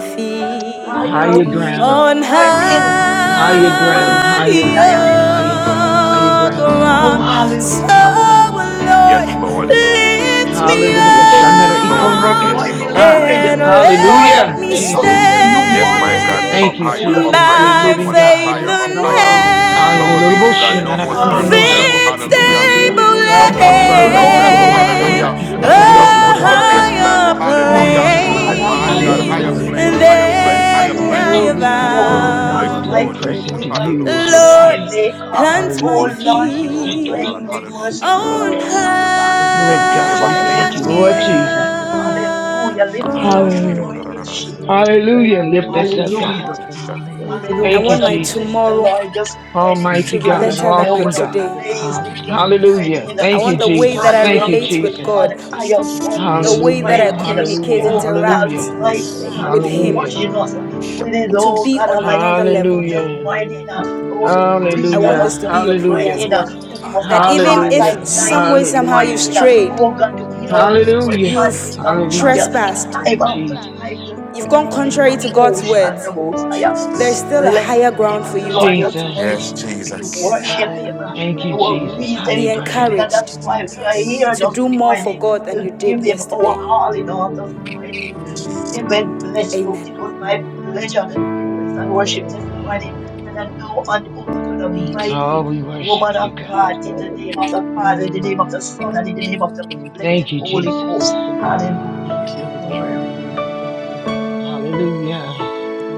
Speaker 5: plant
Speaker 7: Yes,
Speaker 5: her
Speaker 1: feet
Speaker 2: higher
Speaker 10: Thank
Speaker 5: feet
Speaker 2: ground
Speaker 5: this
Speaker 1: on
Speaker 7: Lord,
Speaker 5: morning,
Speaker 4: Thank you,
Speaker 5: sweet
Speaker 4: Lord.
Speaker 2: higher
Speaker 5: Holy
Speaker 2: ground,
Speaker 5: Spirit,
Speaker 2: higher,
Speaker 4: Thank
Speaker 8: Hallelujah.
Speaker 5: and I
Speaker 4: you,
Speaker 2: higher,
Speaker 5: am
Speaker 4: Lord.
Speaker 2: higher ground,
Speaker 4: Thank
Speaker 3: Jesus,
Speaker 2: higher
Speaker 4: you,
Speaker 1: higher
Speaker 2: ground.
Speaker 4: Lord.
Speaker 3: Jesus,
Speaker 5: Oh,
Speaker 3: Jesus.
Speaker 8: Glory. Glory.
Speaker 1: ground.
Speaker 4: Thank
Speaker 3: Yes, Lord.
Speaker 4: you,
Speaker 1: So,
Speaker 8: Glory.
Speaker 5: hallelujah,
Speaker 4: Lord.
Speaker 2: Hallelujah.
Speaker 5: Jesus.
Speaker 1: Lord,
Speaker 3: Yes, Lord.
Speaker 7: Thank
Speaker 8: Hallelujah.
Speaker 7: you.
Speaker 4: Hallelujah.
Speaker 1: lift
Speaker 4: Thank
Speaker 1: me
Speaker 4: you,
Speaker 2: Hallelujah.
Speaker 1: up
Speaker 4: Lord.
Speaker 7: Rebel.
Speaker 5: Pick
Speaker 2: Shandara
Speaker 5: us up this
Speaker 3: Glory.
Speaker 2: ikonro
Speaker 1: up
Speaker 3: Yes,
Speaker 4: Hallelujah.
Speaker 5: morning,
Speaker 10: you.
Speaker 3: Lord.
Speaker 2: katamasa.
Speaker 5: Lord.
Speaker 1: and
Speaker 7: Hallelujah.
Speaker 4: Yes,
Speaker 5: Lord,
Speaker 4: Lord.
Speaker 5: and
Speaker 1: let
Speaker 2: Hallelujah,
Speaker 1: me
Speaker 5: place
Speaker 1: stand
Speaker 5: us
Speaker 8: Hallelujah.
Speaker 2: Jesus.
Speaker 5: where
Speaker 4: Hallelujah.
Speaker 5: you
Speaker 3: Yes,
Speaker 5: want
Speaker 3: my
Speaker 5: us to
Speaker 3: God.
Speaker 7: God,
Speaker 4: Hallelujah.
Speaker 5: be
Speaker 3: Up
Speaker 2: Thank
Speaker 7: you
Speaker 2: you,
Speaker 5: in you
Speaker 3: higher,
Speaker 5: this
Speaker 3: up
Speaker 4: Thank
Speaker 2: Jesus,
Speaker 5: morning.
Speaker 3: higher,
Speaker 4: you,
Speaker 2: dear
Speaker 7: know,
Speaker 1: by
Speaker 5: Jesus,
Speaker 4: Lord.
Speaker 2: living
Speaker 7: God.
Speaker 3: someone. Up
Speaker 2: God.
Speaker 1: faith
Speaker 3: higher,
Speaker 4: Thank
Speaker 8: Praise
Speaker 1: and
Speaker 3: up
Speaker 4: you, Lord.
Speaker 3: higher.
Speaker 8: Lord.
Speaker 10: Father.
Speaker 5: Yes,
Speaker 3: Glory be
Speaker 4: Hallelujah.
Speaker 10: Hallelujah.
Speaker 2: Hallelujah.
Speaker 5: Jesus.
Speaker 3: to God.
Speaker 7: Yes,
Speaker 3: No more
Speaker 2: Shandarara
Speaker 5: Oh,
Speaker 2: idino
Speaker 7: Lord.
Speaker 3: surface
Speaker 4: Mm,
Speaker 5: God.
Speaker 4: Yes,
Speaker 3: level.
Speaker 2: shinere
Speaker 1: heaven's
Speaker 4: Lord.
Speaker 8: Praise
Speaker 3: Hallelujah.
Speaker 8: the
Speaker 4: Thank
Speaker 2: kitinosa.
Speaker 1: stable
Speaker 4: you,
Speaker 3: No
Speaker 8: Lord
Speaker 4: Lord.
Speaker 3: more
Speaker 5: Oh,
Speaker 2: Manano
Speaker 7: Yes,
Speaker 3: surface
Speaker 8: Jesus.
Speaker 4: Hallelujah.
Speaker 3: level.
Speaker 2: kotoro
Speaker 5: glory.
Speaker 7: Lord.
Speaker 1: hand,
Speaker 7: Yes,
Speaker 2: masana
Speaker 3: Hallelujah.
Speaker 7: Lord.
Speaker 1: a
Speaker 5: Hallelujah.
Speaker 2: ikotoro
Speaker 3: No
Speaker 4: Mm,
Speaker 5: Yes,
Speaker 7: Yes,
Speaker 3: more
Speaker 8: Hallelujah.
Speaker 7: Lord.
Speaker 5: Lord.
Speaker 2: masanarasa.
Speaker 3: surface
Speaker 1: higher
Speaker 8: Jesus.
Speaker 3: level.
Speaker 5: Oh
Speaker 2: Hmm,
Speaker 3: Hallelujah.
Speaker 5: God
Speaker 4: yes,
Speaker 2: Hallelujah,
Speaker 3: My
Speaker 5: Almighty,
Speaker 3: God,
Speaker 7: Yes,
Speaker 1: plane
Speaker 2: Jesus.
Speaker 3: higher
Speaker 5: Apostle
Speaker 7: Holy
Speaker 8: Hallelujah.
Speaker 3: place,
Speaker 5: April
Speaker 2: Hallelujah,
Speaker 7: Ghost.
Speaker 3: higher
Speaker 5: Just this
Speaker 3: place,
Speaker 7: Yes,
Speaker 1: than
Speaker 2: Jesus.
Speaker 3: higher
Speaker 4: Thank
Speaker 1: I
Speaker 2: Thank
Speaker 5: morning.
Speaker 2: you,
Speaker 5: uh,
Speaker 7: Lord.
Speaker 3: place.
Speaker 4: you,
Speaker 1: have
Speaker 8: Glory to
Speaker 2: Jesus.
Speaker 5: Oh
Speaker 3: Oh,
Speaker 8: God.
Speaker 3: we
Speaker 5: God
Speaker 4: Lord.
Speaker 3: bless
Speaker 2: Lord,
Speaker 3: you,
Speaker 2: we
Speaker 7: Yes,
Speaker 8: Hallelujah.
Speaker 3: Lord
Speaker 1: found.
Speaker 5: Almighty,
Speaker 2: press
Speaker 7: Holy
Speaker 3: Jesus.
Speaker 5: knowing
Speaker 2: into
Speaker 5: that you
Speaker 2: you
Speaker 7: Spirit.
Speaker 2: as
Speaker 5: are
Speaker 2: your
Speaker 3: Hallelujah.
Speaker 5: the
Speaker 1: Lord,
Speaker 5: way
Speaker 2: body.
Speaker 8: Jesus.
Speaker 5: maker.
Speaker 1: plant
Speaker 5: Oh
Speaker 1: my
Speaker 2: Hallelujah,
Speaker 5: Lord
Speaker 8: Jesus.
Speaker 5: God
Speaker 2: Jesus.
Speaker 3: Glory
Speaker 8: Jesus.
Speaker 2: Thank
Speaker 3: to
Speaker 2: you,
Speaker 1: feet
Speaker 7: God,
Speaker 5: Almighty,
Speaker 3: God.
Speaker 7: my
Speaker 2: Jesus.
Speaker 5: you are
Speaker 2: Thank you,
Speaker 3: Hallelujah.
Speaker 5: source
Speaker 2: Lord
Speaker 5: of
Speaker 1: on
Speaker 7: Lord.
Speaker 2: God.
Speaker 5: the
Speaker 8: Jesus.
Speaker 5: Bible.
Speaker 2: Lord
Speaker 3: Thank
Speaker 5: You
Speaker 3: you,
Speaker 4: Hallelujah.
Speaker 2: God,
Speaker 5: never
Speaker 2: we
Speaker 5: fail
Speaker 2: thank you,
Speaker 5: this
Speaker 3: Jesus.
Speaker 2: Lord
Speaker 4: Yes,
Speaker 7: Amen.
Speaker 5: morning.
Speaker 2: Jesus.
Speaker 4: Lord.
Speaker 1: higher
Speaker 5: Hallelujah. Lift us up this
Speaker 2: Hallelujah.
Speaker 5: morning,
Speaker 1: ground.
Speaker 5: Jesus.
Speaker 4: Hallelujah.
Speaker 8: Hallelujah.
Speaker 4: Thank
Speaker 7: Thank
Speaker 2: Hallelujah.
Speaker 4: you,
Speaker 7: you,
Speaker 2: Lift us
Speaker 4: Lord.
Speaker 7: Holy
Speaker 2: up,
Speaker 4: Thank
Speaker 2: God.
Speaker 5: Hallelujah.
Speaker 4: you,
Speaker 7: Ghost.
Speaker 3: Jesus.
Speaker 4: Lord.
Speaker 7: Thank you,
Speaker 1: I
Speaker 10: Hallelujah.
Speaker 5: Hallelujah.
Speaker 2: Thank you,
Speaker 5: What
Speaker 1: want
Speaker 5: a
Speaker 1: my
Speaker 7: Jesus.
Speaker 5: bless the
Speaker 4: Mm,
Speaker 2: Jesus.
Speaker 1: tomorrow
Speaker 5: Lord just went in.
Speaker 1: to
Speaker 2: Almighty
Speaker 4: Yes,
Speaker 10: Thank you. Hallelujah. Thank
Speaker 1: be
Speaker 10: you,
Speaker 2: God,
Speaker 10: Jesus.
Speaker 1: better
Speaker 4: Lord.
Speaker 1: than
Speaker 5: Hallelujah.
Speaker 1: my
Speaker 2: awesome
Speaker 5: What a
Speaker 4: Thank
Speaker 2: God.
Speaker 1: today.
Speaker 4: you,
Speaker 5: praise
Speaker 4: Lord.
Speaker 5: him just
Speaker 10: Hallelujah.
Speaker 7: Thank
Speaker 3: Yes.
Speaker 5: went
Speaker 7: you,
Speaker 2: Hallelujah.
Speaker 5: to
Speaker 1: I
Speaker 3: Yes.
Speaker 2: Thank you,
Speaker 1: want
Speaker 4: Yes,
Speaker 1: the way
Speaker 3: Jesus.
Speaker 1: that
Speaker 2: Jesus.
Speaker 5: plant
Speaker 4: Lord.
Speaker 1: I
Speaker 5: our
Speaker 2: Thank you,
Speaker 4: Thank
Speaker 1: relate
Speaker 4: you,
Speaker 5: feet
Speaker 1: with
Speaker 5: on
Speaker 2: Jesus.
Speaker 1: God,
Speaker 4: Lord.
Speaker 5: higher
Speaker 4: Thank
Speaker 5: ground
Speaker 4: you,
Speaker 1: the
Speaker 5: just
Speaker 10: Thank
Speaker 4: Lord.
Speaker 10: you,
Speaker 1: way that
Speaker 2: Hallelujah.
Speaker 5: went
Speaker 1: I
Speaker 10: Jesus.
Speaker 1: communicate,
Speaker 2: Hallelujah.
Speaker 5: Oh God
Speaker 4: Thank
Speaker 1: interact
Speaker 2: Hallelujah.
Speaker 4: you, Lord.
Speaker 5: Almighty
Speaker 7: thank
Speaker 5: God
Speaker 1: with
Speaker 7: you,
Speaker 5: for
Speaker 2: Hallelujah.
Speaker 4: Hallelujah.
Speaker 1: Him
Speaker 5: washing
Speaker 7: Lord.
Speaker 5: us
Speaker 4: Thank you,
Speaker 5: with his
Speaker 4: Lord.
Speaker 1: to
Speaker 5: oh
Speaker 1: be
Speaker 5: God
Speaker 1: on
Speaker 5: Almighty.
Speaker 1: another level.
Speaker 5: blood Just
Speaker 2: Hallelujah.
Speaker 5: minding,
Speaker 4: Hallelujah.
Speaker 5: oh, to
Speaker 4: Hallelujah.
Speaker 1: I
Speaker 5: breathe on
Speaker 1: want
Speaker 2: Hallelujah.
Speaker 5: us,
Speaker 1: this to be
Speaker 5: just
Speaker 1: your prayer as
Speaker 2: Hallelujah.
Speaker 5: minding, to
Speaker 1: well.
Speaker 5: give us a
Speaker 1: That
Speaker 3: Jesus.
Speaker 4: Hallelujah.
Speaker 3: Jesus.
Speaker 1: even
Speaker 5: heart like
Speaker 1: if
Speaker 2: Hallelujah.
Speaker 10: Jesus.
Speaker 4: Thank
Speaker 5: thine,
Speaker 1: some
Speaker 4: you,
Speaker 1: way,
Speaker 5: just
Speaker 1: somehow you
Speaker 5: minding,
Speaker 2: Hallelujah.
Speaker 1: strayed,
Speaker 5: oh God, to
Speaker 4: Lord. Hallelujah. Thank you, Lord. Hallelujah. Hallelujah. Hallelujah. Thank
Speaker 3: Jesus.
Speaker 5: be
Speaker 4: you,
Speaker 5: the
Speaker 3: Jesus.
Speaker 2: Hallelujah.
Speaker 5: weapon
Speaker 1: you've
Speaker 5: in the
Speaker 2: Hallelujah.
Speaker 5: fire,
Speaker 1: trespassed,
Speaker 5: time after
Speaker 2: Jesus.
Speaker 5: time, just
Speaker 1: You've gone
Speaker 5: minding,
Speaker 1: contrary to
Speaker 5: oh,
Speaker 1: God's words.
Speaker 5: Shandamos,
Speaker 3: Jesus.
Speaker 1: There's
Speaker 5: we
Speaker 1: still a
Speaker 5: bless
Speaker 1: higher
Speaker 5: the name
Speaker 1: ground
Speaker 5: of
Speaker 1: for
Speaker 5: the
Speaker 1: you to
Speaker 5: Lord
Speaker 1: go
Speaker 5: this
Speaker 2: Jesus.
Speaker 1: to.
Speaker 3: Yes,
Speaker 5: morning.
Speaker 4: Lord.
Speaker 5: We
Speaker 10: Thank you,
Speaker 3: Jesus.
Speaker 10: God.
Speaker 5: worship Him uh,
Speaker 4: Hallelujah.
Speaker 2: Thank
Speaker 4: Thank
Speaker 5: and
Speaker 2: you,
Speaker 4: you,
Speaker 5: our
Speaker 4: Lord.
Speaker 2: Jesus.
Speaker 5: reason
Speaker 1: Be
Speaker 2: Higher
Speaker 5: for
Speaker 2: ground.
Speaker 5: living,
Speaker 4: Thank
Speaker 3: Oh,
Speaker 5: and
Speaker 4: you,
Speaker 5: that's
Speaker 1: encouraged
Speaker 5: why
Speaker 4: Lord.
Speaker 5: we are
Speaker 4: Thank
Speaker 3: Jesus.
Speaker 5: here
Speaker 4: you,
Speaker 1: to
Speaker 5: this
Speaker 1: do
Speaker 4: Lord.
Speaker 1: more
Speaker 5: morning
Speaker 1: for
Speaker 4: Thank
Speaker 1: God than
Speaker 4: you.
Speaker 5: to
Speaker 1: you
Speaker 5: give
Speaker 1: did
Speaker 5: Him our
Speaker 1: yesterday.
Speaker 5: all in all this
Speaker 4: Hallelujah.
Speaker 5: morning.
Speaker 4: Oh,
Speaker 3: Jesus.
Speaker 4: thank you,
Speaker 5: Amen.
Speaker 4: Lord.
Speaker 5: Bless you. It
Speaker 1: Amen.
Speaker 5: was my
Speaker 4: Hmm.
Speaker 5: pleasure
Speaker 4: Thank
Speaker 5: to
Speaker 4: you,
Speaker 7: Yes,
Speaker 5: praise
Speaker 4: Lord.
Speaker 5: and worship
Speaker 7: Lord.
Speaker 4: Thank
Speaker 5: this
Speaker 4: you,
Speaker 5: morning.
Speaker 4: Lord.
Speaker 5: And I now
Speaker 4: Thank
Speaker 5: hand
Speaker 4: you, Lord.
Speaker 5: over to the
Speaker 10: Thank you.
Speaker 4: Thank you, Lord. Thank
Speaker 5: mighty
Speaker 2: Oh,
Speaker 4: you,
Speaker 2: we worship
Speaker 5: woman of
Speaker 2: you, God.
Speaker 5: God in
Speaker 4: Lord.
Speaker 5: the name of
Speaker 7: Hallelujah.
Speaker 5: the Father, in the name of the
Speaker 4: Hmm.
Speaker 5: Son,
Speaker 4: Thank
Speaker 5: and in the name
Speaker 4: you.
Speaker 5: of the
Speaker 4: Thank you,
Speaker 5: blessed
Speaker 2: Thank you,
Speaker 5: Holy
Speaker 2: Jesus.
Speaker 5: Ghost.
Speaker 4: Lord.
Speaker 5: Hallelujah.
Speaker 10: Thank you,
Speaker 4: Thank you, Lord.
Speaker 10: Lord.
Speaker 4: Hallelujah. Thank you, Lord. Thank you,
Speaker 2: Hallelujah.
Speaker 4: Lord.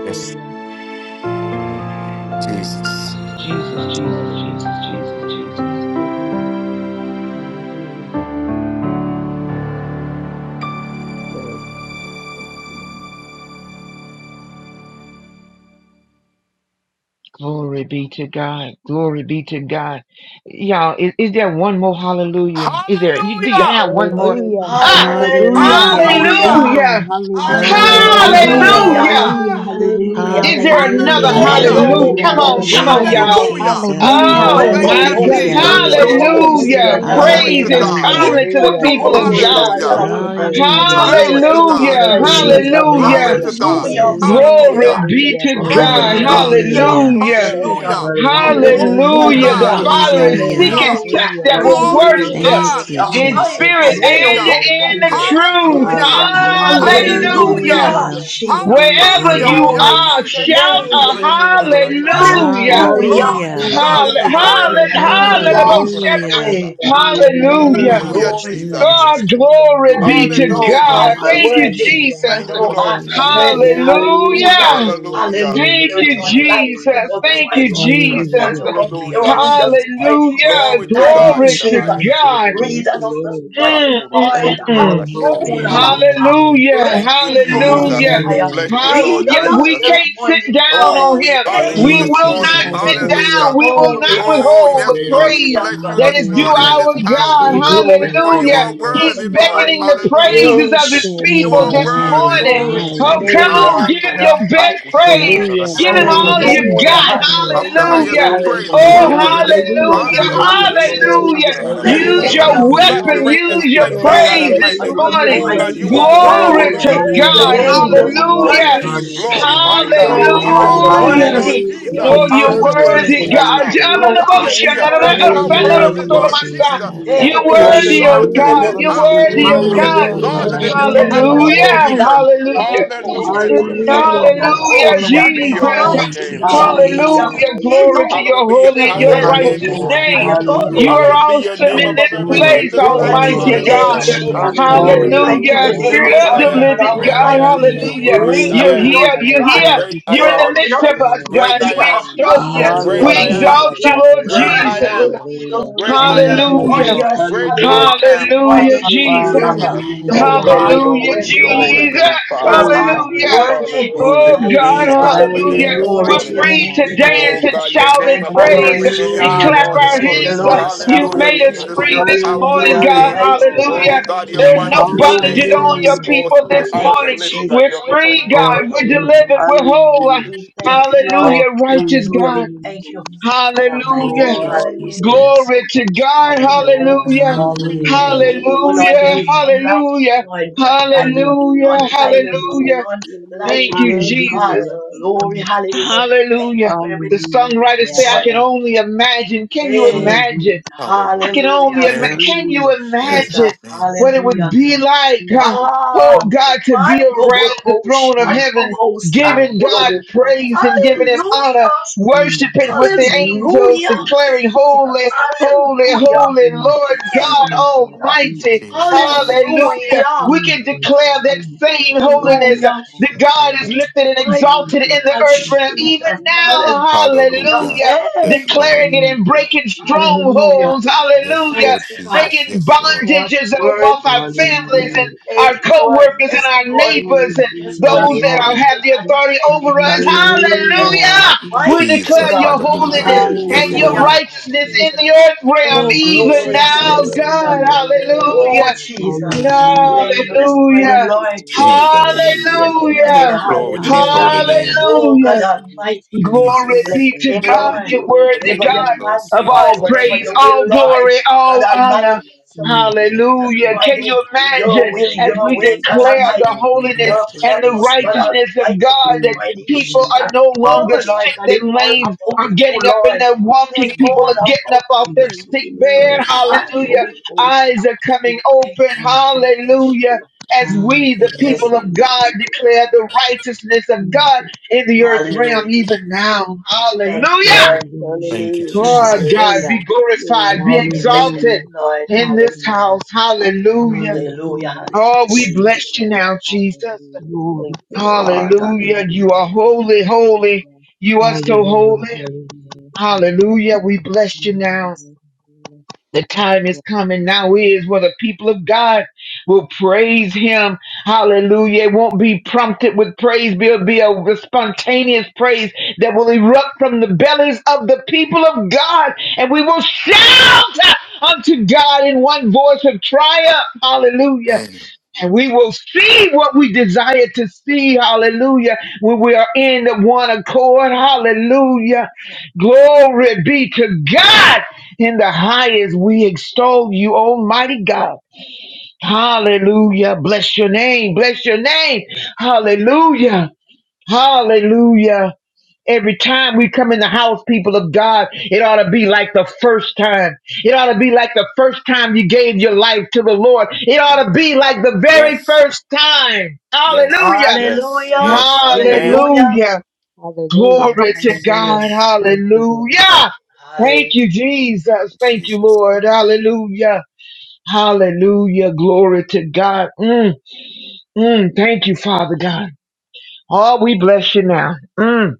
Speaker 3: Yes, Jesus.
Speaker 2: Jesus, Jesus, Jesus, Jesus, Jesus,
Speaker 4: Hallelujah. Thank
Speaker 2: Jesus.
Speaker 4: you, Lord. Hallelujah.
Speaker 7: Lord.
Speaker 2: Glory be to God. Glory be to God. Y'all, is, is there one more hallelujah? Is there, you, do you
Speaker 3: Hallelujah!
Speaker 2: have one more?
Speaker 4: Hallelujah.
Speaker 2: Ah!
Speaker 7: Hallelujah,
Speaker 4: Hallelujah.
Speaker 7: Jesus.
Speaker 10: Hallelujah.
Speaker 5: Hallelujah.
Speaker 3: Hallelujah!
Speaker 4: Hallelujah.
Speaker 2: Hallelujah!
Speaker 4: Hallelujah.
Speaker 6: Hallelujah.
Speaker 4: Hallelujah.
Speaker 10: Hallelujah.
Speaker 5: Hallelujah.
Speaker 2: Hallelujah!
Speaker 3: Hallelujah!
Speaker 4: Hallelujah. Hallelujah.
Speaker 5: Hallelujah.
Speaker 2: Is
Speaker 7: Hallelujah.
Speaker 2: there
Speaker 4: Hallelujah.
Speaker 2: another
Speaker 10: Hallelujah.
Speaker 7: Glory
Speaker 3: Hallelujah!
Speaker 7: to
Speaker 5: Elobo
Speaker 2: hallelujah?
Speaker 4: Hallelujah. Hallelujah.
Speaker 2: Come on,
Speaker 7: God.
Speaker 2: come
Speaker 8: Hallelujah.
Speaker 10: Thank
Speaker 4: Hallelujah.
Speaker 2: on,
Speaker 10: you,
Speaker 5: Shandobo
Speaker 2: y'all.
Speaker 6: Yes.
Speaker 3: Hallelujah!
Speaker 10: Jesus.
Speaker 4: Hallelujah.
Speaker 2: Oh
Speaker 6: Hallelujah.
Speaker 3: Thank
Speaker 2: my
Speaker 7: Hallelujah,
Speaker 3: you,
Speaker 5: Reboko
Speaker 2: God.
Speaker 10: Hallelujah.
Speaker 4: Hallelujah.
Speaker 8: Hallelujah.
Speaker 7: Jesus.
Speaker 3: Jesus.
Speaker 5: Apolobos
Speaker 4: Hallelujah.
Speaker 8: Hallelujah.
Speaker 2: Hallelujah.
Speaker 3: Glory
Speaker 2: Praise
Speaker 3: to
Speaker 5: Yandalabakia
Speaker 7: Hallelujah.
Speaker 2: is
Speaker 3: God.
Speaker 10: Hallelujah.
Speaker 2: comely to the
Speaker 4: Hallelujah.
Speaker 2: people
Speaker 5: Ipundobo
Speaker 2: of
Speaker 7: Glory
Speaker 4: Hallelujah.
Speaker 7: to
Speaker 2: God.
Speaker 7: your
Speaker 3: Hallelujah.
Speaker 8: Hallelujah.
Speaker 4: Thank you,
Speaker 7: name,
Speaker 5: Shandalabaka
Speaker 4: Lord.
Speaker 10: Hallelujah.
Speaker 7: Jesus.
Speaker 4: Hallelujah.
Speaker 3: Glory to God.
Speaker 2: Hallelujah.
Speaker 5: Hallelujah,
Speaker 7: Hallelujah.
Speaker 4: Hallelujah.
Speaker 5: Jesus.
Speaker 8: Hallelujah.
Speaker 10: Thank
Speaker 3: Glory
Speaker 2: Hallelujah.
Speaker 10: you,
Speaker 4: Hallelujah.
Speaker 3: to God.
Speaker 5: Hallelujah,
Speaker 10: Jesus.
Speaker 4: Hallelujah.
Speaker 5: mighty
Speaker 2: Glory
Speaker 7: Hallelujah.
Speaker 3: Hallelujah.
Speaker 5: God.
Speaker 2: be
Speaker 4: Hallelujah.
Speaker 2: to
Speaker 7: Blessed be
Speaker 3: Glory
Speaker 8: Hallelujah.
Speaker 7: your
Speaker 2: God.
Speaker 3: to
Speaker 7: mighty
Speaker 3: God.
Speaker 4: Hallelujah.
Speaker 5: Hallelujah,
Speaker 10: Hallelujah.
Speaker 7: name, O
Speaker 2: Hallelujah.
Speaker 7: God.
Speaker 4: Hallelujah.
Speaker 5: Jesus.
Speaker 3: Hallelujah.
Speaker 4: Hallelujah.
Speaker 3: Glory to
Speaker 2: Hallelujah. The
Speaker 3: God.
Speaker 7: Hallelujah.
Speaker 5: Hallelujah.
Speaker 4: Hallelujah.
Speaker 5: Hallelujah.
Speaker 2: Father
Speaker 8: Lord.
Speaker 2: is
Speaker 10: Hallelujah.
Speaker 2: seeking
Speaker 3: Hallelujah.
Speaker 2: such
Speaker 5: Hallelujah,
Speaker 4: Hallelujah,
Speaker 8: Hallelujah.
Speaker 2: that
Speaker 7: Thank
Speaker 2: will
Speaker 7: you,
Speaker 3: Glory to
Speaker 4: hallelujah,
Speaker 8: Hallelujah.
Speaker 7: Lord.
Speaker 2: worship
Speaker 8: Hallelujah.
Speaker 10: Thank
Speaker 3: God.
Speaker 10: you,
Speaker 4: hallelujah.
Speaker 2: in
Speaker 8: Jesus.
Speaker 5: my
Speaker 4: Thank you,
Speaker 2: spirit
Speaker 5: God.
Speaker 10: Jesus.
Speaker 4: Lord.
Speaker 5: Eyo
Speaker 2: and
Speaker 3: Hallelujah.
Speaker 8: Hallelujah.
Speaker 2: in
Speaker 5: boko
Speaker 2: the
Speaker 4: Hallelujah,
Speaker 7: Yes,
Speaker 5: shandobo
Speaker 2: truth.
Speaker 7: Lord.
Speaker 5: saya.
Speaker 3: Hallelujah.
Speaker 7: In
Speaker 4: hallelujah.
Speaker 7: the
Speaker 8: Hallelujah.
Speaker 4: Thank you.
Speaker 7: name of
Speaker 8: Jesus.
Speaker 2: Hallelujah.
Speaker 3: Hallelujah.
Speaker 7: Jesus.
Speaker 5: Hallelujah,
Speaker 4: Hallelujah,
Speaker 10: Hallelujah.
Speaker 5: Jesus.
Speaker 4: hallelujah,
Speaker 8: Hallelujah. Jesus.
Speaker 2: Wherever
Speaker 8: Hallelujah.
Speaker 3: Hallelujah.
Speaker 2: you
Speaker 4: hallelujah,
Speaker 5: Glory
Speaker 8: Hallelujah.
Speaker 2: are,
Speaker 5: to
Speaker 3: Yando
Speaker 5: your
Speaker 2: shout
Speaker 3: shito
Speaker 4: hallelujah.
Speaker 5: name,
Speaker 3: wondo
Speaker 2: a
Speaker 3: da shito goda da da
Speaker 7: Hallelujah.
Speaker 3: shanda.
Speaker 4: Hallelujah,
Speaker 5: Jesus.
Speaker 7: Thank you,
Speaker 2: hallelujah.
Speaker 4: hallelujah,
Speaker 5: Hallelujah.
Speaker 7: Lord.
Speaker 3: Glory
Speaker 10: Hallelujah.
Speaker 3: to God
Speaker 7: Thank
Speaker 3: in
Speaker 4: hallelujah.
Speaker 3: the
Speaker 7: you,
Speaker 5: Jesus,
Speaker 3: highest.
Speaker 2: Hallelujah.
Speaker 4: Hallelujah,
Speaker 7: Lord.
Speaker 3: Shito
Speaker 5: hallelujah.
Speaker 4: hallelujah,
Speaker 3: wishito goda da da
Speaker 4: hallelujah,
Speaker 10: Hallelujah.
Speaker 3: shanda.
Speaker 5: Hey,
Speaker 2: Hallelujah.
Speaker 5: there's
Speaker 4: hallelujah,
Speaker 5: no
Speaker 7: Thank
Speaker 2: Hallelujah.
Speaker 7: you,
Speaker 3: Hallelujah,
Speaker 5: glory to
Speaker 7: Jesus.
Speaker 4: hallelujah,
Speaker 5: your
Speaker 3: Jesus.
Speaker 5: name,
Speaker 10: Hallelujah.
Speaker 2: God,
Speaker 5: Jesus.
Speaker 8: Hallelujah. Hallelujah.
Speaker 2: glory be to
Speaker 4: hallelujah,
Speaker 8: Hallelujah.
Speaker 3: Hallelujah,
Speaker 5: Thou art
Speaker 2: God.
Speaker 10: Thank you,
Speaker 4: hallelujah,
Speaker 2: Thank
Speaker 3: Jesus.
Speaker 2: you,
Speaker 8: Hallelujah.
Speaker 5: worthy.
Speaker 4: hallelujah,
Speaker 10: Jesus.
Speaker 2: Jesus.
Speaker 3: Thank you,
Speaker 5: Thou
Speaker 3: Lord
Speaker 4: hallelujah.
Speaker 5: art
Speaker 10: Hallelujah.
Speaker 5: worthy.
Speaker 3: Jesus.
Speaker 4: Mm,
Speaker 8: Hallelujah.
Speaker 5: Hallelujah.
Speaker 2: Hallelujah.
Speaker 4: Hallelujah,
Speaker 3: Hallelujah.
Speaker 5: Hallelujah.
Speaker 2: Thank
Speaker 5: There
Speaker 10: Thank
Speaker 5: is
Speaker 10: you,
Speaker 2: you,
Speaker 4: hallelujah,
Speaker 5: none
Speaker 10: Lord.
Speaker 5: like
Speaker 2: Jesus.
Speaker 5: him
Speaker 4: hallelujah,
Speaker 5: this
Speaker 2: Thank
Speaker 3: Thank you,
Speaker 2: you,
Speaker 5: morning.
Speaker 4: hallelujah.
Speaker 3: Jesus.
Speaker 5: None
Speaker 2: Jesus.
Speaker 8: Hallelujah,
Speaker 5: to
Speaker 8: God.
Speaker 5: compare
Speaker 10: Thank
Speaker 3: Hallelujah.
Speaker 5: on
Speaker 10: you,
Speaker 5: him
Speaker 8: Hallelujah.
Speaker 5: this
Speaker 10: Jesus.
Speaker 5: morning.
Speaker 2: Hallelujah.
Speaker 3: Glory to
Speaker 4: Hallelujah,
Speaker 5: Thank
Speaker 8: Thank
Speaker 3: God
Speaker 5: you,
Speaker 3: in
Speaker 8: you,
Speaker 2: Glory
Speaker 3: the
Speaker 2: to
Speaker 5: Jesus.
Speaker 4: hallelujah,
Speaker 3: highest.
Speaker 8: Jesus.
Speaker 2: God.
Speaker 8: Thank
Speaker 5: Breathe
Speaker 4: hallelujah,
Speaker 5: on
Speaker 8: you,
Speaker 5: us
Speaker 8: Lord.
Speaker 5: this
Speaker 4: hallelujah,
Speaker 5: morning,
Speaker 2: Mm, mm, mm,
Speaker 4: hallelujah,
Speaker 5: Lord.
Speaker 8: Thank you,
Speaker 5: Ah,
Speaker 2: mm.
Speaker 8: Almighty
Speaker 5: oh,
Speaker 10: Amen.
Speaker 7: Hallelujah.
Speaker 4: hallelujah,
Speaker 8: God.
Speaker 5: Lamasa.
Speaker 4: thank you,
Speaker 2: Hallelujah.
Speaker 3: Thank
Speaker 4: Lord.
Speaker 3: you, Jesus.
Speaker 2: Hallelujah.
Speaker 4: Hallelujah,
Speaker 3: We
Speaker 5: Rekodobosaya.
Speaker 10: Hallelujah.
Speaker 8: Hallelujah.
Speaker 3: bless you,
Speaker 4: hallelujah.
Speaker 5: Breathe
Speaker 3: Lord
Speaker 2: Hallelujah.
Speaker 5: on us
Speaker 2: We
Speaker 5: this
Speaker 3: Jesus.
Speaker 2: can't
Speaker 8: Hallelujah.
Speaker 2: sit
Speaker 5: morning,
Speaker 2: down
Speaker 5: Lord.
Speaker 3: Oh,
Speaker 2: on
Speaker 3: we
Speaker 2: him.
Speaker 3: honor you
Speaker 5: Hey,
Speaker 2: We
Speaker 3: this
Speaker 10: Thank you,
Speaker 2: will
Speaker 5: Jesus.
Speaker 2: not
Speaker 3: morning.
Speaker 8: Hallelujah.
Speaker 2: sit
Speaker 10: Jesus.
Speaker 4: Hallelujah,
Speaker 3: Hallelujah.
Speaker 2: down. We will
Speaker 4: thank you,
Speaker 2: not
Speaker 5: Glory.
Speaker 4: Lord.
Speaker 3: Oh,
Speaker 2: withhold
Speaker 3: yes,
Speaker 2: the
Speaker 4: Hallelujah,
Speaker 3: God, we
Speaker 2: praise
Speaker 5: Hallelujah,
Speaker 8: Hallelujah.
Speaker 3: bless
Speaker 5: God
Speaker 3: you
Speaker 5: Almighty.
Speaker 2: that
Speaker 3: this
Speaker 2: is
Speaker 4: thank
Speaker 2: due
Speaker 4: you,
Speaker 3: morning in
Speaker 4: Lord.
Speaker 10: Hallelujah.
Speaker 3: this
Speaker 2: our
Speaker 3: house,
Speaker 5: We
Speaker 2: God.
Speaker 4: Hallelujah, thank
Speaker 3: for
Speaker 5: glorify
Speaker 4: you,
Speaker 3: you
Speaker 5: you
Speaker 2: Hallelujah.
Speaker 5: this
Speaker 3: are
Speaker 4: Lord.
Speaker 5: morning,
Speaker 2: He's
Speaker 3: worthy,
Speaker 6: Hallelujah.
Speaker 3: Lord.
Speaker 5: Lord.
Speaker 2: beckoning
Speaker 4: Thank
Speaker 2: the
Speaker 4: you,
Speaker 6: Hallelujah.
Speaker 4: Lord.
Speaker 3: Hallelujah.
Speaker 5: Hey,
Speaker 2: praises
Speaker 7: Hallelujah.
Speaker 2: of his
Speaker 4: Thank you,
Speaker 5: Jesus.
Speaker 3: You
Speaker 2: people
Speaker 3: are
Speaker 8: Hallelujah.
Speaker 4: Lord.
Speaker 2: this
Speaker 10: Amen.
Speaker 3: worthy.
Speaker 2: morning.
Speaker 5: Glory
Speaker 4: Hallelujah,
Speaker 5: to your
Speaker 6: Hallelujah.
Speaker 2: Oh,
Speaker 4: thank you,
Speaker 5: name,
Speaker 2: come
Speaker 4: Lord.
Speaker 2: on,
Speaker 10: Hallelujah.
Speaker 5: Lord
Speaker 2: give him
Speaker 5: God
Speaker 2: your
Speaker 5: Almighty.
Speaker 2: best praise.
Speaker 4: Hallelujah,
Speaker 10: Yes,
Speaker 2: Give him
Speaker 4: thank
Speaker 7: Thank
Speaker 4: you,
Speaker 7: you,
Speaker 2: all
Speaker 10: yes,
Speaker 4: Lord.
Speaker 2: you
Speaker 5: Hallelujah,
Speaker 2: got.
Speaker 7: Lord.
Speaker 10: Yahweh.
Speaker 3: Of the
Speaker 7: Thank you,
Speaker 5: hallelujah,
Speaker 2: Hallelujah.
Speaker 3: highest
Speaker 4: Hallelujah,
Speaker 7: Lord.
Speaker 3: praise,
Speaker 10: Hallelujah.
Speaker 3: you
Speaker 2: Oh,
Speaker 6: Glory
Speaker 3: are
Speaker 7: Thank
Speaker 5: hallelujah.
Speaker 4: hallelujah,
Speaker 7: you,
Speaker 3: worthy.
Speaker 6: to
Speaker 7: Lord.
Speaker 4: hallelujah,
Speaker 6: your
Speaker 2: hallelujah.
Speaker 3: Hallelujah.
Speaker 10: Thank
Speaker 7: Thank
Speaker 10: you,
Speaker 4: hallelujah,
Speaker 7: you,
Speaker 10: Jesus.
Speaker 5: Jesus.
Speaker 7: Lord.
Speaker 2: Hallelujah.
Speaker 6: name.
Speaker 4: hallelujah,
Speaker 6: Thank
Speaker 7: Thank you,
Speaker 6: you.
Speaker 2: Use
Speaker 4: hallelujah,
Speaker 2: your
Speaker 7: Lord.
Speaker 5: Hallelujah,
Speaker 10: Hallelujah.
Speaker 6: Hallelujah.
Speaker 5: my
Speaker 2: weapon.
Speaker 4: hallelujah.
Speaker 3: Saturate
Speaker 2: Use
Speaker 3: this
Speaker 4: Thank you,
Speaker 2: your
Speaker 3: place, oh
Speaker 4: Lord.
Speaker 7: Oh,
Speaker 8: Hallelujah.
Speaker 3: God
Speaker 2: praise
Speaker 5: name,
Speaker 2: this
Speaker 5: God
Speaker 3: Almighty.
Speaker 7: blessed
Speaker 4: Hallelujah,
Speaker 7: be
Speaker 2: morning.
Speaker 7: your
Speaker 3: Oh
Speaker 4: thank you,
Speaker 3: God,
Speaker 5: Almighty.
Speaker 3: you
Speaker 8: Jesus.
Speaker 4: Lord.
Speaker 7: mighty
Speaker 3: are
Speaker 6: Thank
Speaker 7: name,
Speaker 3: worthy,
Speaker 5: Glory
Speaker 2: Glory
Speaker 7: O
Speaker 4: Hallelujah,
Speaker 8: Hallelujah.
Speaker 2: to
Speaker 3: Lord
Speaker 5: to
Speaker 7: God.
Speaker 5: your
Speaker 3: Jesus,
Speaker 2: God.
Speaker 5: name
Speaker 8: Hallelujah,
Speaker 5: this
Speaker 4: hallelujah,
Speaker 3: to
Speaker 8: God.
Speaker 7: Hallelujah.
Speaker 2: Hallelujah.
Speaker 5: morning,
Speaker 10: Thank
Speaker 3: receive
Speaker 4: hallelujah,
Speaker 5: Jesus.
Speaker 10: you,
Speaker 3: glory,
Speaker 10: Lord.
Speaker 3: my
Speaker 8: Hallelujah.
Speaker 4: hallelujah,
Speaker 3: God.
Speaker 5: Thou
Speaker 7: Lord,
Speaker 3: You
Speaker 5: art
Speaker 7: God
Speaker 3: are
Speaker 10: Hallelujah.
Speaker 4: hallelujah,
Speaker 3: worthy,
Speaker 2: Hallelujah.
Speaker 7: Almighty,
Speaker 3: Lord
Speaker 5: worthy,
Speaker 6: you,
Speaker 4: hallelujah.
Speaker 8: Hallelujah,
Speaker 7: I
Speaker 5: thou
Speaker 3: Jesus,
Speaker 2: Oh,
Speaker 10: Thank
Speaker 2: you're
Speaker 5: art
Speaker 10: you,
Speaker 7: worship
Speaker 3: to
Speaker 4: Thank
Speaker 7: and
Speaker 4: you,
Speaker 8: Jesus.
Speaker 3: receive
Speaker 2: worthy,
Speaker 5: worthy,
Speaker 7: I
Speaker 4: Lord.
Speaker 10: Jesus.
Speaker 2: God.
Speaker 3: honor.
Speaker 2: You're
Speaker 4: Hallelujah.
Speaker 8: Hallelujah.
Speaker 7: praise
Speaker 5: thou
Speaker 7: and
Speaker 5: art
Speaker 7: I
Speaker 3: Hallelujah.
Speaker 4: Thank
Speaker 6: Jesus.
Speaker 4: you,
Speaker 3: You
Speaker 7: you
Speaker 5: worthy,
Speaker 4: Lord.
Speaker 3: are
Speaker 5: thou
Speaker 7: this
Speaker 5: art
Speaker 3: worthy,
Speaker 10: Thank you,
Speaker 8: Hallelujah,
Speaker 3: Lord
Speaker 7: morning.
Speaker 5: worthy.
Speaker 3: Jesus,
Speaker 10: Jesus.
Speaker 8: Jesus.
Speaker 4: Hallelujah. Hallelujah.
Speaker 3: to be
Speaker 7: All
Speaker 5: Eko
Speaker 4: Thank you,
Speaker 2: worthy,
Speaker 4: Lord.
Speaker 2: oh
Speaker 3: exalted in
Speaker 2: God.
Speaker 8: Hallelujah.
Speaker 3: this
Speaker 7: adoration
Speaker 2: You're
Speaker 5: shandomos
Speaker 3: house,
Speaker 7: and
Speaker 2: worthy, oh
Speaker 4: Hallelujah.
Speaker 3: to be
Speaker 7: glory is
Speaker 4: Thank
Speaker 2: God.
Speaker 6: Hallelujah.
Speaker 4: you,
Speaker 8: Hallelujah,
Speaker 5: Check
Speaker 4: Lord.
Speaker 7: yours,
Speaker 3: exalted
Speaker 7: O
Speaker 3: in
Speaker 10: Hallelujah.
Speaker 3: this
Speaker 8: Lord.
Speaker 7: God.
Speaker 5: your
Speaker 6: Hallelujah.
Speaker 4: Hallelujah.
Speaker 2: Hallelujah.
Speaker 8: Hallelujah.
Speaker 3: atmosphere.
Speaker 7: Your
Speaker 4: Hallelujah.
Speaker 2: Hallelujah.
Speaker 4: Hallelujah.
Speaker 3: Hallelujah,
Speaker 7: comfort, O
Speaker 3: Jesus.
Speaker 7: God.
Speaker 8: Hallelujah,
Speaker 4: Hallelujah,
Speaker 2: Hallelujah,
Speaker 4: hallelujah,
Speaker 3: Hallowed
Speaker 7: In
Speaker 3: be
Speaker 7: the
Speaker 8: Jesus.
Speaker 2: Jesus.
Speaker 3: your holy
Speaker 7: mighty
Speaker 10: Thank you,
Speaker 3: name,
Speaker 7: name
Speaker 3: Lord.
Speaker 7: of
Speaker 8: Hallelujah,
Speaker 10: Jesus.
Speaker 2: Hallelujah. Glory to
Speaker 8: hallelujah.
Speaker 2: your
Speaker 3: Hallowed be your
Speaker 2: holy,
Speaker 7: God.
Speaker 2: your
Speaker 3: powerful
Speaker 10: Glory to
Speaker 3: name,
Speaker 2: righteous
Speaker 6: Thank
Speaker 5: book,
Speaker 3: Lord.
Speaker 10: God.
Speaker 8: Hallelujah,
Speaker 5: I
Speaker 2: name.
Speaker 6: you.
Speaker 5: am
Speaker 6: Thank
Speaker 2: You
Speaker 8: hallelujah.
Speaker 6: you.
Speaker 2: are
Speaker 10: Hallelujah.
Speaker 3: Hallowed
Speaker 4: hallelujah.
Speaker 3: be your
Speaker 2: awesome
Speaker 5: God.
Speaker 3: name
Speaker 2: in
Speaker 4: Praise
Speaker 2: this
Speaker 3: above
Speaker 4: the
Speaker 3: every name
Speaker 4: Lord,
Speaker 2: place,
Speaker 4: hallelujah. Oh,
Speaker 3: this
Speaker 8: Hallelujah,
Speaker 6: Thank-
Speaker 4: praise
Speaker 7: Thank
Speaker 5: Worthy
Speaker 3: morning.
Speaker 5: is
Speaker 4: the
Speaker 7: you,
Speaker 8: God.
Speaker 5: your
Speaker 2: Almighty
Speaker 10: Glory,
Speaker 4: Lord,
Speaker 5: name,
Speaker 2: God.
Speaker 7: Lord.
Speaker 3: Hallelujah.
Speaker 10: glory,
Speaker 5: Jesus.
Speaker 7: Thank
Speaker 4: hallelujah.
Speaker 7: you, Lord.
Speaker 6: Hallelujah.
Speaker 10: glory.
Speaker 5: Excellent is
Speaker 4: Thank
Speaker 2: Hallelujah.
Speaker 4: you,
Speaker 5: your
Speaker 3: Oh,
Speaker 7: Thank
Speaker 8: Hallelujah,
Speaker 5: name,
Speaker 2: Spirit
Speaker 7: you,
Speaker 3: great
Speaker 2: of
Speaker 6: Hallelujah.
Speaker 3: I
Speaker 5: Lord
Speaker 2: the
Speaker 7: Lord.
Speaker 5: God
Speaker 3: am.
Speaker 8: Jesus.
Speaker 2: living
Speaker 4: Lord.
Speaker 3: Great
Speaker 7: Thank
Speaker 3: I
Speaker 2: God.
Speaker 7: you,
Speaker 3: am.
Speaker 5: Almighty.
Speaker 4: Thank you,
Speaker 2: Hallelujah.
Speaker 10: Hallelujah.
Speaker 3: Great
Speaker 4: Lord. Hallelujah. Thank you, Lord.
Speaker 5: Breathe
Speaker 3: I
Speaker 2: You're
Speaker 5: upon
Speaker 3: am.
Speaker 2: here.
Speaker 5: us,
Speaker 8: Hallelujah,
Speaker 2: You're
Speaker 5: God.
Speaker 2: here.
Speaker 4: Hallelujah.
Speaker 8: worthy
Speaker 3: Great I
Speaker 5: Pour
Speaker 2: You're in the
Speaker 5: out
Speaker 8: God.
Speaker 3: am.
Speaker 5: in
Speaker 2: midst
Speaker 5: us
Speaker 2: of
Speaker 5: this
Speaker 2: us,
Speaker 8: Hallelujah.
Speaker 3: Great
Speaker 2: God. And
Speaker 5: morning,
Speaker 3: I
Speaker 2: we
Speaker 5: God.
Speaker 3: am.
Speaker 2: extol you.
Speaker 7: yes,
Speaker 5: Ah,
Speaker 10: Thank
Speaker 4: Thank you, Lord. Hallelujah. Yeah. Thank
Speaker 10: you,
Speaker 4: you,
Speaker 3: Great
Speaker 5: God
Speaker 2: We
Speaker 3: I
Speaker 7: Lord.
Speaker 4: Lord.
Speaker 10: Lord.
Speaker 8: Hallelujah,
Speaker 2: exalt
Speaker 5: Almighty
Speaker 3: am.
Speaker 2: you,
Speaker 7: Yes,
Speaker 5: God,
Speaker 4: Hallelujah.
Speaker 2: Lord
Speaker 3: Great
Speaker 8: Jesus.
Speaker 7: Lord.
Speaker 5: learn
Speaker 3: I
Speaker 5: to
Speaker 2: Jesus.
Speaker 7: Yes,
Speaker 3: am.
Speaker 5: repeat those
Speaker 7: Lord,
Speaker 3: Great
Speaker 7: to
Speaker 3: I
Speaker 5: morning
Speaker 3: am.
Speaker 7: God.
Speaker 10: Thank
Speaker 5: on
Speaker 2: Hallelujah.
Speaker 8: Hallelujah,
Speaker 5: your
Speaker 3: Great
Speaker 5: solid
Speaker 8: hallelujah.
Speaker 6: Hallelujah.
Speaker 10: you.
Speaker 3: I
Speaker 5: rock this
Speaker 3: am.
Speaker 2: Hallelujah,
Speaker 5: morning,
Speaker 7: And you
Speaker 3: Hallelujah,
Speaker 2: Jesus.
Speaker 7: read
Speaker 5: Jesus.
Speaker 7: on
Speaker 6: Hallelujah.
Speaker 7: this,
Speaker 3: Jesus.
Speaker 8: Hallelujah,
Speaker 7: O
Speaker 5: Thou art
Speaker 7: God,
Speaker 10: Hallelujah.
Speaker 7: in
Speaker 2: Hallelujah,
Speaker 3: Glory
Speaker 7: the
Speaker 3: to
Speaker 8: hallelujah.
Speaker 5: worthy,
Speaker 3: your
Speaker 5: Lord.
Speaker 7: name
Speaker 3: holy
Speaker 7: of
Speaker 4: Hallelujah. Hallelujah.
Speaker 2: Jesus.
Speaker 3: name,
Speaker 6: Jesus,
Speaker 5: Thou
Speaker 3: Father.
Speaker 4: Thank
Speaker 5: art
Speaker 4: you, Lord.
Speaker 8: Hallelujah,
Speaker 2: Hallelujah.
Speaker 5: worthy,
Speaker 6: Thank
Speaker 8: Lord.
Speaker 4: Thank
Speaker 3: Hallelujah.
Speaker 6: you,
Speaker 2: Oh
Speaker 3: Your
Speaker 4: you,
Speaker 5: mighty
Speaker 2: God,
Speaker 3: name
Speaker 6: Jesus.
Speaker 4: Lord.
Speaker 3: above
Speaker 5: God.
Speaker 3: every
Speaker 4: Thank
Speaker 2: hallelujah.
Speaker 3: name
Speaker 4: you,
Speaker 3: this
Speaker 4: Lord.
Speaker 5: Glory
Speaker 8: Hallelujah,
Speaker 2: We're
Speaker 7: God.
Speaker 5: to
Speaker 3: morning.
Speaker 5: your
Speaker 6: Thank you,
Speaker 2: free
Speaker 5: name,
Speaker 2: to
Speaker 7: Hallelujah.
Speaker 5: Jesus.
Speaker 8: Jesus.
Speaker 6: Jesus.
Speaker 3: Oh
Speaker 2: dance
Speaker 4: Hallelujah.
Speaker 2: and
Speaker 3: God, your
Speaker 2: shout and
Speaker 3: name
Speaker 5: Thank you,
Speaker 3: above
Speaker 6: Unto
Speaker 5: Lord
Speaker 2: praise
Speaker 3: every
Speaker 6: you,
Speaker 3: name
Speaker 2: and
Speaker 5: Jesus.
Speaker 3: this
Speaker 6: God,
Speaker 10: Thank
Speaker 2: clap
Speaker 6: you
Speaker 10: you,
Speaker 8: Hallelujah,
Speaker 3: morning.
Speaker 2: our
Speaker 5: Thank you,
Speaker 2: hands. Uh,
Speaker 8: precious
Speaker 5: Lord
Speaker 6: glorify,
Speaker 10: Jesus.
Speaker 5: God
Speaker 8: God.
Speaker 2: You
Speaker 3: Hallelujah,
Speaker 2: made
Speaker 7: Hallelujah,
Speaker 5: Almighty.
Speaker 6: magnify.
Speaker 2: us
Speaker 3: Jesus,
Speaker 2: free
Speaker 3: your
Speaker 2: this
Speaker 5: Oh, God
Speaker 2: morning,
Speaker 3: powerful
Speaker 8: Hallelujah,
Speaker 2: God.
Speaker 3: name.
Speaker 5: Almighty
Speaker 8: Father.
Speaker 5: God.
Speaker 3: Oh
Speaker 2: Hallelujah.
Speaker 3: God,
Speaker 5: We
Speaker 3: your
Speaker 2: There's
Speaker 5: thank
Speaker 10: Thank
Speaker 2: no
Speaker 10: you,
Speaker 5: you,
Speaker 3: wonderful
Speaker 5: Lord.
Speaker 2: bondages
Speaker 3: name.
Speaker 2: on
Speaker 10: Jesus.
Speaker 8: Hallelujah,
Speaker 2: your
Speaker 3: Oh
Speaker 8: Lord
Speaker 2: people
Speaker 8: God,
Speaker 5: We
Speaker 3: Spirit
Speaker 2: this
Speaker 8: you
Speaker 3: of
Speaker 5: thank
Speaker 3: the
Speaker 8: are
Speaker 5: you,
Speaker 2: morning.
Speaker 3: living
Speaker 5: Jesus.
Speaker 3: God,
Speaker 2: We're
Speaker 3: your
Speaker 5: We
Speaker 3: precious
Speaker 5: thank
Speaker 2: free,
Speaker 5: you.
Speaker 8: our
Speaker 3: name.
Speaker 2: God. We're
Speaker 5: Thank
Speaker 4: Hallelujah.
Speaker 5: you.
Speaker 8: Savior.
Speaker 2: delivered.
Speaker 5: Thank
Speaker 2: We're
Speaker 5: you.
Speaker 2: whole.
Speaker 8: Hallelujah,
Speaker 5: We thank you,
Speaker 3: Jesus.
Speaker 5: Lord.
Speaker 8: our
Speaker 2: Hallelujah,
Speaker 8: King.
Speaker 2: righteous
Speaker 5: Hallelujah. We
Speaker 2: God.
Speaker 5: thank you,
Speaker 8: Hallelujah,
Speaker 5: God Almighty.
Speaker 2: Hallelujah.
Speaker 10: Thank you,
Speaker 7: hallelujah,
Speaker 8: our
Speaker 5: Hallelujah.
Speaker 10: Jesus.
Speaker 2: Glory to God.
Speaker 5: Behold,
Speaker 4: Hallelujah,
Speaker 2: Hallelujah.
Speaker 5: Jesus.
Speaker 10: Hallelujah.
Speaker 6: Hallelujah.
Speaker 4: hallelujah,
Speaker 5: Oh, Lord,
Speaker 7: hallelujah.
Speaker 5: there
Speaker 2: Hallelujah.
Speaker 5: is
Speaker 8: Hallelujah.
Speaker 5: none
Speaker 4: hallelujah,
Speaker 5: like you,
Speaker 2: Hallelujah.
Speaker 5: Lord. None
Speaker 4: hallelujah,
Speaker 5: like you. None
Speaker 4: hallelujah,
Speaker 2: Hallelujah.
Speaker 8: Hallelujah,
Speaker 5: like you.
Speaker 4: hallelujah.
Speaker 8: Jesus.
Speaker 2: Hallelujah.
Speaker 5: None
Speaker 7: Your
Speaker 5: like
Speaker 7: name,
Speaker 2: Thank
Speaker 5: you,
Speaker 2: you,
Speaker 5: oh,
Speaker 7: mighty
Speaker 5: God.
Speaker 2: Jesus.
Speaker 8: Hallelujah, Jesus.
Speaker 7: God,
Speaker 8: Hallelujah,
Speaker 5: Glory. Hallelujah.
Speaker 8: Jesus.
Speaker 5: We thank you
Speaker 2: Hallelujah.
Speaker 5: for
Speaker 2: The
Speaker 5: everything this
Speaker 8: Hallelujah,
Speaker 2: songwriters
Speaker 5: morning,
Speaker 4: Yes,
Speaker 2: say, I
Speaker 5: Lord.
Speaker 2: can
Speaker 8: Jesus.
Speaker 4: God,
Speaker 2: only imagine. Can you
Speaker 5: Hey,
Speaker 2: imagine?
Speaker 8: Hallelujah,
Speaker 2: I can
Speaker 3: Hallelujah.
Speaker 2: only
Speaker 5: hallelujah,
Speaker 2: imagine.
Speaker 3: Amen.
Speaker 2: Can
Speaker 8: Hallelujah,
Speaker 2: you
Speaker 5: Jesus,
Speaker 2: imagine
Speaker 3: Yes, amen.
Speaker 2: what it would
Speaker 5: hallelujah.
Speaker 8: Jesus,
Speaker 2: be
Speaker 4: hallelujah,
Speaker 2: like? uh,
Speaker 8: Jesus,
Speaker 5: Ah,
Speaker 2: oh, God,
Speaker 8: Jesus.
Speaker 2: to be around the
Speaker 8: Hallelujah. Hallelujah, Lord. Hallelujah. Hallelujah.
Speaker 5: mandoboko
Speaker 2: throne of heaven,
Speaker 5: shandobo
Speaker 4: yes,
Speaker 2: giving
Speaker 4: God,
Speaker 2: God
Speaker 5: sakolobo.
Speaker 3: Oh,
Speaker 2: praise and giving him
Speaker 4: hallelujah.
Speaker 2: honor
Speaker 5: Hallelujah,
Speaker 2: worshiping with
Speaker 4: Mhm.
Speaker 2: the angels,
Speaker 5: hallelujah,
Speaker 2: declaring,
Speaker 5: Jesus,
Speaker 2: Holy, holy,
Speaker 4: Yes,
Speaker 5: hallelujah.
Speaker 2: holy, Lord
Speaker 5: Hey,
Speaker 2: God
Speaker 4: Thank you, Lord,
Speaker 5: Jesus,
Speaker 2: Almighty.
Speaker 3: Jesus.
Speaker 4: hallelujah,
Speaker 3: Yes, Lord.
Speaker 2: Hallelujah.
Speaker 5: hallelujah,
Speaker 2: We can declare that
Speaker 4: hallelujah.
Speaker 2: same
Speaker 4: Thank you, Lord,
Speaker 2: holiness uh,
Speaker 5: hallelujah,
Speaker 2: that
Speaker 5: Jesus,
Speaker 2: God is
Speaker 4: hallelujah,
Speaker 2: lifted and
Speaker 5: mighty
Speaker 4: hallelujah, hallelujah,
Speaker 2: exalted in the
Speaker 4: hallelujah,
Speaker 5: God,
Speaker 2: earth realm even
Speaker 5: Jesus,
Speaker 4: hallelujah, hallelujah.
Speaker 5: hallelujah.
Speaker 2: now.
Speaker 4: Thank
Speaker 3: Hallelujah.
Speaker 2: Hallelujah.
Speaker 4: you,
Speaker 3: Yes,
Speaker 5: Hey,
Speaker 3: Lord.
Speaker 2: Declaring it and breaking
Speaker 5: hallelujah,
Speaker 2: strongholds.
Speaker 3: Yes,
Speaker 2: Hallelujah.
Speaker 3: Lord
Speaker 5: mighty God.
Speaker 3: Jesus.
Speaker 2: Breaking
Speaker 3: Yes, Lord.
Speaker 4: Lord, thank
Speaker 5: Lord,
Speaker 4: you,
Speaker 2: bondages over
Speaker 4: Lord,
Speaker 5: worthy
Speaker 2: off our
Speaker 5: Jesus.
Speaker 4: hallelujah.
Speaker 2: families and
Speaker 5: Thank
Speaker 2: our
Speaker 5: you,
Speaker 2: co
Speaker 5: Lord.
Speaker 2: workers and
Speaker 5: Yes,
Speaker 4: Hallelujah.
Speaker 2: our
Speaker 5: Lord.
Speaker 2: neighbors and
Speaker 5: Yes,
Speaker 4: Hallelujah.
Speaker 5: Lord.
Speaker 4: Oh,
Speaker 2: those
Speaker 5: We
Speaker 2: that are,
Speaker 5: thank
Speaker 4: hallelujah.
Speaker 5: you,
Speaker 2: have the
Speaker 5: God. We
Speaker 2: authority
Speaker 5: thank you.
Speaker 2: over us.
Speaker 5: We thank
Speaker 10: Hallelujah.
Speaker 2: Hallelujah. We
Speaker 5: mighty
Speaker 2: declare
Speaker 3: Jesus.
Speaker 5: God.
Speaker 2: your
Speaker 3: Hallelujah.
Speaker 2: holiness
Speaker 4: Hallelujah.
Speaker 3: Yes,
Speaker 2: and your
Speaker 10: Hallelujah.
Speaker 5: Hallelujah.
Speaker 3: Lord.
Speaker 2: righteousness in
Speaker 5: Jesus.
Speaker 2: the
Speaker 4: Hallelujah.
Speaker 2: earth realm,
Speaker 5: Oh,
Speaker 10: Thank you,
Speaker 2: even
Speaker 5: glory.
Speaker 2: now,
Speaker 10: Jesus.
Speaker 7: yesterday,
Speaker 5: Hallelujah.
Speaker 2: God.
Speaker 7: even
Speaker 4: Hallelujah.
Speaker 7: now,
Speaker 5: Oh,
Speaker 2: Hallelujah.
Speaker 8: Hallelujah.
Speaker 5: Jesus,
Speaker 8: Hallelujah.
Speaker 4: Hallelujah.
Speaker 7: in the
Speaker 5: we thank
Speaker 7: name
Speaker 5: you
Speaker 7: of
Speaker 5: this morning,
Speaker 2: Hallelujah.
Speaker 5: Lord.
Speaker 7: Jesus
Speaker 4: Hallelujah.
Speaker 5: We
Speaker 7: Christ, that
Speaker 5: thank you
Speaker 3: Jesus.
Speaker 7: we
Speaker 5: this
Speaker 8: Hallelujah.
Speaker 4: Hallelujah.
Speaker 7: thank
Speaker 5: morning.
Speaker 2: Hallelujah.
Speaker 7: my
Speaker 3: Glory
Speaker 8: Hallelujah.
Speaker 3: to his
Speaker 7: God,
Speaker 5: Hallelujah.
Speaker 3: holy name.
Speaker 10: Hallelujah.
Speaker 5: Oh,
Speaker 2: Hallelujah.
Speaker 5: God Almighty, we
Speaker 2: Glory
Speaker 8: Jesus.
Speaker 3: Jesus.
Speaker 5: bless
Speaker 2: be
Speaker 5: the
Speaker 2: to
Speaker 5: name,
Speaker 7: your
Speaker 2: God,
Speaker 4: Hallelujah.
Speaker 5: Lord.
Speaker 4: Hallelujah,
Speaker 2: you're
Speaker 7: glory,
Speaker 2: worthy,
Speaker 7: your
Speaker 5: Whatever your
Speaker 7: name,
Speaker 4: hallelujah,
Speaker 3: Oh,
Speaker 5: plans,
Speaker 2: God of
Speaker 3: sweet
Speaker 4: thank
Speaker 5: Lord,
Speaker 2: all
Speaker 4: you,
Speaker 3: Holy
Speaker 5: whatever
Speaker 4: Lord.
Speaker 2: praise,
Speaker 5: your
Speaker 3: Spirit.
Speaker 5: will,
Speaker 2: all
Speaker 5: Lord.
Speaker 2: glory,
Speaker 4: Hallelujah,
Speaker 5: God
Speaker 2: all
Speaker 5: Almighty,
Speaker 2: honor.
Speaker 5: we
Speaker 4: hallelujah,
Speaker 5: submit to
Speaker 8: Jesus,
Speaker 5: you
Speaker 8: Jesus,
Speaker 5: this
Speaker 8: Jesus,
Speaker 2: Hallelujah.
Speaker 4: hallelujah,
Speaker 2: Can
Speaker 5: morning.
Speaker 2: you
Speaker 3: Mm.
Speaker 5: Your
Speaker 2: imagine
Speaker 5: will,
Speaker 2: as
Speaker 5: your
Speaker 2: we
Speaker 5: way,
Speaker 7: hallelujah.
Speaker 5: God
Speaker 7: Jesus,
Speaker 2: declare the
Speaker 5: Almighty.
Speaker 4: hallelujah,
Speaker 2: holiness
Speaker 10: Thank
Speaker 5: Your
Speaker 10: you,
Speaker 2: and the
Speaker 4: thank
Speaker 10: Jesus.
Speaker 5: purpose,
Speaker 4: you,
Speaker 5: God
Speaker 4: Lord.
Speaker 2: righteousness of
Speaker 5: Almighty, this
Speaker 2: God that
Speaker 4: Jesus,
Speaker 5: morning,
Speaker 2: people
Speaker 8: Jesus, Jesus.
Speaker 2: are
Speaker 5: Jesus.
Speaker 4: Jesus,
Speaker 2: no
Speaker 5: Oh,
Speaker 4: Jesus,
Speaker 2: longer
Speaker 8: Jesus,
Speaker 5: Lord
Speaker 2: sick,
Speaker 5: God,
Speaker 2: that
Speaker 5: it's
Speaker 4: Jesus,
Speaker 5: all
Speaker 2: lanes
Speaker 5: about
Speaker 4: Jesus,
Speaker 2: are getting
Speaker 4: Jesus,
Speaker 5: you,
Speaker 2: up and
Speaker 5: Lord.
Speaker 2: they're
Speaker 5: It
Speaker 2: walking,
Speaker 5: is all
Speaker 2: people are
Speaker 5: about
Speaker 2: getting up
Speaker 8: Jesus,
Speaker 2: off
Speaker 5: you,
Speaker 2: their
Speaker 8: Jesus,
Speaker 7: Thank
Speaker 2: sick bed.
Speaker 7: you,
Speaker 8: Jesus,
Speaker 2: Hallelujah.
Speaker 5: sweet.
Speaker 8: Jesus,
Speaker 2: Eyes
Speaker 5: Father.
Speaker 2: are coming
Speaker 5: We thank
Speaker 2: open.
Speaker 5: you this morning,
Speaker 2: Hallelujah.
Speaker 5: Jesus.
Speaker 2: As we, the
Speaker 5: We
Speaker 7: Lord,
Speaker 10: Hallelujah.
Speaker 5: bless
Speaker 2: people
Speaker 5: you
Speaker 2: of
Speaker 7: hallelujah.
Speaker 5: this
Speaker 2: God,
Speaker 5: morning,
Speaker 8: Jesus,
Speaker 2: declare the
Speaker 5: Jesus.
Speaker 2: righteousness of God in the earth realm
Speaker 5: Hallelujah.
Speaker 2: even now.
Speaker 5: We thank
Speaker 8: Jesus, Jesus,
Speaker 5: you,
Speaker 2: Hallelujah.
Speaker 5: Lord.
Speaker 8: Jesus,
Speaker 7: Hallelujah,
Speaker 5: Jesus.
Speaker 2: Lord
Speaker 7: Jesus,
Speaker 2: God,
Speaker 8: Jesus.
Speaker 5: Hallelujah.
Speaker 4: Hallelujah.
Speaker 2: be
Speaker 7: glory
Speaker 2: glorified, be
Speaker 7: to
Speaker 5: We bless
Speaker 7: God.
Speaker 5: the
Speaker 2: exalted
Speaker 4: Hallelujah.
Speaker 8: Hallelujah.
Speaker 5: name, Lord.
Speaker 2: in this
Speaker 8: Jesus.
Speaker 5: Hallelujah.
Speaker 4: Lord.
Speaker 2: house. Hallelujah.
Speaker 5: Hallelujah.
Speaker 4: Hallelujah.
Speaker 8: Hallelujah.
Speaker 2: Oh, we
Speaker 8: Jesus. Hallelujah, Jesus.
Speaker 4: Faithful
Speaker 2: bless you
Speaker 4: God.
Speaker 2: now, Jesus.
Speaker 4: Hallelujah.
Speaker 8: Glory
Speaker 7: Thank
Speaker 8: to
Speaker 7: you, Lord.
Speaker 8: God.
Speaker 2: Hallelujah.
Speaker 4: Hallelujah.
Speaker 2: You are
Speaker 8: Hallelujah.
Speaker 2: holy, holy.
Speaker 4: Hallelujah.
Speaker 2: You are so
Speaker 8: Hallelujah.
Speaker 2: holy.
Speaker 8: Hallelujah.
Speaker 4: Hallelujah.
Speaker 2: Hallelujah.
Speaker 4: Hallelujah.
Speaker 2: We bless you now.
Speaker 8: Jesus.
Speaker 4: Hallelujah.
Speaker 2: The time is
Speaker 4: Yeah.
Speaker 2: coming now is where the people of God will praise him. Hallelujah. It won't be prompted with praise, but it'll be a spontaneous praise that will erupt from the bellies of the people of God. And we will shout unto God in one voice of triumph. Hallelujah.
Speaker 3: Amen.
Speaker 2: And we will see what we desire to see. Hallelujah. When we are in the one accord. Hallelujah. Glory be to God in the highest. We extol you, Almighty God. Hallelujah. Bless your name. Bless your name. Hallelujah. Hallelujah. Every time we come in the house, people of God, it ought to be like the first time. It ought to be like the first time you gave your life to the Lord. It ought to
Speaker 3: Amen.
Speaker 2: be like the very
Speaker 3: Yes.
Speaker 2: first time.
Speaker 3: Yes.
Speaker 2: Hallelujah.
Speaker 3: Yes.
Speaker 5: Hallelujah.
Speaker 3: Yes. Amen.
Speaker 5: Hallelujah.
Speaker 2: Hallelujah.
Speaker 4: Hallelujah.
Speaker 2: Glory to
Speaker 3: Yes.
Speaker 4: Hallelujah.
Speaker 2: God.
Speaker 3: Yes.
Speaker 4: Thank you, Lord.
Speaker 2: Hallelujah. Thank
Speaker 5: Hallelujah.
Speaker 2: you, Jesus. Thank you,
Speaker 3: Jesus.
Speaker 2: Lord. Hallelujah. Hallelujah. Glory to God. Mm, mm. Thank you, Father God. Oh, we bless you now. Mm.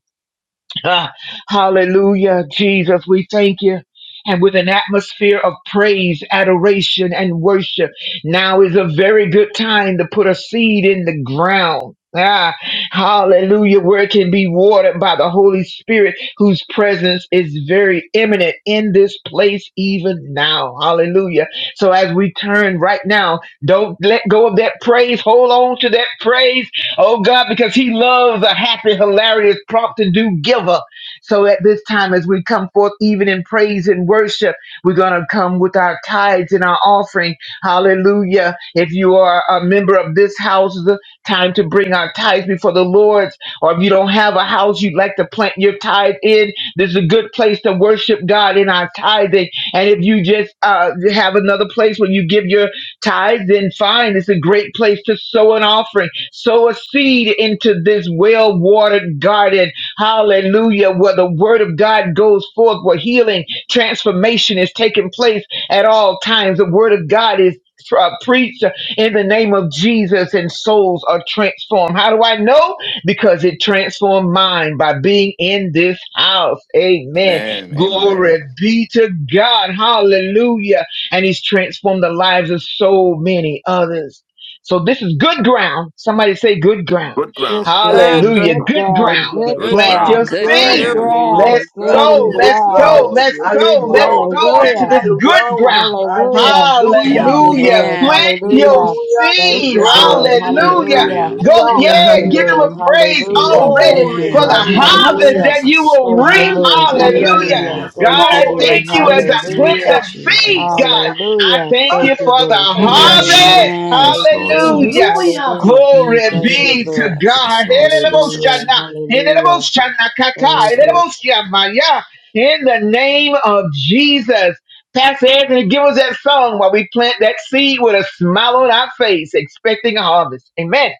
Speaker 2: Ah, hallelujah, Jesus, we thank you. And with an atmosphere of praise, adoration, and worship, now is a very good time to put a seed in the ground. Ah, hallelujah, where it can be watered by the Holy Spirit, whose presence is very imminent in this place even now. Hallelujah. So as we turn right now, don't let go of that praise. Hold on to that praise Oh God, because He loves a happy, hilarious, prompt to do giver. So at this time, as we come forth, even in praise and worship, we're going to come with our tithes and our offering. Hallelujah. If you are a member of this house, it's the time to bring our tithes before the Lord's. Or if you don't have a house you'd like to plant your tithe in, this is a good place to worship God in our tithing. And if you just uh, have another place where you give your Tithe and fine is a great place to sow an offering, sow a seed into this well watered garden. Hallelujah. Where the word of God goes forth, where healing, transformation is taking place at all times. The word of God is uh, preached in the name of Jesus and souls are transformed. How do I know? Because it transformed mine by being in this house. Amen.
Speaker 3: Amen.
Speaker 2: Glory
Speaker 3: Amen.
Speaker 2: be to God. Hallelujah and he's transformed the lives of so many others. So this is good ground. Somebody say good ground.
Speaker 3: Good
Speaker 4: Good
Speaker 3: ground.
Speaker 6: Good
Speaker 4: ground,
Speaker 6: ground.
Speaker 2: Hallelujah.
Speaker 4: good
Speaker 2: Good
Speaker 7: Good
Speaker 4: ground,
Speaker 2: ground.
Speaker 4: good
Speaker 7: God,
Speaker 3: Good
Speaker 6: Good
Speaker 2: Plant your
Speaker 3: ground.
Speaker 4: ground,
Speaker 6: ground.
Speaker 10: Good
Speaker 4: good
Speaker 2: seed.
Speaker 10: ground.
Speaker 6: Hallelujah.
Speaker 5: Good
Speaker 7: hallelujah.
Speaker 4: ground,
Speaker 2: Let's
Speaker 4: good
Speaker 5: ground,
Speaker 2: sow.
Speaker 7: Glory
Speaker 5: good
Speaker 2: Let's
Speaker 7: to
Speaker 4: ground.
Speaker 2: sow.
Speaker 5: ground,
Speaker 7: God,
Speaker 2: Let's
Speaker 7: yes,
Speaker 2: sow.
Speaker 5: solid
Speaker 2: Let's
Speaker 7: Lord,
Speaker 5: ground,
Speaker 7: yes,
Speaker 2: sow into
Speaker 4: Hallelujah.
Speaker 2: this
Speaker 5: fertile
Speaker 7: Lord.
Speaker 2: good
Speaker 5: ground.
Speaker 2: ground.
Speaker 4: Hallelujah. Thank
Speaker 5: Hallelujah.
Speaker 4: you,
Speaker 2: Hallelujah.
Speaker 4: Lord.
Speaker 10: Amen.
Speaker 2: Plant your
Speaker 4: Hallelujah.
Speaker 8: Hallelujah.
Speaker 4: Thank
Speaker 8: Good
Speaker 2: seed.
Speaker 7: Praise
Speaker 4: you, Lord.
Speaker 8: ground.
Speaker 7: God,
Speaker 5: Hallelujah,
Speaker 10: Good
Speaker 7: amen,
Speaker 2: Hallelujah.
Speaker 4: Hallelujah.
Speaker 7: amen,
Speaker 10: ground.
Speaker 2: Go,
Speaker 8: Hallelujah.
Speaker 5: hallelujah,
Speaker 4: Thank
Speaker 2: yeah,
Speaker 4: you,
Speaker 2: give him
Speaker 4: Lord.
Speaker 2: a
Speaker 5: hallelujah.
Speaker 7: amen,
Speaker 2: praise
Speaker 4: Hallelujah.
Speaker 2: already
Speaker 4: Thank
Speaker 5: Glory,
Speaker 4: you,
Speaker 2: for the
Speaker 10: Amen.
Speaker 4: Lord.
Speaker 3: Hallelujah,
Speaker 2: harvest
Speaker 4: Hallelujah.
Speaker 5: hallelujah,
Speaker 2: that you
Speaker 3: Jesus.
Speaker 2: will
Speaker 4: Thank
Speaker 2: reap.
Speaker 4: you, Lord.
Speaker 5: hallelujah.
Speaker 2: Hallelujah.
Speaker 4: Hallelujah.
Speaker 3: Oh,
Speaker 5: Jesus.
Speaker 10: Hallelujah.
Speaker 2: God,
Speaker 4: Thank
Speaker 3: glory
Speaker 4: you,
Speaker 3: to
Speaker 2: I
Speaker 3: your
Speaker 5: Glory,
Speaker 3: name,
Speaker 4: Lord.
Speaker 2: thank you
Speaker 5: hallelujah,
Speaker 2: as I
Speaker 3: Jesus.
Speaker 2: plant
Speaker 10: Thank you,
Speaker 4: Hallelujah.
Speaker 2: the seed,
Speaker 10: Jesus.
Speaker 2: God.
Speaker 5: hallelujah,
Speaker 2: I
Speaker 4: Hallelujah.
Speaker 2: thank
Speaker 4: Thank
Speaker 2: you
Speaker 4: you,
Speaker 2: for the
Speaker 4: Lord.
Speaker 5: hallelujah,
Speaker 4: Hallelujah.
Speaker 5: Jesus.
Speaker 2: harvest.
Speaker 10: Amen.
Speaker 4: Thank
Speaker 3: Yes,
Speaker 4: you,
Speaker 3: Lord
Speaker 4: Lord.
Speaker 2: Hallelujah.
Speaker 3: Jesus.
Speaker 5: hallelujah,
Speaker 4: Hallelujah.
Speaker 10: Thank
Speaker 2: Glory
Speaker 10: you,
Speaker 4: Thank you,
Speaker 2: be
Speaker 5: hallelujah.
Speaker 2: to
Speaker 4: Lord.
Speaker 5: Jesus.
Speaker 10: Jesus.
Speaker 3: Yes,
Speaker 2: God.
Speaker 3: Lord
Speaker 4: Hallelujah.
Speaker 3: Jesus.
Speaker 2: Eleleboshana,
Speaker 4: Hallelujah.
Speaker 2: eleleboshana kata,
Speaker 3: Yes,
Speaker 4: Thank
Speaker 3: Lord.
Speaker 4: you.
Speaker 2: eleleboshamaya. In the name of Jesus. Pastor Anthony, give us that song while we plant that seed with a smile on our face, expecting a harvest. Amen.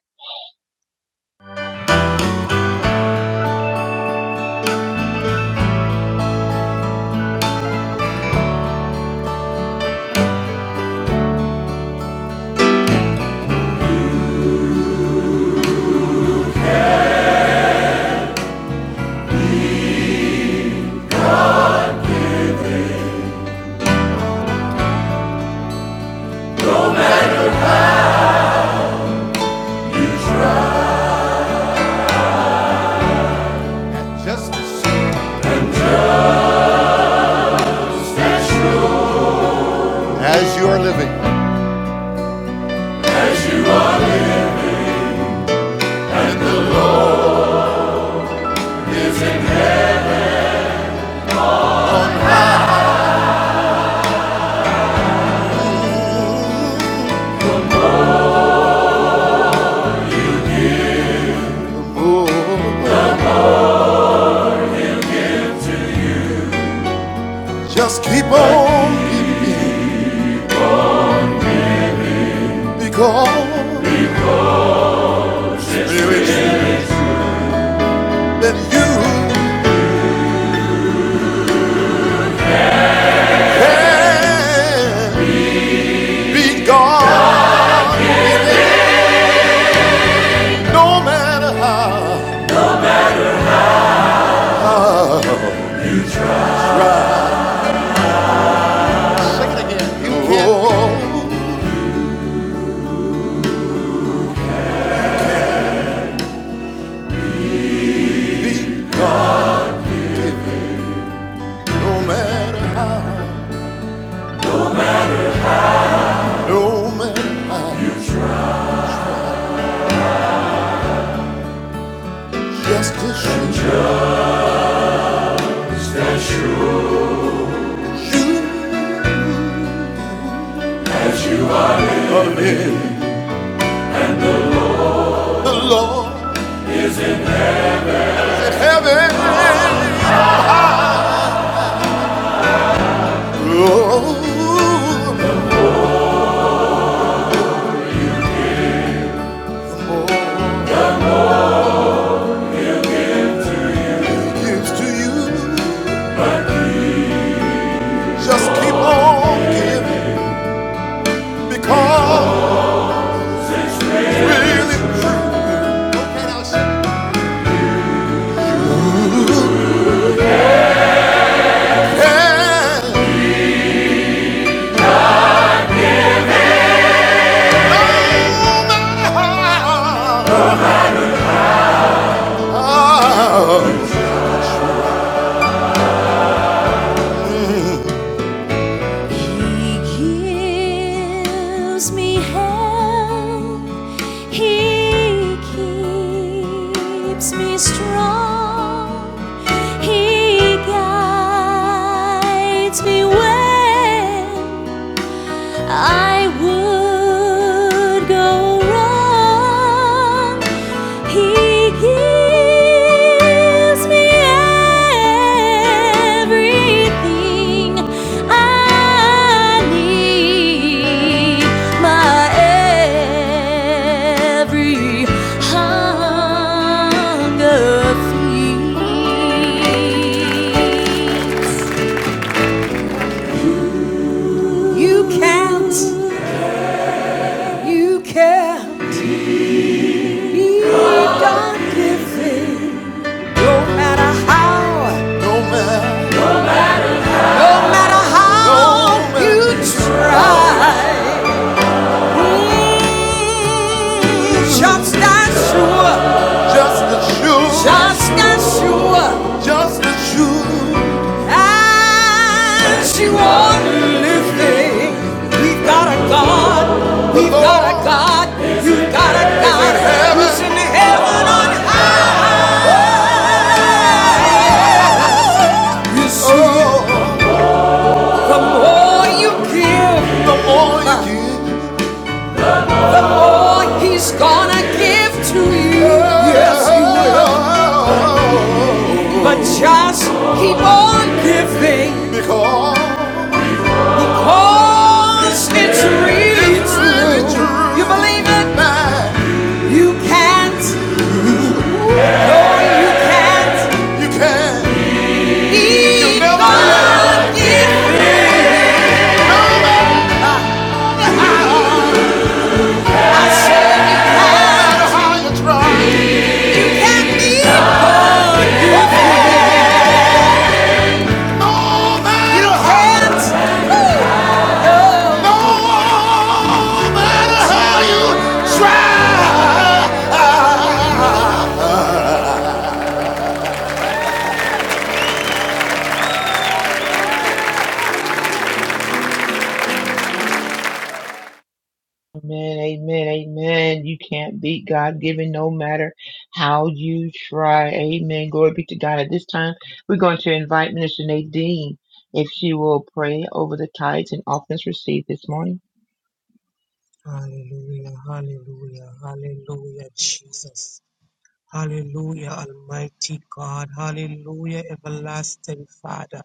Speaker 1: as you are living. Oh, just keep on living because there is that you can be God. in No matter how you can be God, in no matter how. No man I you try, just to shoot you, the Lord in heaven. Oh, the more He gives to you, just keep on giving because it's really true. Okay, now shout. And no matter how He gives me help. He keeps me strong. He guides me well. I would go wrong. He gives me everything I need. My every hunger. You can, you can be done. No matter how. No matter, no Oh, matter Just as sure, Just the truth. just as sure Just the truth. as you are living. We've got a God, we've got a God, you've got a God who's heaven. in heaven. on earth. Oh, The more you give, the more you give, Oh, he's gonna give to you. Yes, he will. But just keep on giving Because because it's real it's really true. You believe it? Now You can't. No, you can't. you can, you He never going give. up. I said you no can't. No matter how you try, you Can't he You don't No matter how you try.
Speaker 2: Amen, amen, amen. You can't beat God given no matter how you try. Amen. Glory be to God. At this time, we're going to invite Minister Nadine if she will pray over the tithes and offerings received this morning.
Speaker 8: Hallelujah, hallelujah, hallelujah, Jesus. Hallelujah, Almighty God. Hallelujah, everlasting Father.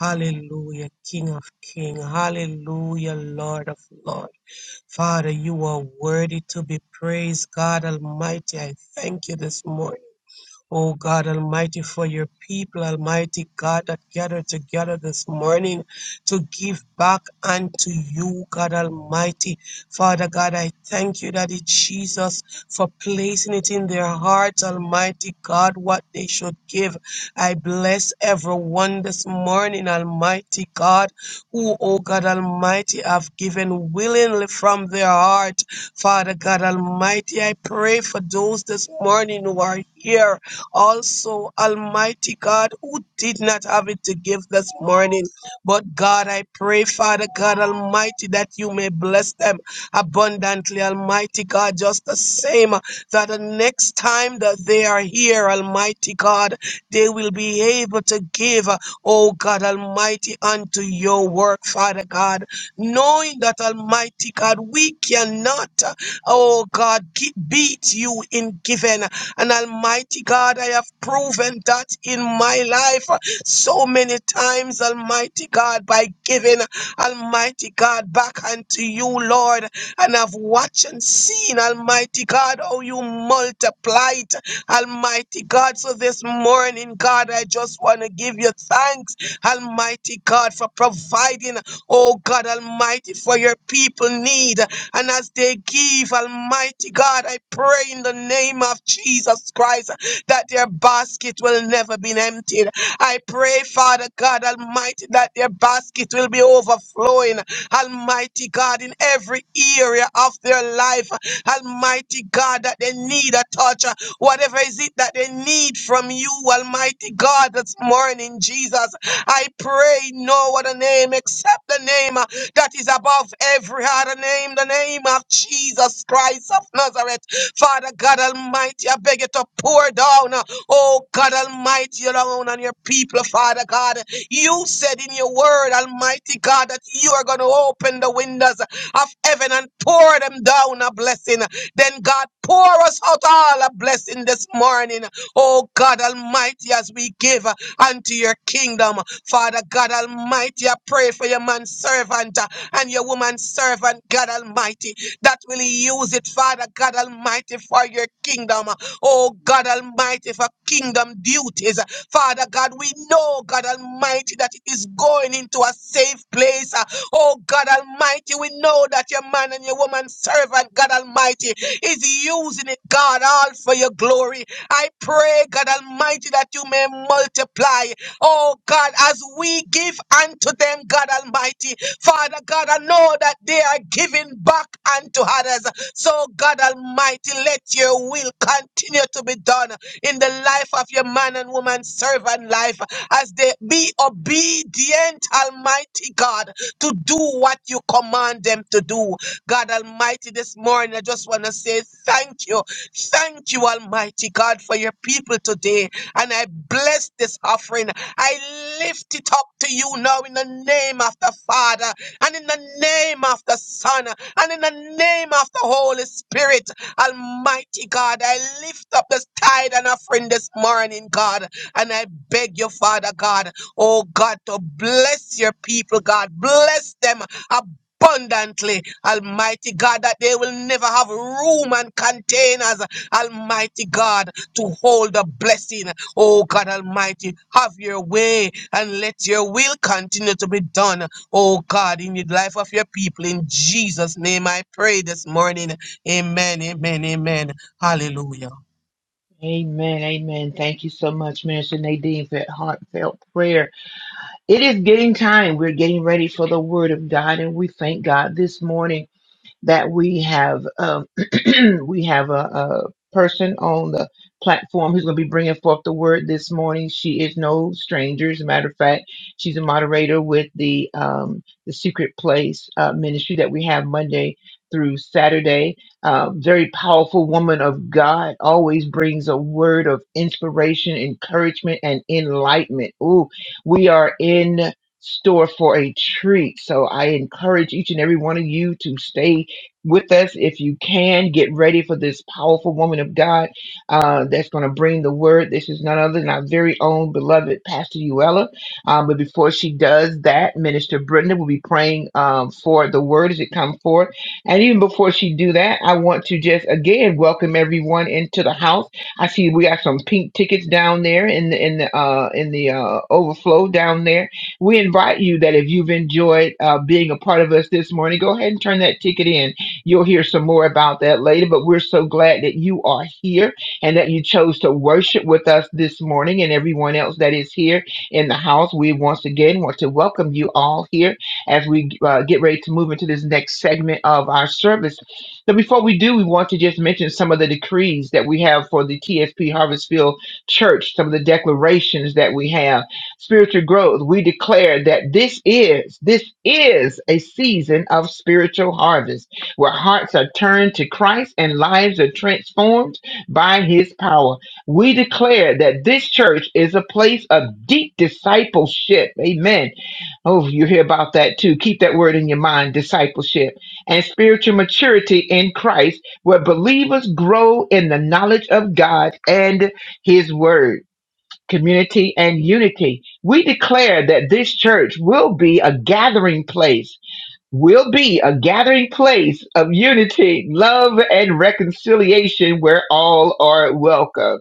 Speaker 8: Hallelujah, King of Kings. Hallelujah, Lord of Lords. Father, you are worthy to be praised, God Almighty. I thank you this morning. Oh God Almighty, for your people, Almighty God, that gathered together this morning to give back unto you, God Almighty. Father God, I thank you, Daddy Jesus, for placing it in their hearts, Almighty God, what they should give. I bless everyone this morning, Almighty God, who, oh God Almighty, have given willingly from their heart. Father God Almighty, I pray for those this morning who are here. Also, Almighty God, who did not have it to give this morning. But God, I pray, Father God Almighty, that you may bless them abundantly, Almighty God, just the same. That the next time that they are here, Almighty God, they will be able to give, oh God Almighty, unto your work, Father God. Knowing that, Almighty God, we cannot, oh God, gi- beat you in giving. And Almighty God, I have proven that in my life so many times, Almighty God, by giving Almighty God back unto you, Lord. And I've watched and seen, Almighty God, how you multiply it, Almighty God. So this morning, God, I just want to give you thanks, Almighty God, for providing, oh God Almighty, for your people need. And as they give, Almighty God, I pray in the name of Jesus Christ that their basket will never be emptied. I pray, Father God Almighty, that their basket will be overflowing. Almighty God, in every area of their life. Almighty God, that they need a touch. Whatever is it that they need from you, Almighty God, this morning, Jesus. I pray no other name except the name that is above every other name, the name of Jesus Christ of Nazareth. Father God Almighty, I beg you to pour down, uh, oh God Almighty, alone on your people, Father God. You said in your word, Almighty God, that you are going to open the windows of heaven and pour them down a blessing. Then God, pour us out all a blessing this morning, oh God Almighty, as we give uh, unto your kingdom. Father God Almighty, I pray for your man servant uh, and your woman servant, God Almighty, that will use it, Father God Almighty, for your kingdom. uh, Oh God Almighty, for kingdom duties. uh, Father God, we know, God Almighty, that it is going into a safe place. Uh, Oh God Almighty, we know that your man and your woman servant, God Almighty, is using it, God, all for your glory. I pray, God Almighty, that you may multiply. Oh God, as we give unto them, God Almighty, Father God, I know that they are giving back unto others. So God Almighty, let your will continue to be done in the life of your man and woman servant life as they be obedient, Almighty God, to do what you command them to do. God Almighty, this morning I just want to say thank you. Thank you, Almighty God, for your people today. And I bless this offering. I lift it up to you now in the name of the Father and in the name of the Son and in the name of the Holy Spirit. Almighty God, I lift up this tide and offering this morning, God, and I beg you, Father God, oh God, to bless your people, God, bless them abundantly, Almighty God, that they will never have room and containers, Almighty God, to hold the blessing. Oh God Almighty, have your way and let your will continue to be done. Oh God, in the life of your people, in Jesus' name I pray this morning. Amen, amen, amen. Hallelujah.
Speaker 2: Amen, amen. Thank you so much, Minister Nadine, for that heartfelt prayer. It is getting time. We're getting ready for the Word of God, and we thank God this morning that we have um, we have a, a person on the platform who's going to be bringing forth the word this morning. She is no stranger. As a matter of fact, she's a moderator with the um, the Secret Place uh, ministry that we have Monday through Saturday. Uh, very powerful woman of God always brings a word of inspiration, encouragement, and enlightenment. Ooh, we are in store for a treat. So I encourage each and every one of you to stay with us if you can. Get ready for this powerful woman of God uh, that's going to bring the word. This is none other than our very own beloved Pastor Uella. Um, but before she does that, Minister Brenda will be praying um, for the word as it comes forth. And even before she do that, I want to just again welcome everyone into the house. I see we got some pink tickets down there in the in the uh, in the uh, overflow down there. We invite you that if you've enjoyed uh, being a part of us this morning, go ahead and turn that ticket in You'll hear some more about that later, but we're so glad that you are here and that you chose to worship with us this morning and everyone else that is here in the house. We once again want to welcome you all here as we uh, get ready to move into this next segment of our service. But before we do, we want to just mention some of the decrees that we have for the TSP Harvestfield Church, some of the declarations that we have. Spiritual growth, we declare that this is, this is a season of spiritual harvest where hearts are turned to Christ and lives are transformed by his power. We declare that this church is a place of deep discipleship. Amen. Oh, you hear about that too. Keep that word in your mind discipleship and spiritual maturity in Christ, where believers grow in the knowledge of God and his word. Community and unity. We declare that this church will be a gathering place will be a gathering place of unity, love, and reconciliation where all are welcome.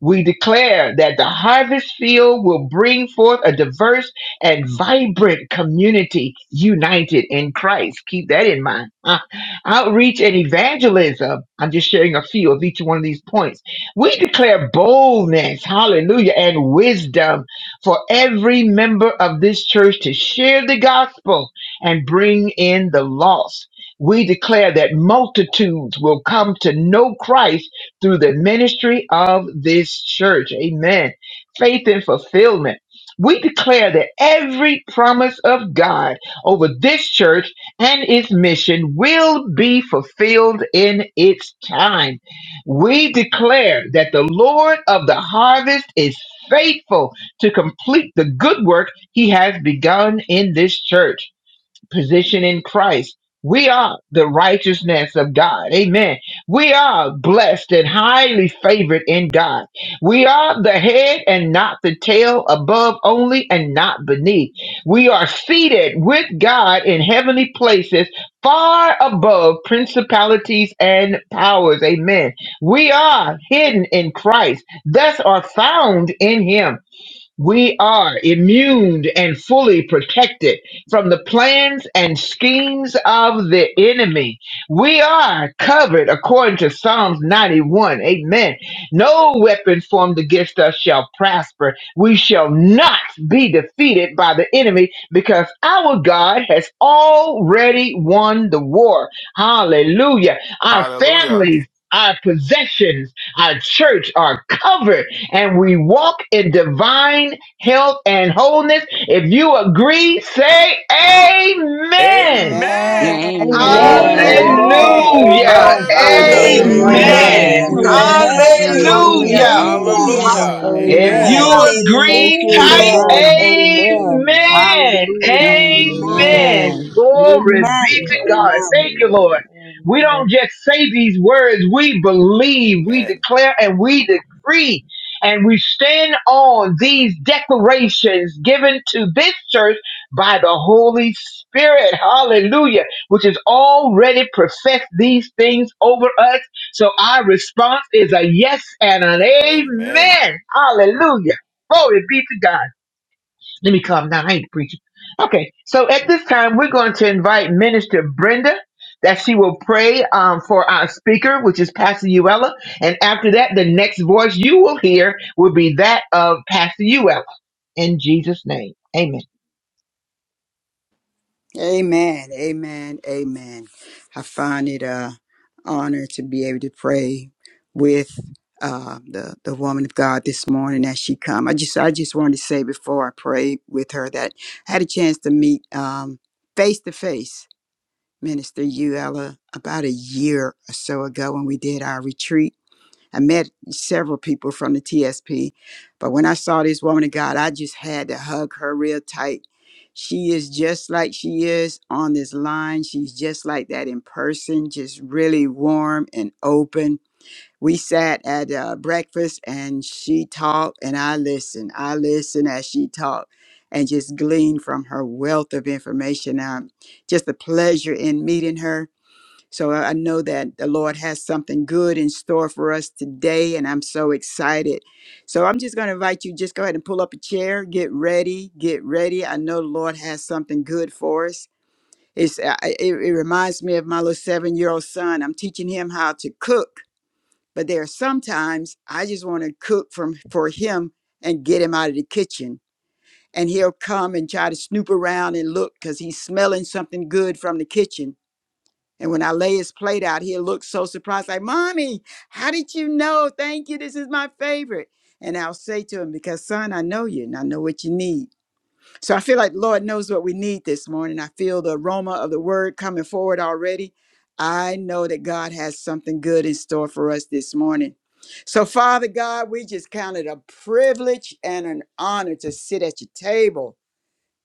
Speaker 2: We declare that the harvest field will bring forth a diverse and vibrant community united in Christ. Keep that in mind. Uh, outreach and evangelism. I'm just sharing a few of each one of these points. We declare boldness, hallelujah, and wisdom for every member of this church to share the gospel and bring in the lost. We declare that multitudes will come to know Christ through the ministry of this church. Amen. Faith and fulfillment. We declare that every promise of God over this church and its mission will be fulfilled in its time. We declare that the Lord of the harvest is faithful to complete the good work he has begun in this church position in Christ. We are the righteousness of God. Amen. We are blessed and highly favored in God. We are the head and not the tail, above only and not beneath. We are seated with God in heavenly places, far above principalities and powers. Amen. We are hidden in Christ, thus are found in Him. We are immune and fully protected from the plans and schemes of the enemy. We are covered according to Psalms 91. Amen. No weapon formed against us shall prosper. We shall not be defeated by the enemy because our God has already won the war. Hallelujah. Our
Speaker 3: Hallelujah.
Speaker 2: families, our possessions, our church are covered and we walk in divine health and wholeness. If you agree, say amen.
Speaker 3: Amen.
Speaker 8: Amen.
Speaker 6: Amen.
Speaker 4: Amen.
Speaker 10: Amen.
Speaker 5: Amen,
Speaker 7: amen.
Speaker 4: Amen.
Speaker 8: Amen. Yes,
Speaker 6: Amen.
Speaker 2: Hallelujah.
Speaker 5: amen,
Speaker 4: Amen.
Speaker 3: Hallelujah.
Speaker 4: Amen.
Speaker 8: God.
Speaker 3: Amen.
Speaker 5: hallelujah,
Speaker 4: Amen.
Speaker 9: Amen.
Speaker 2: Amen.
Speaker 10: Amen.
Speaker 5: amen,
Speaker 4: Amen.
Speaker 7: Praise
Speaker 8: Amen.
Speaker 7: God,
Speaker 4: Amen.
Speaker 5: hallelujah,
Speaker 2: Hallelujah.
Speaker 8: Hallelujah.
Speaker 6: Amen. Amen.
Speaker 9: Hallelujah.
Speaker 4: Amen.
Speaker 3: Hallelujah.
Speaker 2: If
Speaker 3: Amen.
Speaker 10: Hallelujah.
Speaker 4: Amen.
Speaker 8: Hallelujah.
Speaker 2: you
Speaker 4: Thank
Speaker 2: agree,
Speaker 4: you,
Speaker 2: type
Speaker 9: Hallelujah.
Speaker 4: Lord.
Speaker 8: Amen.
Speaker 4: Amen.
Speaker 6: Amen.
Speaker 2: Amen.
Speaker 8: Hallelujah.
Speaker 6: Amen.
Speaker 2: Amen.
Speaker 10: Amen.
Speaker 7: amen,
Speaker 8: Amen. Amen.
Speaker 2: Glory
Speaker 7: praise
Speaker 2: be to
Speaker 7: God,
Speaker 2: God.
Speaker 8: Amen.
Speaker 2: Thank you,
Speaker 7: amen,
Speaker 2: Lord. We
Speaker 4: Amen.
Speaker 2: don't just say these words, we believe, we
Speaker 3: Amen.
Speaker 2: declare, and we decree. And we stand on these declarations given to this church by the Holy Spirit. Hallelujah. Which has already professed these things over us so our response is a yes and an
Speaker 3: Amen.
Speaker 2: amen. Hallelujah. Glory be to God. Let me calm down. I ain't preaching. Okay. So at this time, we're going to invite Minister Brenda that she will pray um, for our speaker, which is Pastor Uella. And after that, the next voice you will hear will be that of Pastor Uella. In Jesus' name. Amen.
Speaker 6: Amen. Amen. Amen. I find it a honor to be able to pray with uh, the the woman of God this morning as she come. I just I just wanted to say before I pray with her that I had a chance to meet um, face to face Minister Uella about a year or so ago when we did our retreat I met several people from the TSP, but when I saw this woman of God, I just had to hug her real tight. She is just like she is on this line. She's just like that in person, just really warm and open. We sat at uh, breakfast and she talked, and I listened. I listened as she talked and just gleaned from her wealth of information. Um, just a pleasure in meeting her so I I know that the Lord has something good in store for us today, and I'm so excited. So I'm just going to invite you, just go ahead and pull up a chair, get ready, get ready. I know the Lord has something good for us. It's, I- I- it, it reminds me of my little seven year old son. I'm teaching him how to cook, but there are sometimes I just want to cook from, for him and get him out of the kitchen. And he'll come and try to snoop around and look because he's smelling something good from the kitchen and when I lay his plate out, he'll look so surprised, like, Mommy, how did you know? Thank you. This is my favorite. And I'll say to him, Because, son, I know you and I know what you need. So I feel like the Lord knows what we need this morning. I feel the aroma of the word coming forward already. I know that God has something good in store for us this morning. So, Father God, we just count it a privilege and an honor to sit at your table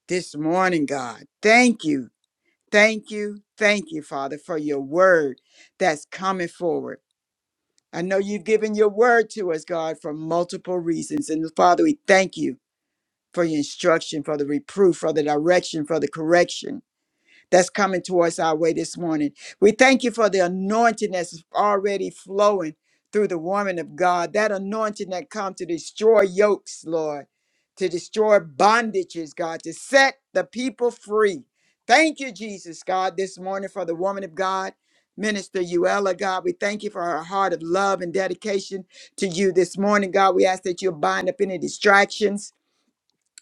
Speaker 6: this morning, God. Thank you. Thank you. Thank you, Father, for your word that's coming forward. I know you've given your word to us, God, for multiple reasons. And Father, we thank you for your instruction, for the reproof, for the direction, for the correction that's coming towards our way this morning. We thank you for the anointing that's already flowing through the woman of God, that anointing that comes to destroy yokes, Lord, to destroy bondages, God, to set the people free. Thank you, Jesus, God, this morning for the woman of God. Minister Uella, God, we thank you for her heart of love and dedication to you this morning, God. We ask that you bind up any distractions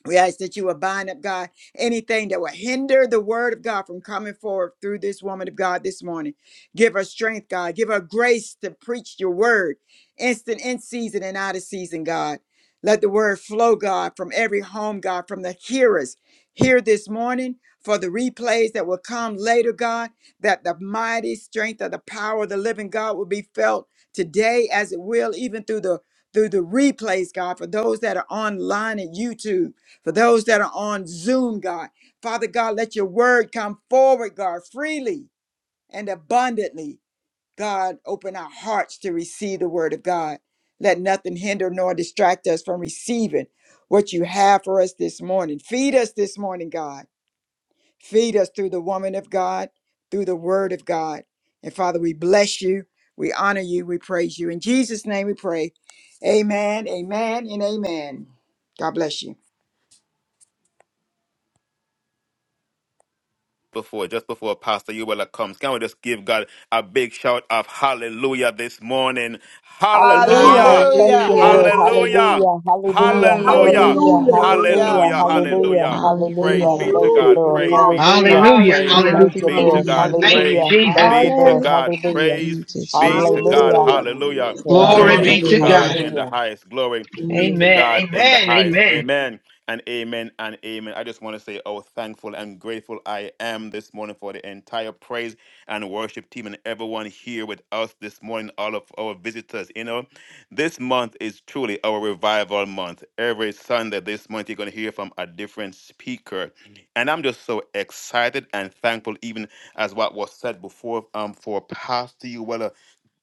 Speaker 6: we ask that you will bind up, God, anything that will hinder the word of God from coming forth through this woman of God this morning. Give her strength, God. Give her grace to preach your word, instant in season and out of season, God. Let the word flow, God, from every home, God, from the hearers here this morning for the replays that will come later, God, that the mighty strength of the power of the living God will be felt today as it will even through the through the replays, God, for those that are online at YouTube for those that are on Zoom, God, Father God, let your word come forward, God, freely and abundantly. God, open our hearts to receive the word of God. Let nothing hinder nor distract us from receiving what you have for us this morning. Feed us this morning, God. Feed us through the woman of God, through the word of God. And Father, we bless you. We honor you. We praise you. In Jesus' name we pray. Amen, amen, and amen. God bless you.
Speaker 3: Before, just before Pastor Yuwela comes, can we just give God a big shout of hallelujah this morning?
Speaker 4: Hallelujah.
Speaker 3: Hallelujah!
Speaker 4: Thank you,
Speaker 6: Hallelujah.
Speaker 4: Lord.
Speaker 10: Hallelujah.
Speaker 8: Hallelujah.
Speaker 3: Hallelujah!
Speaker 4: Hallelujah. Hallelujah.
Speaker 3: Hallelujah!
Speaker 4: Hallelujah.
Speaker 10: Hallelujah.
Speaker 8: Hallelujah.
Speaker 7: hallelujah. Praise
Speaker 6: Hallelujah.
Speaker 4: Hallelujah.
Speaker 3: Hallelujah!
Speaker 8: Hallelujah.
Speaker 7: God,
Speaker 4: Hallelujah.
Speaker 3: Hallelujah!
Speaker 7: glory to
Speaker 3: Praise
Speaker 4: Hallelujah.
Speaker 10: Hallelujah.
Speaker 3: be
Speaker 7: God,
Speaker 3: to
Speaker 4: Thank you,
Speaker 8: Glory
Speaker 3: God.
Speaker 8: to
Speaker 4: Lord.
Speaker 3: Praise
Speaker 5: hallelujah,
Speaker 8: God.
Speaker 3: be to
Speaker 4: Hallelujah.
Speaker 3: God.
Speaker 2: Hallelujah.
Speaker 3: Praise
Speaker 5: hallelujah,
Speaker 4: Thank
Speaker 2: Hallelujah.
Speaker 4: you,
Speaker 3: be to
Speaker 4: Lord.
Speaker 5: hallelujah.
Speaker 3: God.
Speaker 10: Hallelujah.
Speaker 8: Hallelujah.
Speaker 2: Thank you,
Speaker 3: Praise
Speaker 4: Hallelujah. Thank
Speaker 2: Jesus.
Speaker 3: be
Speaker 4: you,
Speaker 3: to
Speaker 4: Lord.
Speaker 5: Hallelujah.
Speaker 3: God.
Speaker 4: Hallelujah.
Speaker 5: Thank
Speaker 3: Praise
Speaker 5: you,
Speaker 10: Thank you,
Speaker 3: be
Speaker 5: Jesus.
Speaker 10: Jesus.
Speaker 3: to God.
Speaker 4: Hallelujah.
Speaker 8: Hallelujah.
Speaker 5: Thou
Speaker 3: Hallelujah.
Speaker 7: hallelujah.
Speaker 5: art
Speaker 7: Glory to God, amen, praise
Speaker 8: Jesus.
Speaker 4: Yes,
Speaker 3: Glory
Speaker 2: Glory
Speaker 7: God.
Speaker 5: worthy.
Speaker 3: be
Speaker 2: be
Speaker 4: Lord.
Speaker 3: to
Speaker 2: to
Speaker 8: Hallelujah.
Speaker 2: God.
Speaker 3: God
Speaker 10: Hallelujah.
Speaker 3: in the
Speaker 4: Hallelujah.
Speaker 3: highest. Glory be to
Speaker 5: Hallelujah.
Speaker 2: Amen.
Speaker 8: Hallelujah.
Speaker 3: God in the
Speaker 2: Amen.
Speaker 3: highest.
Speaker 2: Amen.
Speaker 3: Amen. And amen and amen. I just want to say how thankful and grateful I am this morning for the entire praise and worship team and everyone here with us this morning, all of our visitors. You know, this month is truly our revival month. Every Sunday this month, you're going to hear from a different speaker. And I'm just so excited and thankful, even as what was said before um, for Pastor Uwella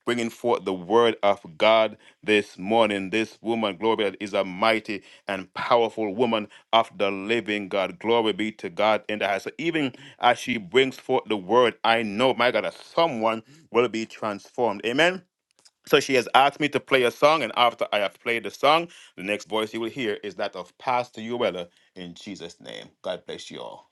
Speaker 3: bringing forth the word of God this morning. This woman, glory, be- to God, is a mighty and powerful woman of the living God. Glory be to God in the house. So even as she brings forth the word, I know, my God, that someone will be transformed. Amen. So she has asked me to play a song, and after I have played the song, the next voice you will hear is that of Pastor Uella in Jesus' name. God bless you all.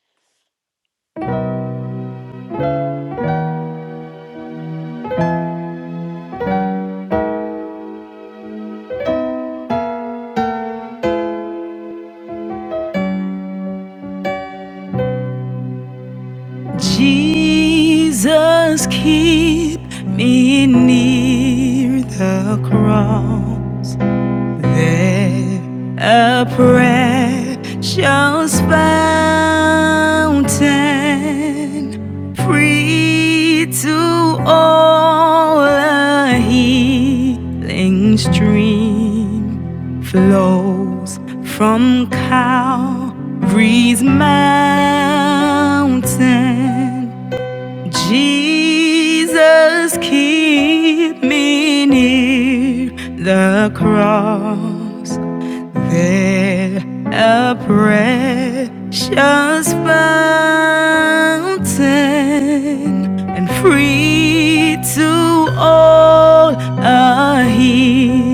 Speaker 1: a precious fountain, free to all a healing stream flows from Calvary's mountain. Jesus, keep me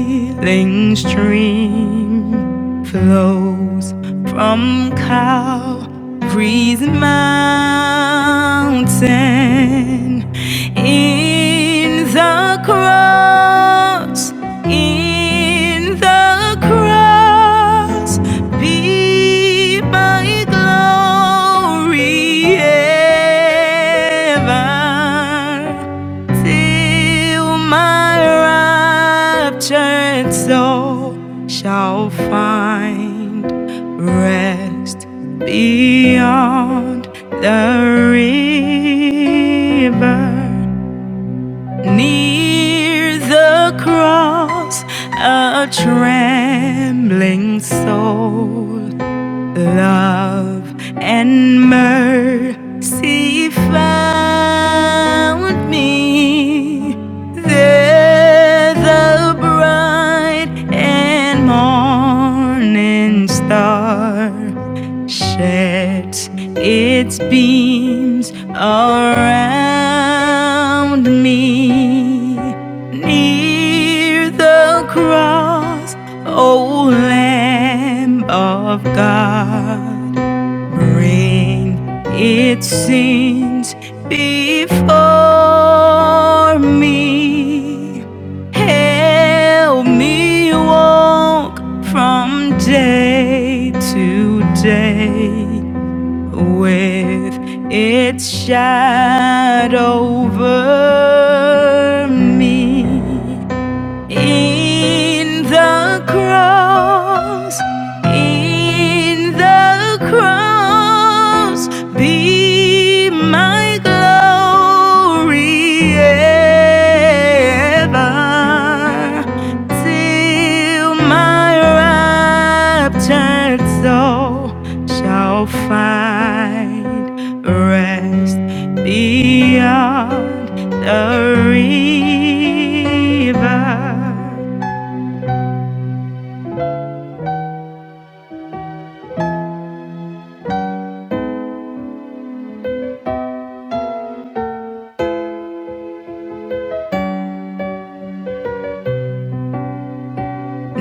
Speaker 1: kneeling from Calvary's mountain in the cross in the cross be my glory ever Till my raptured soul shall find rest beyond the river. Near the cross, a trembling soul Love and mercy found me. There the bright and morning star sheds its beams around me. Near the cross, O Lamb of God. Ring its sins before me. Help me walk from day to day with its shadow over me. In the cross, in the cross, be my glory ever.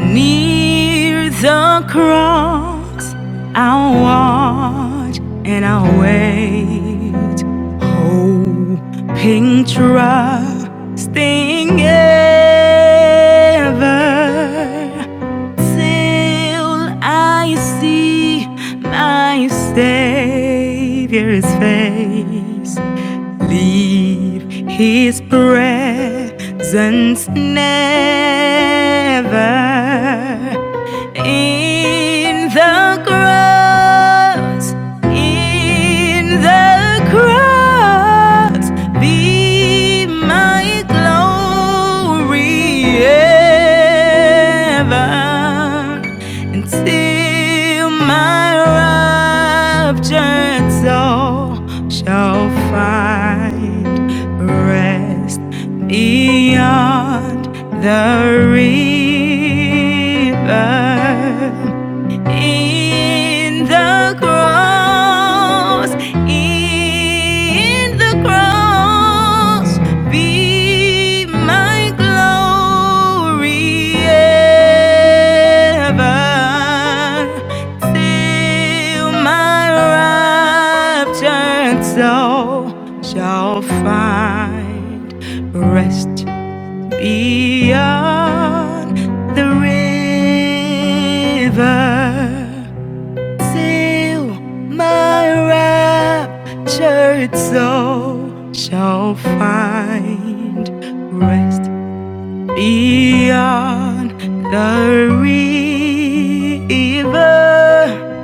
Speaker 1: Near the cross, I'll watch and I'll wait. Hoping, Trusting ever till I see my Savior's face. Leave the cry, agents all shall find rest beyond the river. In the cross, in the cross, be my glory ever. Till river, till my raptured soul shall find rest. beyond the river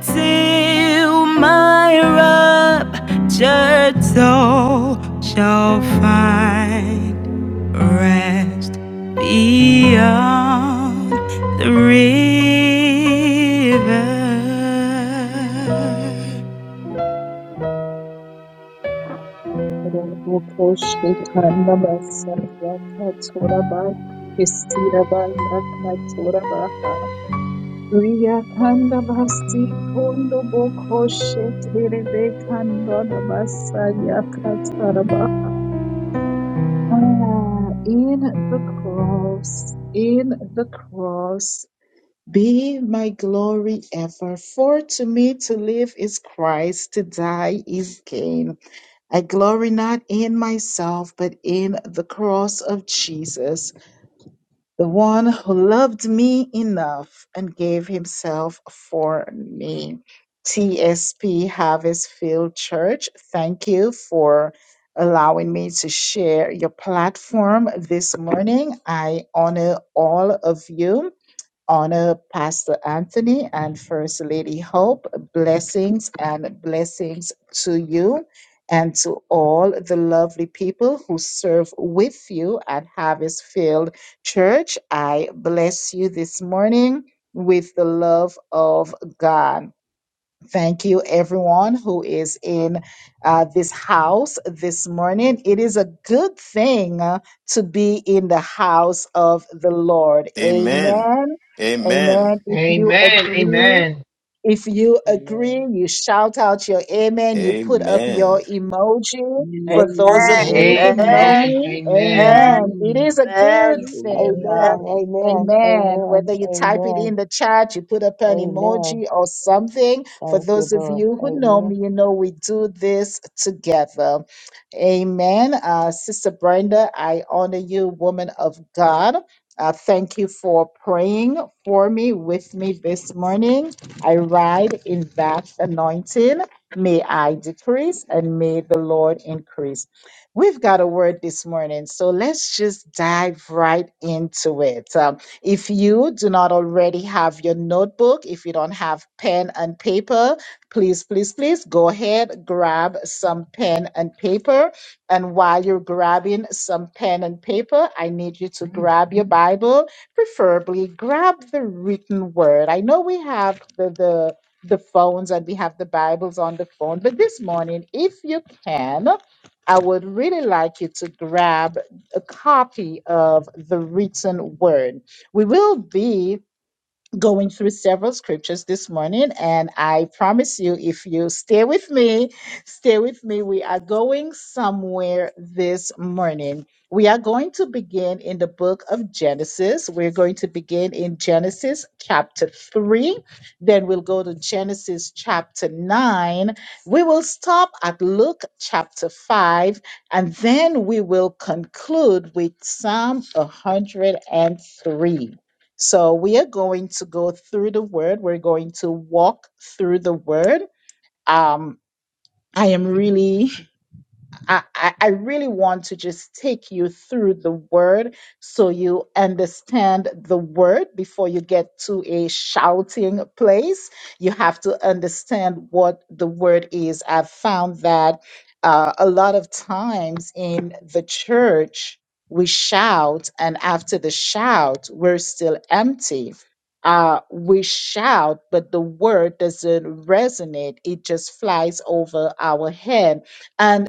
Speaker 1: till my raptured soul shall find rest beyond the river.
Speaker 11: Rubukoshikanda basarya katsoraba kesiraba yakatsorabaha riyakanda vasikondo bokoshekerebe kandona basarya katsaraba Ah, in the cross, in the cross, be my glory ever. For to me to live is Christ, to die is gain. I glory not in myself, but in the cross of Jesus, the one who loved me enough and gave himself for me. TSP Harvest Field Church, thank you for allowing me to share your platform this morning. I honor all of you honor Pastor Anthony and First Lady Hope. Blessings and blessings to you and to all the lovely people who serve with you at Harvest Field Church. I bless you this morning with the love of God. Thank you, everyone who is in uh, this house this morning. It is a good thing uh, to be in the house of the Lord.
Speaker 3: Amen.
Speaker 11: Amen. Amen.
Speaker 3: Amen.
Speaker 11: If you
Speaker 2: Amen.
Speaker 11: agree,
Speaker 2: Amen.
Speaker 11: if you
Speaker 7: Hallelujah,
Speaker 11: agree, you shout out your amen, you put up your
Speaker 3: Amen.
Speaker 11: emoji. For
Speaker 8: Amen.
Speaker 11: those
Speaker 6: Amen.
Speaker 11: of you who
Speaker 2: Amen.
Speaker 8: Amen.
Speaker 11: know
Speaker 5: Amen.
Speaker 11: me,
Speaker 2: Amen.
Speaker 11: amen.
Speaker 5: Amen.
Speaker 11: It
Speaker 8: Amen.
Speaker 11: is a good
Speaker 5: Amen.
Speaker 11: thing. uh,
Speaker 5: Amen.
Speaker 4: Amen. Amen.
Speaker 11: amen.
Speaker 4: Amen.
Speaker 11: Whether you type it
Speaker 4: Amen.
Speaker 11: in the chat, you put up an
Speaker 4: Amen.
Speaker 11: emoji or something. For
Speaker 4: Thank you,
Speaker 11: those of
Speaker 4: Lord.
Speaker 11: you who know
Speaker 4: Amen.
Speaker 11: me, you know we do this together. Amen. Uh, Sister Brenda, I honor you, woman of God. Uh, thank you for praying for me with me this morning. I ride in that anointing. May I decrease and may the Lord increase. We've got a word this morning, so let's just dive right into it. Um, if you do not already have your notebook, if you don't have pen and paper, please, please, please go ahead, grab some pen and paper. And while you're grabbing some pen and paper, I need you to grab your Bible preferably grab the written word. I know we have the, the the phones and we have the Bibles on the phone, but this morning, if you can, I would really like you to grab a copy of the written word. We will be going through several scriptures this morning. And I promise you, if you stay with me, stay with me. We are going somewhere this morning. We are going to begin in the book of Genesis. We're going to begin in Genesis chapter 3. Then we'll go to Genesis chapter 9. We will stop at Luke chapter 5. And then we will conclude with Psalm 103. So we are going to go through the word. We're going to walk through the word. Um, I am really I, I I really want to just take you through the word so you understand the word before you get to a shouting place. You have to understand what the word is. I've found that uh, a lot of times in the church, we shout, and after the shout, we're still empty. Uh, we shout, but the word doesn't resonate, it just flies over our head. and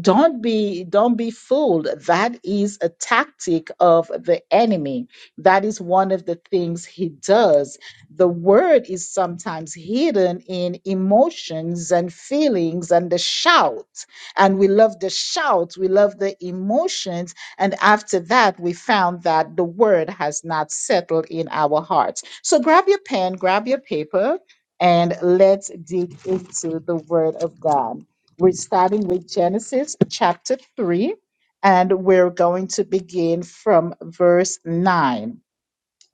Speaker 11: don't be don't be fooled that is a tactic of the enemy that is one of the things he does the word is sometimes hidden in emotions and feelings and the shout and we love the shout we love the emotions and after that we found that the word has not settled in our hearts so grab your pen grab your paper and let's dig into the word of god we're starting with Genesis chapter 3, and we're going to begin from verse 9.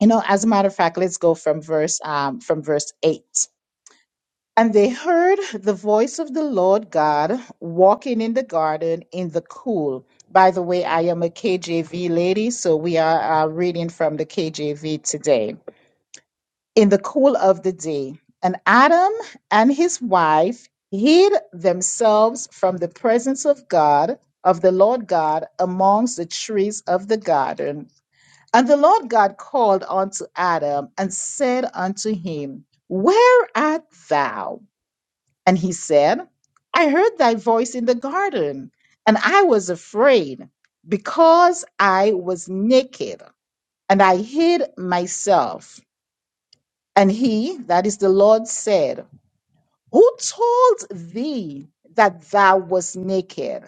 Speaker 11: You know, as a matter of fact, let's go from verse um, from verse 8. And they heard the voice of the Lord God walking in the garden in the cool. By the way, I am a KJV lady, so we are uh, reading from the KJV today in the cool of the day. And Adam and his wife hid themselves from the presence of God, of the Lord God, amongst the trees of the garden. And the Lord God called unto Adam and said unto him, Where art thou? And he said, I heard thy voice in the garden, and I was afraid because I was naked, and I hid myself. And he, that is the Lord, said, Who told thee that thou wast naked?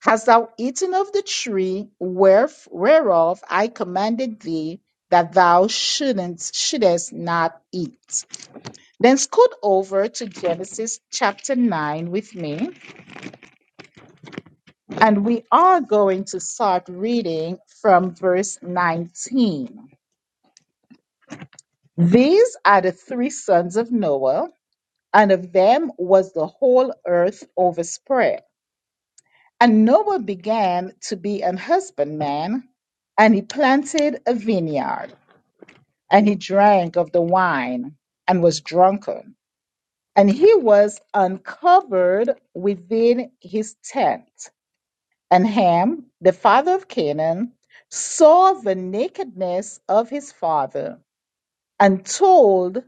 Speaker 11: Hast thou eaten of the tree wheref- whereof I commanded thee that thou shouldn't, shouldest not eat? Then scoot over to Genesis chapter 9 with me, and we are going to start reading from verse 19. These are the three sons of Noah and of them was the whole earth overspread. And Noah began to be an husbandman, and he planted a vineyard, and he drank of the wine, and was drunken. And he was uncovered within his tent. And Ham, the father of Canaan, saw the nakedness of his father, and told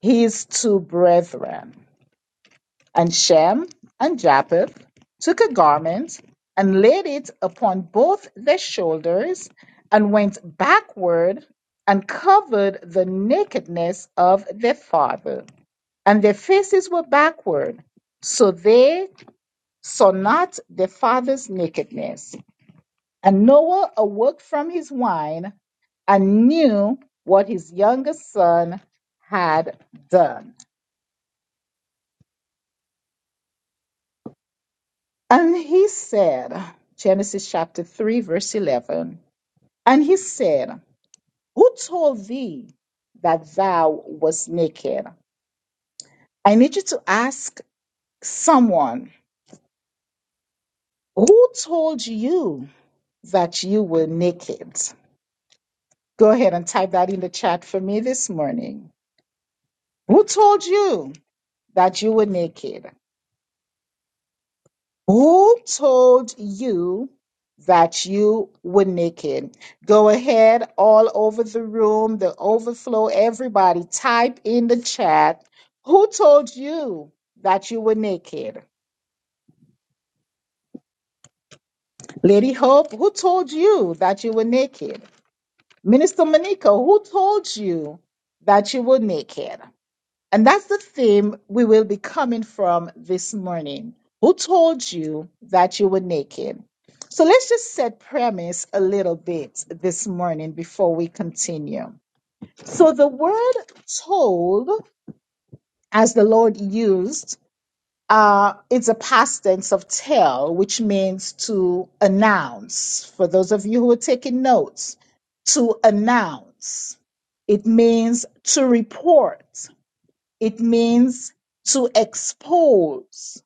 Speaker 11: his two brethren. And Shem and Japheth took a garment and laid it upon both their shoulders and went backward and covered the nakedness of their father. And their faces were backward, so they saw not their father's nakedness. And Noah awoke from his wine and knew what his youngest son had done. And he said, Genesis chapter 3, verse 11, and he said, Who told thee that thou was naked? I need you to ask someone, Who told you that you were naked? Go ahead and type that in the chat for me this morning. Who told you that you were naked? Who told you that you were naked? Go ahead, all over the room, the overflow, everybody, type in the chat. Who told you that you were naked? Lady Hope, who told you that you were naked? Minister Monica, who told you that you were naked? And that's the theme we will be coming from this morning. Who told you that you were naked? So let's just set premise a little bit this morning before we continue. So the word told, as the Lord used, uh, it's a past tense of tell, which means to announce. For those of you who are taking notes, to announce. It means to report it means to expose,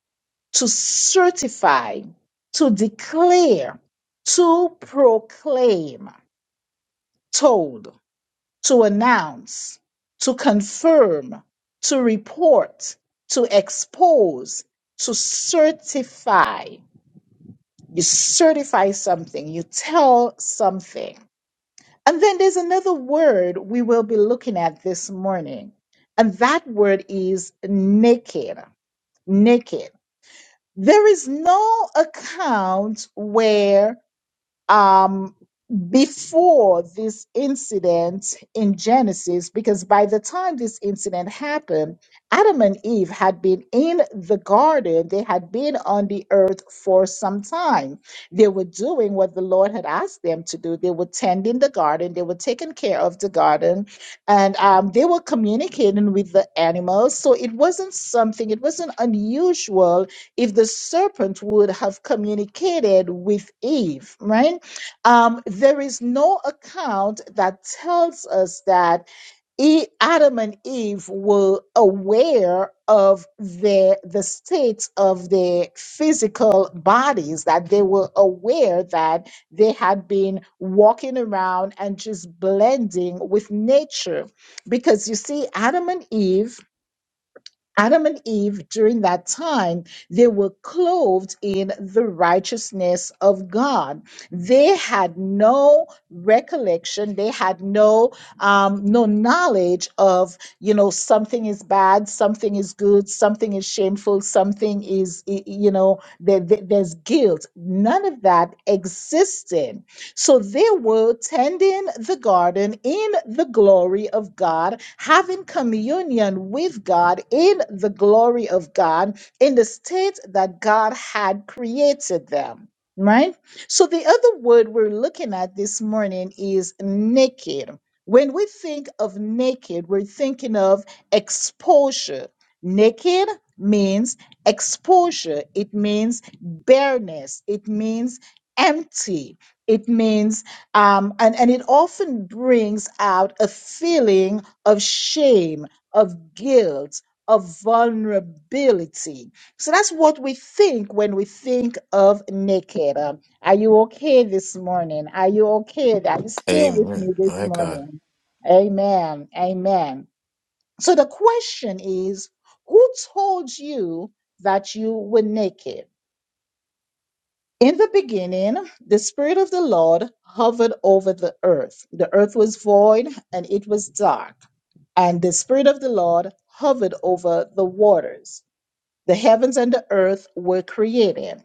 Speaker 11: to certify, to declare, to proclaim, told, to announce, to confirm, to report, to expose, to certify. You certify something, you tell something. And then there's another word we will be looking at this morning, and that word is naked. Naked. There is no account where um, before this incident in Genesis, because by the time this incident happened, Adam and Eve had been in the garden, they had been on the earth for some time. They were doing what the Lord had asked them to do. They were tending the garden, they were taking care of the garden, and um, they were communicating with the animals. So it wasn't something, it wasn't unusual if the serpent would have communicated with Eve, right? Um, there is no account that tells us that E- Adam and Eve were aware of the the state of their physical bodies, that they were aware that they had been walking around and just blending with nature. Because you see, Adam and Eve Adam and Eve during that time, they were clothed in the righteousness of God. They had no recollection. They had no, um, no knowledge of, you know, something is bad, something is good, something is shameful, something is, y- you know, there, there- there's guilt. None of that existed so they were tending the garden in the glory of God, having communion with God in the glory of God, in the state that God had created them. Right? So, the other word we're looking at this morning is naked. When we think of naked, we're thinking of exposure. Naked means exposure, it means bareness, it means empty it means, um, and, and it often brings out a feeling of shame, of guilt, of vulnerability. So that's what we think when we think of naked. Um, are you okay this morning? Are you okay? Are you still with
Speaker 3: Amen.
Speaker 11: me this
Speaker 3: My God.
Speaker 11: morning? Amen. Amen. So the question is who told you that you were naked? In the beginning, the Spirit of the Lord hovered over the earth. The earth was void and it was dark, and the Spirit of the Lord hovered over the waters. The heavens and the earth were created.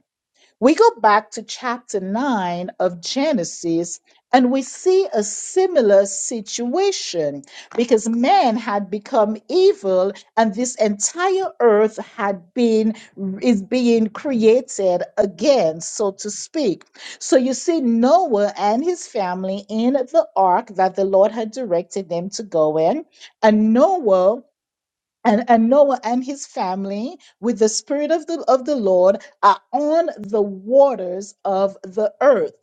Speaker 11: We go back to chapter 9 of Genesis and we see a similar situation because man had become evil and this entire earth had been is being created again so to speak. So you see Noah and his family in the ark that the Lord had directed them to go in and Noah and, and Noah and his family, with the Spirit of the, of the Lord, are on the waters of the earth.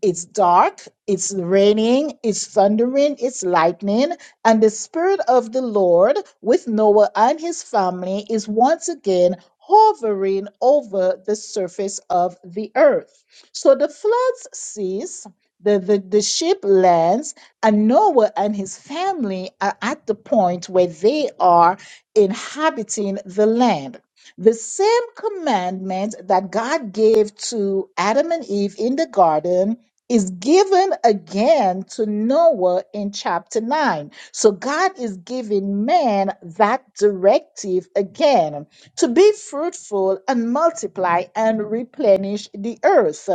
Speaker 11: It's dark, it's raining, it's thundering, it's lightning, and the Spirit of the Lord with Noah and his family is once again hovering over the surface of the earth. So the floods cease, the, the, the ship lands, and Noah and his family are at the point where they are inhabiting the land. The same commandment that God gave to Adam and Eve in the garden is given again to Noah in chapter 9. So God is giving man that directive again to be fruitful and multiply and replenish the earth.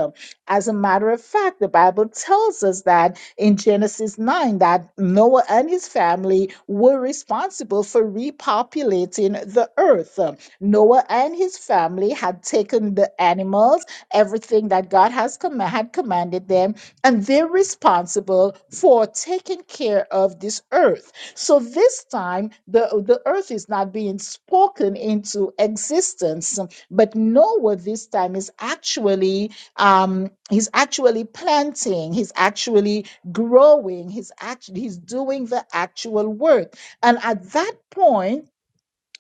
Speaker 11: As a matter of fact, the Bible tells us that in Genesis 9 that Noah and his family were responsible for repopulating the earth. Noah and his family had taken the animals, everything that God has com- had commanded them, and they're responsible for taking care of this earth. So this time, the, the earth is not being spoken into existence, but Noah this time is actually um, he's actually planting, he's actually growing. He's actually he's doing the actual work. And at that point,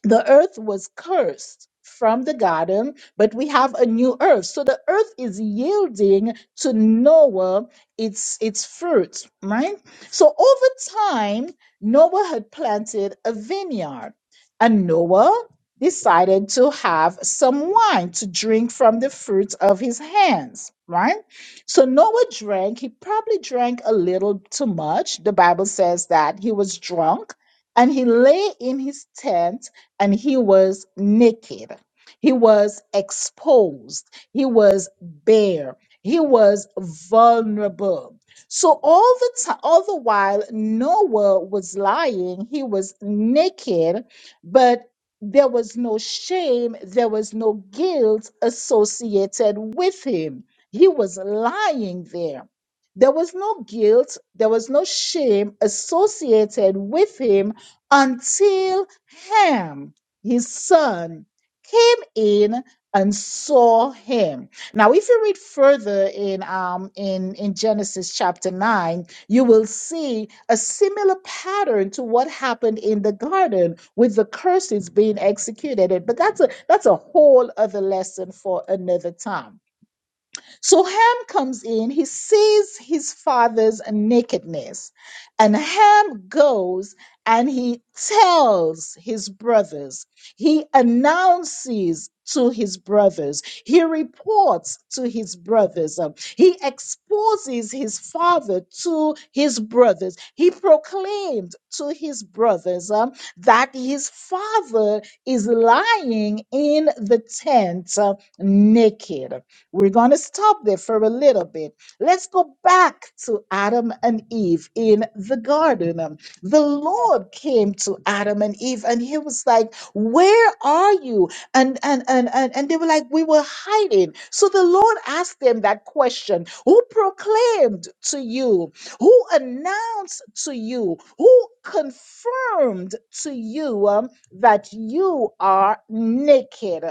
Speaker 11: the earth was cursed from the garden, but we have a new earth. So the earth is yielding to Noah its its fruit, right? So over time, Noah had planted a vineyard, and Noah decided to have some wine to drink from the fruit of his hands, right? So Noah drank, he probably drank a little too much. The Bible says that he was drunk and he lay in his tent and he was naked. He was exposed. He was bare. He was vulnerable. So all the time, all the while, Noah was lying. He was naked, but there was no shame. There was no guilt associated with him. He was lying there. There was no guilt. There was no shame associated with him until Ham, his son, came in and saw him. Now, if you read further in um in, in Genesis chapter 9, you will see a similar pattern to what happened in the garden with the curses being executed. But that's a that's a whole other lesson for another time. So Ham comes in, he sees his father's nakedness, and Ham goes and he tells his brothers, he announces to his brothers, he reports to his brothers, um, he exposes his father to his brothers, he proclaimed to his brothers um, that his father is lying in the tent uh, naked. We're going to stop there for a little bit. Let's go back to Adam and Eve in the garden. Um, The Lord came to Adam and Eve and he was like, "Where are you?" And and and and, and they were like, "We were hiding." So the Lord asked them that question, "Who proclaimed to you? Who announced to you? Who confirmed to you um, that you are naked?"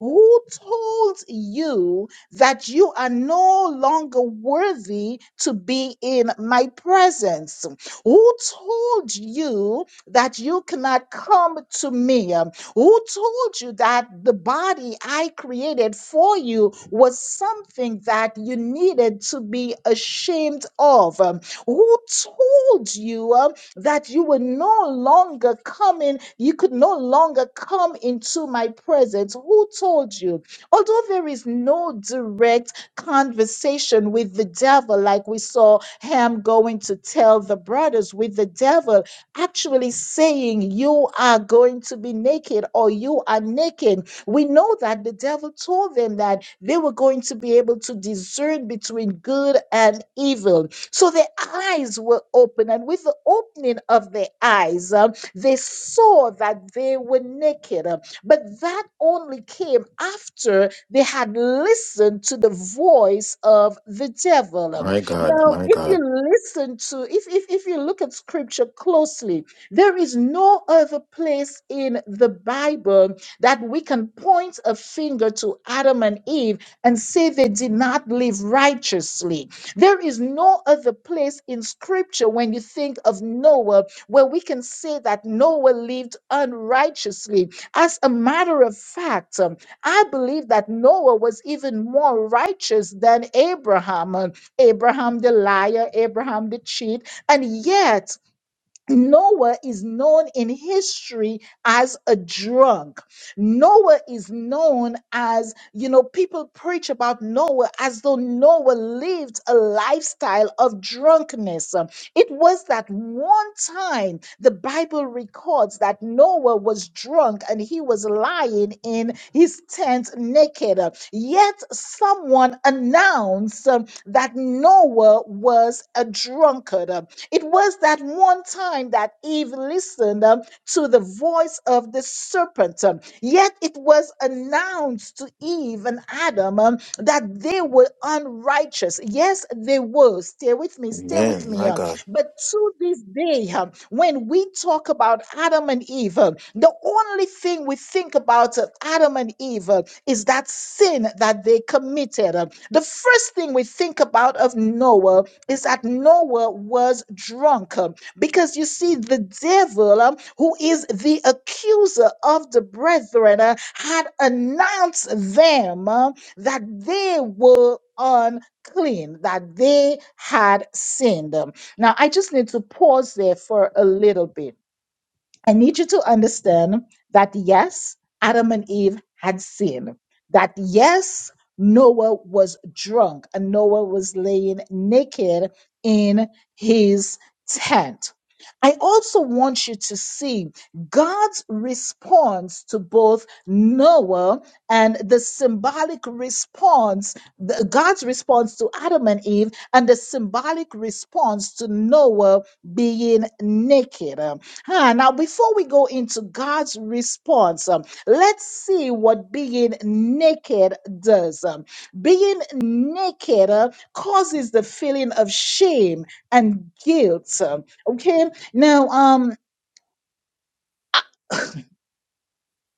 Speaker 11: Who told you that you are no longer worthy to be in my presence. Who told you that you cannot come to me? Um, Who told you that the body I created for you was something that you needed to be ashamed of? Um, Who told you um, that you were no longer coming, you could no longer come into my presence? Who told you? Although there is no direct conversation with the devil, like we saw Ham going to tell the brothers, with the devil actually saying, You are going to be naked or you are naked. We know that the devil told them that they were going to be able to discern between good and evil. So their eyes were open, and with the opening of their eyes, um, they saw that they were naked. But that only came after they had listened to the voice of the devil.
Speaker 3: My God,
Speaker 11: Now,
Speaker 3: my
Speaker 11: if you
Speaker 3: God.
Speaker 11: listen to, if, if, if you look at scripture closely, there is no other place in the Bible that we can point a finger to Adam and Eve and say they did not live righteously. There is no other place in scripture when you think of Noah where we can say that Noah lived unrighteously as a matter of fact, um, I believe that Noah was even more righteous than Abraham. Um, Abraham the liar, Abraham the cheat, and yet Noah is known in history as a drunk. Noah is known as, you know, people preach about Noah as though Noah lived a lifestyle of drunkenness. Um, It was that one time the Bible records that Noah was drunk and he was lying in his tent naked. Uh, Yet someone announced um, that Noah was a drunkard. It was that one time that Eve listened um, to the voice of the serpent. um, Yet it was announced to Eve and Adam um, that they were unrighteous. Yes, they were. Stay with me, stay with
Speaker 3: Amen,
Speaker 11: me.
Speaker 3: my
Speaker 11: um,
Speaker 3: God.
Speaker 11: But to this day, um, when we talk about Adam and Eve, um, the only thing we think about uh, Adam and Eve uh, is that sin that they committed. um, The first thing we think about of Noah is that Noah was drunk um, because you see, the devil, um, who is the accuser of the brethren, uh, had announced them um, that they were unclean, that they had sinned. Um, Now, I just need to pause there for a little bit I need you to understand that yes, Adam and Eve had sinned. That yes, Noah was drunk and Noah was laying naked in his tent. I also want you to see God's response to both Noah and the symbolic response, the- God's response to Adam and Eve, and the symbolic response to Noah being naked. Huh, now, before we go into God's response, um, let's see what being naked does. Um, being naked uh, causes the feeling of shame and guilt. um, okay, now um,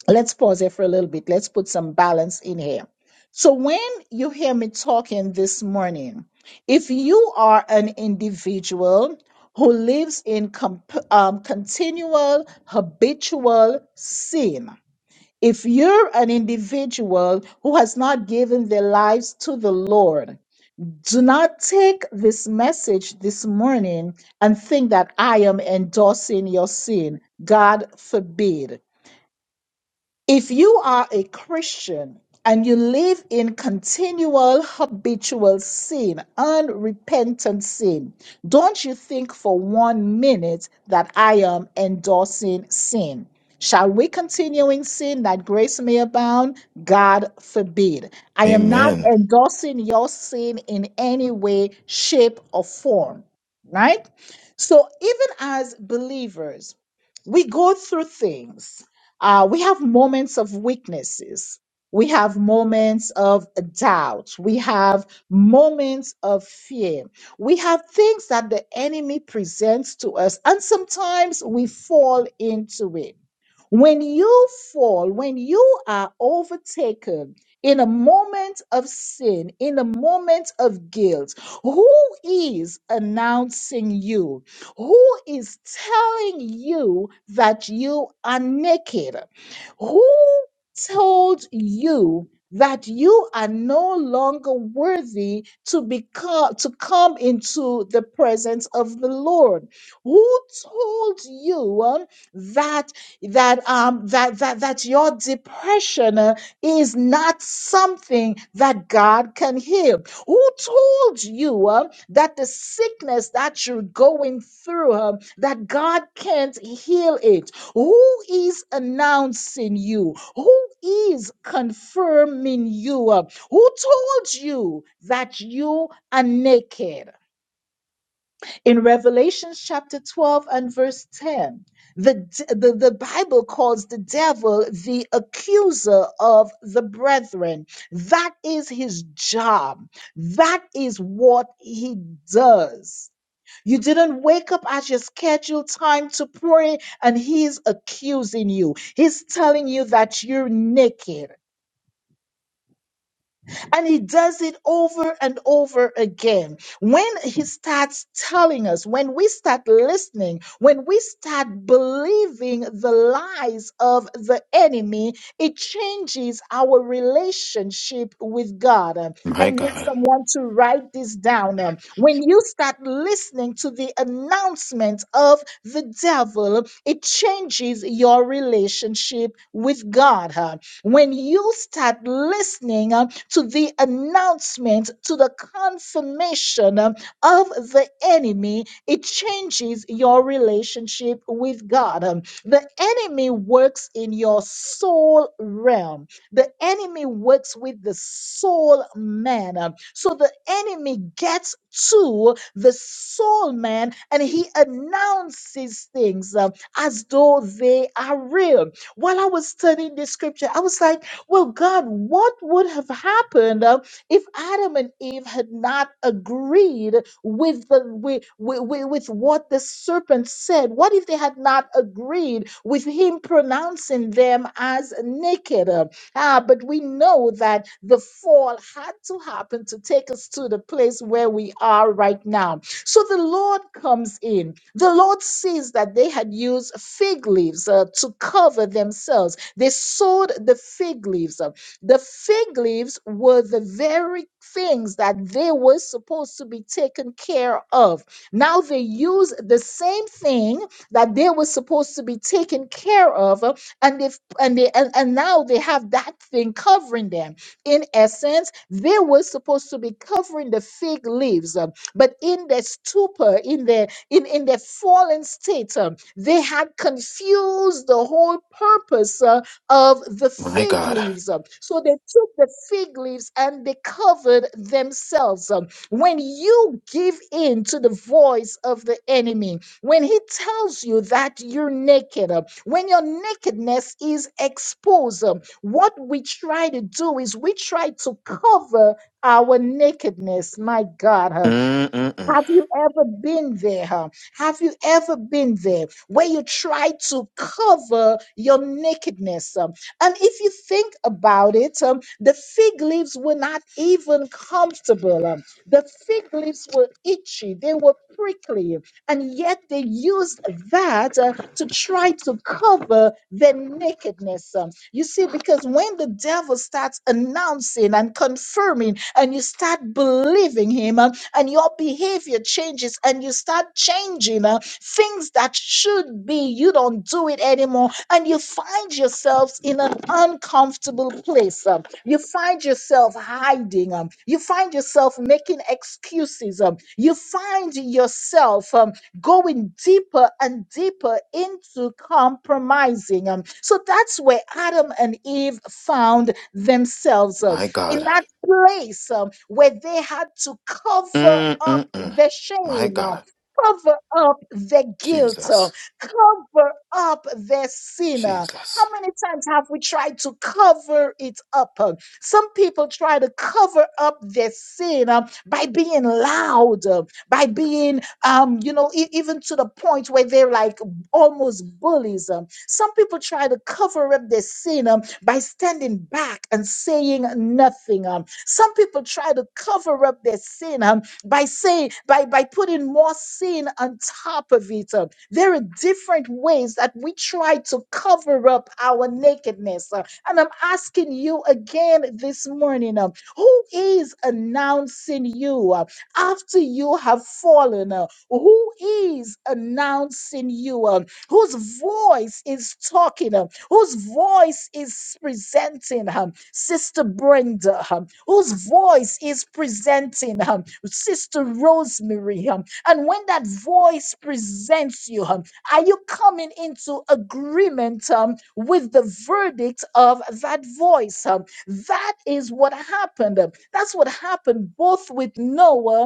Speaker 11: let's pause here for a little bit. Let's put some balance in here. So, when you hear me talking this morning, if you are an individual who lives in comp- um, continual habitual sin, If you're an individual who has not given their lives to the Lord, do not take this message this morning and think that I am endorsing your sin. God forbid. If you are a Christian and you live in continual habitual sin, unrepentant sin, don't you think for one minute that I am endorsing sin? Shall we continue in sin that grace may abound? God forbid. I am not
Speaker 3: Amen.
Speaker 11: endorsing your sin in any way, shape, or form, right? So, even as believers, we go through things uh, we have moments of weaknesses. We have moments of doubt. We have moments of fear. We have things that the enemy presents to us, and sometimes we fall into it. When you fall, when you are overtaken in a moment of sin, in a moment of guilt, who is announcing you? Who is telling you that you are naked? Who told you that you are no longer worthy to become to come into the presence of the Lord? Who told you um, that that um that that that your depression uh, is not something that God can heal? Who told you uh, that the sickness that you're going through, um, that God can't heal it. Who is announcing you? Who is confirming you? Uh, Who told you that you are naked? In Revelation chapter 12 and verse 10, the, d- the, the Bible calls the devil the accuser of the brethren. That is his job. That is what he does you didn't wake up at your scheduled time to pray, and he's accusing you. He's telling you that you're naked. And he does it over and over again. When he starts telling us, when we start listening, when we start believing the lies of the enemy, it changes our relationship with God. Um, I
Speaker 3: My
Speaker 11: need
Speaker 3: God,
Speaker 11: someone to write this down. Um, When you start listening to the announcement of the devil, it changes your relationship with God. huh? When you start listening, to the announcement, to the confirmation um, of the enemy, it changes your relationship with God. Um, The enemy works in your soul realm, the enemy works with the soul man. Um, So the enemy gets to the soul man and he announces things um, as though they are real. While I was studying this scripture, I was like, well, God, what would have happened uh, if Adam and Eve had not agreed with the with, with, with what the serpent said? What if they had not agreed with him pronouncing them as naked? Uh, Ah, but we know that the fall had to happen to take us to the place where we are right now. So the Lord comes in. The Lord sees that they had used fig leaves uh, to cover themselves they sowed the fig leaves. Uh, The fig leaves were the very things that they were supposed to be taken care of. Now they use the same thing that they were supposed to be taken care of, uh, and they and they and, and now they have that thing covering them. In essence, they were supposed to be covering the fig leaves, uh, but in their stupor, in their in, in their fallen state, um, they had confused the whole purpose uh, of the
Speaker 3: my
Speaker 11: fig
Speaker 3: God.
Speaker 11: leaves. um, So they took the fig leaves and they covered themselves. um. When you give in to the voice of the enemy, when he tells you that you're naked, um, when your nakedness is exposed, um, what we try to do is we try to cover our nakedness. My God.
Speaker 3: Mm-mm-mm.
Speaker 11: Have you ever been there? huh? Have you ever been there where you try to cover your nakedness? um? And if you think about it, um, the fig leaves were not even comfortable. um. The fig leaves were itchy, they were prickly, and yet they used that uh, to try to cover their nakedness. um. You see, because when the devil starts announcing and confirming, and you start believing him, um, and your behavior changes and you start changing uh, things that should be, you don't do it anymore, and you find yourselves in an uncomfortable place. um, you find yourself hiding, um, you find yourself making excuses, um, you find yourself um, going deeper and deeper into compromising. Um, so that's where Adam and Eve found themselves. um,
Speaker 3: My
Speaker 11: in
Speaker 3: God.
Speaker 11: that place um, where they had to cover up
Speaker 3: Mm-mm-mm.
Speaker 11: the
Speaker 3: My
Speaker 11: shame, um,
Speaker 3: God.
Speaker 11: cover up the guilt, um,
Speaker 3: Jesus,
Speaker 11: cover up their sin. uh. How
Speaker 3: Jesus.
Speaker 11: many times have we tried to cover it up? uh? Some people try to cover up their sin um, by being loud, uh, by being, um, you know, e- even to the point where they're like almost bullies. um. Some people try to cover up their sin um, by standing back and saying nothing. Um, some people try to cover up their sin um, by saying by by putting more sin on top of it. Um, there are different ways that we try to cover up our nakedness. Uh, and I'm asking you again this morning, um, who is announcing you uh, after you have fallen? Uh, who is announcing you? Um, whose voice is talking? Um, whose voice is presenting um, Sister Brenda, um, whose voice is presenting um, Sister Rosemary. um, and when that voice presents you, um, are you coming into agreement um, with the verdict of that voice? um? that is what happened. um, That's what happened both with Noah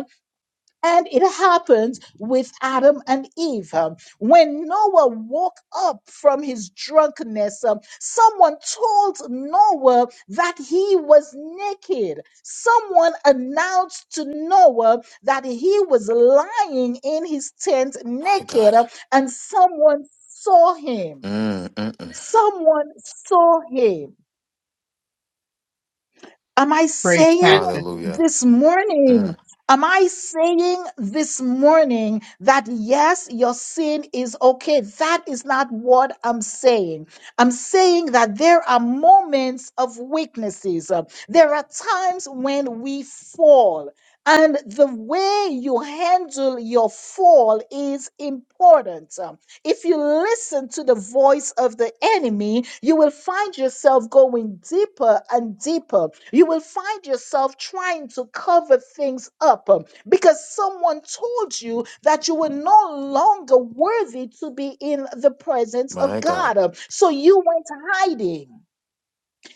Speaker 11: and it happens with Adam and Eve. Um, When Noah woke up from his drunkenness, um, someone told Noah that he was naked. Someone announced to Noah that he was lying in his tent
Speaker 3: My
Speaker 11: naked,
Speaker 3: God.
Speaker 11: um, and someone saw him.
Speaker 3: Mm-mm-mm.
Speaker 11: Someone saw him. Am I
Speaker 2: Preach,
Speaker 11: saying
Speaker 2: Pastor.
Speaker 3: Hallelujah.
Speaker 11: this morning?
Speaker 3: Mm.
Speaker 11: Am I saying this morning that yes, your sin is okay? That is not what I'm saying. I'm saying that there are moments of weaknesses. Uh, There are times when we fall. And the way you handle your fall is important. If you listen to the voice of the enemy, you will find yourself going deeper and deeper. You will find yourself trying to cover things up um, because someone told you that you were no longer worthy to be in the presence
Speaker 3: My
Speaker 11: of
Speaker 3: God.
Speaker 11: God. um, So you went hiding.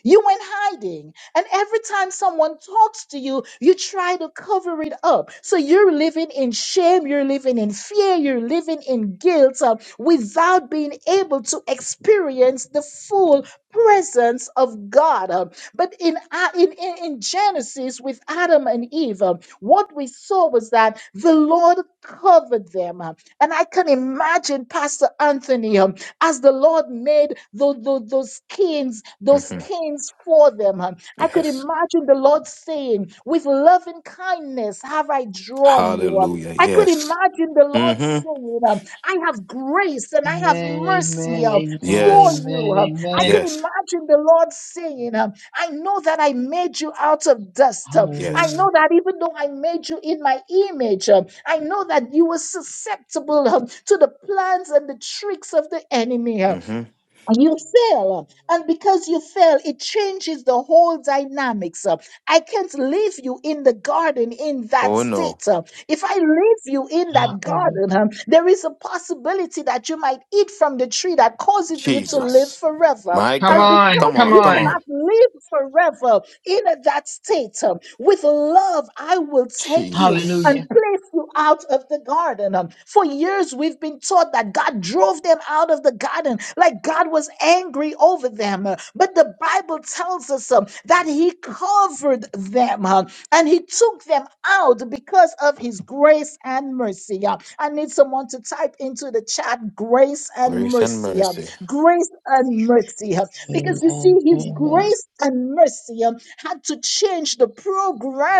Speaker 11: You went hiding. And every time someone talks to you, you try to cover it up. So you're living in shame, you're living in fear, you're living in guilt uh, without being able to experience the full presence of God. Uh, But in, A- in, in in Genesis with Adam and Eve, uh, what we saw was that the Lord covered them. uh, And I can imagine Pastor Anthony. um, as the Lord made tho- tho- those skins, those
Speaker 3: hmm
Speaker 11: skins for them. um, I could
Speaker 3: Yes.
Speaker 11: imagine the Lord saying, With loving kindness have I drawn you. um,
Speaker 3: Hallelujah.
Speaker 11: I could
Speaker 3: Yes.
Speaker 11: imagine the Lord
Speaker 3: hmm
Speaker 11: saying, um, I have grace and I have
Speaker 2: Amen.
Speaker 11: mercy
Speaker 2: Amen.
Speaker 11: um,
Speaker 2: Amen.
Speaker 11: for
Speaker 3: Yes.
Speaker 11: you.
Speaker 2: Amen.
Speaker 11: um. I
Speaker 2: Amen.
Speaker 11: could
Speaker 3: Yes.
Speaker 11: imagine the Lord saying, um, I know that I made you out of dust. um, I
Speaker 3: Yes.
Speaker 2: Hallelujah.
Speaker 11: know that even though I made you in my image, um, I know that you were susceptible um, to the plans and the tricks of the enemy. um,
Speaker 3: hmm
Speaker 11: and You fail. And because you fail, it changes the whole dynamics. Uh, I can't leave you in the garden in that
Speaker 3: Oh no.
Speaker 11: state. Uh, If I leave you in that
Speaker 2: Hallelujah.
Speaker 11: garden, um, there is a possibility that you might eat from the tree that causes you to live
Speaker 3: Jesus.
Speaker 11: forever.
Speaker 3: My
Speaker 2: Come
Speaker 11: And
Speaker 3: God.
Speaker 2: on.
Speaker 11: because
Speaker 3: Come
Speaker 2: Come
Speaker 3: on,
Speaker 11: you
Speaker 3: come
Speaker 2: on.
Speaker 3: on.
Speaker 11: cannot live forever in that state, um, with love, I will take you
Speaker 3: Jesus.
Speaker 2: Hallelujah.
Speaker 11: and place you out of the garden. Um, For years, we've been taught that God drove them out of the garden, like God was angry over them. Uh, But the Bible tells us um, that He covered them uh, and He took them out because of His grace and mercy. Uh, I need someone to type into the chat grace and
Speaker 3: Grace and
Speaker 11: mercy. uh,
Speaker 3: mercy.
Speaker 11: Grace and mercy. uh, Because you
Speaker 2: Amen.
Speaker 11: see, His
Speaker 2: Amen.
Speaker 11: grace and mercy. um, had to change the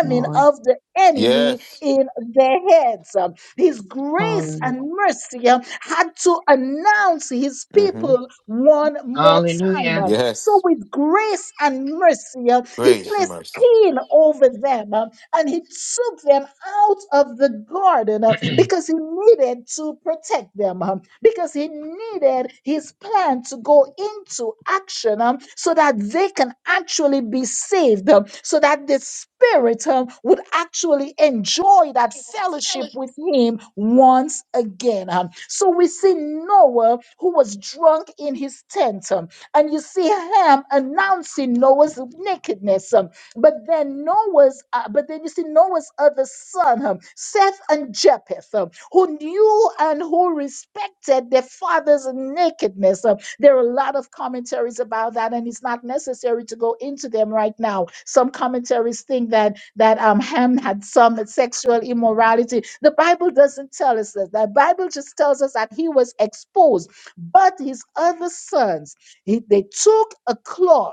Speaker 2: Come on.
Speaker 11: of the enemy
Speaker 3: Yes.
Speaker 11: in their heads. Um, His grace
Speaker 2: Hallelujah.
Speaker 11: and mercy um, had to announce his
Speaker 3: hmm
Speaker 11: people one more time.
Speaker 2: Hallelujah.
Speaker 11: Um, So,
Speaker 3: Yes.
Speaker 11: with grace and mercy, um, he
Speaker 3: Grace and
Speaker 11: placed
Speaker 3: mercy.
Speaker 11: king over them. Um, and he took them out of the garden uh, because he needed to protect them, um, because he needed his plan to go into action um, so that they can actually be saved, um, so that the Spirit um, would actually enjoy that fellowship with him once again. um. So we see Noah who was drunk in his tent, um, and you see Ham announcing Noah's nakedness. um, but then Noah's, uh, but then you see Noah's other son, um, Seth and Japheth, um, who knew and who respected their father's nakedness. um, there are a lot of commentaries about that, and it's not necessary to go into them right now. Some commentaries think that that um, Ham had some sexual immorality. The Bible doesn't tell us that. The Bible just tells us that he was exposed. But his other sons, he, they took a cloth.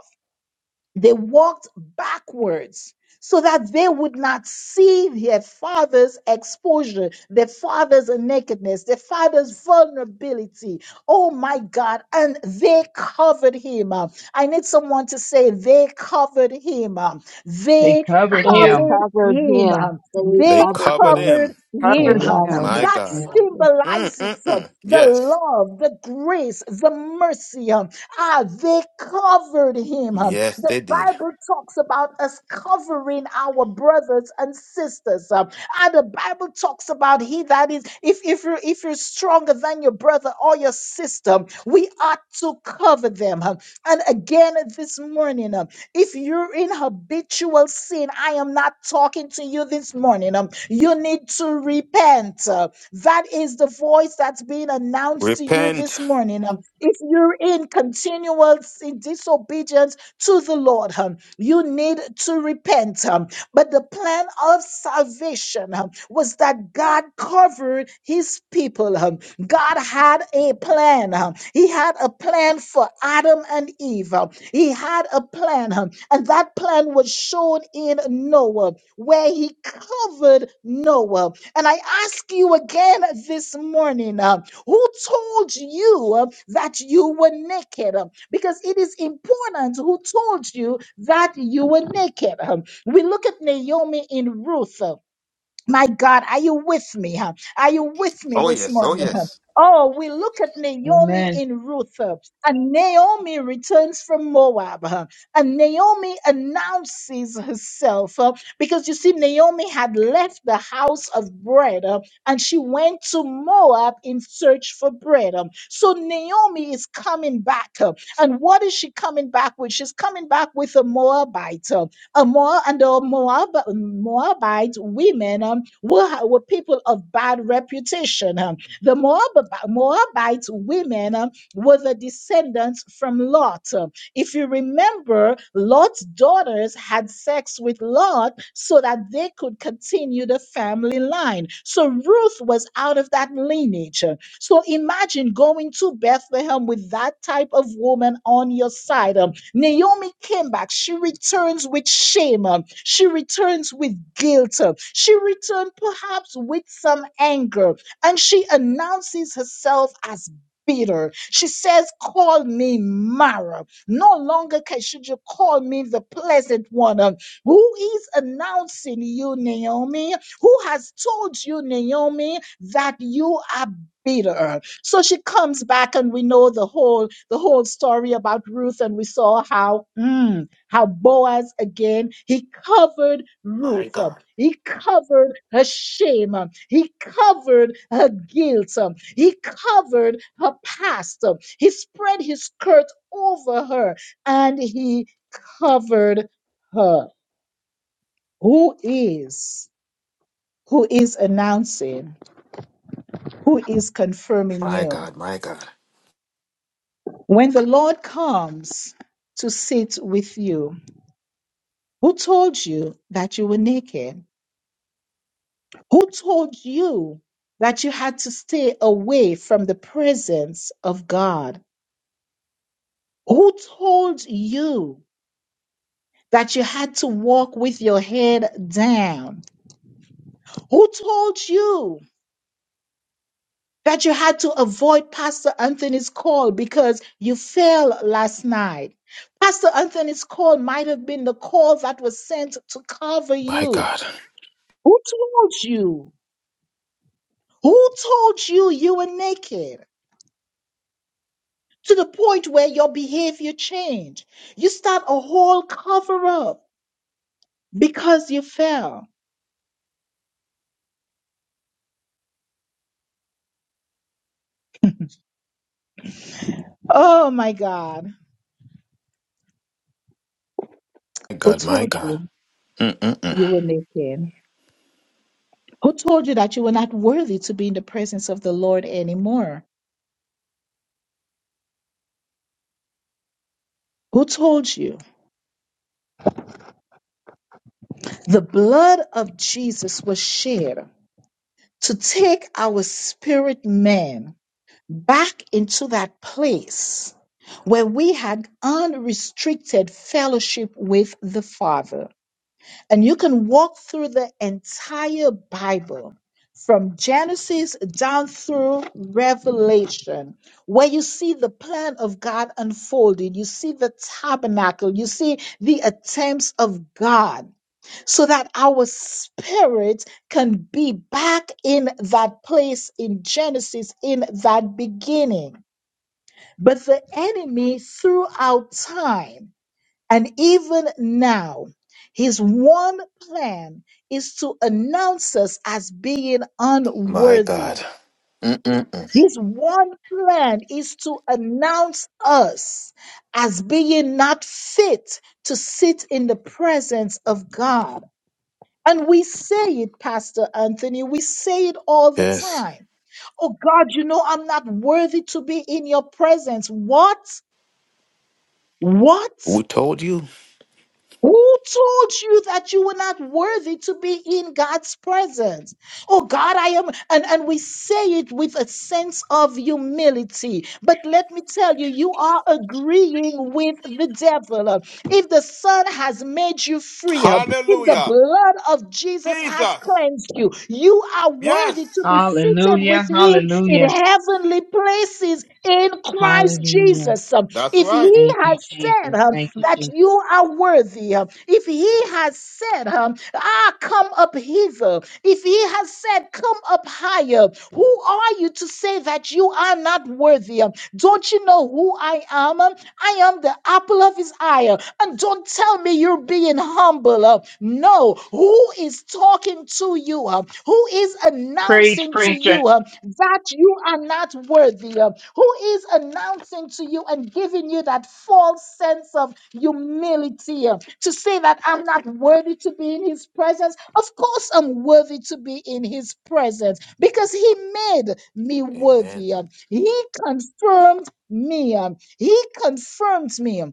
Speaker 11: They walked backwards so that they would not see their father's exposure, their father's nakedness, their father's vulnerability. Oh my God. And they covered him. up. I need someone to say, they covered him. up.
Speaker 2: They
Speaker 11: They
Speaker 2: covered
Speaker 4: They
Speaker 2: him.
Speaker 11: covered
Speaker 4: covered
Speaker 11: him.
Speaker 4: him.
Speaker 11: up.
Speaker 4: They
Speaker 3: They
Speaker 11: They
Speaker 4: covered
Speaker 3: covered
Speaker 4: him.
Speaker 3: him.
Speaker 11: covered
Speaker 6: Cover
Speaker 11: him.
Speaker 2: They
Speaker 11: up.
Speaker 4: Yes.
Speaker 6: him.
Speaker 3: My
Speaker 2: covered
Speaker 11: That
Speaker 3: God.
Speaker 2: him.
Speaker 11: symbolizes uh,
Speaker 3: Mm-mm-mm.
Speaker 11: the
Speaker 3: Yes.
Speaker 11: love, the grace, the mercy. um, Ah, they covered him.
Speaker 3: Yes,
Speaker 11: The
Speaker 3: they did.
Speaker 11: Bible talks about us covering our brothers and sisters. um, and the Bible talks about he that is, if, if you if you're stronger than your brother or your sister, we ought to cover them. um. And again this morning, um, if you're in habitual sin, I am not talking to you this morning. Um, you need to repent. uh, that is the voice that's being announced to you
Speaker 3: Repent.
Speaker 11: this morning. Um, if you're in continual sin, disobedience, to the Lord. um, You need to repent. um, But the plan of salvation um, was that God covered his people. um, God had a plan. um, He had a plan for Adam and Eve. um, He had a plan. um, And that plan was shown in Noah, where he covered Noah. And I ask you again this morning um, who told you um, that you were naked? Uh, because it is important who told you that you were naked. Um, We look at Naomi in Ruth. My God, are you with me? huh? Are you with me
Speaker 3: Oh,
Speaker 11: this
Speaker 3: yes. Oh,
Speaker 11: morning? huh?
Speaker 3: yes.
Speaker 11: Oh, we look at Naomi
Speaker 2: Amen.
Speaker 11: in Ruth, huh, and Naomi returns from Moab, huh, and Naomi announces herself huh, because you see, Naomi had left the house of bread huh, and she went to Moab in search for bread. huh. So Naomi is coming back, huh, and what is she coming back with? She's coming back with a Moabite. huh? Uh, Moab and the Moab, Moabite women um, were, ha- were people of bad reputation. um. the Moab, Moabite women um, were the descendants from Lot. Um, If you remember, Lot's daughters had sex with Lot so that they could continue the family line. So Ruth was out of that lineage. um. So imagine going to Bethlehem with that type of woman on your side. Um, Naomi came back. She returns with shame. um, She returns with guilt. um, She returned perhaps with some anger. And she announces herself as bitter. She says, Call me Mara. No longer can should you call me the pleasant one. Um, Who is announcing you, Naomi? Who has told you, Naomi, that you are be to her. So she comes back, and we know the whole the whole story about Ruth, and we saw how mm, how Boaz again he covered
Speaker 3: My
Speaker 11: Ruth, um,
Speaker 3: God.
Speaker 11: he covered her shame, um, he covered her guilt, um, he covered her past, um, he spread his skirt over her, and he covered her. Who is who is announcing? Who is confirming
Speaker 3: My
Speaker 11: you?
Speaker 3: God. My God.
Speaker 11: When the Lord comes to sit with you, who told you that you were naked? Who told you that you had to stay away from the presence of God? Who told you that you had to walk with your head down? Who told you that you had to avoid Pastor Anthony's call because you fell last night? Pastor Anthony's call might have been the call that was sent to cover
Speaker 3: My
Speaker 11: you.
Speaker 3: God.
Speaker 11: Who told you? Who told you you were naked to the point where your behavior changed? You start a whole cover up because you fell. Oh my God.
Speaker 3: My
Speaker 11: Who
Speaker 3: God. My
Speaker 11: told
Speaker 3: God.
Speaker 11: you
Speaker 3: Mm-mm-mm.
Speaker 11: you were naked? Who told you that you were not worthy to be in the presence of the Lord anymore? Who told you? The blood of Jesus was shed to take our spirit man back into that place where we had unrestricted fellowship with the Father. And you can walk through the entire Bible from Genesis down through Revelation, where you see the plan of God unfolded. You see the tabernacle. You see the attempts of God so that our spirit can be back in that place in Genesis, in that beginning but the enemy throughout time and even now, his one plan is to announce us as being
Speaker 3: My God.
Speaker 11: unworthy.
Speaker 3: Mm-mm-mm.
Speaker 11: His one plan is to announce us as being not fit to sit in the presence of God. And we say it, Pastor Anthony, we say it all the
Speaker 3: Yes.
Speaker 11: time. Oh God, you know I'm not worthy to be in your presence. What? What?
Speaker 3: We told you.
Speaker 11: Who told you that you were not worthy to be in God's presence? Oh God, I am, and, and we say it with a sense of humility. But let me tell you, you are agreeing with the devil. If the Son has made you free, if the
Speaker 3: Hallelujah.
Speaker 11: blood of Jesus has
Speaker 3: Jesus.
Speaker 11: cleansed you, you are worthy
Speaker 3: Yes.
Speaker 11: to be seated
Speaker 2: Hallelujah.
Speaker 11: with Him in
Speaker 2: Hallelujah.
Speaker 11: heavenly places in Christ Jesus.
Speaker 2: Hallelujah.
Speaker 11: Jesus, um,
Speaker 3: That's
Speaker 11: if
Speaker 3: right.
Speaker 11: he
Speaker 2: Thank you,
Speaker 11: has said
Speaker 2: Jesus.
Speaker 11: um,
Speaker 2: Thank you,
Speaker 11: that you
Speaker 2: Jesus.
Speaker 11: are worthy, um, if he has said, um, ah, come up hither, if he has said, come up higher, who are you to say that you are not worthy? Um, Don't you know who I am? Um, I am the apple of his eye. uh, And don't tell me you're being humble. uh, No, who is talking to you? uh, Who is
Speaker 2: Preach,
Speaker 11: announcing to
Speaker 2: preacher.
Speaker 11: you uh, that you are not worthy? uh, Who is announcing to you and giving you that false sense of humility uh, to say that I'm not worthy to be in his presence? Of course, I'm worthy to be in his presence because he made me
Speaker 3: Amen.
Speaker 11: worthy. uh, He confirmed me. um, He confirms me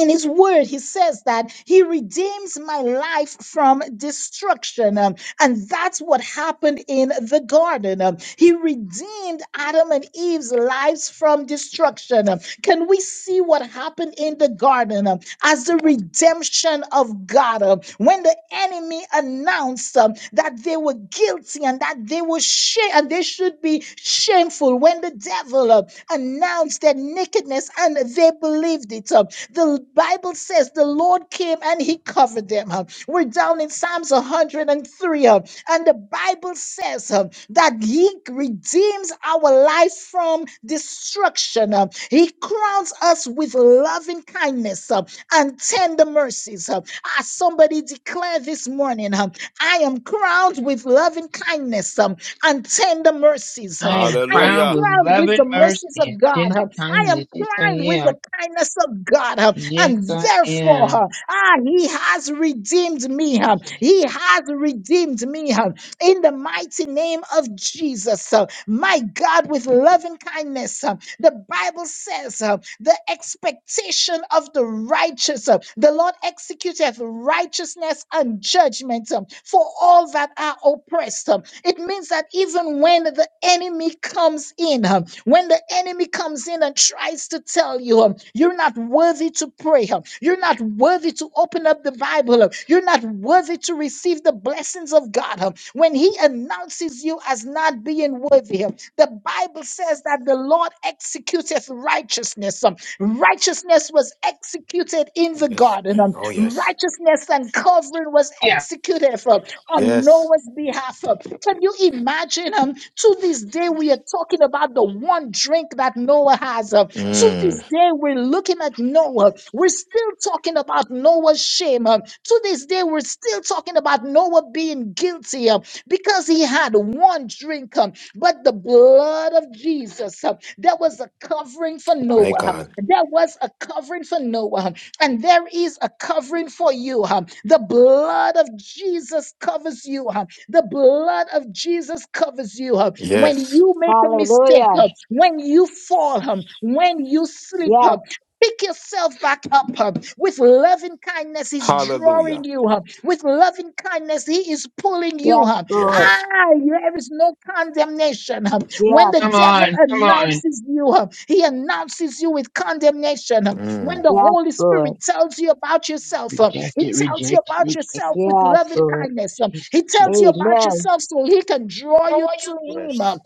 Speaker 11: in his word, he says that he redeems my life from destruction. Um, and that's what happened in the garden. Um, he redeemed Adam and Eve's lives from destruction. Um, can we see what happened in the garden um, as the redemption of God? Um, when the enemy announced um, that they were guilty and that they were shame and they should be shameful, when the devil um, announced their nakedness and they believed it, um, the Bible says the Lord came and he covered them. huh. We're down in Psalms 103. huh, And the Bible says huh, that he redeems our life from destruction. huh. He crowns us with loving kindness huh, and tender mercies. huh. As somebody declared this morning, huh, I am crowned with loving kindness um, and tender mercies. um,
Speaker 2: I am
Speaker 11: I am
Speaker 2: crowned
Speaker 3: Hallelujah.
Speaker 2: with
Speaker 11: crowned with
Speaker 2: loving
Speaker 11: the
Speaker 2: mercy
Speaker 11: mercies
Speaker 2: and
Speaker 11: of God.
Speaker 2: tender
Speaker 11: huh? I am
Speaker 2: kindness. Yes, I
Speaker 11: crowned with the
Speaker 2: am.
Speaker 11: kindness of God, uh,
Speaker 2: Yes,
Speaker 11: and
Speaker 2: I
Speaker 11: therefore,
Speaker 2: am.
Speaker 11: uh, ah, He has redeemed me. uh,
Speaker 2: Jesus.
Speaker 11: He has redeemed me uh, in the mighty name of Jesus. uh, My God, with loving kindness. huh, the Bible says uh, the expectation of the righteous, uh, the Lord executeth righteousness and judgment um, for all that are oppressed. um. It means that even when the enemy comes in, um, when the enemy comes in and tries to tell you, um, you're not worthy to pray, um, you're not worthy to open up the Bible, um, you're not worthy to receive the blessings of God, um, when he announces you as not being worthy, um, the Bible says that the Lord executeth righteousness. Um, Righteousness was executed in the
Speaker 3: Yes.
Speaker 11: garden. Um,
Speaker 3: Oh, yes.
Speaker 11: Righteousness and covering was
Speaker 2: Yeah.
Speaker 11: executed um, on
Speaker 3: Yes.
Speaker 11: Noah's behalf. Um, Can you imagine? um, To this day, we are talking about the one drink that Noah has. um, To this
Speaker 3: Mm,
Speaker 11: day, we're looking at Noah. We're still talking about Noah's shame. um, To this day, we're still talking about Noah being guilty um, because he had one drink. um, but the blood of Jesus. uh, There was a covering for
Speaker 3: my
Speaker 11: Noah. uh,
Speaker 3: God.
Speaker 11: There was a covering for Noah, uh, and there is a covering for you. uh, The blood of Jesus covers you. uh, The blood of Jesus covers you. uh, When
Speaker 3: Yes.
Speaker 11: you make a mistake,
Speaker 4: Hallelujah.
Speaker 11: uh, when you fall, uh, when you sleep,
Speaker 4: Yes.
Speaker 11: uh, Pick yourself back up huh, with loving kindness. He's drawing
Speaker 3: Hallelujah.
Speaker 11: you huh, with loving kindness. He is pulling you
Speaker 4: Yes,
Speaker 11: huh,
Speaker 4: Lord.
Speaker 11: Ah,
Speaker 3: Yes.
Speaker 11: there is no condemnation.
Speaker 4: Yes.
Speaker 11: When the
Speaker 2: Come
Speaker 11: devil
Speaker 2: on. Come on.
Speaker 11: announces you, he announces you with condemnation. When
Speaker 3: Mm,
Speaker 11: the
Speaker 4: Yes,
Speaker 11: Holy
Speaker 4: Lord.
Speaker 11: Spirit tells you about yourself,
Speaker 2: Reject
Speaker 11: he
Speaker 2: it.
Speaker 11: tells you
Speaker 2: Reject it.
Speaker 11: about
Speaker 2: Reject it.
Speaker 11: yourself with
Speaker 4: Yes,
Speaker 11: loving
Speaker 4: Lord.
Speaker 11: kindness.
Speaker 2: Jesus.
Speaker 11: He
Speaker 2: Jesus.
Speaker 11: tells you about
Speaker 4: Amen.
Speaker 2: Jesus.
Speaker 11: yourself so he can draw you to him.
Speaker 3: yes.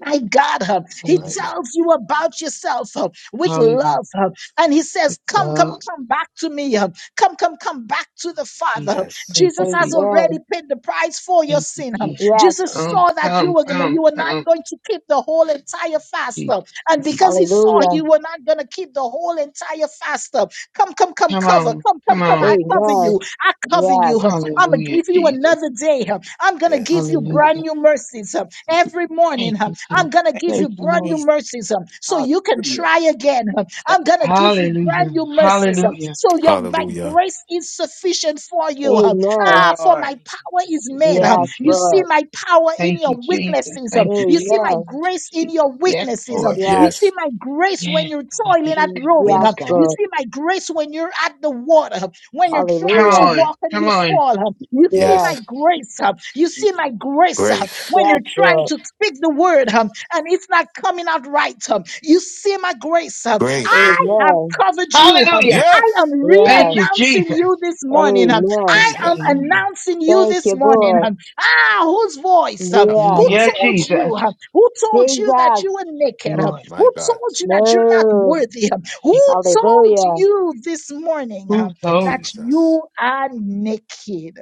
Speaker 11: My God, huh, He
Speaker 2: Hallelujah.
Speaker 3: My God.
Speaker 11: tells you about yourself huh,
Speaker 2: Hallelujah.
Speaker 11: with
Speaker 2: Hallelujah.
Speaker 11: love. huh, And He says,
Speaker 2: With
Speaker 11: Come, come,
Speaker 2: love.
Speaker 11: come back to me. huh, Come, come, come back to the
Speaker 2: Thank you,
Speaker 11: Father.
Speaker 2: Jesus.
Speaker 11: huh.
Speaker 3: Yes.
Speaker 2: Thank you,
Speaker 11: Jesus has
Speaker 2: Jesus.
Speaker 4: Amen.
Speaker 11: already paid the price for your
Speaker 2: Thank you,
Speaker 11: sin. huh.
Speaker 2: Jesus.
Speaker 4: Yes.
Speaker 11: Jesus
Speaker 2: Come,
Speaker 11: saw that you
Speaker 2: come,
Speaker 11: were gonna,
Speaker 2: come,
Speaker 11: you were not
Speaker 2: come.
Speaker 11: going to keep the whole entire
Speaker 2: Thank you,
Speaker 11: fast.
Speaker 2: Jesus.
Speaker 11: huh, And
Speaker 2: Thank you,
Speaker 11: because he
Speaker 2: Jesus.
Speaker 11: saw
Speaker 4: Hallelujah.
Speaker 11: you were not gonna keep the whole entire fast. huh, Come, come, come,
Speaker 2: Come
Speaker 11: cover,
Speaker 2: on.
Speaker 11: come, come,
Speaker 2: Come
Speaker 11: come,
Speaker 2: on.
Speaker 11: I cover you.
Speaker 4: Amen.
Speaker 3: Yes.
Speaker 11: I cover you.
Speaker 4: Yes.
Speaker 11: huh." I'm going to
Speaker 2: Hallelujah,
Speaker 11: give you
Speaker 2: Jesus.
Speaker 11: another day. huh. I'm going to
Speaker 3: Yes.
Speaker 11: give you brand
Speaker 2: Hallelujah.
Speaker 11: new mercies huh. every morning.
Speaker 2: Thank
Speaker 11: huh.
Speaker 2: you,
Speaker 11: I'm
Speaker 2: Jesus.
Speaker 11: going to give
Speaker 2: Thank
Speaker 11: you
Speaker 2: you,
Speaker 11: brand
Speaker 2: Lord.
Speaker 11: new
Speaker 6: Jesus.
Speaker 11: mercies huh, so you can
Speaker 6: Hallelujah.
Speaker 11: try again. huh.
Speaker 6: Thank
Speaker 11: I'm
Speaker 6: you,
Speaker 11: going to give you brand
Speaker 2: Hallelujah.
Speaker 11: new mercies huh,
Speaker 2: Hallelujah.
Speaker 11: so your my
Speaker 3: Hallelujah.
Speaker 11: grace is sufficient for you. huh. Ah,
Speaker 4: Amen.
Speaker 11: for my
Speaker 6: Lord.
Speaker 2: Thank
Speaker 11: power
Speaker 2: you,
Speaker 11: is
Speaker 2: Jesus.
Speaker 11: made.
Speaker 2: Thank
Speaker 11: huh.
Speaker 2: you,
Speaker 4: Yes,
Speaker 11: You see
Speaker 4: Lord.
Speaker 2: Jesus.
Speaker 11: my power in
Speaker 2: Thank
Speaker 11: your
Speaker 2: you, Jesus.
Speaker 11: weaknesses. huh.
Speaker 2: Thank you,
Speaker 11: You
Speaker 2: Jesus.
Speaker 11: see my
Speaker 4: Amen.
Speaker 11: grace
Speaker 2: Thank you,
Speaker 11: in
Speaker 2: Jesus.
Speaker 11: your
Speaker 2: Yes,
Speaker 11: weaknesses. huh.
Speaker 2: Lord.
Speaker 11: You
Speaker 4: Yes.
Speaker 11: see
Speaker 3: Yes.
Speaker 11: my grace when
Speaker 2: Yes,
Speaker 11: you're
Speaker 2: God.
Speaker 11: toiling
Speaker 2: Yes,
Speaker 11: at
Speaker 2: God.
Speaker 11: rowing.
Speaker 2: Yes,
Speaker 11: huh.
Speaker 4: Yes,
Speaker 11: You
Speaker 2: God.
Speaker 4: Lord.
Speaker 11: see my grace when you're at the water. huh? When you're trying
Speaker 2: Come
Speaker 11: to
Speaker 4: Hallelujah.
Speaker 2: on.
Speaker 11: walk and
Speaker 2: Come
Speaker 11: you
Speaker 2: on.
Speaker 11: fall, huh, you see
Speaker 4: Yes.
Speaker 11: my
Speaker 3: Yes.
Speaker 11: grace. huh, You see my
Speaker 2: Thank you,
Speaker 11: grace. huh.
Speaker 2: Jesus.
Speaker 3: Grace.
Speaker 11: When
Speaker 4: Yes,
Speaker 11: you're trying
Speaker 4: Lord.
Speaker 11: to speak the word huh, and it's not coming out right, huh, you see my grace. huh.
Speaker 3: Grace.
Speaker 11: I have
Speaker 4: Amen.
Speaker 11: covered you. huh.
Speaker 2: Hallelujah.
Speaker 11: I
Speaker 3: Yes.
Speaker 11: am
Speaker 2: Thank
Speaker 4: Yes.
Speaker 2: you,
Speaker 11: re-announcing
Speaker 2: Jesus.
Speaker 11: you this morning. huh.
Speaker 4: Amen.
Speaker 11: I am
Speaker 3: Jesus.
Speaker 2: Hallelujah.
Speaker 11: announcing you
Speaker 4: Thank
Speaker 11: this
Speaker 4: you,
Speaker 11: morning.
Speaker 4: Lord.
Speaker 11: huh. Ah, whose voice? huh,
Speaker 3: Ah,
Speaker 11: who
Speaker 3: total
Speaker 2: Hallelujah,
Speaker 4: Yes.
Speaker 3: shit out of
Speaker 11: told
Speaker 2: Jesus.
Speaker 3: him.
Speaker 11: you? huh,
Speaker 2: Thank
Speaker 11: Who told you that you
Speaker 4: Jesus.
Speaker 11: were
Speaker 2: you,
Speaker 11: naked? huh?
Speaker 2: Lord.
Speaker 3: My
Speaker 11: Who
Speaker 3: God.
Speaker 11: told you that you're not
Speaker 4: Move.
Speaker 11: worthy? huh?
Speaker 2: Thank
Speaker 11: Who
Speaker 2: you,
Speaker 11: told
Speaker 2: Jesus.
Speaker 4: Hallelujah.
Speaker 11: you this morning? huh,
Speaker 2: Who told
Speaker 11: that
Speaker 2: me?
Speaker 3: Jesus.
Speaker 11: you are naked.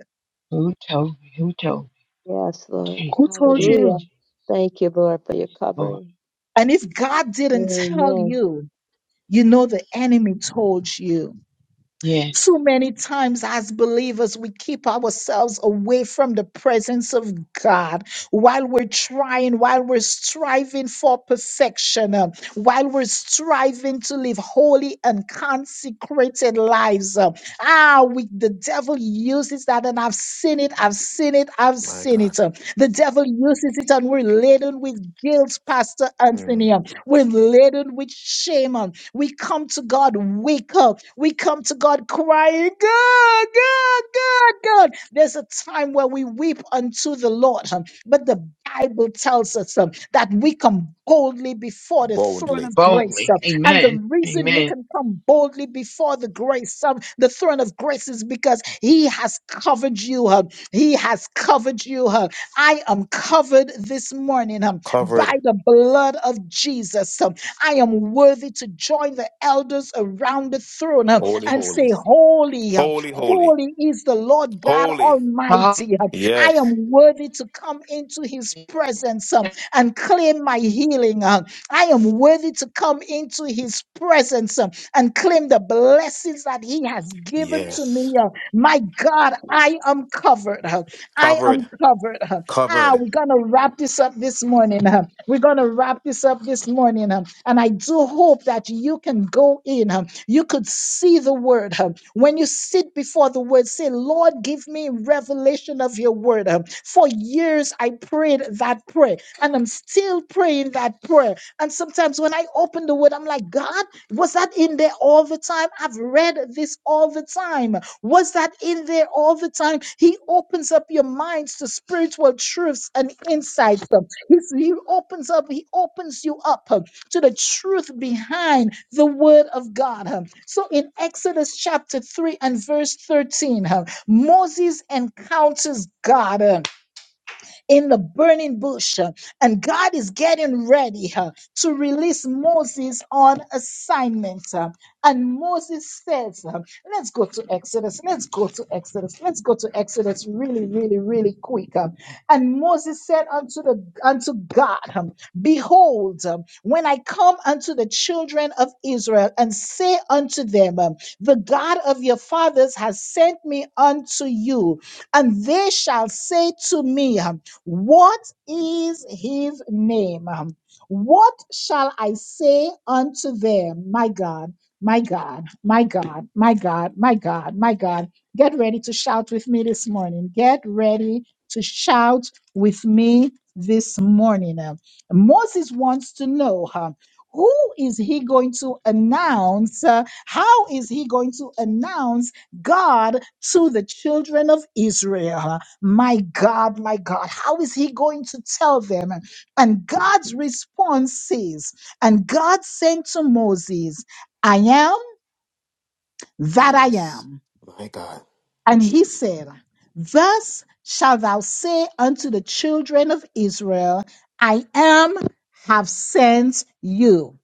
Speaker 2: Who told me? Who told me?
Speaker 4: Yes, Lord.
Speaker 2: Jesus,
Speaker 11: Who told
Speaker 2: Jesus,
Speaker 4: Hallelujah.
Speaker 11: you?
Speaker 2: Jesus.
Speaker 4: Thank you, Lord, for your
Speaker 2: Yes, Lord.
Speaker 4: covering.
Speaker 11: And if God didn't tell
Speaker 4: Amen.
Speaker 11: you, you know the enemy told you.
Speaker 2: Yes.
Speaker 11: Too many times as believers, we keep ourselves away from the presence of God while we're trying, while we're striving for perfection, uh, while we're striving to live holy and consecrated lives. uh, Ah, we, the devil uses that, and I've seen it, I've seen it, I've
Speaker 3: My
Speaker 11: seen
Speaker 3: God.
Speaker 11: it. uh, The devil uses it, and we're laden with guilt, Pastor Anthony.
Speaker 3: Mm,
Speaker 11: We're laden with shame. and We come to God, wake up. We come to God crying, God, God, God, God. There's a time where we weep unto the Lord. um, But the Bible tells us um, that we come boldly before the throne
Speaker 3: boldly.
Speaker 11: of grace.
Speaker 2: boldly.
Speaker 11: um, And the
Speaker 2: Amen.
Speaker 11: reason you
Speaker 2: Amen.
Speaker 11: can come boldly before the grace, um, the throne of grace, is because He has covered you. um, He has covered you. uh, I am covered this morning um, by
Speaker 3: Covered.
Speaker 11: the blood of Jesus. Um, I am worthy to join the elders around the throne uh,
Speaker 3: Holy,
Speaker 11: and
Speaker 3: holy.
Speaker 11: say, Holy, uh,
Speaker 3: Holy, holy.
Speaker 11: holy is the Lord God
Speaker 3: Holy.
Speaker 2: Hallelujah.
Speaker 11: Almighty. Uh,
Speaker 3: Yes.
Speaker 11: I am worthy to come into his presence um, and claim my healing. uh, I am worthy to come into his presence um, and claim the blessings that he has given to me.
Speaker 3: Yes.
Speaker 11: uh, My God, I am covered. uh, I
Speaker 3: Covered.
Speaker 11: am covered. Uh, Ah,
Speaker 3: Covered.
Speaker 11: we're going to wrap this up this morning. huh? We're going to wrap this up this morning. huh? And I do hope that you can go in. huh? You could see the word. huh? When you sit before the word, say, Lord, give me revelation of your word. huh? For years, I prayed that prayer, and I'm still praying that prayer. And sometimes when I open the word, I'm like, God, was that in there all the time? I've read this all the time. Was that in there all the time? He opens up your minds to spiritual truths and insights. um, He's, he opens up, he opens you up um, to the truth behind the word of God. um. So in Exodus chapter 3 and verse 13, um, Moses encounters God. um, in the burning bush. uh, And God is getting ready uh, to release Moses on assignment. uh, And Moses says, uh, Let's go to Exodus. Let's go to Exodus. Let's go to Exodus really, really, really quick. uh, And Moses said unto the unto God, um, Behold, um, when I come unto the children of Israel and say unto them, um, The God of your fathers has sent me unto you, and they shall say to me. um, what is his name? Um, What shall I say unto them? My God, my God, my God, my God, my God, my God. Get ready to shout with me this morning. Get ready to shout with me this morning. Um, Moses wants to know um, who is he going to announce? uh, how is he going to announce God to the children of Israel? My God, my God, how is he going to tell them? And God's response is, and God said to Moses, I am that I
Speaker 3: Yes.
Speaker 11: am.
Speaker 3: My God.
Speaker 11: And he said, Thus shalt thou say unto the children of Israel, I am have sent you.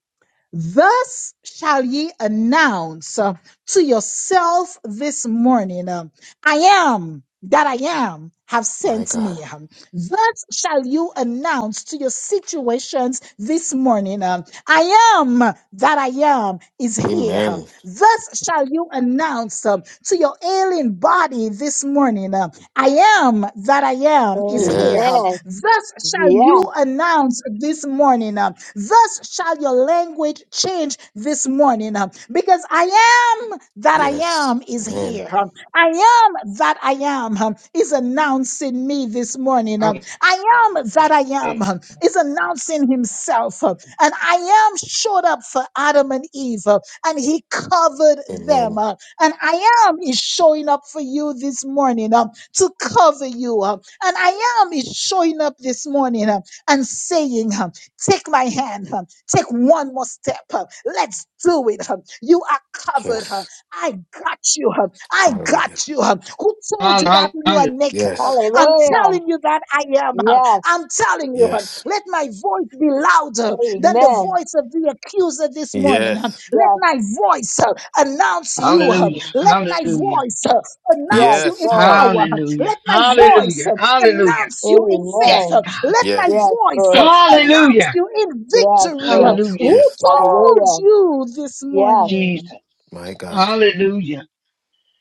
Speaker 11: Thus shall ye announce uh, to yourself this morning, um, I am that I am have
Speaker 3: My
Speaker 11: sent
Speaker 3: God.
Speaker 11: me. Um, Thus shall you announce to your situations this morning, um, I am that I am is here. Um,
Speaker 3: Amen.
Speaker 11: Thus shall you announce um, to your ailing body this morning, um, I am that I am is here.
Speaker 3: Yes.
Speaker 4: Amen.
Speaker 11: Thus shall you
Speaker 4: Yes.
Speaker 11: announce this morning. uh, Thus shall your language change this morning. uh, Because I am that I
Speaker 3: Yes.
Speaker 11: am is
Speaker 3: Amen.
Speaker 11: here. uh, I am that I am um, is announcing me this morning. um, I am that I am um, is announcing himself. um, And I am showed up for Adam and Eve, uh, and he covered them.
Speaker 3: Amen.
Speaker 11: uh, and I am is showing up for you this morning um, to cover you. um, and I am is showing up this morning um, and saying, um, Take my hand, um, take one more step. um, let's do it. um, you are covered. um,
Speaker 3: Yes.
Speaker 11: I got you. um, I
Speaker 3: Hallelujah.
Speaker 11: got you. um, who told you that you are
Speaker 2: Hallelujah.
Speaker 11: naked? um,
Speaker 3: Yes.
Speaker 11: I'm
Speaker 4: Hallelujah.
Speaker 11: telling you that I am. um,
Speaker 4: Yes.
Speaker 11: I'm telling you, um,
Speaker 3: Yes.
Speaker 11: let my voice be louder than the
Speaker 4: Amen.
Speaker 11: voice of the accuser this morning. um.
Speaker 3: Yes.
Speaker 11: Let
Speaker 4: Yes.
Speaker 11: my voice uh, announce you. um.
Speaker 2: Hallelujah.
Speaker 11: Let my
Speaker 2: Hallelujah.
Speaker 11: voice uh, announce
Speaker 4: Yes,
Speaker 11: you in
Speaker 3: Yes.
Speaker 4: Lord.
Speaker 11: power. um.
Speaker 2: Hallelujah.
Speaker 11: Let my voice
Speaker 2: Hallelujah.
Speaker 11: uh,
Speaker 2: Hallelujah.
Speaker 11: announce you in
Speaker 2: Yes,
Speaker 11: faith. um.
Speaker 4: Amen.
Speaker 2: God.
Speaker 11: Let my
Speaker 3: Yes.
Speaker 4: Yes,
Speaker 11: voice
Speaker 4: Lord.
Speaker 11: uh, announce
Speaker 2: Hallelujah.
Speaker 11: you in
Speaker 4: Yes,
Speaker 11: victory. um.
Speaker 4: Lord.
Speaker 11: Who
Speaker 2: Hallelujah.
Speaker 3: Yes, Lord.
Speaker 11: told
Speaker 4: Hallelujah.
Speaker 11: you this
Speaker 4: Yes.
Speaker 11: morning?
Speaker 2: Jesus.
Speaker 3: My God.
Speaker 2: Hallelujah.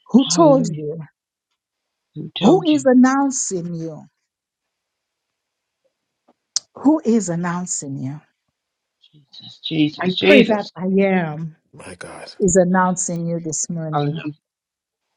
Speaker 11: Who told
Speaker 2: Hallelujah.
Speaker 11: you?
Speaker 2: Who
Speaker 11: Who
Speaker 2: told you?
Speaker 11: is announcing you? Who is announcing you?
Speaker 2: Jesus. Jesus.
Speaker 11: I pray that
Speaker 2: Jesus.
Speaker 11: I am.
Speaker 3: My God.
Speaker 11: is announcing you this morning.
Speaker 2: Hallelujah.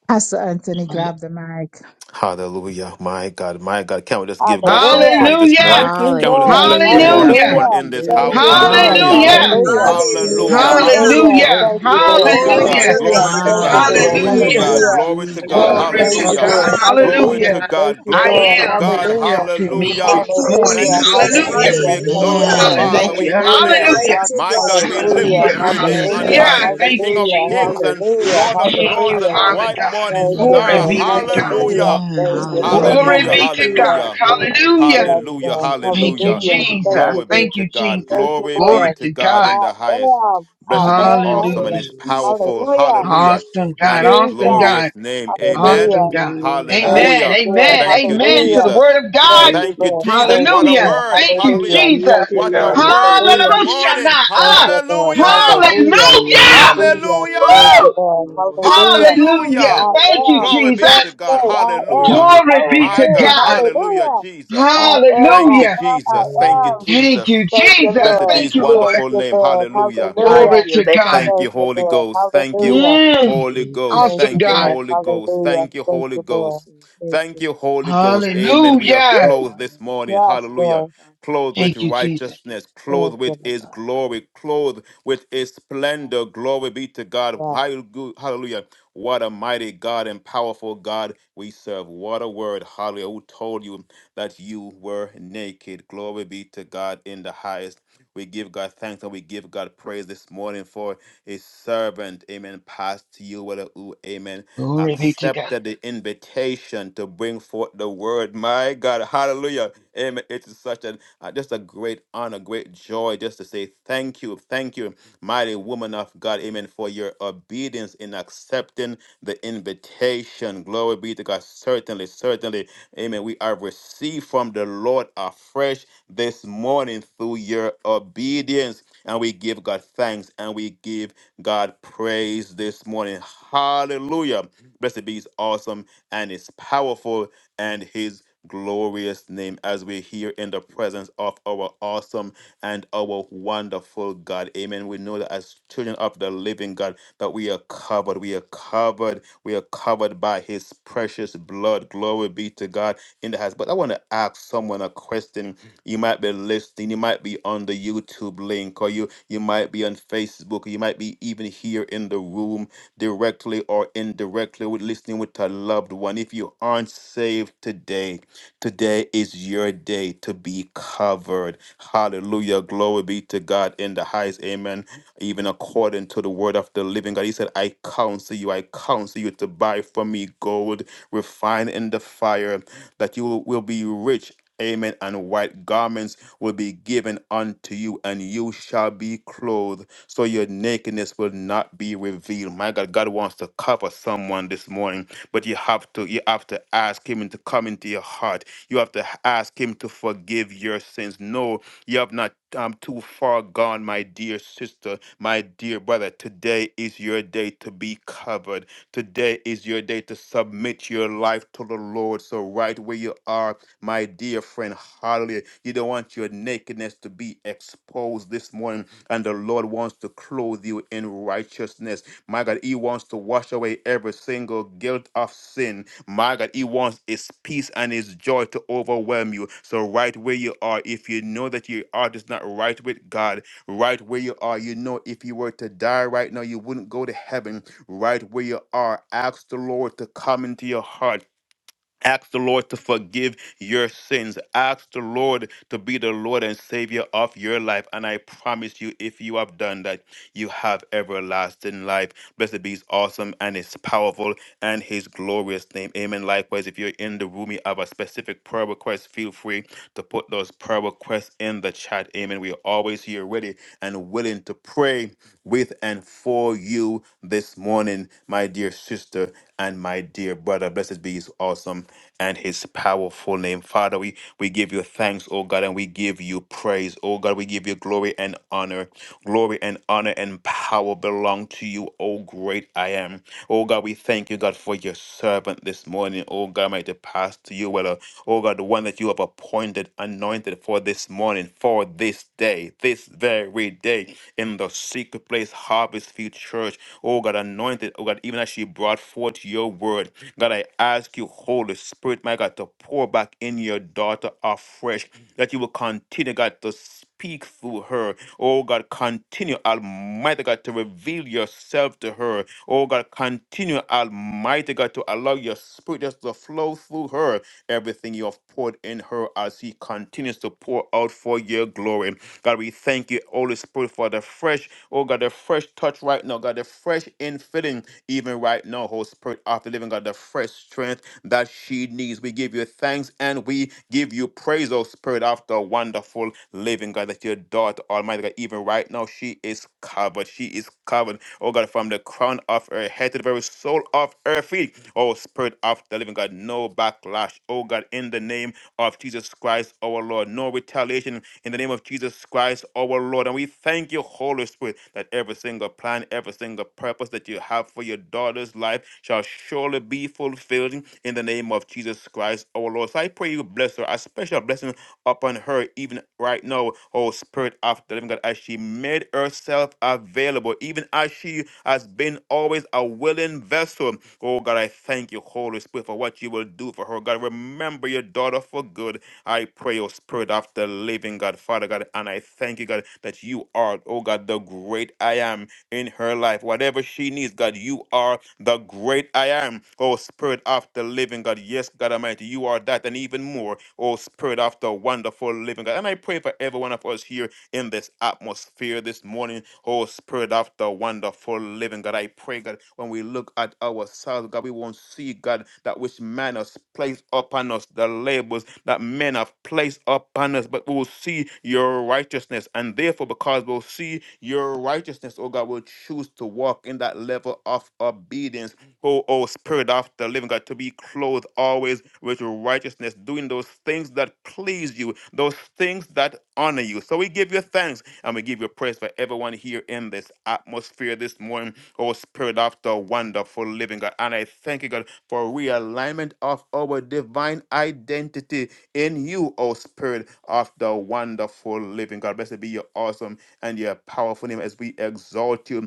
Speaker 11: Pastor Anthony, grab the mic.
Speaker 3: Hallelujah. My God, my God. Can we just give God some
Speaker 4: Hallelujah.
Speaker 3: praise this
Speaker 2: Hallelujah.
Speaker 3: morning?
Speaker 4: Thank you,
Speaker 3: Can we just
Speaker 4: Lord.
Speaker 3: bless the Lord
Speaker 10: Hallelujah.
Speaker 6: Hallelujah.
Speaker 3: this
Speaker 2: Hallelujah.
Speaker 3: morning
Speaker 4: Hallelujah.
Speaker 3: in this
Speaker 2: Hallelujah.
Speaker 4: Thank
Speaker 3: house?
Speaker 4: you, Lord.
Speaker 7: glory to
Speaker 3: Hallelujah.
Speaker 6: Hallelujah. Thank you for
Speaker 7: God,
Speaker 2: Hallelujah.
Speaker 4: Hallelujah.
Speaker 7: thank
Speaker 10: Hallelujah.
Speaker 7: you,
Speaker 6: announcing me,
Speaker 7: Lord.
Speaker 3: Hallelujah.
Speaker 6: God.
Speaker 9: Hallelujah.
Speaker 4: Hallelujah.
Speaker 3: Hallelujah.
Speaker 2: Hallelujah.
Speaker 7: Thank you,
Speaker 4: Thank you,
Speaker 3: Glory
Speaker 4: Lord.
Speaker 3: to
Speaker 9: Glory
Speaker 2: Hallelujah.
Speaker 3: God.
Speaker 9: to
Speaker 4: Hallelujah.
Speaker 6: Thank
Speaker 3: Glory
Speaker 6: you
Speaker 9: God.
Speaker 3: to
Speaker 4: Thank
Speaker 6: for
Speaker 4: you,
Speaker 3: God.
Speaker 6: announcing
Speaker 4: Lord.
Speaker 3: Glory to
Speaker 2: Hallelujah.
Speaker 10: Hallelujah.
Speaker 3: God.
Speaker 6: me,
Speaker 9: Hallelujah.
Speaker 4: Hallelujah.
Speaker 3: Glory
Speaker 6: Jesus.
Speaker 3: to God.
Speaker 6: Thank
Speaker 4: Oh,
Speaker 7: hallelujah,
Speaker 2: Glory
Speaker 6: you
Speaker 4: thank
Speaker 2: to
Speaker 9: Praise
Speaker 6: for
Speaker 4: you,
Speaker 3: Hallelujah.
Speaker 6: the eye
Speaker 2: God.
Speaker 4: Lord.
Speaker 9: God.
Speaker 3: Glory
Speaker 6: that
Speaker 2: Hallelujah.
Speaker 4: Hallelujah.
Speaker 3: to
Speaker 6: I
Speaker 4: Thank
Speaker 3: God.
Speaker 4: you,
Speaker 2: I
Speaker 5: Thou
Speaker 3: Glory
Speaker 4: Lord.
Speaker 3: to
Speaker 5: art
Speaker 2: am
Speaker 6: am.
Speaker 3: God.
Speaker 2: is
Speaker 5: worthy.
Speaker 4: Hallelujah.
Speaker 2: helping me
Speaker 9: Thank
Speaker 3: Hallelujah.
Speaker 2: this
Speaker 6: Thank,
Speaker 9: you,
Speaker 2: morning.
Speaker 4: Hallelujah,
Speaker 3: Thank you,
Speaker 9: Jesus.
Speaker 6: thank,
Speaker 2: Hallelujah.
Speaker 3: Jesus. We
Speaker 4: hallelujah,
Speaker 5: Hallelujah.
Speaker 4: thank
Speaker 9: Hallelujah.
Speaker 4: you,
Speaker 3: exalt you,
Speaker 8: Amen.
Speaker 7: thank
Speaker 4: Lord.
Speaker 10: Amen.
Speaker 5: Thank
Speaker 3: Father.
Speaker 6: thank you.
Speaker 3: We
Speaker 2: Hallelujah.
Speaker 3: honor
Speaker 4: Hallelujah,
Speaker 3: you.
Speaker 2: Hallelujah.
Speaker 9: Mighty
Speaker 3: My
Speaker 9: God.
Speaker 3: God, we
Speaker 6: Hallelujah.
Speaker 3: lift
Speaker 4: hallelujah,
Speaker 10: Thank
Speaker 3: up
Speaker 2: Hallelujah.
Speaker 10: you,
Speaker 3: your name
Speaker 6: Thank
Speaker 3: on
Speaker 7: you,
Speaker 2: Hallelujah.
Speaker 4: hallelujah,
Speaker 3: high.
Speaker 10: Jesus.
Speaker 2: I
Speaker 6: you,
Speaker 2: Thank
Speaker 6: Jesus.
Speaker 7: hallelujah.
Speaker 3: King
Speaker 2: you,
Speaker 3: of
Speaker 4: hallelujah,
Speaker 2: Jesus.
Speaker 3: kings and
Speaker 6: Jesus.
Speaker 4: hallelujah,
Speaker 3: Lord of
Speaker 2: Thank you,
Speaker 3: lords
Speaker 4: hallelujah.
Speaker 3: and
Speaker 2: Father
Speaker 3: bright morning
Speaker 2: God.
Speaker 4: Thank
Speaker 8: Amen.
Speaker 4: you,
Speaker 2: Glory
Speaker 3: star.
Speaker 4: Lord.
Speaker 2: be
Speaker 6: Jesus.
Speaker 2: to God.
Speaker 8: Thank
Speaker 6: Thank
Speaker 4: Hallelujah,
Speaker 8: you, Lord.
Speaker 3: Hallelujah.
Speaker 10: Amen.
Speaker 4: thank
Speaker 6: you, Jesus.
Speaker 8: Thank
Speaker 4: you,
Speaker 8: you,
Speaker 4: Lord.
Speaker 6: Thank
Speaker 2: Glory
Speaker 10: Hallelujah.
Speaker 3: Hallelujah.
Speaker 6: you, Jesus.
Speaker 2: be to
Speaker 4: Hallelujah,
Speaker 2: God.
Speaker 3: Hallelujah.
Speaker 2: Hallelujah.
Speaker 4: yes,
Speaker 3: Hallelujah.
Speaker 4: Lord.
Speaker 6: Thank
Speaker 2: Thank you,
Speaker 3: Hallelujah.
Speaker 4: Hallelujah, thank
Speaker 2: Jesus.
Speaker 4: you,
Speaker 3: Glory be
Speaker 2: Thank
Speaker 4: Lord.
Speaker 3: to
Speaker 2: you,
Speaker 3: God.
Speaker 4: Thank
Speaker 2: Jesus.
Speaker 4: you,
Speaker 3: Glory be
Speaker 2: Glory
Speaker 4: Lord.
Speaker 3: to
Speaker 2: to
Speaker 3: God
Speaker 2: God.
Speaker 3: in
Speaker 4: I
Speaker 3: the highest.
Speaker 4: am, I
Speaker 3: Blessed be his
Speaker 4: am, I
Speaker 3: awesome and
Speaker 2: Hallelujah.
Speaker 4: am.
Speaker 3: his
Speaker 6: you, Jesus.
Speaker 3: powerful.
Speaker 4: Hallelujah,
Speaker 3: Hallelujah.
Speaker 2: Awesome
Speaker 3: And
Speaker 2: God.
Speaker 3: his
Speaker 2: Awesome
Speaker 4: Jesus.
Speaker 2: God.
Speaker 3: glorious name. Amen.
Speaker 2: Awesome
Speaker 4: Hallelujah,
Speaker 2: God.
Speaker 8: Lord. Hallelujah. Hallelujah.
Speaker 6: Hallelujah.
Speaker 4: thank
Speaker 2: Amen.
Speaker 4: you,
Speaker 3: Hallelujah.
Speaker 4: Lord.
Speaker 2: Amen.
Speaker 3: Thank you,
Speaker 8: Hallelujah.
Speaker 2: Amen
Speaker 4: Hallelujah.
Speaker 2: to the
Speaker 3: Jesus.
Speaker 2: word of God.
Speaker 4: Thank you,
Speaker 3: Thank you,
Speaker 8: Hallelujah.
Speaker 4: Lord.
Speaker 5: What?
Speaker 3: Jesus.
Speaker 4: Thank
Speaker 3: What
Speaker 4: you,
Speaker 3: a
Speaker 2: Hallelujah.
Speaker 4: Lord.
Speaker 3: word.
Speaker 2: Thank you,
Speaker 4: Hallelujah.
Speaker 3: Hallelujah.
Speaker 4: Thank
Speaker 2: Jesus.
Speaker 4: you,
Speaker 3: What a
Speaker 4: Lord.
Speaker 3: word this
Speaker 4: Hallelujah.
Speaker 3: morning.
Speaker 2: Hallelujah.
Speaker 4: Thank
Speaker 2: Ah,
Speaker 4: you, Lord.
Speaker 5: Hallelujah. Thank
Speaker 3: Hallelujah.
Speaker 5: you,
Speaker 4: Hallelujah.
Speaker 5: Jesus.
Speaker 4: Thank you,
Speaker 2: hallelujah.
Speaker 4: Lord. Thank you,
Speaker 3: Hallelujah.
Speaker 2: Woo!
Speaker 4: Lord.
Speaker 5: Glory. Hallelujah.
Speaker 4: Hallelujah.
Speaker 2: Hallelujah.
Speaker 5: Thank
Speaker 3: Hallelujah.
Speaker 4: I
Speaker 5: you,
Speaker 2: Thank you,
Speaker 4: am
Speaker 3: Glory be
Speaker 4: set
Speaker 3: to
Speaker 2: Jesus.
Speaker 3: God.
Speaker 4: free. I am
Speaker 3: Hallelujah.
Speaker 2: Glory be
Speaker 5: Jesus.
Speaker 3: My
Speaker 2: to
Speaker 4: totally.
Speaker 3: God.
Speaker 2: God.
Speaker 3: Hallelujah,
Speaker 4: Hallelujah.
Speaker 3: Jesus.
Speaker 5: Thou
Speaker 4: I
Speaker 5: art
Speaker 4: am,
Speaker 3: Thank
Speaker 4: I
Speaker 3: you,
Speaker 2: Hallelujah.
Speaker 4: am, I
Speaker 3: Jesus.
Speaker 5: worthy.
Speaker 3: Thank you,
Speaker 4: am.
Speaker 2: Thank
Speaker 3: Jesus.
Speaker 2: you,
Speaker 4: Thank you,
Speaker 2: Jesus.
Speaker 3: Blessed be
Speaker 4: Lord.
Speaker 3: his
Speaker 2: Thank you, Lord.
Speaker 4: Thank
Speaker 3: wonderful
Speaker 4: you,
Speaker 3: name.
Speaker 4: Lord.
Speaker 3: Hallelujah.
Speaker 5: Yeah, and
Speaker 2: Glory
Speaker 4: Hallelujah.
Speaker 5: feel
Speaker 2: to
Speaker 5: better.
Speaker 2: God.
Speaker 3: Thank
Speaker 4: Thank
Speaker 3: you,
Speaker 4: you,
Speaker 3: Holy
Speaker 4: Lord.
Speaker 3: Ghost. Thank you,
Speaker 4: Hallelujah.
Speaker 2: Mm,
Speaker 5: Hallelujah.
Speaker 3: Holy
Speaker 8: Thank you,
Speaker 3: Ghost.
Speaker 4: Thank
Speaker 2: awesome
Speaker 4: you,
Speaker 3: Thank you,
Speaker 2: God.
Speaker 4: Lord.
Speaker 3: Holy Ghost.
Speaker 4: Hallelujah.
Speaker 3: Thank you,
Speaker 4: Thank
Speaker 3: Holy
Speaker 4: you,
Speaker 5: Thank
Speaker 4: Lord.
Speaker 3: Ghost.
Speaker 5: you,
Speaker 4: Thank
Speaker 3: Thank
Speaker 4: you.
Speaker 3: you, Holy
Speaker 5: Jesus.
Speaker 3: Ghost. Amen. We are
Speaker 2: Hallelujah.
Speaker 4: Woo!
Speaker 3: clothed this morning.
Speaker 5: Hallelujah,
Speaker 4: Yes,
Speaker 5: Jesus.
Speaker 3: Hallelujah.
Speaker 4: Lord.
Speaker 3: Clothed with
Speaker 2: Thank you, Jesus.
Speaker 3: righteousness,
Speaker 4: Thank
Speaker 3: clothed
Speaker 4: you,
Speaker 3: with
Speaker 5: Mighty
Speaker 4: Lord.
Speaker 3: His
Speaker 5: God.
Speaker 3: glory,
Speaker 5: Hallelujah.
Speaker 3: clothed with His
Speaker 4: Yes,
Speaker 3: splendor. Glory be to God.
Speaker 4: yes.
Speaker 3: Hallelu- Hallelujah. What a mighty God and powerful God we serve. What a word. Hallelujah. Who told you that you were naked? Glory be to God in the highest. We give God thanks and we give God praise this morning for his servant, amen, Pastor Yoel, who, amen,
Speaker 2: Glory be to God.
Speaker 3: accepted the invitation to bring forth the word. My God, hallelujah. Amen. It is such an uh, just a great honor, great joy just to say thank you. Thank you, mighty woman of God, amen, for your obedience in accepting the invitation. Glory be to God. Certainly, certainly, amen. We are received from the Lord afresh this morning through your obedience. And we give God thanks and we give God praise this morning. Hallelujah. Blessed be his awesome and his powerful and his glorious name as we're here in the presence of our awesome and our wonderful God. Amen. We know that as children of the living God, that we are covered. We are covered. We are covered by his precious blood. Glory be to God in the house. But I want to ask someone a question. You might be listening. You might be on the YouTube link or you you might be on Facebook. You might be even here in the room directly or indirectly with listening with a loved one. If you aren't saved today, today is your day to be covered. Hallelujah. Glory be to God in the highest. Amen. Even according to the word of the living God, He said, I counsel you, I counsel you to buy from me gold refined in the fire, that you will be rich. Amen. And white garments will be given unto you, and you shall be clothed, so your nakedness will not be revealed. My God, God wants to cover someone this morning, but you have to you have to ask Him to come into your heart. You have to ask Him to forgive your sins. No, you have not. I'm too far gone, my dear sister, my dear brother. Today is your day to be covered. Today is your day to submit your life to the Lord. So, right where you are, my dear friend. Hallelujah. You don't want your nakedness to be exposed this morning, and the Lord wants to clothe you in righteousness. My God, He wants to wash away every single guilt of sin. My God, He wants His peace and His joy to overwhelm you. So, right where you are, if you know that your heart is not right with God, right where you are, you know if you were to die right now, you wouldn't go to heaven. Right where you are, ask the Lord to come into your heart Ask the Lord to forgive your sins. Ask the Lord to be the Lord and Savior of your life. And I promise you, if you have done that, you have everlasting life. Blessed be His awesome and His powerful and his glorious name. Amen. Likewise, if you're in the room, you have a specific prayer request, feel free to put those prayer requests in the chat. Amen. We are always here ready and willing to pray with and for you this morning, my dear sister and my dear brother. Blessed be his awesome and his powerful name. Father, we, we give you thanks, oh God, and we give you praise. Oh God, we give you glory and honor. Glory and honor and power belong to you, oh great I am. Oh God, we thank you, God, for your servant this morning. Oh God, might it pass to you, well, uh, oh God, the one that you have appointed, anointed for this morning, for this day, this very day, in the secret place, Harvest Field Church. Oh God, anointed, oh God, even as she brought forth your word. God, I ask you, Holy Spirit, my God, to pour back in your daughter afresh that you will continue, God, to speak through her. Oh, God, continue, Almighty God, to reveal yourself to her. Oh, God, continue, Almighty God, to allow your spirit just to flow through her. Everything you have poured in her as he continues to pour out for your glory. God, we thank you, Holy Spirit, for the fresh, oh God, the fresh touch right now. God, the fresh infilling, even right now, Holy Spirit, after living, God, the fresh strength that she needs. We give you thanks and we give you praise, O Spirit, of the wonderful living God, that your daughter, Almighty God, even right now, she is covered. She is covered, oh God, from the crown of her head to the very sole of her feet. Oh Spirit of the living God, no backlash, oh God, in the name of Jesus Christ, our Lord, no retaliation in the name of Jesus Christ, our Lord. And we thank you, Holy Spirit, that every single plan, every single purpose that you have for your daughter's life shall surely be fulfilled in the name of Jesus Christ, our Lord. So I pray you bless her, a special blessing upon her, even right now, oh Spirit of the living God, as she made herself available, even as she has been always a willing vessel. Oh God, I thank you, Holy Spirit, for what you will do for her. God, remember your daughter for good. I pray, O Spirit of the living God, Father God, and I thank you, God, that you are, oh God, the great I am in her life. Whatever she needs, God, you are the great I am, oh Spirit of the living God. Yes, God Almighty, you are that and even more, oh Spirit of the wonderful living God. And I pray for every one of us here in this atmosphere this morning. Oh, Spirit of the wonderful living God, I pray, God, when we look at ourselves, God, we won't see, God, that which man has placed upon us, the labels that men have placed upon us, but we will see your righteousness. And therefore, because we'll see your righteousness, oh God, we'll choose to walk in that level of obedience O, o Spirit of the living God, to be clothed always with righteousness, doing those things that please you, those things that honor you. So we give you thanks and we give you praise for everyone here in this atmosphere this morning, O Spirit of the wonderful living God. And I thank you, God, for realignment of our divine identity in you, O Spirit of the wonderful living God. Blessed be your awesome and your powerful name as we exalt you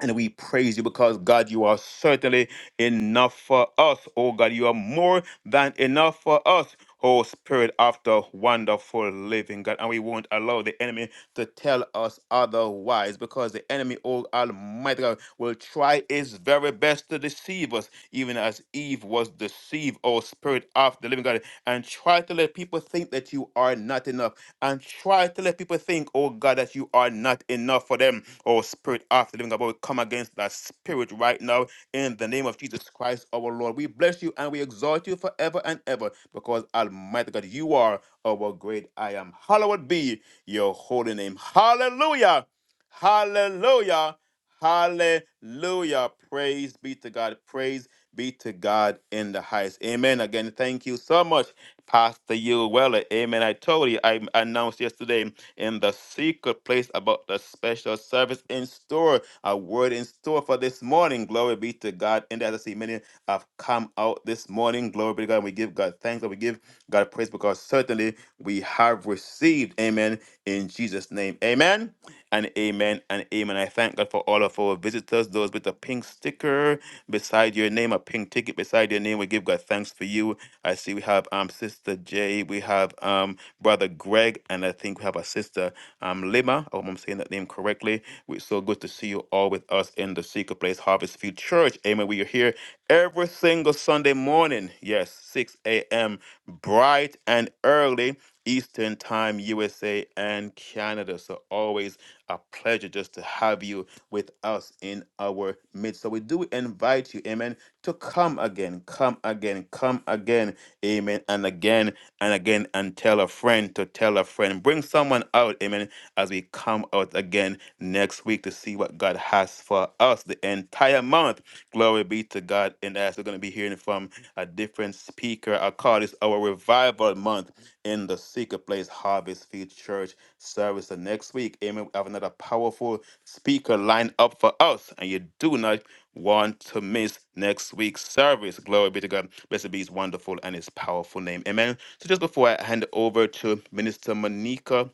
Speaker 3: and we praise you because God, you are certainly enough for us. Oh God, you are more than enough for us. Oh Spirit of the wonderful living God. And we won't allow the enemy to tell us otherwise because the enemy, oh Almighty God, will try his very best to deceive us, even as Eve was deceived, oh Spirit of the living God, and try to let people think that you are not enough. And try to let people think, oh God, that you are not enough for them or spirit of the living God. But we come against that spirit right now in the name of Jesus Christ, our Lord. We bless you and we exalt you forever and ever because, Almighty God, you are our great I am. Hallowed be your holy name. Hallelujah. Hallelujah. Hallelujah. Praise be to God. Praise be to God in the highest. Amen. Again, thank you so much, Pastor Yul Weller. Amen. I told you, I announced yesterday in the secret place about the special service in store. A word in store for this morning. Glory be to God. And as I see many have come out this morning. Glory be to God. And we give God thanks and we give God praise because certainly we have received. Amen. In Jesus' name. Amen. And amen and amen. I thank God for all of our visitors, those with a pink sticker beside your name, a pink ticket beside your name. We give God thanks for you. I see we have um Sister J. We have um. Brother Greg, and I think we have a sister, um, Lima. I hope I'm saying that name correctly. It's so good to see you all with us in the Secret Place Harvest Field Church. Amen. We are here every single Sunday morning. Yes, 6 a.m. bright and early. Eastern Time, USA and Canada. So always a pleasure just to have you with us in our midst. So we do invite you, amen, to come again, come again, come again, amen, and again and again and tell a friend to tell a friend. Bring someone out, amen, as we come out again next week to see what God has for us the entire month. Glory be to God. And as we're going to be hearing from a different speaker, I call this our revival month in the secret place Harvest Field Church service. The next week, amen, we have another powerful speaker lined up for us, and you do not want to miss next week's service. Glory be to God. Blessed be his wonderful and his powerful name. Amen. So just before I hand over to Minister Monica,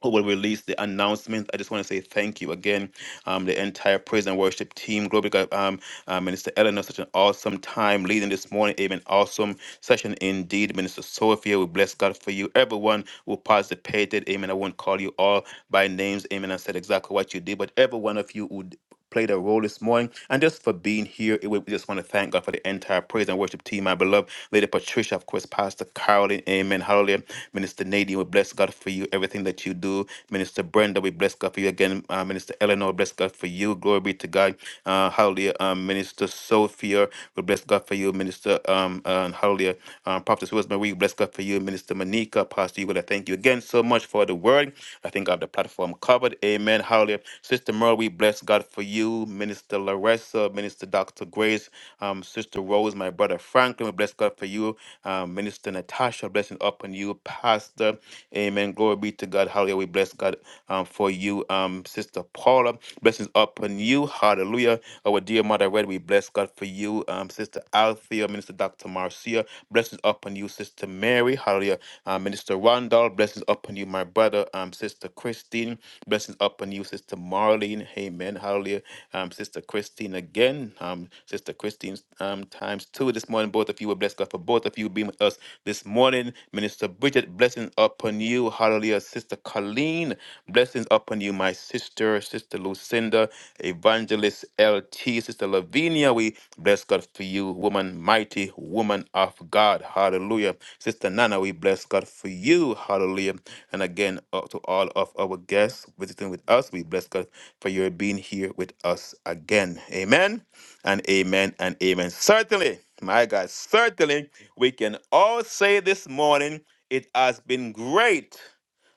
Speaker 3: who will release the announcement, I just want to say thank you again, um, the entire praise and worship team. Glory to God, um, uh, Minister Eleanor, such an awesome time leading this morning. Amen. Awesome session indeed. Minister Sophia, we bless God for you. Everyone who participated, amen. I won't call you all by names, amen. I said exactly what you did, but every one of you who played a role this morning and just for being here. It- We just want to thank God for the entire praise and worship team, my beloved Lady Patricia, of course, Pastor Carolyn, amen, hallelujah. Minister Nadine, we bless God for you, everything that you do. Minister Brenda, we bless God for you again. Uh, Minister Eleanor, bless God for you. Glory be to God. Uh, hallelujah. Um, Minister Sophia, we bless God for you. Minister Sister um, uh, Hallelujah, um, Prophetess Rosemary, we bless God for you, Minister Monica, Pastor Eagle. I thank you again so much for the word. I think I have the platform covered. Amen. Hallelujah. Sister Merle, we bless God for you, Minister Larissa, Minister Dr. Grace, um, Sister Rose, my brother Franklin. We bless God for you, um, Minister Natasha. Blessing upon you, Pastor. Amen. Glory be to God. Hallelujah. We bless God um, for you, um, Sister Paula. Blessings upon you. Hallelujah. Our dear Mother Red, we bless God for you, um, Sister Althea, Minister Dr. Marcia. Blessings upon you, Sister Mary. Hallelujah. Uh, Minister Randall. Blessings upon you, my brother, um, Sister Christine. Blessings upon you, Sister Marlene. Amen. Hallelujah. Um, Sister Christine again. Um, Sister Christine's um, time times two this morning. Both of you were blessed, God, for both of you being with us this morning. Minister Bridget, blessings upon you. Hallelujah. Sister Colleen, blessings upon you. My sister, Sister Lucinda, Evangelist LT, Sister Lavinia, we bless God for you. Woman, mighty woman of God. Hallelujah. Sister Nana, we bless God for you. Hallelujah. And again, uh, to all of our guests visiting with us, we bless God for your being here with us again. Amen and amen and amen. Certainly, my God, certainly we can all say this morning it has been great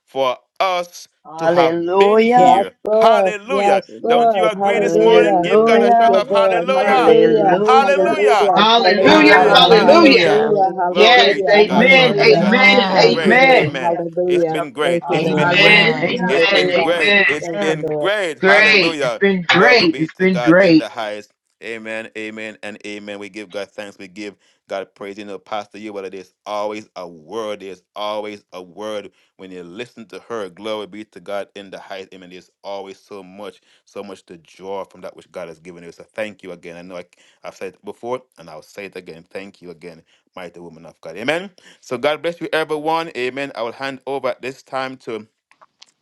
Speaker 3: for us to have been
Speaker 5: Hallelujah.
Speaker 4: Yes,
Speaker 3: here.
Speaker 4: Lord.
Speaker 3: Hallelujah.
Speaker 4: Yes,
Speaker 7: Amen.
Speaker 3: Don't you
Speaker 4: Lord.
Speaker 3: agree this morning?
Speaker 4: Hallelujah.
Speaker 3: Give God
Speaker 7: Amen.
Speaker 3: a
Speaker 4: Thank
Speaker 3: shout
Speaker 4: you,
Speaker 3: of
Speaker 7: Amen.
Speaker 4: Lord.
Speaker 5: Hallelujah.
Speaker 3: hallelujah.
Speaker 6: Amen.
Speaker 7: Hallelujah.
Speaker 4: Hallelujah.
Speaker 6: Hallelujah.
Speaker 5: Hallelujah.
Speaker 3: Hallelujah.
Speaker 4: Hallelujah.
Speaker 6: Hallelujah.
Speaker 2: Hallelujah.
Speaker 3: Amen.
Speaker 5: Hallelujah.
Speaker 4: Hallelujah.
Speaker 6: Hallelujah.
Speaker 7: Hallelujah.
Speaker 2: Hallelujah.
Speaker 3: Hallelujah.
Speaker 10: Hallelujah.
Speaker 7: Glory
Speaker 4: Hallelujah.
Speaker 5: Hallelujah.
Speaker 3: Glory
Speaker 6: Good to
Speaker 2: Yes.
Speaker 3: be
Speaker 5: Thank
Speaker 3: to
Speaker 4: Hallelujah.
Speaker 5: you,
Speaker 3: God.
Speaker 6: hear.
Speaker 3: Glory
Speaker 2: Amen.
Speaker 3: be to
Speaker 6: Thank
Speaker 4: Hallelujah.
Speaker 5: Jesus.
Speaker 3: God.
Speaker 2: Amen.
Speaker 3: It's
Speaker 2: And
Speaker 5: Yes.
Speaker 3: been
Speaker 4: Thank
Speaker 10: Amen.
Speaker 4: you,
Speaker 3: great.
Speaker 2: amen.
Speaker 4: Lord.
Speaker 3: Amen.
Speaker 5: Hallelujah.
Speaker 3: It's
Speaker 5: Such
Speaker 4: Hallelujah.
Speaker 5: a
Speaker 3: been
Speaker 4: Thank
Speaker 3: great.
Speaker 6: you.
Speaker 4: you,
Speaker 5: blessing.
Speaker 3: It's
Speaker 4: Lord.
Speaker 3: been
Speaker 2: Amen.
Speaker 3: great.
Speaker 6: Hallelujah.
Speaker 10: Amen.
Speaker 5: Hallelujah.
Speaker 3: It's
Speaker 6: In
Speaker 2: Amen.
Speaker 3: been
Speaker 4: Hallelujah.
Speaker 3: great.
Speaker 2: Amen.
Speaker 3: It's
Speaker 4: Thank you,
Speaker 5: Amen.
Speaker 3: been
Speaker 4: Lord.
Speaker 3: great.
Speaker 5: Hallelujah.
Speaker 2: Great. It's
Speaker 3: Hallelujah.
Speaker 2: been
Speaker 3: Glory
Speaker 2: great.
Speaker 3: be
Speaker 2: It's
Speaker 3: to
Speaker 2: been
Speaker 3: God in
Speaker 2: great.
Speaker 3: the highest. Amen, amen, and amen. We give God thanks. We give God praise. You know, Pastor, you, whether there's always a word, there's always a word. When you listen to her, glory be to God in the highest. Amen. There's always so much, so much to draw from that which God has given you. So thank you again. I know I, have said it before, and I'll say it again. Thank you again, mighty woman of God. Amen. So God bless you, everyone. Amen. I will hand over at this time to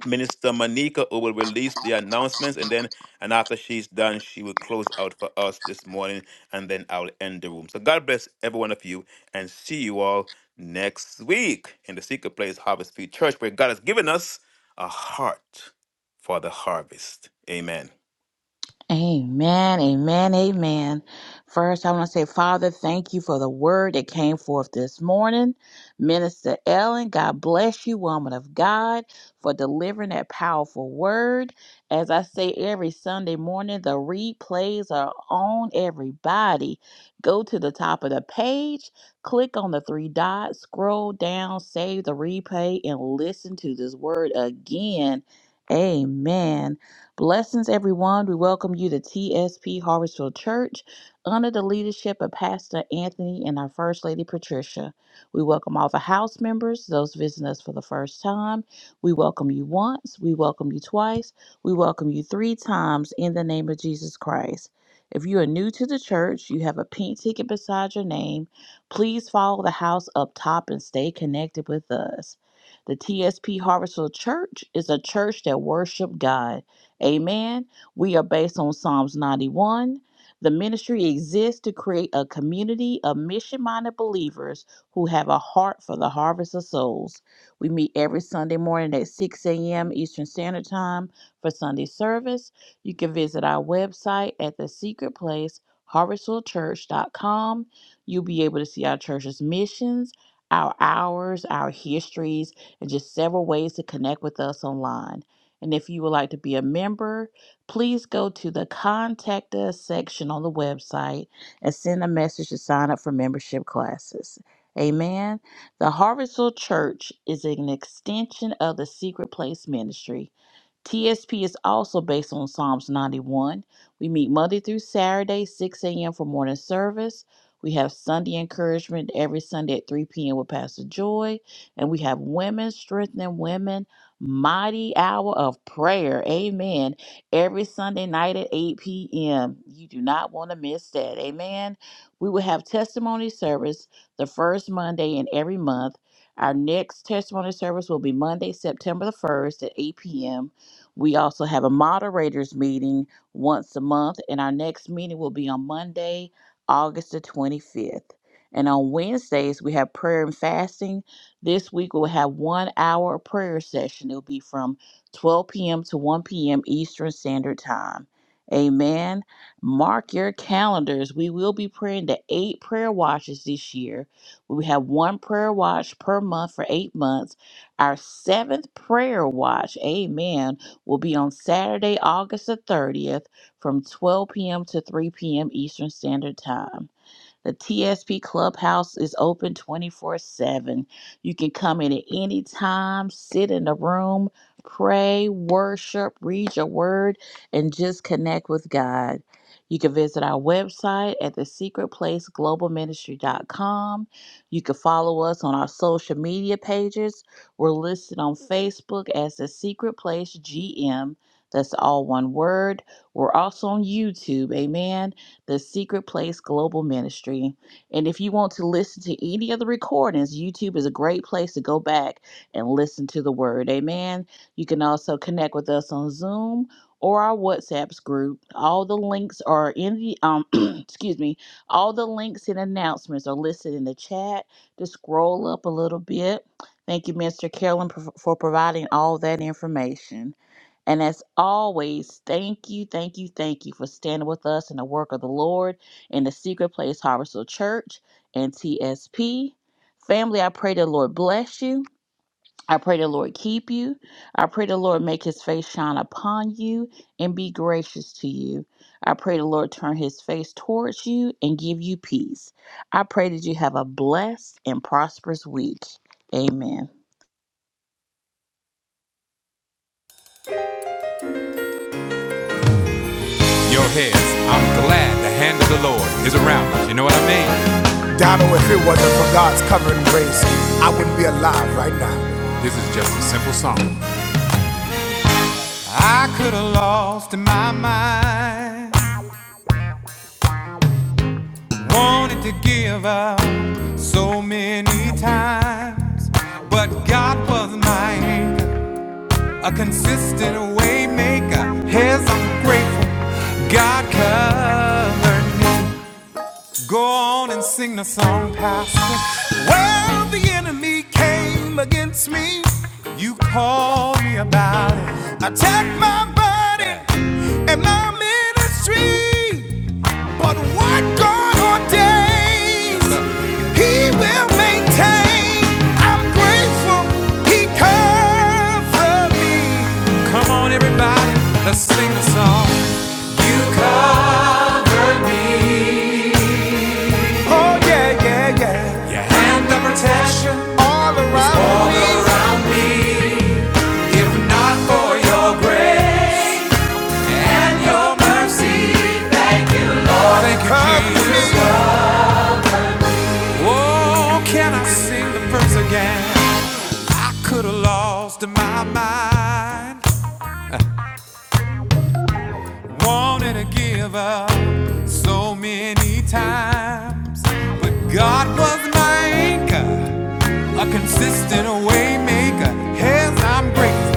Speaker 3: Minister Manika who will release the announcements and then and after she's done, she will close out for us this morning and then I'll end the room. So God bless every one of you and see you all next week in the secret place Harvest Field Church where God has given us a heart for the harvest. Amen.
Speaker 10: Amen, amen, amen. First, I want to say, Father, thank you for the word that came forth this morning. Minister Ellen, God bless you, woman of God, for delivering that powerful word. As I say every Sunday morning, the replays are on everybody. Go to the top of the page, click on the three dots, scroll down, save the replay, and listen to this word again. Amen. Blessings, everyone. We welcome you to TSP Harvestville Church under the leadership of Pastor Anthony and our First Lady Patricia. We welcome all the house members, those visiting us for the first time. We welcome you once, we welcome you twice, we welcome you three times in the name of Jesus Christ. If you are new to the church, you have a pink ticket beside your name. Please follow the house up top and stay connected with us. The TSP Harvestville Church is a church that worship God. Amen. We are based on Psalms 91. The ministry exists to create a community of mission minded believers who have a heart for the harvest of souls. We meet every Sunday morning at 6 a.m. Eastern Standard Time for Sunday service. You can visit our website at the secret place, harvestfulchurch.com. You'll be able to see our church's missions, our hours, our histories, and just several ways to connect with us online. And if you would like to be a member, please go to the contact us section on the website and send a message to sign up for membership classes. Amen. The Harvestville Church is an extension of the Secret Place Ministry. TSP is also based on Psalms 91. We meet Monday through Saturday, 6 a.m. for morning service. We have Sunday encouragement every Sunday at 3 p.m. with Pastor Joy. And we have Women Strengthening Women mighty hour of prayer. Amen. Every Sunday night at 8 p.m. You do not want to miss that. Amen. We will have testimony service the first Monday in every month. Our next testimony service will be Monday, September the 1st at 8 p.m. We also have a moderators meeting once a month, and our next meeting will be on Monday, August the 25th. And on Wednesdays, we have prayer and fasting this week we'll have one hour of prayer session. It'll be from 12 p.m. to 1 p.m. Eastern Standard Time. Amen. Mark your calendars. We will be praying the eight prayer watches this year. We have one prayer watch per month for eight months. Our seventh prayer watch, amen, will be on Saturday, August the 30th from 12 p.m. to 3 p.m. Eastern Standard Time. The TSP Clubhouse is open 24 7. You can come in at any time, sit in the room, pray, worship, read your word, and just connect with God. You can visit our website at the secret place global ministry dot com. You can follow us on our social media pages. We're listed on Facebook as The Secret Place GM. That's all one word. We're also on YouTube. Amen the Secret Place Global Ministry. And if you want to listen to any of the recordings, YouTube is a great place to go back and listen to the word. Amen. You can also connect with us on Zoom or our WhatsApps group. All the links are in the um excuse me, all the links and announcements are listed in the chat. Just scroll up a little bit. Thank you, Mr. Carolyn, for for providing all that information. And as always, thank you, thank you, thank you for standing with us in the work of the Lord in the secret place, Harvestal Church and TSP. Family, I pray the Lord bless you. I pray the Lord keep you. I pray the Lord make his face shine upon you and be gracious to you. I pray the Lord turn his face towards you and give you peace. I pray that you have a blessed and prosperous week. Amen.
Speaker 1: Your heads, I'm glad the hand of the Lord is around us. You know what I mean? This is just a simple song. I could have lost my mind. Wanted to give up so many times. But God was my anchor, a consistent way maker. Yes, I'm grateful. God covered me. Go on and sing the song, Pastor. Well, the enemy came against me. You called me about it. Attacked my body and my ministry. But what God ordains, He will maintain. I'm grateful He covered me. Come on, everybody, let's sing the song. You covered me. Oh yeah, yeah, yeah. Your hand of protection All around me. All around me. If not for your grace and your mercy, Lord, thank you, Cover Jesus. Oh, can I sing the verse again? I could have lost my mind, wanted to give up so many times, but God was my anchor, a consistent way maker. Yes, I'm grateful.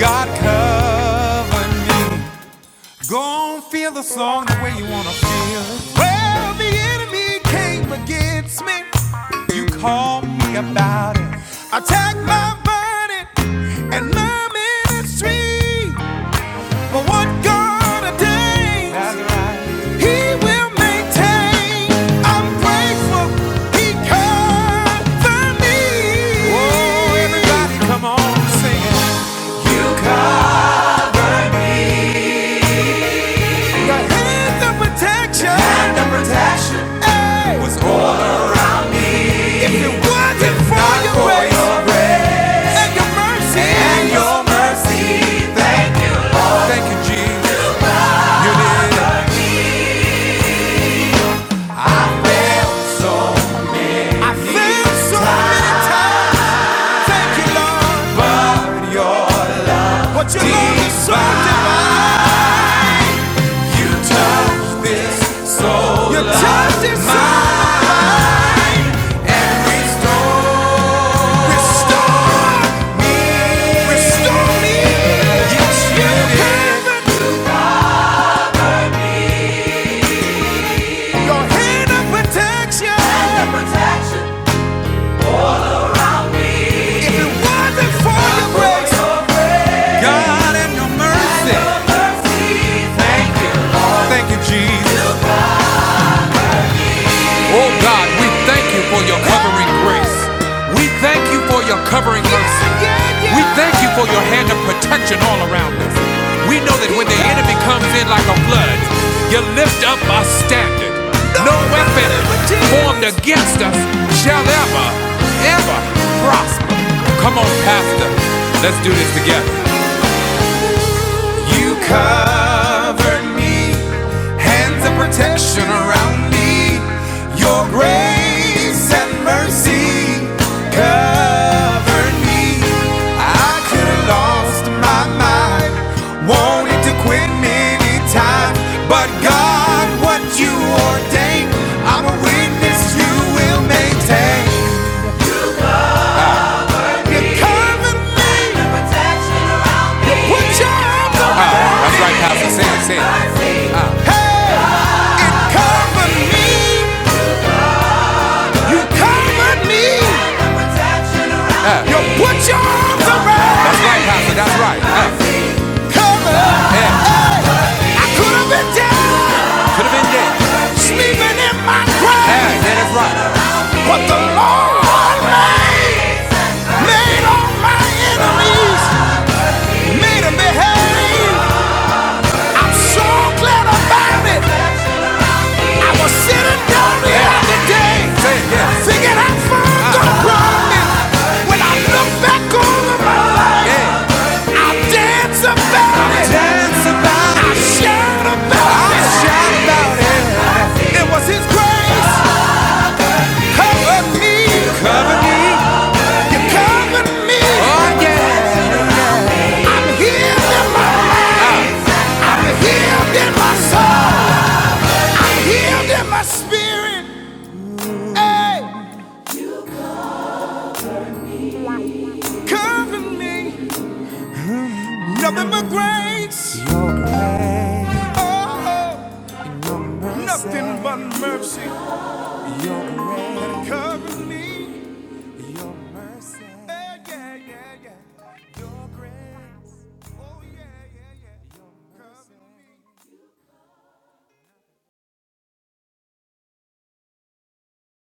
Speaker 1: God cover me. Go on, feel the song the way you wanna feel it. Well, the enemy came against me. You called me about it. Attack my burden and my ministry. But what God ordains, right. He will maintain. I'm grateful He covered me. Oh, everybody, come on, sing it. You covered. and the protection hey, was on. If it wasn't for grace and your mercy, mercy thank you, thank you, Jesus. I feel so many times. Thank you, Lord. But your love, what you love is so divine. You touch this soul. You touch this soul. God and your mercy. Thank you, Jesus. Oh God, we thank you for your covering grace. We thank you for your covering mercy. We thank you for your hand of protection all around us. We know that when the enemy comes in like a flood, you lift up our standard. No weapon formed against us shall ever, ever prosper. Come on, Pastor. Let's do this together. You covered me, hands of protection around me. Your grace and mercy covered me. I could have lost my mind, wanted to quit many times, but God, what you ordained, I'm a witness you will maintain. You covered Put your arms Ah, that's right, around Pastor. me. Say it, say it. Ah. Hey, it covered me. You covered me. Ah. You put your arms around me. That's right, Pastor. That's right. Ah. Covered. Yeah. I could have been dead. Could have been dead. sleeping in my Yeah, grave, yeah, yeah, that's right. but the Lord made, made all my enemies, made them behave. I'm so glad about it. I was sitting down the other day, thinking how far i When I look back over my life, I dance about it. I shout about it. It was His grace covered me. You covered me. I'm healed in my mind. I'm healed in my soul.